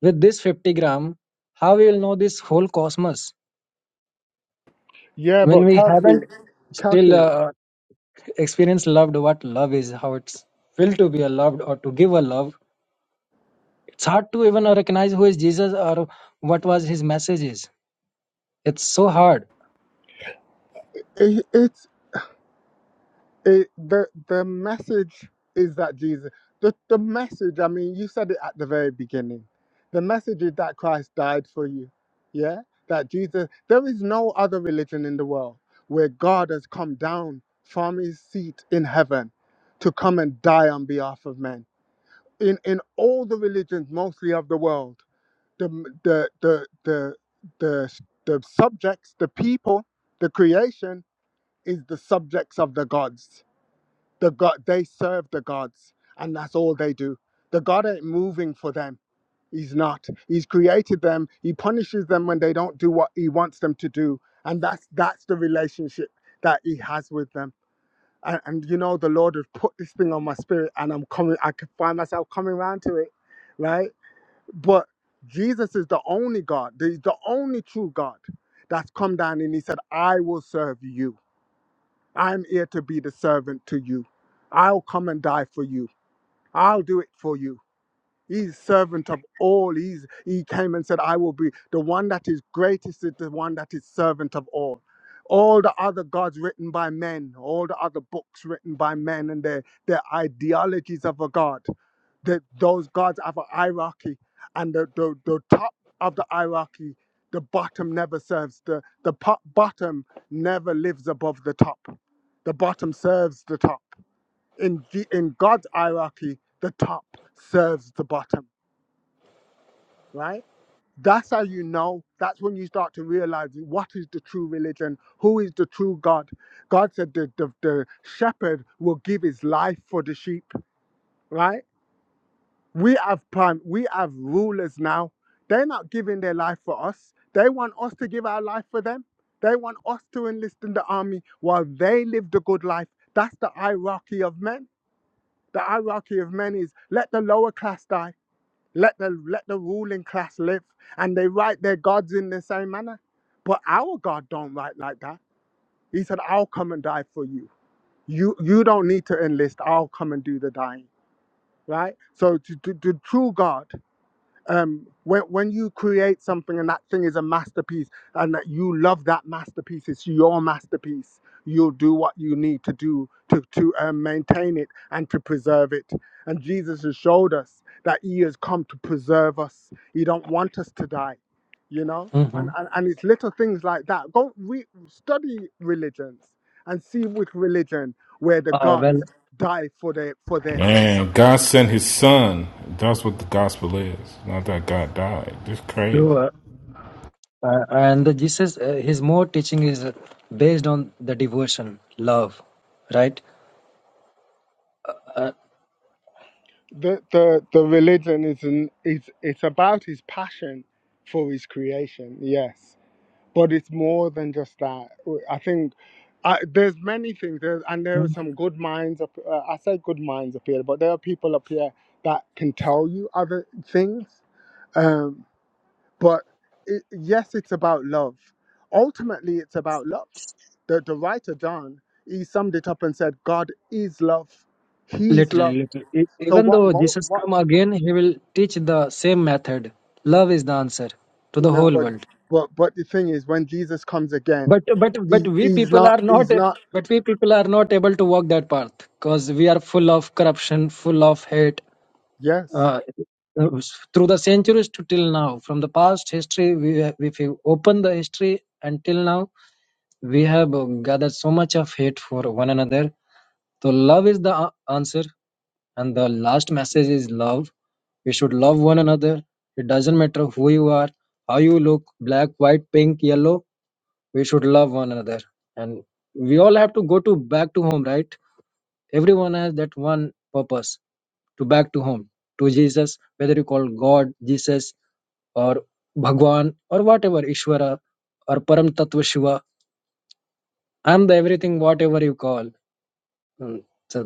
S9: With this 50 gram, how we will know this whole cosmos
S3: Yeah,
S9: when
S3: but
S9: we haven't
S3: Kelsey,
S9: still
S3: Kelsey,
S9: uh, experienced loved what love is, how it's feel to be a loved or to give a love It's hard to even uh, recognize who is Jesus or what was his messages. It's so hard.
S3: it, it's it, the the message is that Jesus the, the message I mean you said it at the very beginning the message is that Christ died for you yeah that Jesus there is no other religion in the world where God has come down from his seat in heaven to come and die on behalf of men in in all the religions mostly of the world the the the the the, the subjects the people the creation is the subjects of the gods the god they serve the gods and that's all they do the god ain't moving for them he's not he's created them he punishes them when they don't do what he wants them to do and that's that's the relationship that he has with them and, and you know the lord has put this thing on my spirit and i'm coming i can find myself coming around to it right but jesus is the only god the, the only true god that's come down and he said i will serve you I'm here to be the servant to you. I'll come and die for you. I'll do it for you. He's servant of all. He's, he came and said, I will be the one that is greatest, is the one that is servant of all. All the other gods written by men, all the other books written by men and their, their ideologies of a god, that those gods have a hierarchy, and the, the, the top of the hierarchy, the bottom never serves. The, the po- bottom never lives above the top. The bottom serves the top. In, G- in God's hierarchy, the top serves the bottom right? That's how you know. That's when you start to realize what is the true religion, who is the true God. God said the, the, the shepherd will give his life for the sheep, right? We have prime, we have rulers now. They're not giving their life for us. They want us to give our life for them. They want us to enlist in the army while they live the good life. That's the hierarchy of men. The hierarchy of men is let the lower class die let the let the ruling class live, and they write their gods in the same manner. But our God don't write like that. He said, "I'll come and die for you. You you don't need to enlist. I'll come and do the dying." Right. So to, to, the true God um, when, when you create something and that thing is a masterpiece and that you love that masterpiece, it's your masterpiece. You'll do what you need to do to, to um, maintain it and to preserve it. And Jesus has showed us that He has come to preserve us. He don't want us to die, you know.
S9: Mm-hmm.
S3: And and, and it's little things like that. Go re- study religions and see which religion where the
S9: Uh,
S3: gods
S9: well,
S3: die for their for their subjects.
S4: Man, God sent His Son. That's what the gospel is. Not that God died. It's crazy.
S9: you, uh, uh, and the Jesus, uh, his more teaching is uh, based on the devotion, love, right? Uh,
S3: the the the religion is an, it's it's about his passion for his creation yes but it's more than just that i think I, there's many things there's, and there are some good minds up uh, i say good minds up here but there are people up here that can tell you other things um but it, yes it's about love ultimately it's about love the, the writer John, he summed it up and said, God is love. He is love.
S9: literally, literally, E-
S3: So
S9: even
S3: what
S9: though
S3: mo-
S9: Jesus
S3: What?
S9: come again, he will teach the same method. Love is the answer to the
S3: No,
S9: whole
S3: but
S9: world.
S3: but but the thing is, when Jesus comes again,
S9: But but but
S3: he,
S9: we
S3: he's
S9: people
S3: not
S9: are not.
S3: he's not.
S9: But we people are not able to walk that path because we are full of corruption, full of hate.
S3: Yes,
S9: uh, through the centuries to till now from the past history we have, if you open the history until now we have uh, gathered so much of hate for one another so love is the a- answer and the last message is love we should love one another it doesn't matter who you are how you look black white pink yellow we should love one another and we all have to go to back to home right everyone has that one purpose to back to home to jesus whether you call god jesus or bhagwan or whatever ishvara or param tatva shiva i'm the everything whatever you call Mm, so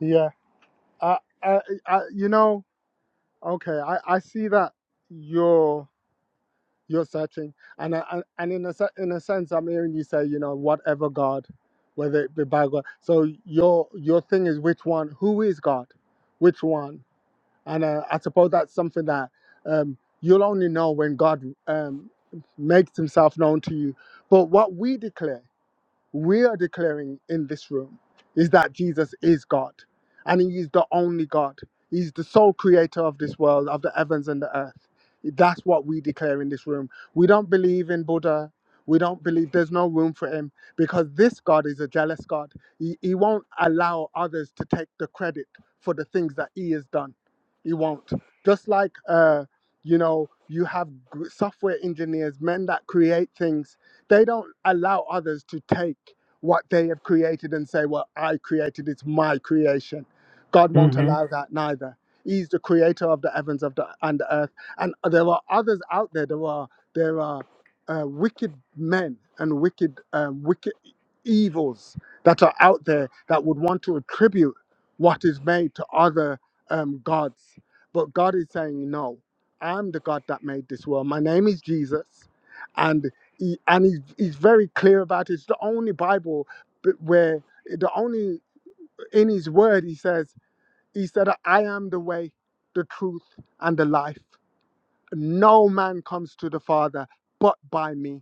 S3: yeah. I, I, I you know. Okay, I I see that you're you're searching, and I, I- and in a se- in a sense, I'm hearing you say, you know, whatever God, whether it be by God. So your your thing is which one? Who is God? Which one? And uh, I suppose that's something that um, you'll only know when God um, makes Himself known to you. But what we declare. we are declaring in this room is that Jesus is God and He is the only God. He's the sole creator of this world, of the heavens and the earth. That's what we declare in this room. We don't believe in Buddha. We don't believe there's no room for him because this God is a jealous God. He, he won't allow others to take the credit for the things that he has done. He won't. Just like, uh, you know, you have g- software engineers, men that create things they don't allow others to take what they have created and say, Well, I created, it's my creation. God won't
S9: hmm
S3: allow that neither. He's the creator of the heavens of the, and the earth. And there are others out there. There are there are uh, wicked men and wicked um, wicked e-, evils that are out there that would want to attribute what is made to other um, gods. But God is saying, No, I'm the God that made this world. My name is Jesus, and he, and he's, he's very clear about it. It's the only Bible b- where the only in his word he says he said, "I am the way, the truth, and the life. No man comes to the Father but by me."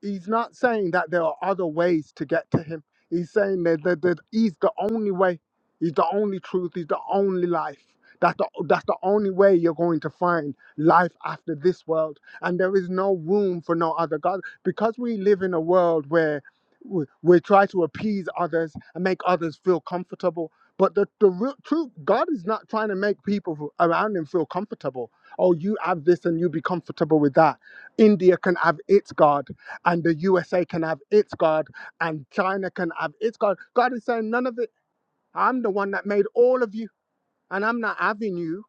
S3: he's not saying that there are other ways to get to him. He's saying that, that, that he's the only way. He's the only truth. He's the only life. That's the, that's the only way you're going to find life after this world. And there is no room for no other God. Because we live in a world where we, we try to appease others and make others feel comfortable. But the, the real truth, God is not trying to make people who- around him feel comfortable. Oh, you have this and you be comfortable with that. India can have its God and the USA can have its God, and China can have its God. God is saying, none of it. I'm the one that made all of you, and I'm not having you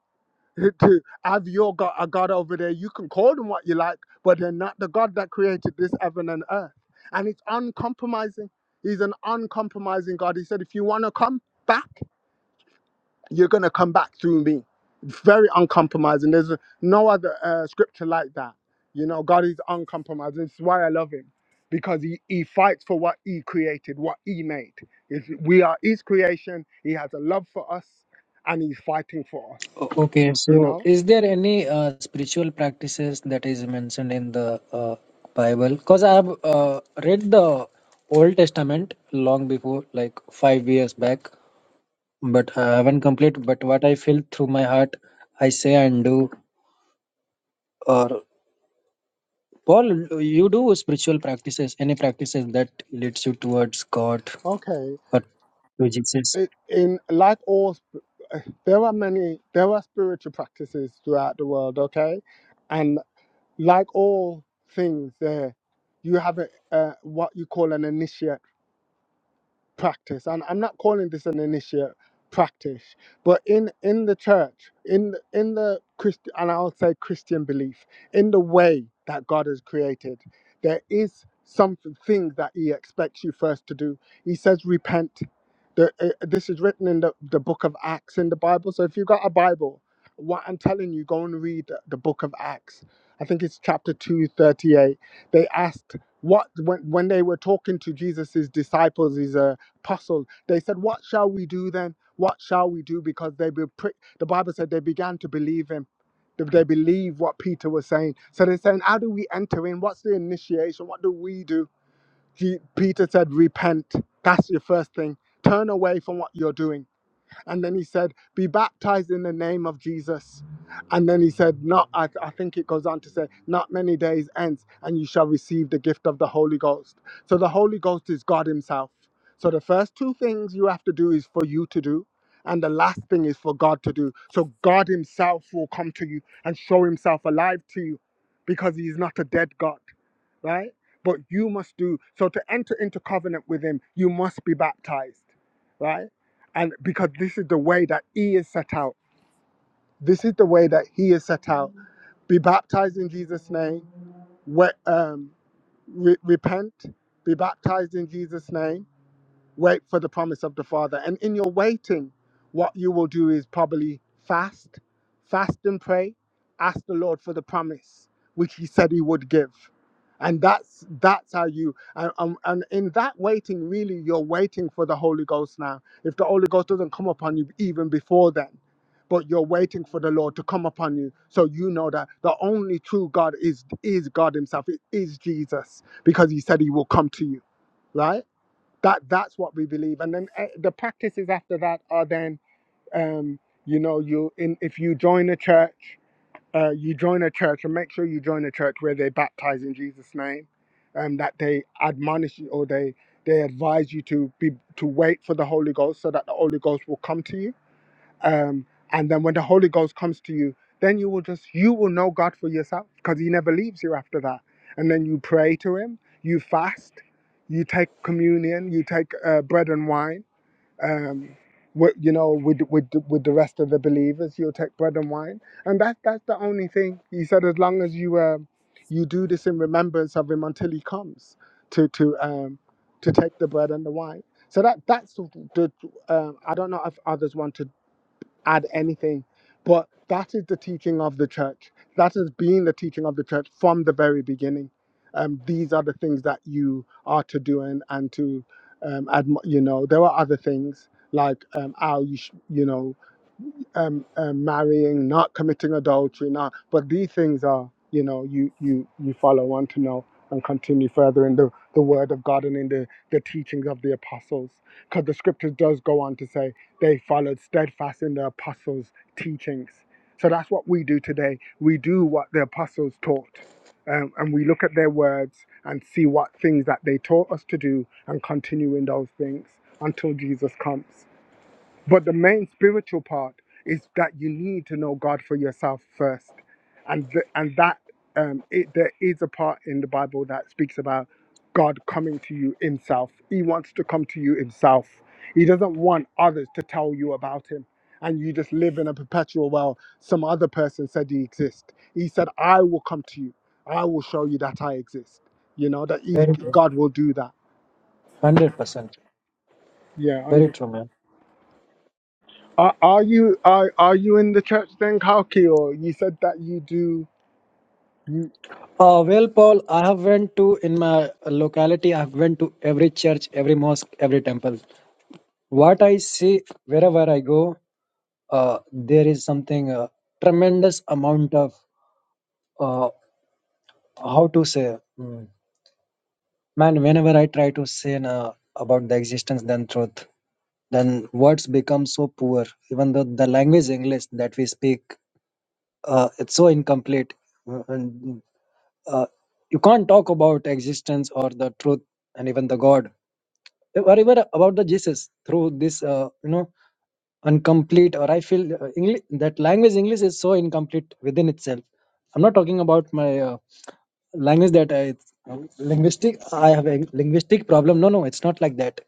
S3: <laughs> to have your God, a God over there. You can call them what you like, but they're not the God that created this heaven and earth. And it's uncompromising. He's an uncompromising God. He said, if you want to come back, you're going to come back through me. Very uncompromising. There's no other uh, scripture like that. You know, God is uncompromising. It's why I love him because he, he fights for what he created, what he made. It's, we are his creation. He has a love for us and he's fighting for us,
S9: okay
S3: you
S9: so
S3: know?
S9: is there any uh, spiritual practices that is mentioned in the uh, bible because i have uh, read the old testament long before like five years back but I haven't complete. But what I feel through my heart, I say and do. Or Paul, you do spiritual practices, any practices that leads you towards God
S3: Okay.
S9: or to Jesus.
S3: It, in like all, sp- uh, there are many, there are spiritual practices throughout the world, okay? and. like all things, there you have a, uh, what you call an initiate practice and i'm not calling this an initiate practice but in in the church in in the christian and i'll say christian belief in the way that god has created there is something things that he expects you first to do he says repent the, uh, this is written in the, the book of acts in the bible so if you've got a bible what i'm telling you go and read the, the book of acts i think it's chapter 238 they asked what when, when they were talking to jesus's disciples is a puzzled. They said, What shall we do then? What shall we do? Because they be prick the Bible said they began to believe him. They they believe what Peter was saying. So they're saying, How do we enter in? What's the initiation? What do we do? He, Peter said, Repent. That's your first thing. Turn away from what you're doing and then he said, Be baptized in the name of Jesus. And then he said, Not, I, I think it goes on to say, Not many days hence, and you shall receive the gift of the Holy Ghost. So the Holy Ghost is God Himself. So the first two things you have to do is for you to do. And the last thing is for God to do. So God Himself will come to you and show Himself alive to you because He is not a dead God right? But you must do so to enter into covenant with him, you must be baptized, right? And because this is the way that he is set out, this is the way that he is set out. Be baptized in Jesus' name, we, um, re- repent, be baptized in Jesus' name wait for the promise of the Father. And in your waiting, what you will do is probably fast, fast and pray, ask the Lord for the promise which He said He would give. And that's that's how you and, and, and in that waiting, really, you're waiting for the Holy Ghost now. If the Holy Ghost doesn't come upon you even before then, but you're waiting for the Lord to come upon you, so you know that the only true God is is God Himself, it is Jesus, because He said He will come to you, right? that that's what we believe and then uh, the practices after that are then um you know you in if you join a church uh you join a church and make sure you join a church where they baptize in jesus name um that they admonish you or they they advise you to be to wait for the holy ghost so that the holy ghost will come to you um, and then when the holy ghost comes to you then you will just you will know god for yourself because he never leaves you after that and then you pray to him you fast you take communion you take uh, bread and wine um, with, you know with, with with the rest of the believers you'll take bread and wine and that that's the only thing he said as long as you um, you do this in remembrance of him until he comes to to um, to take the bread and the wine so that that's the, the um, i don't know if others want to add anything. But that is the teaching of the church. That has been the teaching of the church from the very beginning. Um, these are the things that you are to do and, and to, um, admi- you know, there are other things like um, how you, sh- you know, um, um, marrying, not committing adultery, not. But these things are, you know, you you you follow on to know and continue further in the, the word of God and in the, the teachings of the apostles. Because the scripture does go on to say they followed steadfast in the apostles' teachings. So that's what we do today. We do what the apostles taught. Um, and we look at their words and see what things that they taught us to do and continue in those things until Jesus comes. But the main spiritual part is that you need to know God for yourself first, and th- and that um, it, there is a part in the Bible that speaks about God coming to you Himself. He wants to come to you Himself. He doesn't want others to tell you about Him, and you just live in a perpetual well. Some other person said He exists. He said, "I will come to you. I will show you that I exist." You know that He's
S9: Very true.
S3: God will do that.
S9: Hundred percent.
S3: Yeah,
S9: Very true, man.
S3: Are, are you are are you in the church then, Kalki? Or you said that you do you?
S9: Uh, well, Paul, I have went to in my locality. I have went to every church, every mosque, every temple. What I see wherever I go, uh, there is something uh, tremendous amount of uh, how to say. mm, Man, whenever I try to say na, about the existence than truth, then words become so poor. Even though the language English that we speak, uh, it's so incomplete. Uh, And, uh, you can't talk about existence or the truth and even the God or even about the Jesus through this, uh, you know, incomplete. Or I feel uh, English that language English is so incomplete within itself. I'm not talking about my uh, language that I, linguistic i have a linguistic problem no no it's not like that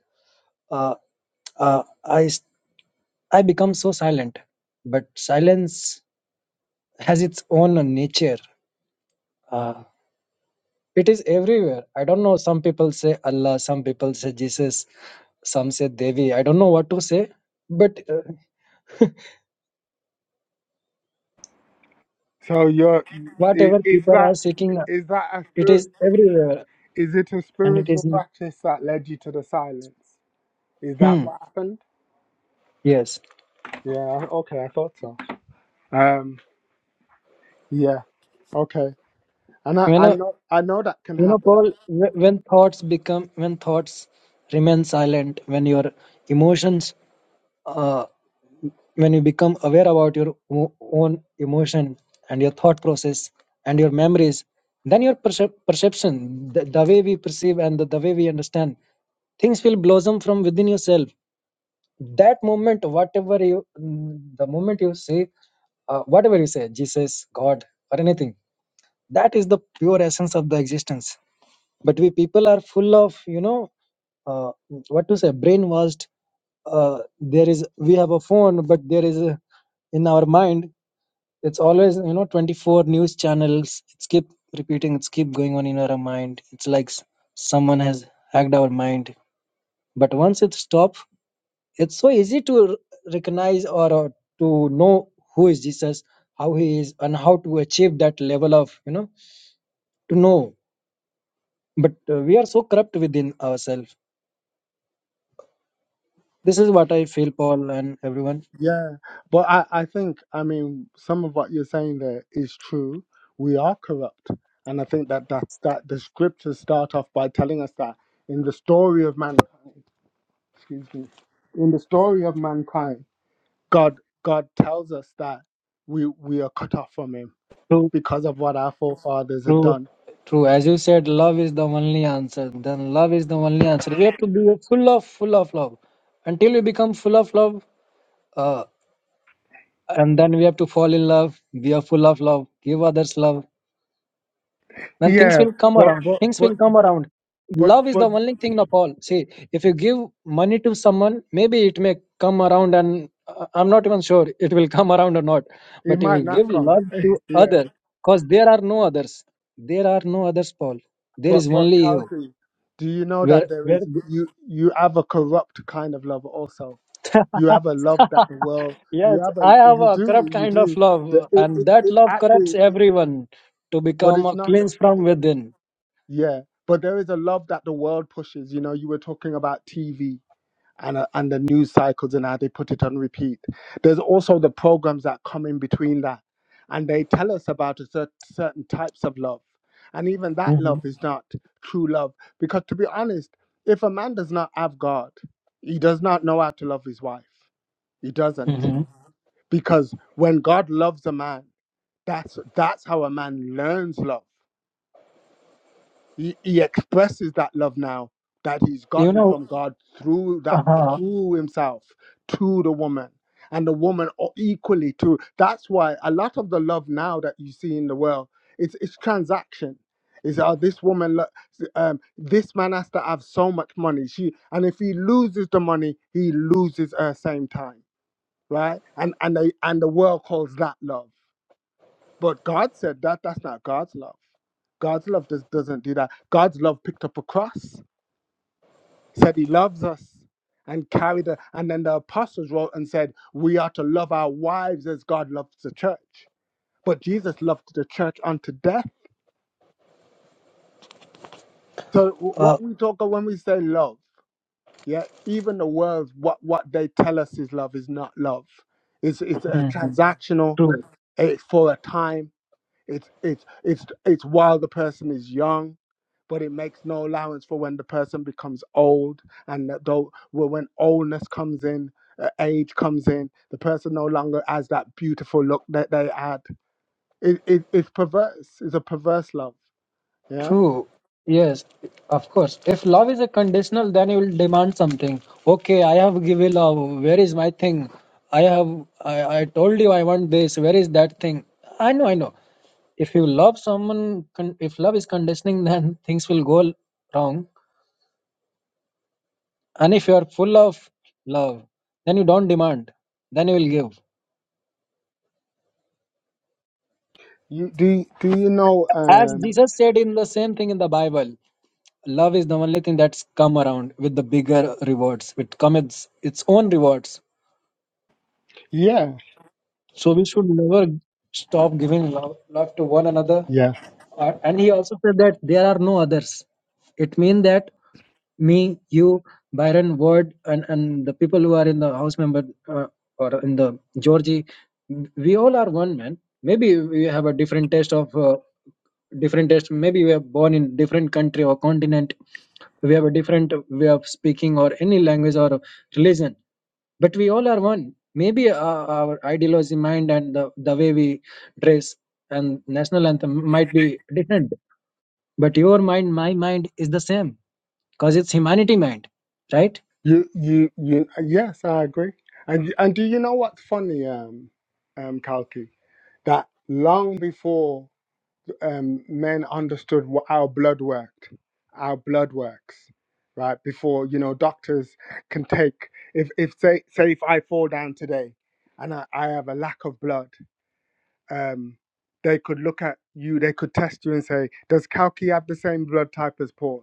S9: uh, uh, i s- i become so silent but silence has its own nature uh, it is everywhere i don't know some people say allah some people say jesus some say devi i don't know what to say but uh,
S3: So you're is,
S9: whatever
S3: is
S9: people are
S3: that
S9: seeking
S3: is that a
S9: it
S3: spir-
S9: is everywhere
S3: is it a
S9: and it
S3: spiritual
S9: is in-
S3: practice that led you to the silence? Is that
S9: hmm,
S3: what happened?
S9: yes
S3: Yeah. Okay, I thought so. Um. Yeah. Okay. And I I know I know that can
S9: You know,
S3: happen.
S9: Paul, wh- when thoughts become, when thoughts remain silent, when your emotions, uh, when you become aware about your o- own emotion and your thought process and your memories, then your percep- perception, the, the way we perceive and the, the way we understand, things will blossom from within yourself. That moment, whatever you, mm, the moment you say, uh, whatever you say, Jesus, God, or anything, that is the pure essence of the existence but we people are full of you know uh, what to say brainwashed uh, there is we have a phone but there is a, in our mind it's always you know 24 news channels it's keep repeating it's keep going on in our mind it's like s- someone has hacked our mind but once it stops it's so easy to r- recognize or uh, to know who is jesus how he is and how to achieve that level of you know to know but uh, we are so corrupt within ourselves This is what I feel, Paul and everyone.
S3: Yeah, but I, I think, I mean, some of what you're saying there is true. We are corrupt. And I think that, that, that the scriptures start off by telling us that in the story of mankind, excuse me, in the story of mankind, God God tells us that we we are cut off from him
S9: True,
S3: because of what our forefathers had
S9: true,
S3: done.
S9: true. As you said, love is the only answer. Then love is the only answer. We have to be full of, full of love. Until we become full of love, uh, and then we have to fall in love. We are full of love. Give others love. then things
S3: Yeah,
S9: will come
S3: but
S9: around
S3: but
S9: things will
S3: but
S9: come around
S3: but
S9: love is the
S3: but
S9: only thing of all. see if you give money to someone maybe it may come around and uh, i'm not even sure it will <laughs> come around or not
S3: it
S9: but if you
S3: might not
S9: give
S3: come.
S9: love to
S3: <laughs> yeah.
S9: other because there are no others there are no others paul there
S3: But
S9: is
S3: but
S9: only you
S3: Kalki, do you know
S9: where
S3: that there
S9: where
S3: is you you have a corrupt kind of love also. You have a love
S9: <laughs>
S3: that the world you
S9: yes
S3: have a
S9: i have
S3: you
S9: a
S3: do
S9: corrupt
S3: you
S9: kind of
S3: do.
S9: love
S3: The- It,
S9: and
S3: it,
S9: that
S3: it
S9: love corrupts
S3: actually, it,
S9: everyone to
S3: but
S9: become
S3: it's
S9: a
S3: not.
S9: cleanse from within
S3: Yeah, but there is a love that the world pushes. You know, you were talking about TV and, uh, and the news cycles and how they put it on repeat. There's also the programs that come in between that, and they tell us about a cer- certain types of love. And even that
S9: hmm
S3: love is not true love. Because to be honest, if a man does not have God, he does not know how to love his wife. He doesn't.
S9: hmm
S3: Because when God loves a man, that's that's how a man learns love he, he expresses that love now that he's
S9: you
S3: gotten
S9: know
S3: from God through that
S9: uh-huh.
S3: through himself to the woman and the woman o- equally to that's why a lot of the love now that you see in the world it's it's transaction is oh this woman lo- um this man has to have so much money she and if he loses the money he loses her same time right and and they, and the world calls that love but God said that that's not God's love. God's love does, doesn't do that. God's love picked up a cross, said He loves us, and carried it. And then the apostles wrote and said, We are to love our wives as God loves the church. But Jesus loved the church unto death. So wh-
S9: Uh,
S3: what we talk of when we say love, yeah, even the world, what, what they tell us is love is not love. It's, it's a
S9: Mhm.
S3: transactional,
S9: True,
S3: it's for a time. It's it's it's it's while the person is young, but it makes no allowance for when the person becomes old and that though well, when oldness comes in, uh, age comes in, the person no longer has that beautiful look that they had. It, it it's perverse. It's a perverse love. Yeah.
S9: true. Yes, of course. If love is a conditional, then you will demand something. Okay, I have given love. Where is my thing? I have, I, I told you I want this. Where is that thing? I know, I know. If you love someone, con- if love is conditioning, <laughs> then things will go wrong. And if you are full of love, then you don't demand, then you will give.
S3: You do do you know?
S9: As
S3: Um.
S9: Jesus said in the same thing in the Bible. Love is the only thing that's come around with the bigger rewards. It comes its own rewards.
S3: Yeah.
S9: So we should never stop giving love, love to one another.
S3: Yeah.
S9: Uh, and he also said that there are no others. It means that me, you, Byron, Ward, and, and the people who are in the house member uh, or in the Georgie, we all are one man. Maybe we have a different taste of. Uh, different taste maybe we are born in different country or continent we have a different way of speaking or any language or religion but we all are one maybe our, our ideology mind and the, the way we dress and national anthem might be different but your mind my mind is the same because it's humanity mind right
S3: You, you, you. Yes, I agree. And and do you know what's funny, um, um, Kalki? That long before um, men understood what our blood worked, our blood works, right? Before you know, doctors can take if if say say if I fall down today, and I, I have a lack of blood, um, they could look at you, they could test you and say, does Kalki have the same blood type as Paul?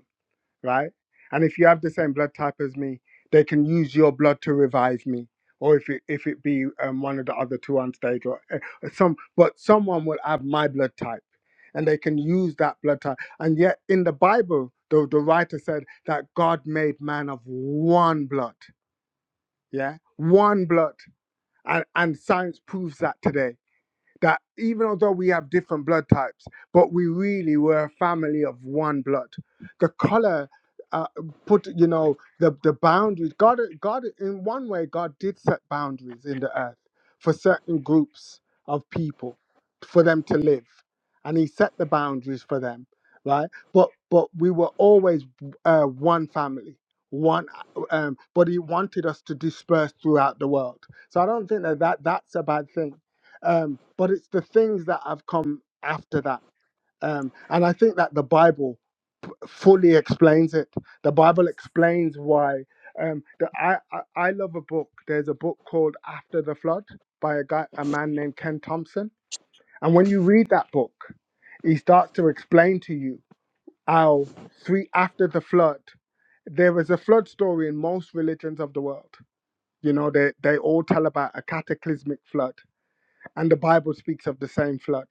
S3: right? And if you have the same blood type as me, they can use your blood to revive me, or if it if it be um, one of the other two on stage, or uh, some, but someone will have my blood type, and they can use that blood type. And yet, in the Bible, the the writer said that God made man of one blood, yeah, one blood, and and science proves that today that even although we have different blood types, but we really were a family of one blood. The color uh, put, you know, the the boundaries. God, God, in one way, God did set boundaries in the earth for certain groups of people for them to live, and He set the boundaries for them, right? But but we were always uh, one family. One, um, but he wanted us to disperse throughout the world. So I don't think that, that that's a bad thing um, but it's the things that have come after that. Um, and I think that the Bible fully explains it. The Bible explains why. Um, the, I, I I love a book. There's a book called After the Flood by a guy, a man named Ken Thompson. And when you read that book, he starts to explain to you how three after the flood there is a flood story in most religions of the world. You know, they, they all tell about a cataclysmic flood and the Bible speaks of the same flood.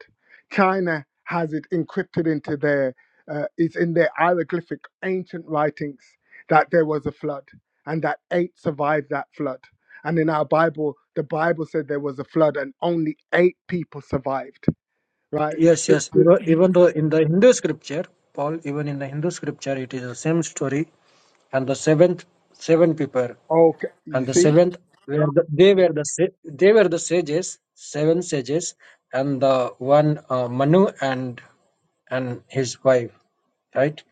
S3: China has it encrypted into their, uh, it's in their hieroglyphic ancient writings that there was a flood and that eight survived that flood. And in our Bible, the Bible said there was a flood and only eight people survived, right?
S9: Yes,
S3: <laughs>
S9: yes. Even even though in the Hindu scripture, Paul, even in the Hindu scripture, it is the same story, and the seventh, seven people.
S3: Okay, you
S9: and the
S3: see?
S9: seventh were the, they were the sa- they were the sages seven sages and the one uh, manu and and his wife right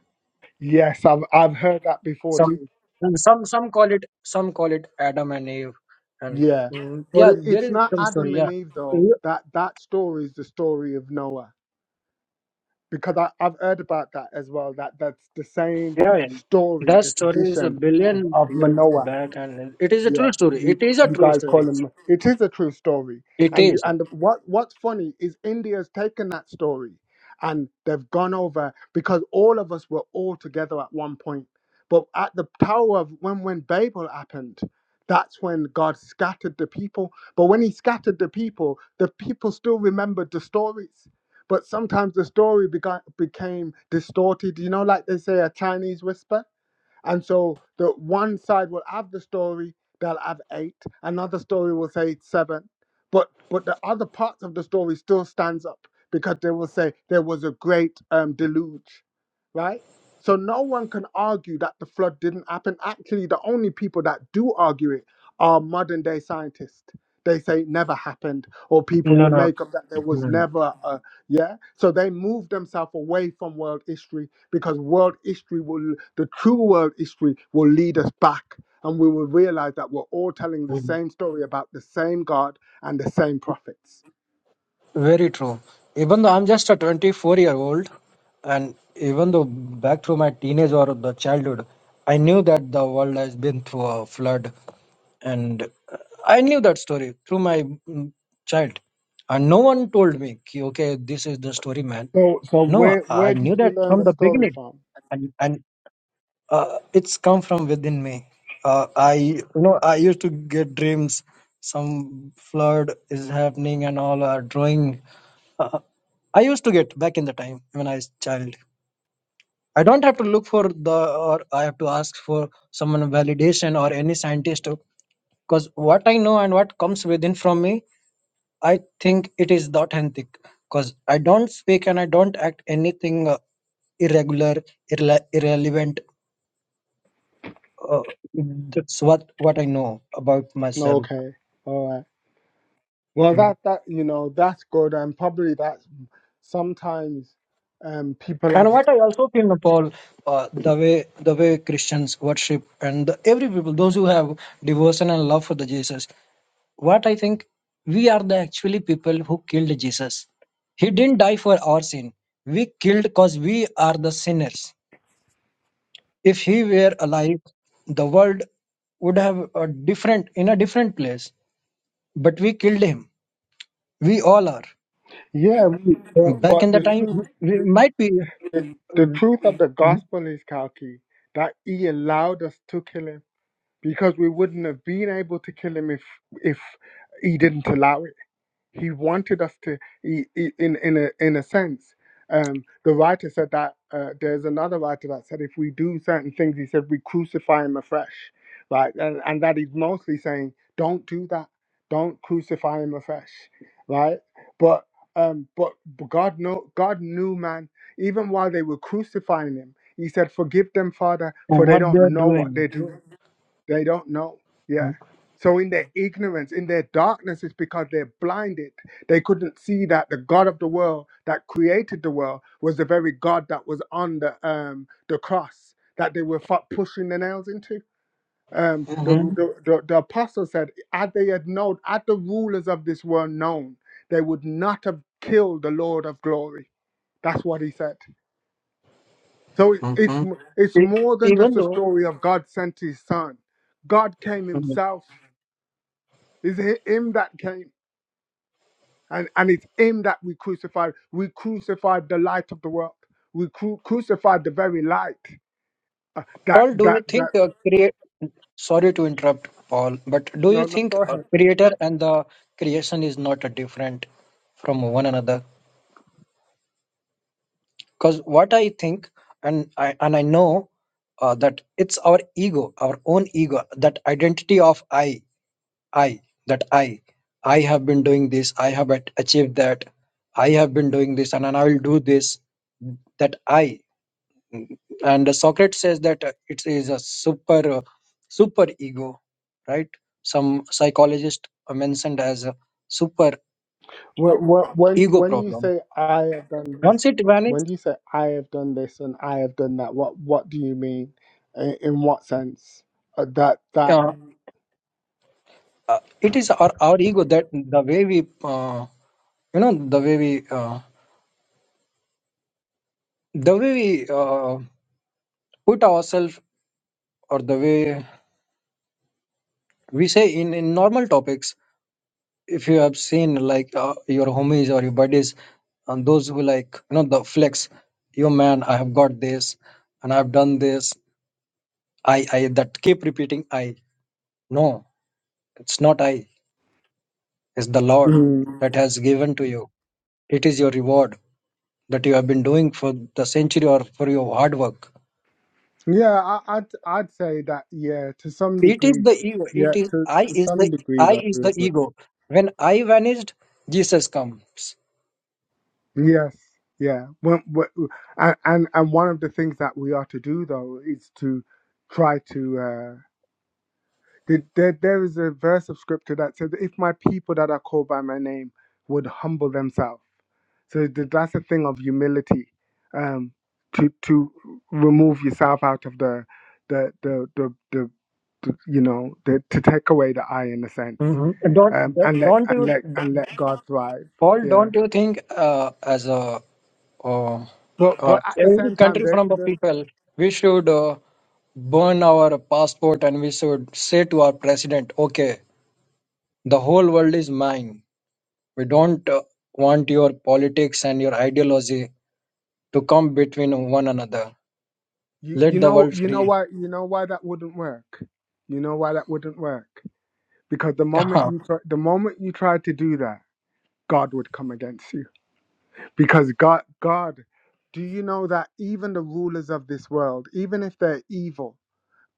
S3: Yes, I've, I've heard that before
S9: some
S3: too.
S9: and some some call it some call it adam and eve and
S3: Yeah.
S9: mm,
S3: But
S9: yeah
S3: it-
S9: there
S3: it's
S9: is
S3: not
S9: some
S3: Adam
S9: story
S3: and
S9: yeah
S3: Eve though.
S9: You-
S3: That that story is the story of Noah because I, I've heard about that as well. That that's the same
S9: yeah, yeah.
S3: story,
S9: That
S3: the
S9: story is a
S3: tradition
S9: billion
S3: of of
S9: years
S3: Manoa.
S9: back, and it is a
S3: Yeah,
S9: true story.
S3: you
S9: It is a
S3: you
S9: true
S3: guys
S9: story.
S3: call him. It is a true story,
S9: It
S3: and you,
S9: is.
S3: and what what's funny is India's taken that story, and they've gone over because all of us were all together at one point. But at the Tower of when when Babel happened, that's when God scattered the people. But when He scattered the people, the people still remembered the stories. But sometimes the story began, became distorted. You know, like they say, a Chinese whisper and so the one side will have the story, they'll have eight. Another story will say it's seven. But but the other parts of the story still stands up because they will say there was a great um, deluge, right? So no one can argue that the flood didn't happen. Actually, the only people that do argue it are modern day scientists. They say it never happened, or people
S9: No,
S3: will
S9: no.
S3: make up that there was
S9: no.
S3: never a yeah. So they move themselves away from world history because world history will the true world history will lead us back and we will realize that we're all telling the same story about the same god and the same prophets
S9: Very true. Even though I'm just a 24 year old, and even though back through my teenage or the childhood, I knew that the world has been through a flood, and I knew that story through my mm, child, and no one told me, "Ki, okay, this is the story, man.
S3: so so
S9: No,
S3: where
S9: I
S3: where did
S9: knew
S3: you
S9: that
S3: learn
S9: from
S3: the
S9: the
S3: story
S9: beginning,
S3: from
S9: and and uh, it's come from within me. Uh, I you know I used to get dreams. Some flood is happening and all are drawing uh, I used to get back in the time when I was child. I don't have to look for the or I have to ask for someone validation or any scientist because what I know and what comes within from me, I think it is the authentic because I don't speak and I don't act anything uh, irregular, irrele- irrelevant. Uh, that's what what I know about myself.
S3: okay all right well that that you know that's good and probably that's sometimes um people have
S9: And what I also think, Paul, uh, the way the way Christians worship and the, every people, those who have devotion and love for the Jesus, what I think we are the actually people who killed Jesus. He didn't die for our sin. We killed because we are the sinners. If he were alive, the world would have a different in a different place. But we killed him. We all are.
S3: yeah we- but,
S9: Back
S3: but
S9: in the
S3: the
S9: time,
S3: truth
S9: we we might be
S3: the, the
S9: uh,
S3: truth of the gospel is kalki that he allowed us to kill him because we wouldn't have been able to kill him if if he didn't allow it. He wanted us to, he, he- in in a in a sense. Um, the writer said that uh, there's another writer that said if we do certain things, he said we crucify him afresh, right? And, and that he's mostly saying don't do that, don't crucify him afresh, right? But um, but, but God know God knew man even while they were crucifying him. He said, "Forgive them, Father, for they
S9: what they
S3: don't
S9: are
S3: know what
S9: doing.
S3: they do." They don't know. Yeah. So in their ignorance, in their darkness, it's because they're blinded. They couldn't see that the God of the world that created the world was the very God that was on the um the cross that they were fu- pushing the nails into. Um, the, the the the apostle said, had they had known, had the rulers of this world known, they would not have killed the Lord of glory. That's what he said. So it-
S9: Mhm.
S3: it's m- it's
S9: E-
S3: more than
S9: Even
S3: just a
S9: though,
S3: story of God sent His Son. God came
S9: Mhm.
S3: Himself. It's hi- him that came, and, and it's him that we crucified. We crucified the light of the world. We cru- crucified the very light. That
S9: Paul, do you
S3: that
S9: think
S3: that.
S9: uh, create? Sorry to interrupt, Paul, but do you
S3: No, no,
S9: think
S3: go
S9: uh,
S3: ahead.
S9: creator and the creation is not uh, different from one another? Because what I think, and I and I know uh, that it's our ego, our own ego, that identity of I, I, that I, I have been doing this, I have at- achieved that, I have been doing this, and, and I will do this. That I. and socrates says that uh, it is a super uh, super ego right some psychologist uh, mentioned as a super
S3: When when
S9: ego
S3: when you
S9: problem
S3: say I have done this,
S9: once it vanishes
S3: when you say I have done this and I have done that, what what do you mean? In, in what sense? Uh, that that.
S9: uh, uh, it is our, our ego that the way we uh, you know the way we uh, the way we uh, put ourselves or the way we say in, in normal topics if you have seen like uh, your homies or your buddies and those who like you know the flex yo man i have got this and i've done this i i that keep repeating i no it's not i it's the lord that
S3: Mm.
S9: has given to you it is your reward that you have been doing for the century or for your hard work
S3: Yeah, I, I'd I'd say that. Yeah, to some
S9: it is
S3: degree.
S9: the ego
S3: Yeah,
S9: it is
S3: to,
S9: i
S3: to
S9: is the
S3: some degrees,
S9: i
S3: I
S9: is
S3: do
S9: the
S3: agree.
S9: ego when i vanished jesus comes
S3: Yes, yeah. When, when, and and and one of the things that we are to do though is to try to. Uh, the- there there is a verse of scripture that says, "If my people that are called by my name would humble themselves," so th- that's a thing of humility, um, to to remove yourself out of the the the the, the, the you know the, to take away the I in a sense,
S9: hmm don't
S3: um, and
S9: don't
S3: let
S9: don't
S3: and
S9: you
S3: let and let God thrive.
S9: Paul?
S3: Yeah
S9: don't you think uh, as a uh,
S3: but
S9: uh,
S3: but at the
S9: every
S3: same time,
S9: country
S3: there
S9: from the people, we should uh, burn our passport and we should say to our president, okay, the whole world is mine. We don't uh, want your politics and your ideology to come between one another.
S3: You
S9: Let
S3: you
S9: the
S3: know
S9: world
S3: you know
S9: free.
S3: why you know why that wouldn't work. You know why that wouldn't work because the
S9: <laughs>
S3: moment you try, the moment you try to do that, God would come against you because God God. Do you know that even the rulers of this world, even if they're evil,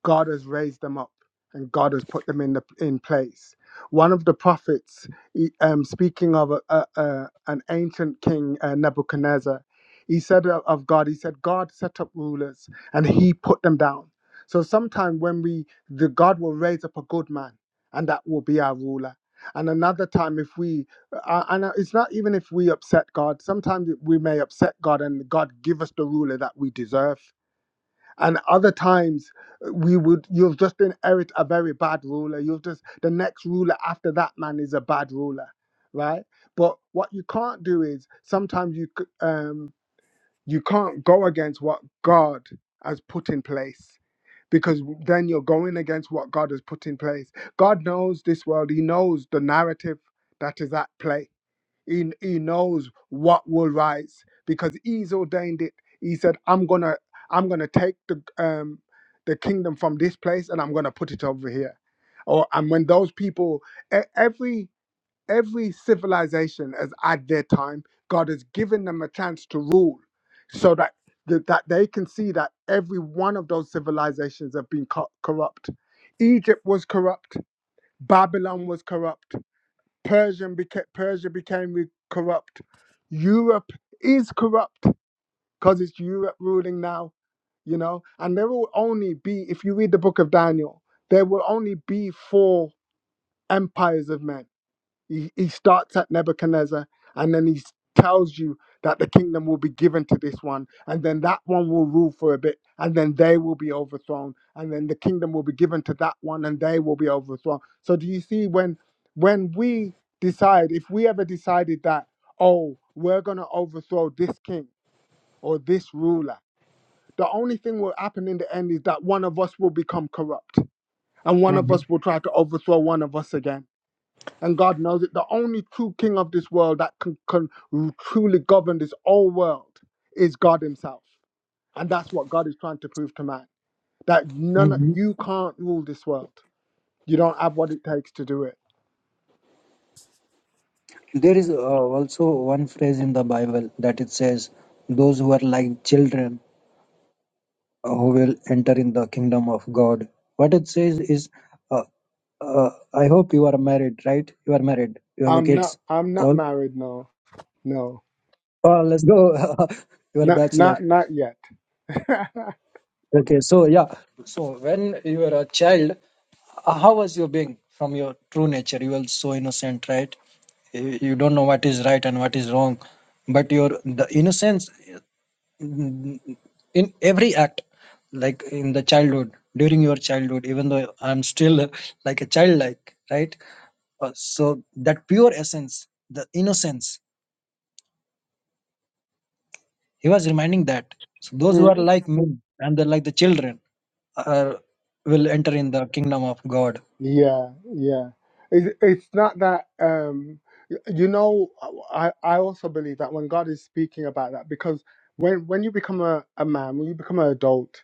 S3: God has raised them up and God has put them in the in place. One of the prophets, he- um, speaking of a, a, a, an ancient king uh, Nebuchadnezzar, he said of of God, he said, God set up rulers and He put them down. So sometime when we, the God will raise up a good man, and that will be our ruler. And another time, if we, uh, and it's not even if we upset God. Sometimes we may upset God, and God give us the ruler that we deserve and other times uh, we would you've just been erit a very bad ruler you've just the next ruler after that man is a bad ruler right but what you can't do is sometimes you c- um you can't go against what god has put in place because then you're going against what god has put in place god knows this world he knows the narrative that is at play he, he knows what will rise because he's ordained it. He said, I'm gonna I'm gonna take the um the kingdom from this place and I'm gonna put it over here. Or and when those people e- every every civilization has had their time, God has given them a chance to rule so that that that they can see that every one of those civilizations have been co- corrupt. Egypt was corrupt, Babylon was corrupt, Persian beca- Persia became re- corrupt. Europe is corrupt because it's Europe ruling now, you know. And there will only be, if you read the book of Daniel, there will only be four empires of men he, he starts at Nebuchadnezzar and then he s- tells you that the kingdom will be given to this one, and then that one will rule for a bit, and then they will be overthrown, and then the kingdom will be given to that one, and they will be overthrown. So do you see when when we decide, if we ever decided that, oh, we're gonna overthrow this king or this ruler, the only thing will happen in the end is that one of us will become corrupt and one of
S9: Mhm.
S3: us will try to overthrow one of us again and God knows it. The only true king of this world that can, can truly govern this whole world is God Himself. And that's what God is trying to prove to man that none of-
S9: Mhm.
S3: you can't rule this world. You don't have what it takes to do it.
S9: There is uh, also one phrase in the Bible that it says, Those who are like children uh, who will enter in the kingdom of God. What it says is, Uh, I hope you are married, right? You are married. You have a
S3: I'm not.
S9: kids.
S3: I'm not
S9: All.
S3: married. No. No.
S9: Oh, let's go. <laughs> you are a
S3: Not.
S9: bachelor.
S3: Not. Not yet. <laughs>
S9: Okay. So yeah. So when you were a child, uh, how was you being from your true nature? You were so innocent, right? You you don't know what is right and what is wrong, but your the innocence. Mhm. in every act like in the childhood during your childhood even though i'm still uh, like a child like right Uh, so that pure essence the innocence he was reminding that so those who
S3: Mm,
S9: are like me and they're like the children are, will enter in the kingdom of god
S3: Yeah, yeah. It, it's not that, um, y- you know, I, I also believe that when God is speaking about that, because when, when you become a, a man, when you become an adult,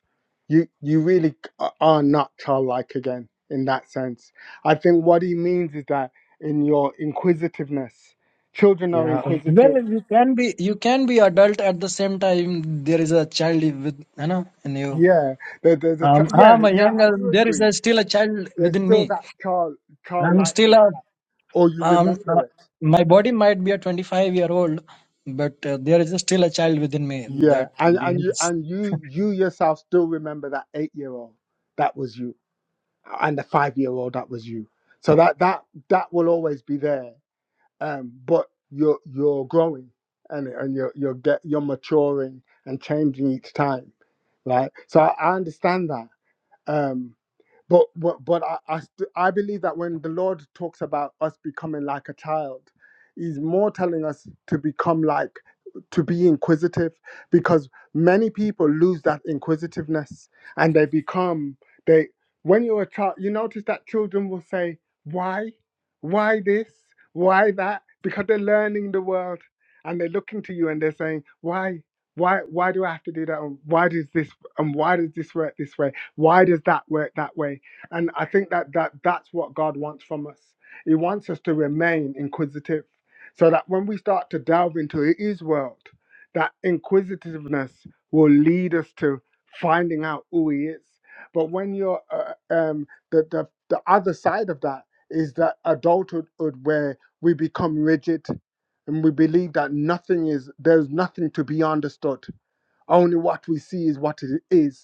S3: you, you really are not childlike again in that sense. I think what he means is that in your inquisitiveness, children are
S9: Yeah. Um, well
S3: inquisitive.
S9: you can be you can be adult at the same time there is a child with you know in you
S3: Yeah, there, there's a,
S9: um,
S3: chi- yeah,
S9: i'm a
S3: yeah,
S9: young
S3: I
S9: uh,
S3: do
S9: there is a,
S3: agree.
S9: still a child
S3: There's
S9: within me
S3: still that child,
S9: i'm still
S3: childlikeness,
S9: a
S3: that, or you
S9: Um, uh,
S3: remember it.
S9: my body might be a 25 year old, but uh, there is still a child within me
S3: Yeah,
S9: that
S3: and and you
S9: behaves.
S3: and you you yourself still remember that eight year old that was you, and the five year old that was you. So that that that will always be there. Um, but you're you're growing and and you're you're get you're maturing and changing each time, right? So I, I understand that. Um, but but but I I, st- I believe that when the Lord talks about us becoming like a child, He's more telling us to become like to be inquisitive, because many people lose that inquisitiveness and they become they. When you're a child, you notice that children will say, "Why, why this, why that?" Because they're learning the world and they're looking to you and they're saying, "Why, why, why do I have to do that? And why does this and why does this work this way? Why does that work that way?" And I think that, that that's what God wants from us. He wants us to remain inquisitive so that when we start to delve into His world, that inquisitiveness will lead us to finding out who He is. But when you're, uh, um, the, the, the other side of that is that adulthood where we become rigid and we believe that nothing is, there's nothing to be understood. Only what we see is what it is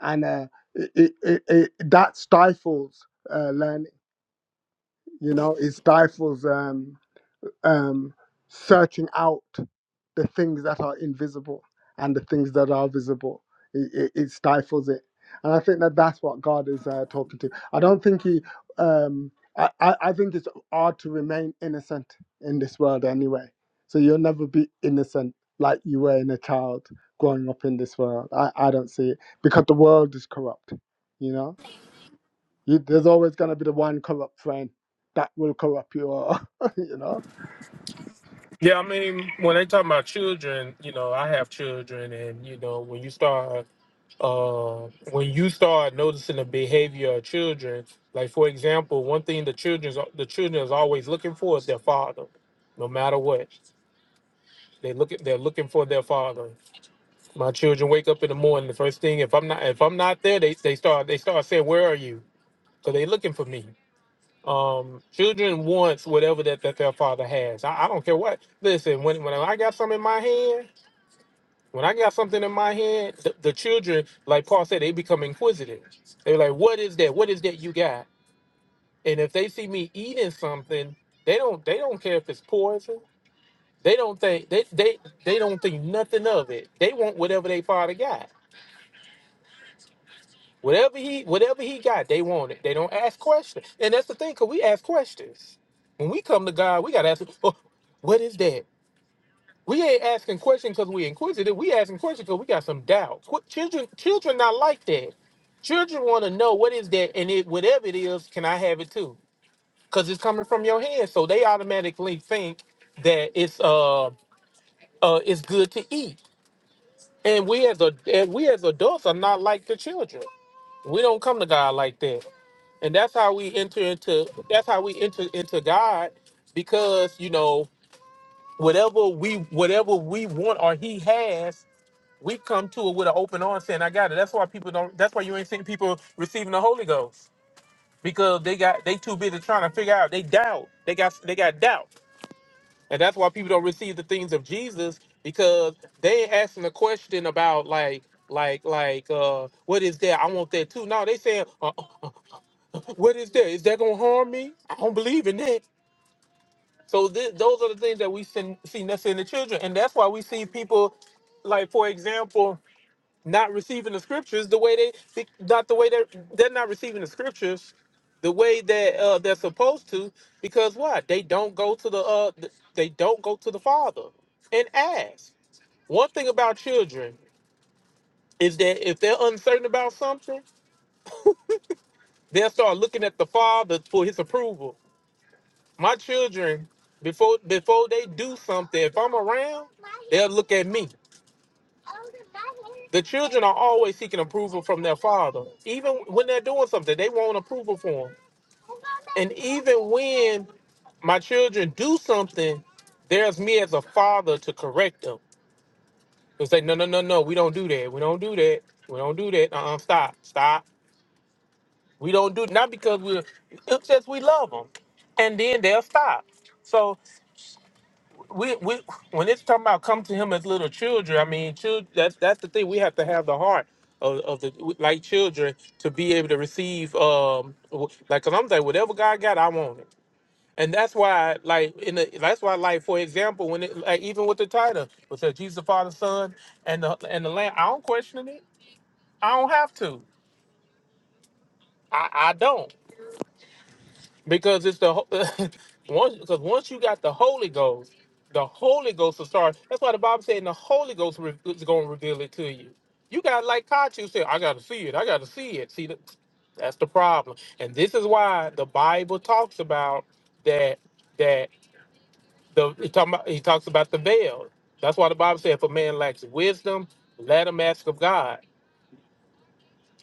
S3: and uh, it, it, it, it- that stifles uh, learning. You know, it stifles. Um, um, searching out the things that are invisible and the things that are visible. It, it, it stifles it. And I think that that's what God is uh, talking to. I don't think he, um, I, I, I think it's hard to remain innocent in this world anyway. So you'll never be innocent like you were in a child growing up in this world. I, I don't see it because the world is corrupt, you know? You, there's always going to be the one corrupt friend that will corrupt you all, <laughs> you
S1: Yeah, I mean, when they talk about children, you know, I have children, and you know, when you start uh, when you start noticing the behavior of children, like for example, one thing the children's the children is always looking for is their father, no matter what. They look at they're looking for their father. My children wake up in the morning. The first thing, if I'm not if I'm not there, they they start they start saying, "Where are you?" So they looking for me. Um, children wants whatever that, that their father has. I, I don't care what. Listen, when when I got something in my hand. When I got something in my hand, the, the children, like Paul said, they become inquisitive. They're like, "What is that? What is that you got?" And if they see me eating something, they don't they don't care if it's poison. They don't think they they they don't think nothing of it. They want whatever they father got. Whatever he whatever he got, they want it. They don't ask questions. And that's the thing, cause we ask questions. When we come to God, we gotta ask, oh, "What is that? We ain't asking questions because we inquisitive. We asking questions because we got some doubts. What children children not like that. Children want to know what is that, and it whatever it is, can I have it too? Because it's coming from your hand, so they automatically think that it's uh uh it's good to eat. And we as a and we as adults are not like the children. We don't come to God like that, and that's how we enter into that's how we enter into God because you know whatever we whatever we want or He has We come to it with an open arm saying, I got it. That's why people don't that's why you ain't seeing people receiving the Holy Ghost. Because they got they too busy trying to figure out they doubt. They got they got doubt. And that's why people don't receive the things of Jesus because they ain't asking the question about like like like uh what is that? I want that too. No, they saying uh, uh, uh, what is that? Is that gonna harm me? I don't believe in that. So th- those are the things that we sen- see necessary in the children, and that's why we see people like, for example, not receiving the scriptures the way they be- not the way they're they're not receiving the scriptures the way that uh, they're supposed to because what they don't go to the uh th- they don't go to the father and ask one thing about children is that if they're uncertain about something they'll start looking at the father for his approval my children before before they do something if i'm around they'll look at me the children are always seeking approval from their father even when they're doing something they want approval from them And even when my children do something, there's me as a father to correct them. To say, no, no, no, no, we don't do that. We don't do that. We don't do that. Uh-uh, stop, stop. We don't do not because we, it's just we love them, and then they'll stop. So we, we when it's talking about come to him as little children, I mean, children. That's that's the thing. We have to have the heart of, of the like children to be able to receive um like. Cause I'm like, whatever God got, I want it. And that's why, like, in the that's why, like, for example, when it like even with the title, it says Jesus the Father, Son, and the and the Lamb. I don't question it. I don't have to. I, I don't because it's the ho- <laughs> once because once you got the Holy Ghost, the Holy Ghost will start. That's why the Bible saying the Holy Ghost re- is going to reveal it to you. You got like Kachu said, I got to see it. I got to see it. See, the, that's the problem, and this is why the Bible talks about that. The he talking about, he talks about the veil. That's why the Bible said, "If a man lacks wisdom, let him ask of God."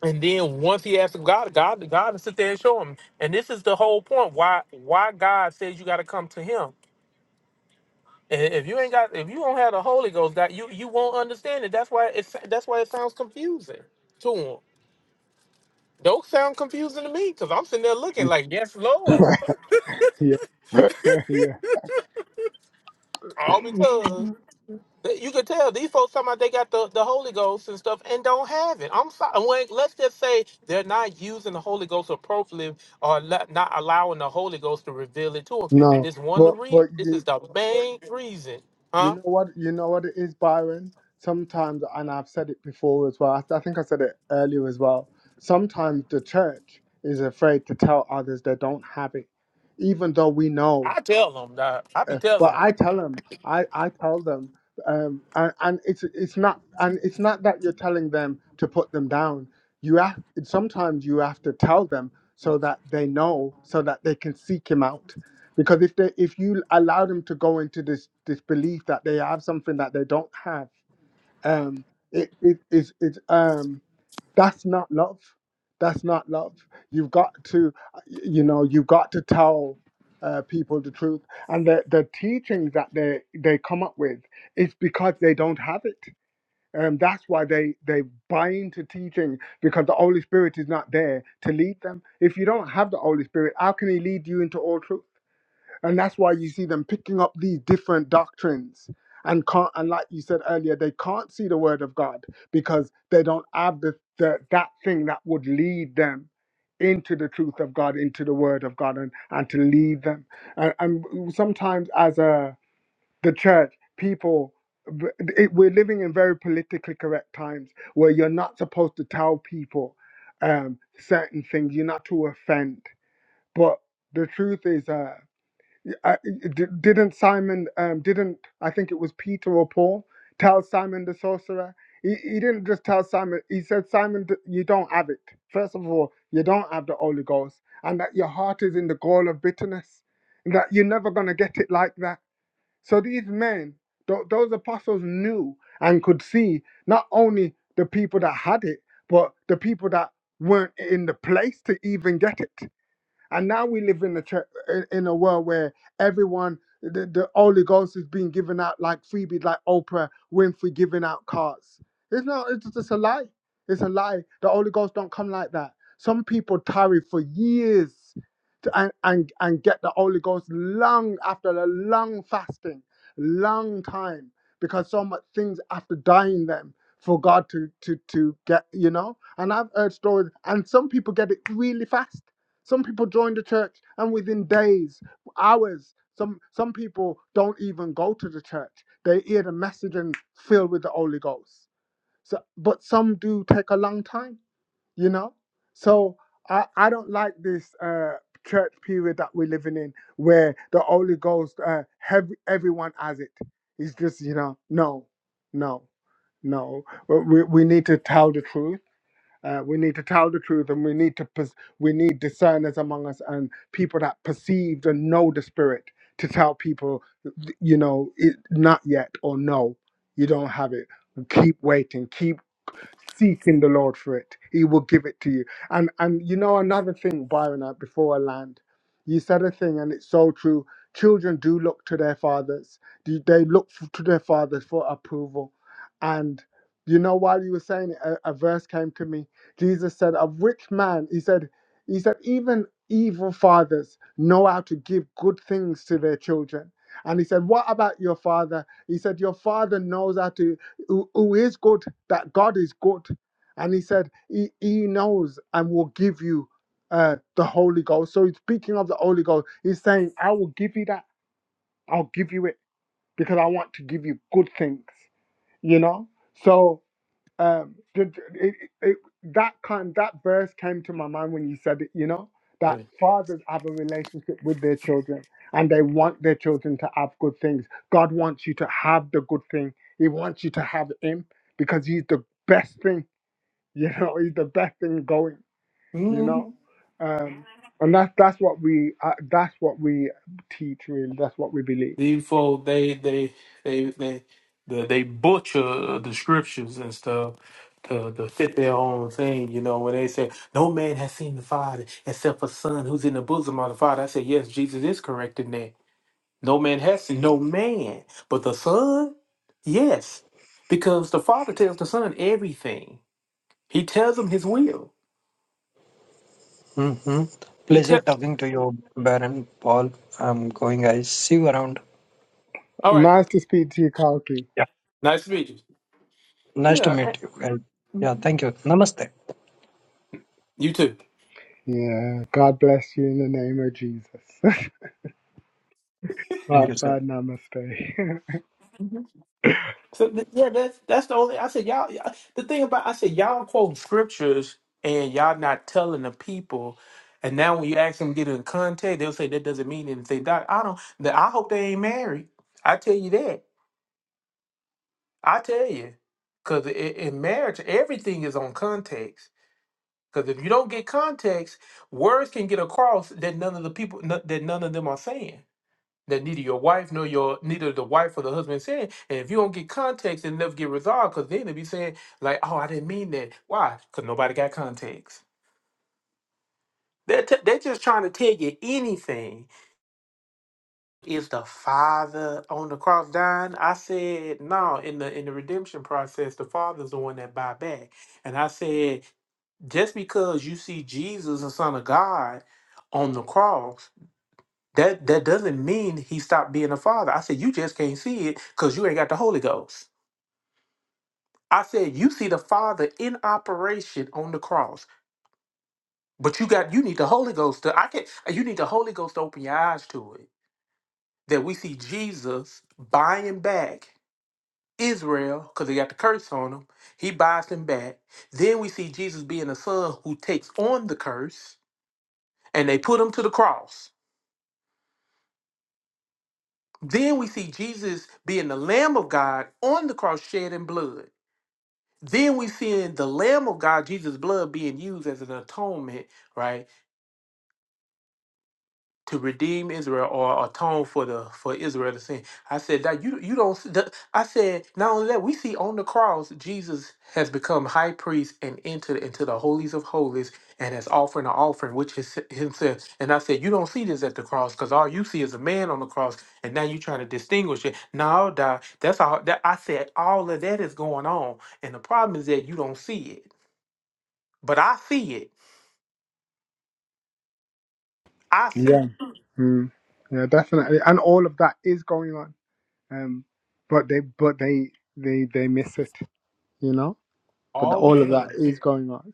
S1: And then once he asks of God, God, God will sit there and show him. And this is the whole point why why God says you got to come to Him. And if you ain't got, if you don't have the Holy Ghost, that you you won't understand it. That's why it's that's why it sounds confusing to him. Don't sound confusing to me because I'm sitting there looking
S3: know?
S1: like, yes, Lord,
S3: <laughs> Yeah. <laughs> yeah.
S1: all because They- You can tell these folks talking about they got the, the Holy Ghost and stuff and don't have it. I'm sorry. When, let's just say they're not using the Holy Ghost appropriately or le- not allowing the Holy Ghost to reveal it to them. And
S3: No.
S1: this one the
S3: But
S1: reason,
S3: but
S1: this
S3: you
S1: is the main reason,
S3: you
S1: huh?
S3: know what you know what it is, Byron? Sometimes and I've said it before as well. I, I think I said it earlier as well. Sometimes the church is afraid to tell others they don't have it. Even though we know
S1: I tell them that. I be
S3: Uh, but
S1: telling
S3: I tell them, I, I tell them, um, and, and it's it's not and it's not that you're telling them to put them down. You have sometimes you have to tell them so that they know, so that they can seek him out. Because if they if you allow them to go into this this belief that they have something that they don't have, um, it it is it's it's, um that's not love that's not love you've got to you know you've got to tell uh, people the truth and the, the teachings that they they come up with is because they don't have it and that's why they they buy into teaching because the holy spirit is not there to lead them if you don't have the holy spirit how can he lead you into all truth and that's why you see them picking up these different doctrines and can't and like you said earlier they can't see the word of god because they don't have the, the that thing that would lead them into the truth of god into the word of god and and to lead them and, and sometimes as a the church people it, we're living in very politically correct times where you're not supposed to tell people um certain things you're not to offend but the truth is uh uh, didn't Simon, um, didn't I think it was Peter or Paul tell Simon the sorcerer? He, he didn't just tell Simon, he said, Simon, th- you don't have it. First of all, you don't have the Holy Ghost, and that your heart is in the gall of bitterness, and that you're never going to get it like that. So these men, th- those apostles knew and could see not only the people that had it, but the people that weren't in the place to even get it. And now we live in a chur- in in a world where everyone the, the Holy Ghost is being given out like freebies, like Oprah Winfrey giving out cards. It's not. It's just a lie. It's a lie. The Holy Ghost don't come like that. Some people tarry for years to, and, and and get the Holy Ghost long after a long fasting, long time because so much things after dying them for God to to to get you know. And I've heard stories, and some people get it really fast some people join the church and within days, hours, some some people don't even go to the church. They hear the message and fill with the Holy Ghost. So, but some do take a long time, you know. So I, I don't like this uh, church period that we're living in, where the Holy Ghost, uh, hev- everyone has it. It's just you know, no, no, no. We we we need to tell the truth uh, we need to tell the truth, and we need to pers- we need discerners among us and people that perceived and know the spirit to tell people, you know, it, not yet or no, you don't have it. Keep waiting. Keep Seek in the Lord for it. He will give it to you. And and you know another thing, Byron, uh, before I land, you said a thing, and it's so true. Children do look to their fathers. Do- They look f- to their fathers for approval. And you know, while you were saying it, a, a verse came to me. Jesus said, "A rich man." He said, "He said even evil fathers know how to give good things to their children." And he said, "What about your father?" He said, "Your father knows how to." who who is good, that God is good. And he said, He, he knows and will give you uh, the Holy Ghost. So he's speaking of the Holy Ghost. He's saying, I will give you that. I'll give you it because I want to give you good things, you know? So um did, it, it, that kind that verse came to my mind when you said it you know that
S1: them.
S3: fathers have a relationship with their children and they want their children to have good things god wants you to have the good thing he wants you to have him because he's the best thing you know <laughs> he's the best thing going you
S1: Mhm.
S3: know um and that's that's what we uh, that's what we teach really that's what we believe
S1: These folks, they they they they they, they butcher the scriptures and stuff to, to fit their own thing. You know, when they say no man has seen the Father except for Son who's in the bosom of the Father, I say yes, Jesus is correct in that. No man has seen no man, but the Son, yes, because the Father tells the Son everything. He tells him His will.
S9: Mm-hmm.
S1: He
S9: Pleasure
S1: tells.
S9: talking to you, Baron Paul. I'm going, guys. See you around.
S1: All right,
S3: nice to speak to you kalki
S9: Yeah.
S1: nice to meet you.
S9: Nice to
S1: Yeah,
S9: meet you guys. Yeah. Thank you. Namaste.
S1: you too.
S3: yeah god bless you in the name of jesus <laughs>
S9: Thank
S3: But
S9: you, sir.
S3: but namaste. <laughs>
S1: So th- yeah, that's that's the only. I said y'all. y'all- The thing about I said y'all quoting scriptures and y'all not telling the people. And now when you ask them to get in context, they'll say that doesn't mean anything. Doc, I don't. th- I hope they ain't married. I tell you that. I tell you, because in marriage, everything is on context. Because if you don't get context, words can get across that none of the people no- that none of them are saying that neither your wife nor your neither the wife or the husband said. And if you don't get context, it'll never get resolved because then they'll be saying, like, oh, I didn't mean that. Why? Because nobody got context. They're, t- they're just trying to tell you anything. Is the father on the cross dying? I said, no, in the in the redemption process, the father's the one that buy back. And I said, just because you see Jesus, the Son of God, on the cross That that doesn't mean he stopped being a father. I said, you just can't see it because you ain't got the Holy Ghost. I said, you see the Father in operation on the cross, but you got you need the Holy Ghost to I can not you need the Holy Ghost to open your eyes to it. That we see Jesus buying back Israel, because they got the curse on him. He buys them back. Then we see Jesus being a son who takes on the curse and they put him to the cross. Then we see Jesus being the Lamb of God on the cross shedding blood. Then we seeing the Lamb of God, Jesus' blood being used as an atonement, right, to redeem Israel or atone for the for Israel to sin. I said that you you don't. that- I said not only that we see on the cross Jesus has become high priest and entered into the holies of holies and has offered an offering which is himself. And I said you don't see this at the cross because all you see is a man on the cross, and now you're trying to distinguish it. No, dog, that's all. That I said all of that is going on, and the problem is that you don't see it. But I see it. I see
S3: Yeah.
S1: it.
S3: mm. Yeah, definitely. And all of that is going on. Um, but they but they they they miss it, you know. But
S1: all
S3: all of that
S1: because
S3: is going on.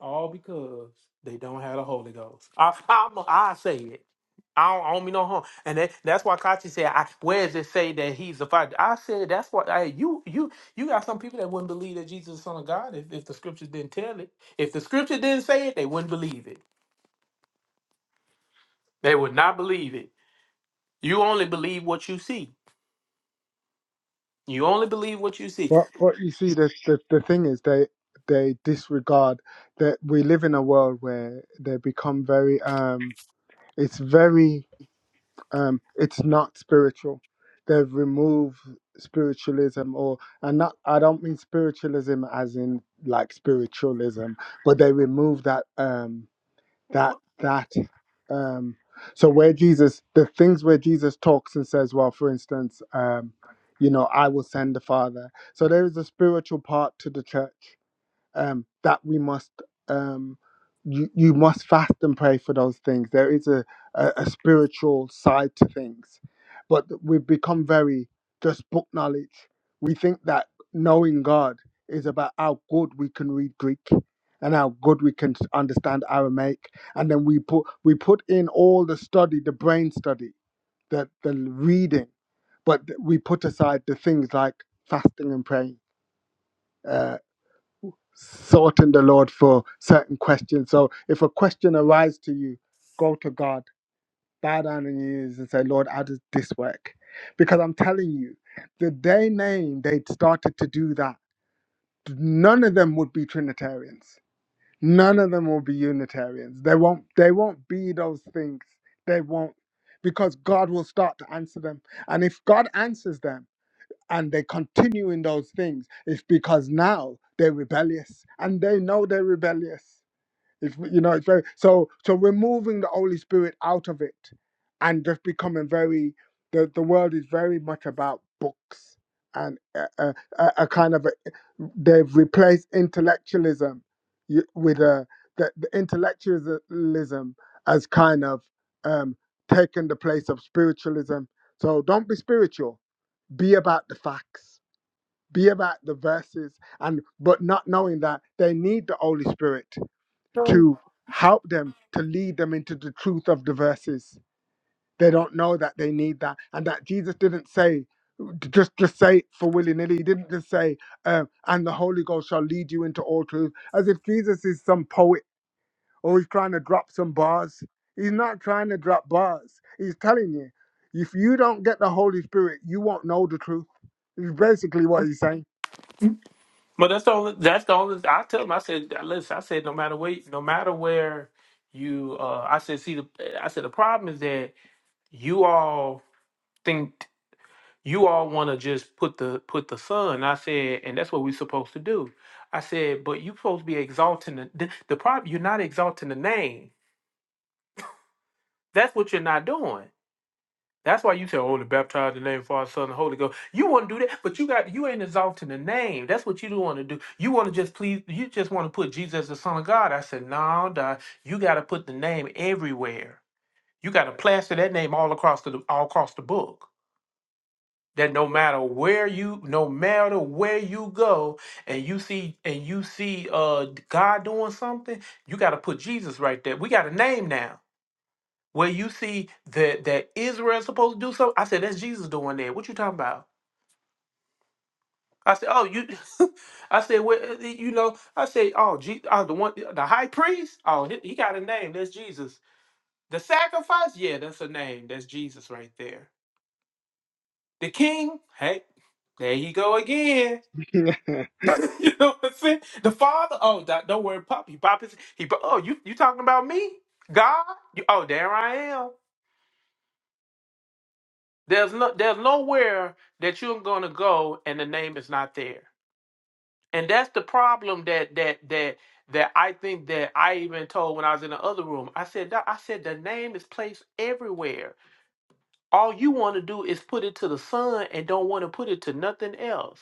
S1: all because they don't have the Holy Ghost. I i I say it. I don't, I don't mean no harm, and that, that's why Kachi said, I, "Where does it say that he's the Father?" I said, "That's why I, you you you got some people that wouldn't believe that Jesus is the Son of God if, if the Scriptures didn't tell it. If the Scripture didn't say it, they wouldn't believe it. They would not believe it. You only believe what you see. You only believe what you see.
S3: But but you see, the the, the thing is they they disregard that we live in a world where they become very um. It's very um, it's not spiritual. They've removed spiritualism, or and not. I don't mean spiritualism as in like spiritualism, but they remove that um, that that. Um, so where Jesus, the things where Jesus talks and says, well, for instance, um, you know, I will send the Father. So there is a spiritual part to the church um, that we must um, you you must fast and pray for those things. There is a, a a spiritual side to things, but we've become very just book knowledge. We think that knowing God is about how good we can read Greek and how good we can understand Aramaic, and then we put we put in all the study, the brain study, the the reading, but we put aside the things like fasting and praying. Uh sought in the Lord for certain questions. So if a question arises to you, go to God, bow down on your knees and say, Lord, how does this work? Because I'm telling you, the day name they started to do that, none of them would be Trinitarians. None of them will be Unitarians. They won't they won't be those things. They won't. Because God will start to answer them. And if God answers them, and they continue in those things it's because now they're rebellious and they know they're rebellious it's you know it's very so so removing the holy spirit out of it and just becoming very the, the world is very much about books and a, a, a a kind of a, they've replaced intellectualism y- with a the, the intellectualism as kind of um taken the place of spiritualism so don't be spiritual be about the facts be about the verses and but not knowing that they need the holy spirit to help them to lead them into the truth of the verses they don't know that they need that and that jesus didn't say just just say it for willy-nilly he didn't just say uh, and the holy ghost shall lead you into all truth as if jesus is some poet or he's trying to drop some bars. He's not trying to drop bars. He's telling you, if you don't get the Holy Spirit, you won't know the truth. It's basically what he's saying.
S1: But that's the only. That's the only. I tell them. I said, listen. I said, no matter where, no matter where you. uh I said, see the. I said the problem is that you all think you all want to just put the put the sun. I said, and that's what we're supposed to do. I said, but you supposed to be exalting the the, the problem. You're not exalting the name. That's what you're not doing. That's why you said, "Oh, to baptize in the name of Father, Son, and Holy Ghost." You want to do that, but you got you ain't exalting the name. That's what you don't want to do. You want to just please. You just want to put Jesus the Son of God. I said, "No, nah, you got to put the name everywhere. You got to plaster that name all across the all across the book. That no matter where you, no matter where you go, and you see and you see uh God doing something, you got to put Jesus right there. We got a name now." where you see that that Israel supposed to do something. I said, that's Jesus doing that. What you talking about? I said, oh, you. <laughs> I said, well, uh, you know, I said, oh, Je- oh, the one, the high priest. Oh, he, he got a name. That's Jesus. The sacrifice. Yeah, that's a name. That's Jesus right there. The king. Hey, there you go again.
S3: <laughs> you,
S1: <laughs> you know what I'm saying? The father. Oh, don't don't worry, Pop. He pop his. He. pop- Oh, you you talking about me? God. You, oh, there I am. There's no there's nowhere that you're gonna go and the name is not there. And that's the problem that that that that I think that I even told when I was in the other room. I said "Doc," I said the name is placed everywhere. All you want to do is put it to the sun and don't want to put it to nothing else.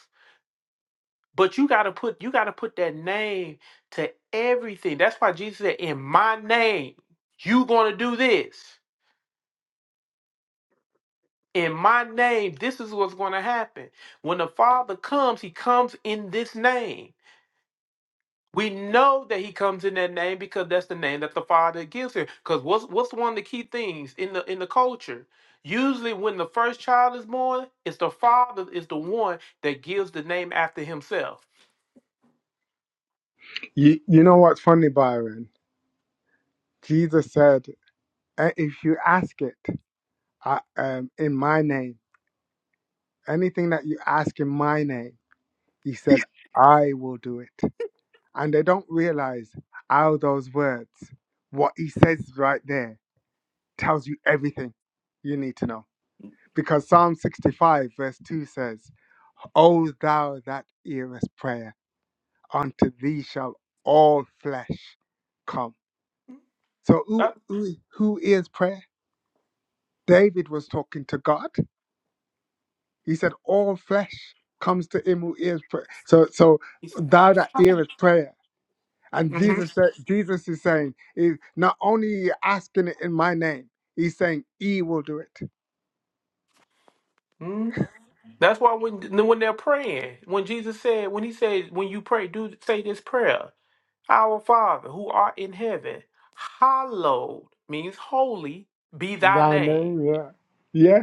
S1: But you gotta put you gotta put that name to everything. That's why Jesus said, In my name, you gonna do this. in my name, this is what's going to happen. When the Father comes, he comes in this name. We know that he comes in that name because that's the name that the Father gives him. Because what's what's one of the key things in the in the culture? Usually when the first child is born, it's the father is the one that gives the name after himself.
S3: you know what's funny, Byron? Jesus said, "Eh, if you ask it I, um, in my name, anything that you ask in my name, he said, I will do it. And they don't realize how those words, what he says right there, tells you everything you need to know Because Psalm 65, verse 2 says, O thou that hearest prayer, unto thee shall all flesh come. So who,
S1: Uh,
S3: who, who hears prayer? David was talking to God. He said, All flesh comes to him who hears prayer. So, so
S1: he's-
S3: thou that hearest prayer. And
S1: Mhm.
S3: Jesus said, Jesus is saying, is not only asking it in my name, he's saying, He will do it.
S1: Mhm. That's why when when they're praying, when Jesus said, when he said, when you pray, do say this prayer. Our Father who art in heaven, hallowed means holy be thy
S3: Thy
S1: name.
S3: name, yeah.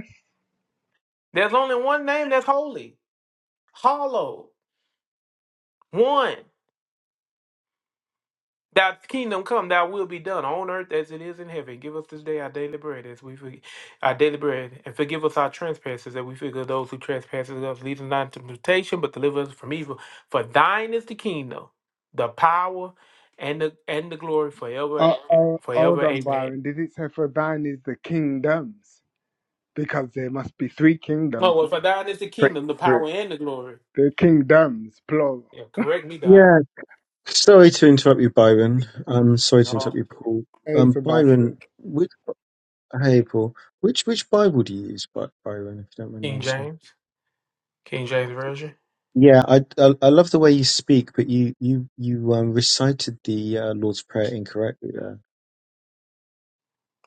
S1: There's only one name that's holy, hallowed, one. Thy kingdom come, thy will be done on earth as it is in heaven. Give us this day our daily bread as we forgive our daily bread, and forgive us our trespasses as we forgive those who trespass against us. Lead us not into temptation, but deliver us from evil. For thine is the kingdom, the power, and the and the glory forever,
S3: Oh,
S1: eh,
S3: oh, hold
S1: forever.
S3: on,
S1: Amen.
S3: Byron. Did it say for thine is the kingdoms? Because there must be three kingdoms.
S1: Oh, well, for thine is the
S3: Three,
S1: kingdom, the
S3: three.
S1: power, and the glory.
S3: The kingdoms, plural.
S1: Yeah, correct me, God.
S11: Yeah, sorry to interrupt you, Byron. Um, sorry to interrupt
S1: No.
S11: you, Paul.
S3: Hey,
S11: Um,
S3: Sebastian.
S11: Byron, which, hey, Paul, which which Bible do you use, By- Byron? If you don't mind me
S1: King
S11: asking.
S1: James, King James version.
S11: Yeah, I, I I love the way you speak, but you you you um recited the uh, Lord's Prayer incorrectly there.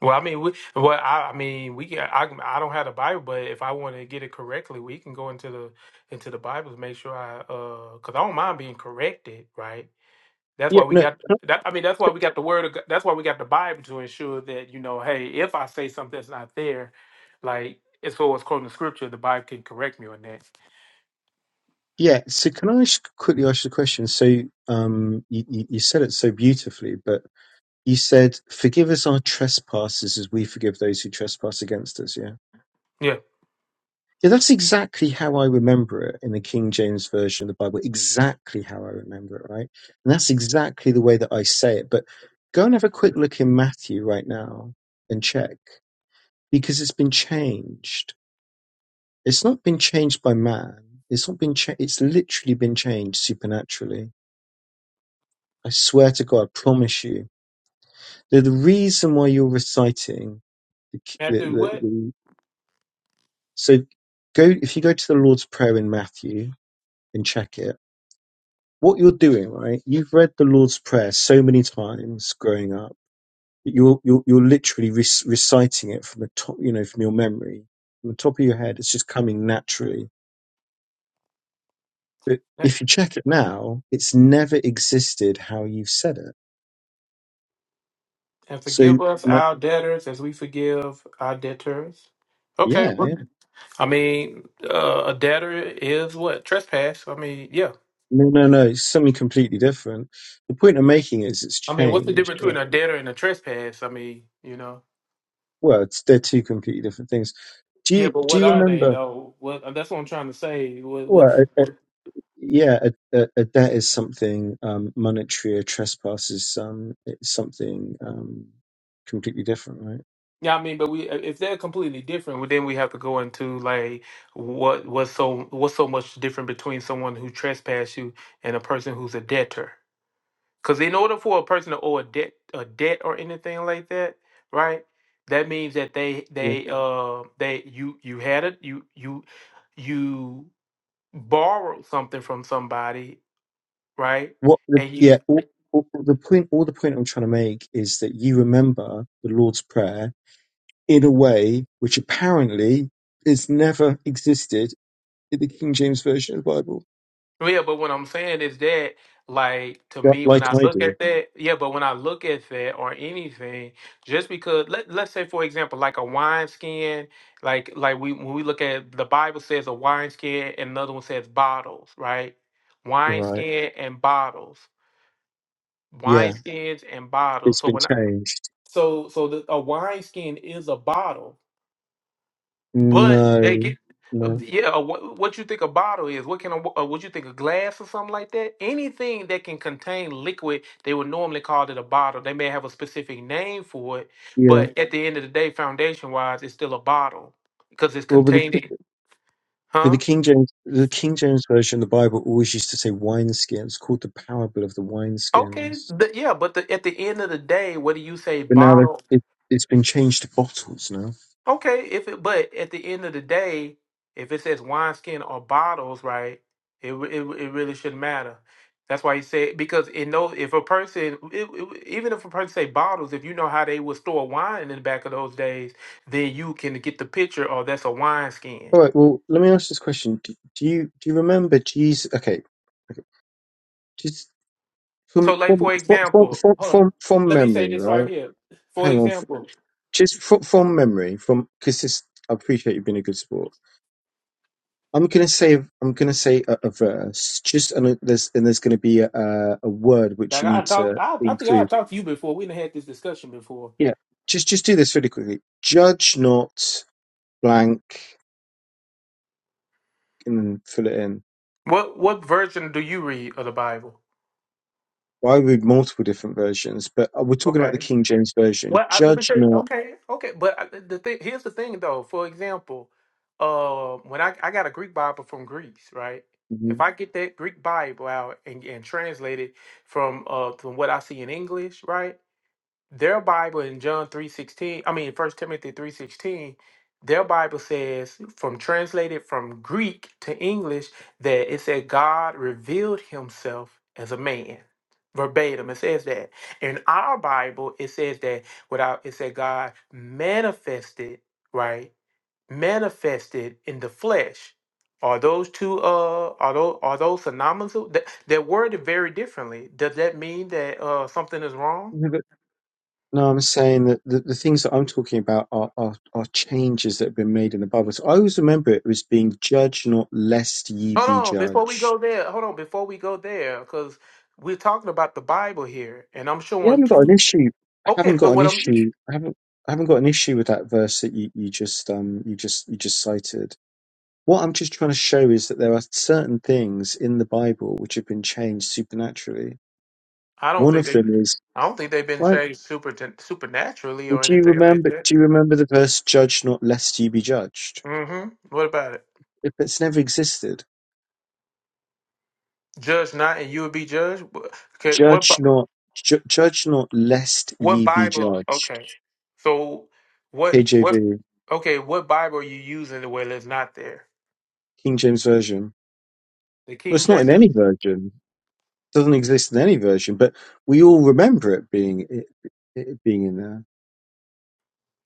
S1: Well, I mean, we, well, I, I mean, we can. I, I don't have the Bible, but if I want to get it correctly, we can go into the into the Bible to make sure I, uh, because I don't mind being corrected, right? That's
S11: Yeah,
S1: why we
S11: no,
S1: got that. I mean, that's why we got the word. Of, Go- that's why we got the Bible to ensure that you know, hey, if I say something that's not there, like as far as quoting the scripture, the Bible can correct me on that.
S11: yeah. So can I ask, quickly ask you a question? So um, you, you you said it so beautifully, but you said, "Forgive us our trespasses, as we forgive those who trespass against us." Yeah
S1: Yeah.
S11: Yeah, that's exactly how I remember it in the King James version of the Bible. Exactly how I remember it, right? And that's exactly the way that I say it. But go and have a quick look in Matthew right now and check because it's been changed. It's not been changed by man. It's not been cha- It's literally been changed supernaturally. I swear to God, I promise you. The, the reason why you're reciting the, the,
S1: Matthew,
S11: the,
S1: what?
S11: the so go if you go to the Lord's Prayer in Matthew and check it what you're doing, right? You've read the Lord's Prayer so many times growing up. that You're you're you're literally re- reciting it from the top, you know, from your memory, from the top of your head. It's just coming naturally. But if you check it now, it's never existed how you've said it.
S1: And
S11: So,
S1: forgive us
S11: my
S1: our debtors as we forgive our debtors. Okay.
S11: yeah, yeah.
S1: I mean, uh, a debtor is what? Trespass. I mean, yeah.
S11: no, no, no, it's something completely different. The point I'm making is it's
S1: I mean, what's the
S11: changed.
S1: difference between a debtor and a trespass? I mean, you know.
S11: Well, it's, they're two completely different things. Do
S1: Yeah,
S11: you
S1: but
S11: do
S1: what
S11: you
S1: are they
S11: remember?
S1: though? What uh, that's what I'm trying to say. What, what,
S11: Well,
S1: what
S11: yeah, a, a, a debt is something um, monetary. A trespass is um, it's something um, completely different, right?
S1: yeah, I mean, but we uh, if they're completely different, well, then we have to go into like what what's so what's so much different between someone who trespassed you and a person who's a debtor. Because in order for a person to owe a debt, a debt or anything like that, right? That means that they
S11: Yeah.
S1: they uh they you you had it you you you borrowed something from somebody, right?
S11: What? The,
S1: And you
S11: yeah. All, all, the point. All the point I'm trying to make is that you remember the Lord's Prayer in a way which apparently has never existed in the King James Version of the Bible.
S1: Well, Yeah, but what I'm saying is that, like, to
S11: Yeah.
S1: me, when
S11: Like
S1: I
S11: I
S1: look
S11: do.
S1: at that, yeah, but when I look at that or anything, just because let let's say for example, like a wine skin, like like we when we look at the Bible says a wine skin and another one says bottles, right? Wine
S11: Right.
S1: skin and bottles. wine
S11: Yeah.
S1: skins and bottles.
S11: It's
S1: So
S11: been
S1: when I,
S11: changed.
S1: so so the, a wine skin is a bottle. But they get
S11: No.
S1: uh,
S11: No.
S1: yeah. uh, What, what you think a bottle is? What can a, uh, what you think a glass or something like that? Anything that can contain liquid, they would normally call it a bottle. They may have a specific name for it,
S11: Yeah.
S1: but at the end of the day, foundation wise, it's still a bottle because it's
S11: Well, but the,
S1: containing,
S11: but the
S1: huh?
S11: King James, the King James version of the Bible always used to say wineskins. It's called the parable of the
S1: Okay,
S11: wineskins.
S1: the, yeah, but the, at the end of the day, whether you say
S11: But now that
S1: bottle
S11: it, it's been changed to bottles now.
S1: Okay, if it, but at the end of the day, if it says wineskin or bottles, right? It re- it, re- it really shouldn't matter. That's why he said because in those, if a person it, it- even if a person say bottles, if you know how they would store wine in the back of those days, then you can get the picture. Oh, that's a wineskin.
S11: All right. Well, let me ask this question: Do, do you do you remember Jesus? Okay, just
S1: So,
S11: from
S1: like
S11: from
S1: for
S11: from from
S1: example,
S11: from,
S1: hold on.
S11: from from
S1: Let me say
S11: memory,
S1: this right
S11: right?
S1: here. For
S11: Hang on, f-
S1: example,
S11: just from, from memory, from because this I appreciate you being a good sport. I'm gonna say I'm gonna say a, a verse, just and there's and there's gonna be a, a a word which
S1: like
S11: you
S1: I
S11: need
S1: talked,
S11: to
S1: I, I think I
S11: include.
S1: talked to you before. We done had this discussion before.
S11: Yeah, just just do this really quickly. Judge not blank, and then fill it in.
S1: What what version do you read of the Bible?
S11: Well, I read multiple different versions, but uh, we're talking
S1: Okay.
S11: about the King James version.
S1: Well, I, let me
S11: Judge
S1: tell you.
S11: not
S1: Okay, okay, but I, the thing here's the thing though. For example, uh, when I I got a Greek Bible from Greece, right? If
S11: Mhm.
S1: I get that Greek Bible out and, and translate it from uh from what I see in English, right? their Bible in John 3:16, I mean First Timothy 3:16, their Bible says from translated from Greek to English that it said God revealed himself as a man. Verbatim, it says that. In our Bible, it says that without it said God manifested, right? Manifested in the flesh. Are those two uh are those are those synonymous? That they're worded very differently. Does that mean that uh something is wrong?
S11: No, but- no, I'm saying that the, the things that I'm talking about are, are, are changes that have been made in the Bible. So I always remember it was being judged, not lest ye
S1: Hold
S11: be
S1: on, before we
S11: judged.
S1: go there, hold on, before we go there, because we're talking about the Bible here, and I'm
S11: You
S1: showing
S11: haven't got an
S1: two.
S11: issue. I
S1: Okay,
S11: haven't
S1: but
S11: got an
S1: what I'm,
S11: issue. I haven't. I haven't got an issue with that verse that you, you just um you just you just cited. What I'm just trying to show is that there are certain things in the Bible which have been changed supernaturally.
S1: I don't
S11: One
S1: think
S11: of
S1: they,
S11: them is
S1: I don't think they've been
S11: right.
S1: changed super supernaturally
S11: Well,
S1: or
S11: do you
S1: anything like
S11: remember?
S1: that.
S11: Do you remember the verse "Judge not, lest ye be judged"?
S1: Mm-hmm. What about it?
S11: It, it's never existed.
S1: Judge not, and you will be judged. Wha- Okay, what, Bi-
S11: Judge not, ju- judge not, lest
S1: what
S11: ye be
S1: Bible?
S11: judged.
S1: Okay, so what, what?
S11: KJV,
S1: Okay, what Bible are you using where it's not there?
S11: King James Version.
S1: The
S11: Well,
S1: King
S11: it's not in
S1: James.
S11: any version. It doesn't exist in any version, but we all remember it being it, it being in there.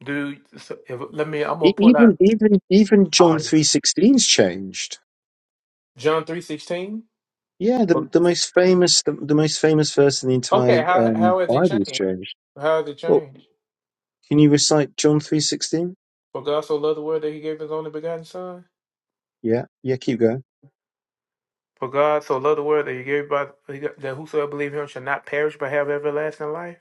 S1: Do so if, let me. I'm gonna
S11: E-
S1: pull out
S11: Even even even
S1: all
S11: John
S1: right,
S11: three sixteen's changed.
S1: John three sixteen.
S11: Yeah, the the most famous the, the most famous verse in the entire
S1: Okay, how
S11: um,
S1: how has it
S11: Bible is
S1: changed?
S11: changed.
S1: How has it
S11: Well,
S1: changed?
S11: can you recite John three sixteen?
S1: For God so loved the world that He gave His only begotten Son.
S11: Yeah, yeah. Keep going.
S1: For God so loved the world that He gave by that whosoever believe Him shall not perish but have everlasting life.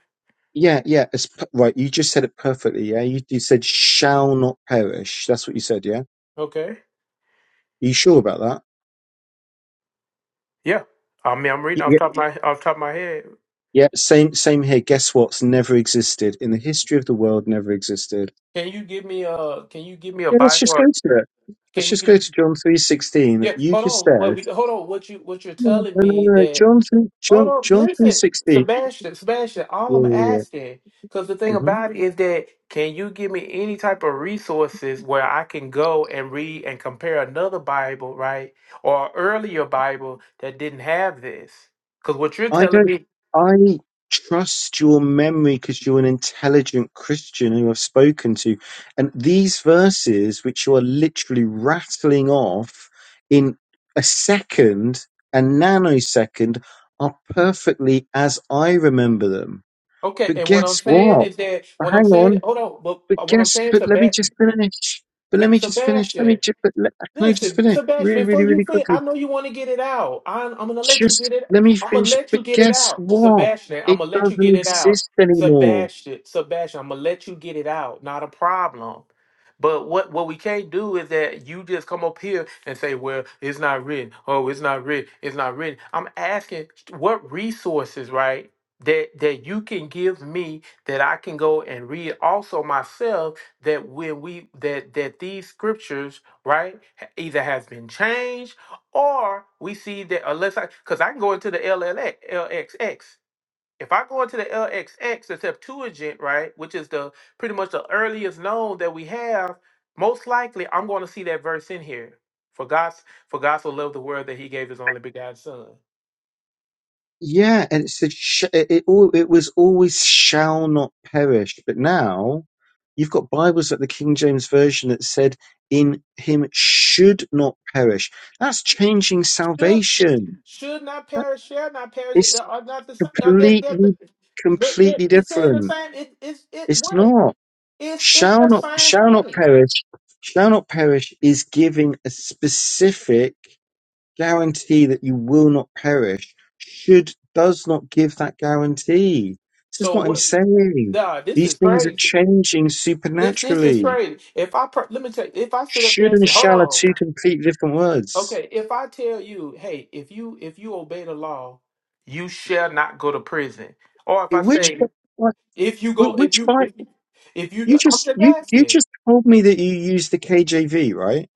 S11: Yeah, yeah. It's, p- right, you just said it perfectly. Yeah, you, you said shall not perish. That's what you said. Yeah, are
S1: Okay.
S11: you sure about that?
S1: Yeah. I mean, I'm
S11: Y-
S1: reading off
S11: Yeah,
S1: top of my off top of my head.
S11: yeah. Same, same here. Guess what's never existed in the history of the world? Never existed.
S1: Can you give me a Can you give me a
S11: Yeah, let's just
S1: Bible?
S11: go to it. Let's
S1: Can you?
S11: just go
S1: Give,
S11: to John three sixteen. that
S1: yeah.
S11: You
S1: Hold
S11: just
S1: on. But
S11: said
S1: we, hold on. What you What you're
S11: no, no,
S1: telling
S11: no.
S1: me
S11: no,
S1: that?
S11: John three,
S1: Hold
S11: John,
S1: on,
S11: John three
S1: listen,
S11: sixteen.
S1: Sebastian, Sebastian. All
S11: Yeah,
S1: I'm
S11: yeah, yeah.
S1: asking, because the thing
S11: Mm-hmm.
S1: about it is that, can you give me any type of resources where I can go and read and compare another Bible, right, or earlier Bible that didn't have this? Because what you're
S11: I
S1: telling
S11: don't.
S1: me,
S11: I trust your memory because you're an intelligent Christian who I've spoken to, and these verses, which you are literally rattling off in a second, a nanosecond, are perfectly as I remember them.
S1: okay,
S11: But
S1: and what I'm
S11: guess
S1: saying
S11: what?
S1: is that,
S11: But
S1: what I'm
S11: hang
S1: saying,
S11: on.
S1: hold on, but
S11: But
S1: uh, what I'm
S11: guess.
S1: saying,
S11: But let me
S1: Seb-
S11: just finish. But let me just finish. Let me
S1: Sebastian,
S11: just. But let, can I just
S1: Listen,
S11: finish
S1: Sebastian,
S11: really,
S1: before
S11: really,
S1: you
S11: really
S1: finish,
S11: quickly?
S1: I know you want to get it out. I'm, I'm gonna let you
S11: Just
S1: get it.
S11: let me
S1: I'm gonna
S11: finish.
S1: let you
S11: But
S1: get it
S11: guess
S1: out,
S11: what?
S1: Sebastian. I'm
S11: It
S1: gonna let you
S11: doesn't
S1: get it out,
S11: exist anymore.
S1: Sebastian. Sebastian, I'm gonna let you get it out. Not a problem. But what what we can't do is that you just come up here and say, "Well, it's not written. Oh, it's not written. It's not written." I'm asking what resources, right? That that you can give me that I can go and read also myself. That when we that that these scriptures right? ha- Either has been changed or we see that unless I, because I can go into the LLX, LXX. If I go into the LXX, the Septuagint, right, which is the pretty much the earliest known that we have, most likely I'm going to see that verse in here. For God's for God so loved the world that He gave His only begotten Son.
S11: Yeah, and it's the sh- it, it al- it was always shall not perish, but now you've got Bibles like the King James version that said in him should not perish. That's changing
S1: Should
S11: salvation.
S1: should not perish, shall not perish, uh,
S11: It's
S1: are not the same. Are that that that
S11: completely
S1: that- that-
S11: completely
S1: it's saying the
S11: different.
S1: same. It, it's it
S11: It's
S1: what?
S11: not
S1: It's it's
S11: shall
S1: the
S11: not
S1: same
S11: shall not
S1: thing.
S11: perish. Shall not perish is giving a specific guarantee that you will not perish should does not give that guarantee. This is
S1: So
S11: what I'm
S1: what?
S11: saying.
S1: Nah, this
S11: These
S1: is
S11: things are
S1: crazy.
S11: changing
S1: This this is
S11: supernaturally.
S1: crazy. If I per- let me tell you, if I sit up there
S11: Should
S1: and
S11: and
S1: say, "Hold
S11: shall are two
S1: on,"
S11: completely different words.
S1: okay, if I tell you, "Hey, if you if you obey the law, you shall not go to prison," or if I
S11: In Which
S1: say,
S11: wh-
S1: "If you go, if
S11: which
S1: you
S11: Bible?
S1: if you, if you,"
S11: You
S1: I'm
S11: just
S1: just
S11: you you
S1: asking,
S11: just told me that you use the KJV, right?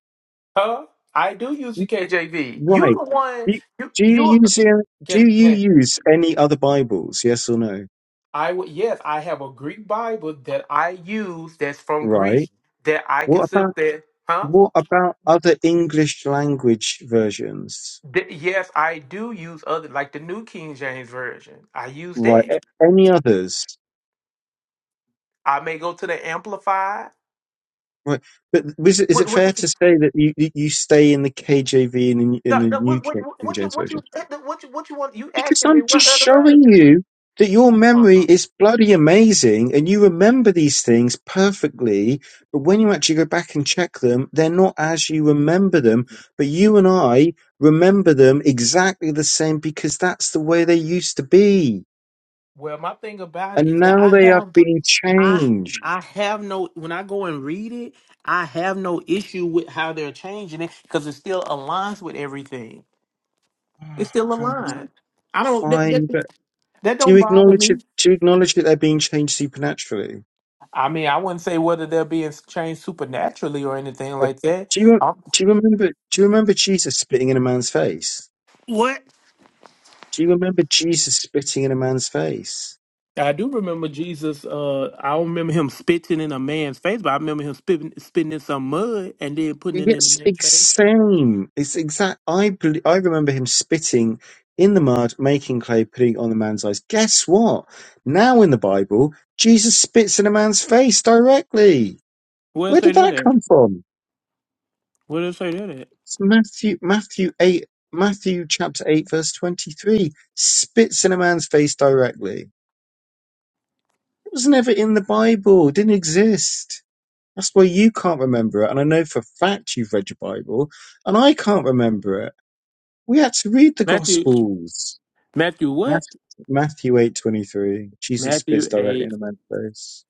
S1: huh? I do use the KJV. You
S11: Right.
S1: the one
S11: Do you
S1: you
S11: do you
S1: you
S11: use uh, do you
S1: can. Hey,
S11: use any other Bibles? Yes or no?
S1: I would yes, I have a Greek Bible that I use that's from Greece
S11: Right.
S1: that I
S11: What
S1: can sit
S11: about
S1: up there, huh?
S11: What about other English language versions?
S1: Th- yes, I do use other like the New King James Version. I use
S11: Right,
S1: that.
S11: a- any others?
S1: I may go to the Amplified.
S11: Right, but is it, is
S1: What
S11: it
S1: what
S11: fair to say that you you you stay in the KJV and in, the- in
S1: no,
S11: the
S1: no,
S11: New
S1: what, what,
S11: King
S1: what, what you
S11: James
S1: what you
S11: version?
S1: what you what you want? You
S11: Because
S1: asking me
S11: I'm
S1: what
S11: just
S1: other version?
S11: showing you that your memory
S1: Uh-huh.
S11: is bloody amazing and you remember these things perfectly. But when you actually go back and check them, they're not as you remember them. But you and I remember them exactly the same because that's the way they used to be.
S1: Well, my thing about it
S11: and
S1: is that
S11: now
S1: I
S11: they are
S1: have
S11: being
S1: I
S11: changed.
S1: I have no when I go and read it, I have no issue with how they're changing it because it still aligns with everything. It's
S11: Oh,
S1: still
S11: God,
S1: aligned. I don't that that,
S11: fine, but
S1: that
S11: do you
S1: don't bother
S11: acknowledge
S1: me.
S11: it? Do you acknowledge that they're being changed supernaturally?
S1: I mean, I wouldn't say whether they're being changed supernaturally or anything
S11: Right.
S1: like that.
S11: Do you
S1: i
S11: do you remember? Do you remember Jesus spitting in a man's face?
S1: what?
S11: Do you remember Jesus spitting in a man's face?
S1: I do remember Jesus. Uh, I don't remember him spitting in a man's face, but I remember him spitting, spitting in some mud and then putting it in.
S11: It's ex- same. It's exact. I bel I remember him spitting in the mud, making clay, putting it on the man's eyes. Guess what? Now in the Bible, Jesus spits in a man's face directly.
S1: Where it
S11: Where
S1: say
S11: did
S1: that
S11: that
S1: at?
S11: come from?
S1: Where did it say that at?
S11: It's Matthew, Matthew eight, Matthew chapter eight, verse twenty-three. Spits in a man's face directly. It was never in the Bible. It didn't exist. That's why you can't remember it. And I know for a fact you've read your Bible, and I can't remember it. We had to read the
S1: Matthew.
S11: Gospels.
S1: Matthew what?
S11: Matthew, Matthew eight twenty-three. Jesus
S1: Matthew
S11: spits directly
S1: eight
S11: in a man's face.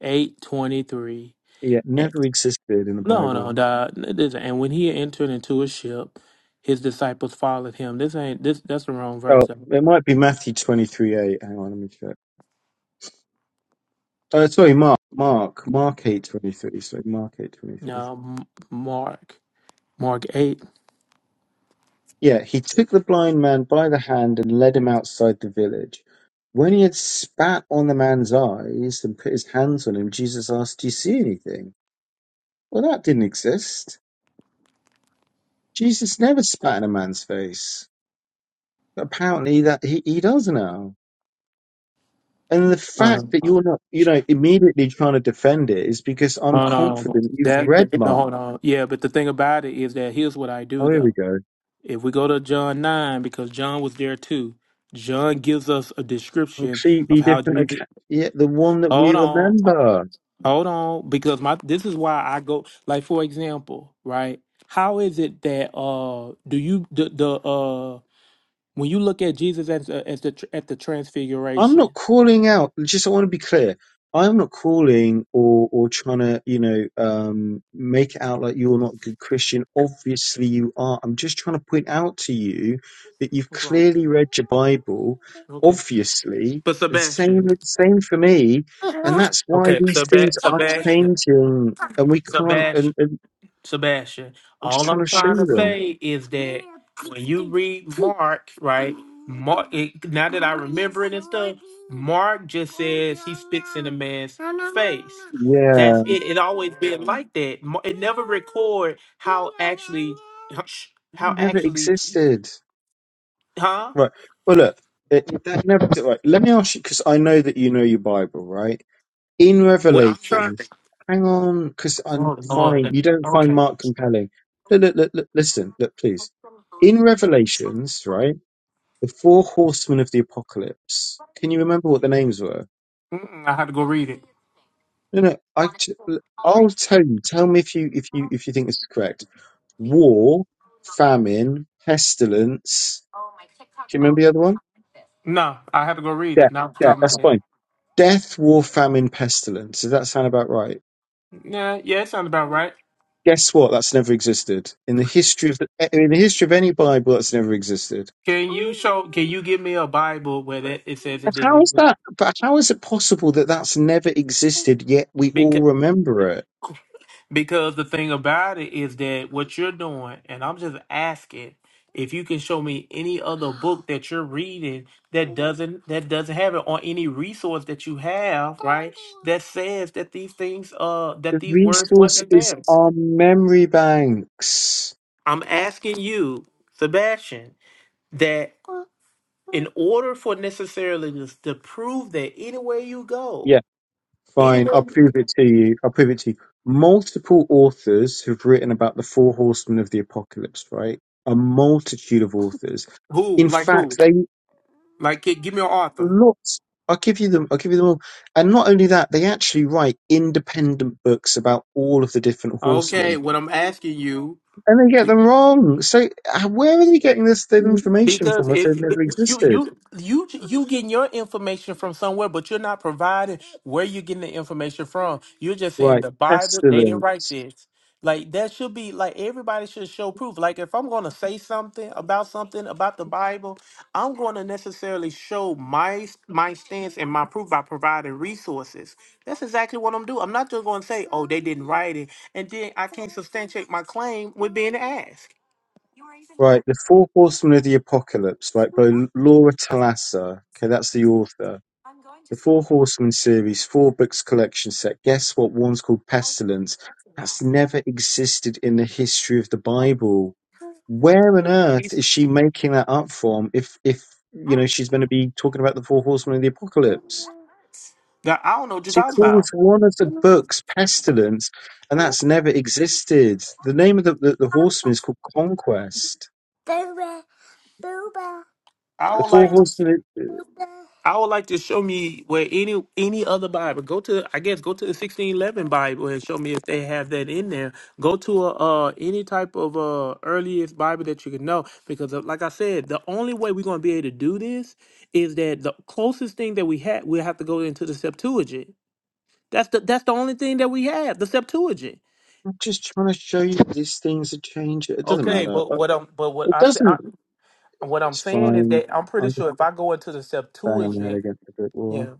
S1: eight twenty three.
S11: Yeah, it never existed in the
S1: No, no,
S11: Bible.
S1: dog. This and when he entered into a ship, his disciples followed him. This ain't this. That's the wrong
S11: Oh,
S1: verse.
S11: it might be Matthew twenty-three eight. Hang on, let me check. Uh, sorry, Mark, Mark, Mark eight twenty three. Sorry, Mark eight twenty three.
S1: No, M- Mark. Mark eight.
S11: Yeah, he took the blind man by the hand and led him outside the village. When he had spat on the man's eyes and put his hands on him, Jesus asked, "Do you see anything?" Well, that didn't exist. Jesus never spat in a man's face. But apparently, that he, he does now. And the fact
S1: Hold
S11: that
S1: on.
S11: you're not, you know, immediately trying to defend it is because I'm
S1: Hold on.
S11: confident you've
S1: That
S11: read
S1: th- no,
S11: Mark.
S1: hold on. Yeah, but the thing about it is that here's what I do
S11: Oh, here
S1: though.
S11: we go.
S1: If we go to John nine, because John was there too, John gives us a description of
S11: completely
S1: how
S11: different
S1: Jesus.
S11: account. Yeah, the one that
S1: Hold
S11: we
S1: on,
S11: remember.
S1: hold on, because my this is why I go like for example, right? How is it that uh do you the the uh when you look at Jesus as a- as the tr- at the
S11: I'm not
S1: transfiguration?
S11: calling out. Just I want to be clear. I'm not calling or or trying to you know um, make it out like you're not a good Christian. Obviously you are. I'm just trying to point out to you that you've clearly read your Bible.
S1: Okay,
S11: Obviously,
S1: but
S11: the same
S1: Sebastian.
S11: same for me, and that's why
S1: Okay,
S11: these things
S1: Seba-
S11: are
S1: Sebastian.
S11: changing, and we can't.
S1: Sebastian.
S11: And, and
S1: Sebastian.
S11: I'm just
S1: All
S11: trying
S1: I'm
S11: to show
S1: trying to
S11: you them.
S1: say is that when you read Mark, right? Mark, it, now that I remember it and stuff, Mark just says he spits in a man's face. That's
S11: Yeah,
S1: it. It always been like that. Mar- It never record how actually, huh, shh,
S11: it
S1: how
S11: never
S1: actually,
S11: existed.
S1: huh?
S11: Right. Well, look, it, that never right. Let me ask you because I know that you know your Bible, right? In
S1: Well, I'm trying.
S11: Revelation, hang on, because I'm
S1: Oh
S11: fine.
S1: Lord.
S11: You don't find
S1: Okay.
S11: Mark compelling. Look, look, look, look, listen, look, please. In Revelations, right, the four horsemen of the apocalypse. Can you remember what the names were?
S1: Mm-mm, I had to go read it.
S11: No, no. I, t- I'll tell you. Tell me if you, if you, if you think this is correct. War, famine, pestilence. Do you remember the other one?
S1: No, I had to go read it.
S11: Death.
S1: Not off the top
S11: Death.
S1: of my
S11: That's
S1: head.
S11: fine Death, war, famine, pestilence. Does that sound about right?
S1: Yeah, yeah, it sounds about right.
S11: Guess what? That's never existed in the history of the, in the history of any Bible. That's never existed.
S1: Can you show? Can you give me a Bible where that it says it
S11: But
S1: didn't
S11: How is
S1: exist?
S11: that? But how is it possible that that's never existed yet we all
S1: Because
S11: remember it?
S1: because the thing about it is that what you're doing, and I'm just asking if you can show me any other book <gasps> that you're reading that doesn't that doesn't have it, or any resource that you have, right? That says that these things, uh, that
S11: The
S1: these words
S11: resource
S1: wasn't
S11: is
S1: there.
S11: our memory banks.
S1: I'm asking you, Sebastian, that in order for necessarily to, to prove that anywhere you go,
S11: Yeah, fine.
S1: anywhere,
S11: I'll prove it to you. I'll prove it to you. Multiple authors who've written about the four horsemen of the apocalypse, right? A multitude of authors.
S1: who
S11: In
S1: like
S11: fact,
S1: who?
S11: they
S1: Like, gi- give me an author.
S11: lots. I'll give you them. I'll give you them all. And not only that, they actually write independent books about all of the different
S1: Okay,
S11: horsemen,
S1: what I'm asking you.
S11: and they get them wrong. So uh, where are they getting this thin information
S1: Because
S11: from if
S1: if
S11: they've never
S1: you
S11: existed?
S1: you you you getting your information from somewhere, but you're not providing where you're getting the information from. You're just saying
S11: Right,
S1: the Bible. They didn't
S11: pestilence.
S1: write this. Like that should be like everybody should show proof. Like if I'm going to say something about something about the Bible, I'm going to necessarily show my my stance and my proof by providing resources. That's exactly what I'm doing. I'm not just going to say, "Oh, they didn't write it," and then I can't substantiate my claim with being asked.
S11: Right, the four horsemen of the apocalypse. Right, by Laura Talassa. Okay, that's the author. The Four Horsemen series' 4 books collection set guess what one's called pestilence that's never existed in the history of the Bible. Where on earth is she making that up from if if you know she's going to be talking about the four horsemen of the apocalypse?
S1: I don't know what you're
S11: She
S1: talking about.
S11: calls one of the books pestilence, and that's never existed. The name of the, the, the horseman is called Conquest.
S1: I
S11: The
S1: would
S11: four
S1: like to see.
S11: horsemen.
S1: I would like to show me where any any other Bible. Go to I guess go to the sixteen eleven Bible and show me if they have that in there. Go to a, uh any type of uh earliest Bible that you can know because uh, like I said, the only way we're gonna be able to do this is that the closest thing that we had we have to go into the Septuagint. That's the that's the only thing that we have the Septuagint.
S11: I'm just trying to show you these things are changing. It doesn't
S1: Okay,
S11: matter.
S1: but
S11: Uh,
S1: what I'm but what
S11: It
S1: I say I,
S11: doesn't.
S1: what I'm
S11: It's
S1: saying is
S11: fine.
S1: that I'm pretty sure if I go into the
S11: bang my head
S1: Septuagint,
S11: against the brick
S1: yeah.
S11: wall.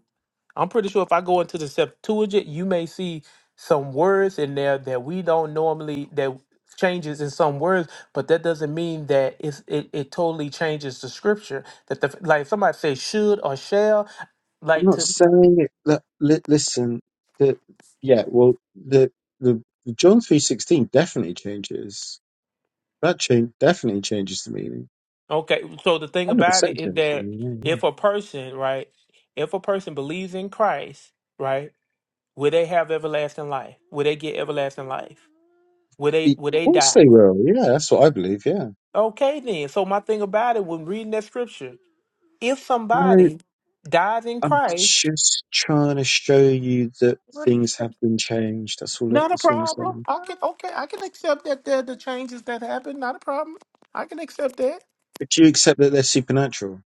S1: I'm pretty sure if I go into the Septuagint, you may see some words in there that we don't normally that changes in some words, but that doesn't mean that it's it, it totally changes the scripture. That the like somebody say should or shall,
S11: I'm
S1: like
S11: not
S1: to
S11: saying it. That, li- listen, the, yeah, well, the the the John three sixteen definitely changes. That change definitely changes the meaning.
S1: okay. So the thing
S11: Hundred
S1: about it
S11: percent.
S1: is
S11: changes the
S1: that
S11: meaning,
S1: if a
S11: yeah,
S1: person, right, if a person believes in Christ, right, will they have everlasting life? Will they get everlasting life? Will
S11: yeah.
S1: they will
S11: Of
S1: they
S11: course
S1: die?
S11: they will. Yeah, that's what I believe. Yeah.
S1: Okay then. So my thing about it when reading that scripture. if
S11: No,
S1: somebody dies in
S11: I'm
S1: Christ,
S11: just trying to show you that things have been changed. That's all.
S1: not a
S11: That's all I'm
S1: problem.
S11: saying.
S1: I can okay, I can accept that there are the changes that happen, not a problem. I can accept that.
S11: But do you accept that they're supernatural?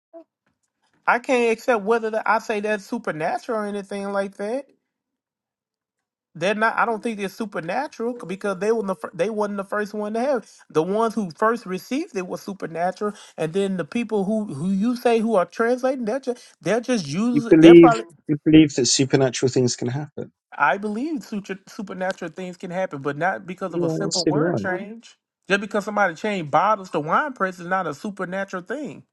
S1: I can't accept whether the, I say that's supernatural or anything like that. They're not. I don't think they're supernatural c- because they were the fir- they wasn't the first one to have. it. The ones who first received it was supernatural, and then the people who who you say who are translating, they're just they're just
S11: You
S1: using. They're
S11: believe
S1: probably
S11: you believe that supernatural things can happen.
S1: I believe sutra- supernatural things can happen, but not because of a
S11: Yeah,
S1: simple
S11: so do
S1: word
S11: I.
S1: change. Just because somebody changed bottles to wine press is not a supernatural thing.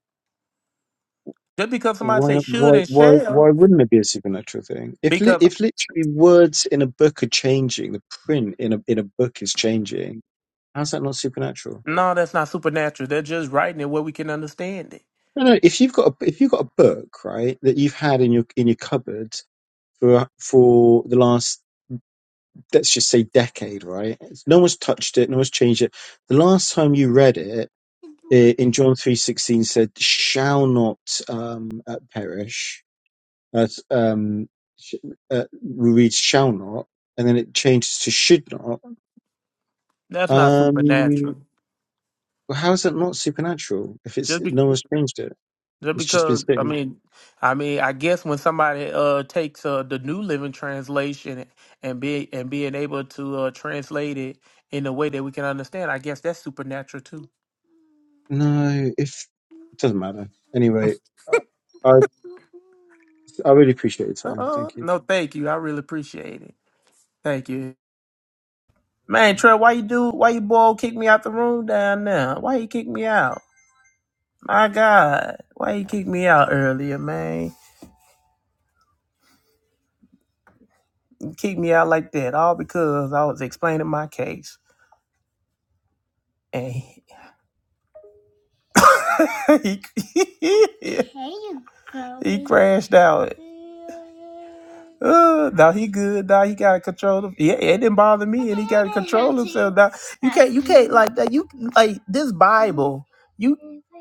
S1: Just because somebody
S11: Why,
S1: say should
S11: why,
S1: and
S11: why,
S1: shall,
S11: why wouldn't it be a supernatural thing? If li
S1: because
S11: if literally words in a book are changing, the print in a in a book is changing. How's that not supernatural?
S1: no, that's not supernatural. They're just writing it where we can understand it.
S11: No, no. If you've got a, if you've got a book, right, that you've had in your in your cupboard for for the last let's just say decade, right? It's- No one's touched it, no one's changed it. The last time you read it eh, in John three sixteen said, "Shall not um, uh, perish." That's um, sh- uh, we read shall not, and then it changes to should not.
S1: That's not
S11: Um,
S1: supernatural.
S11: how is that not supernatural? If it's
S1: Just be-
S11: no one's changed it,
S1: Just
S11: it's just been
S1: because I
S11: sitting.
S1: mean, I mean, I guess when somebody uh takes uh the New Living Translation and be and being able to uh translate it in a way that we can understand, I guess that's supernatural too.
S11: No, if it doesn't matter. Anyway, I I really appreciate your time.
S1: Uh-uh.
S11: Thank you.
S1: No, thank you. I really appreciate it. Thank you, man. Trey, why you do? Why you boy kick me out the room down there? Why you kick me out? My God, why you kick me out earlier, man? You kick me out like that all because I was explaining my case and. <laughs> he, <laughs> He crashed out. Uh, now he good. Now he gotta control him. Yeah, it didn't bother me, and he gotta control himself. Now you can't, you can't like that. You like this Bible. You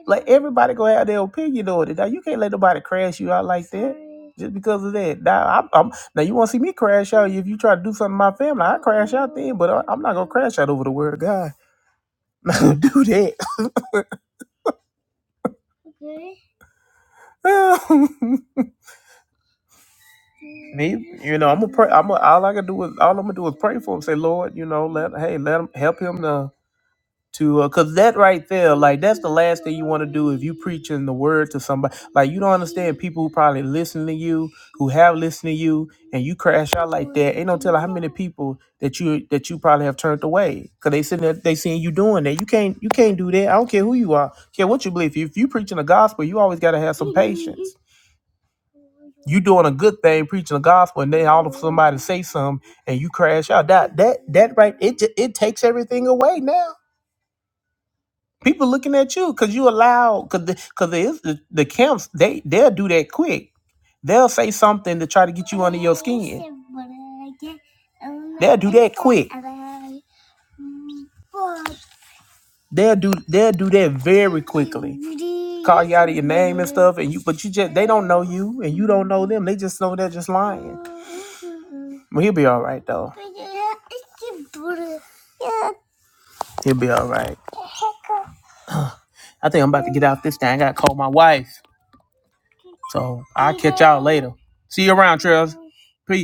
S1: like everybody gonna have their opinion on it. Now you can't let nobody crash you out like that just because of that. Now I'm, I'm now you want to see me crash out if you try to do something to my family. I crash out then, but I, I'm not gonna crash out over the word of God. <laughs> Not gonna do that. <laughs> He, you know, I'm a pray. I'm a, all I can do is all I'm gonna do is pray for him. Say, Lord, you know, let hey, let him help him to to uh, cause that right there, like that's the last thing you want to do if you preaching the word to somebody. Like you don't understand people who probably listen to you, who have listened to you, and you crash out like that. Ain't no telling how many people that you that you probably have turned away because they sitting there, they seeing you doing that. You can't you can't do that. I don't care who you are, care what you believe. If you preaching the gospel, you always gotta have some patience. You doing a good thing, preaching the gospel, and then all of somebody say something and you crash out. That that that right, it ju- it takes everything away now. People looking at you because you allow because the, cause the, is- the the camps they they'll do that quick. They'll say something to try to get you under your skin. They'll do that quick. They'll do they'll do that very quickly. Call you out of your name and stuff, and you but you just they don't know you and you don't know them. They just know they're just lying. Well, he'll be all right though. He'll be all right. I think I'm about to get out this thing. I gotta call my wife. So I'll catch y'all later. See you around, Trails. Peace.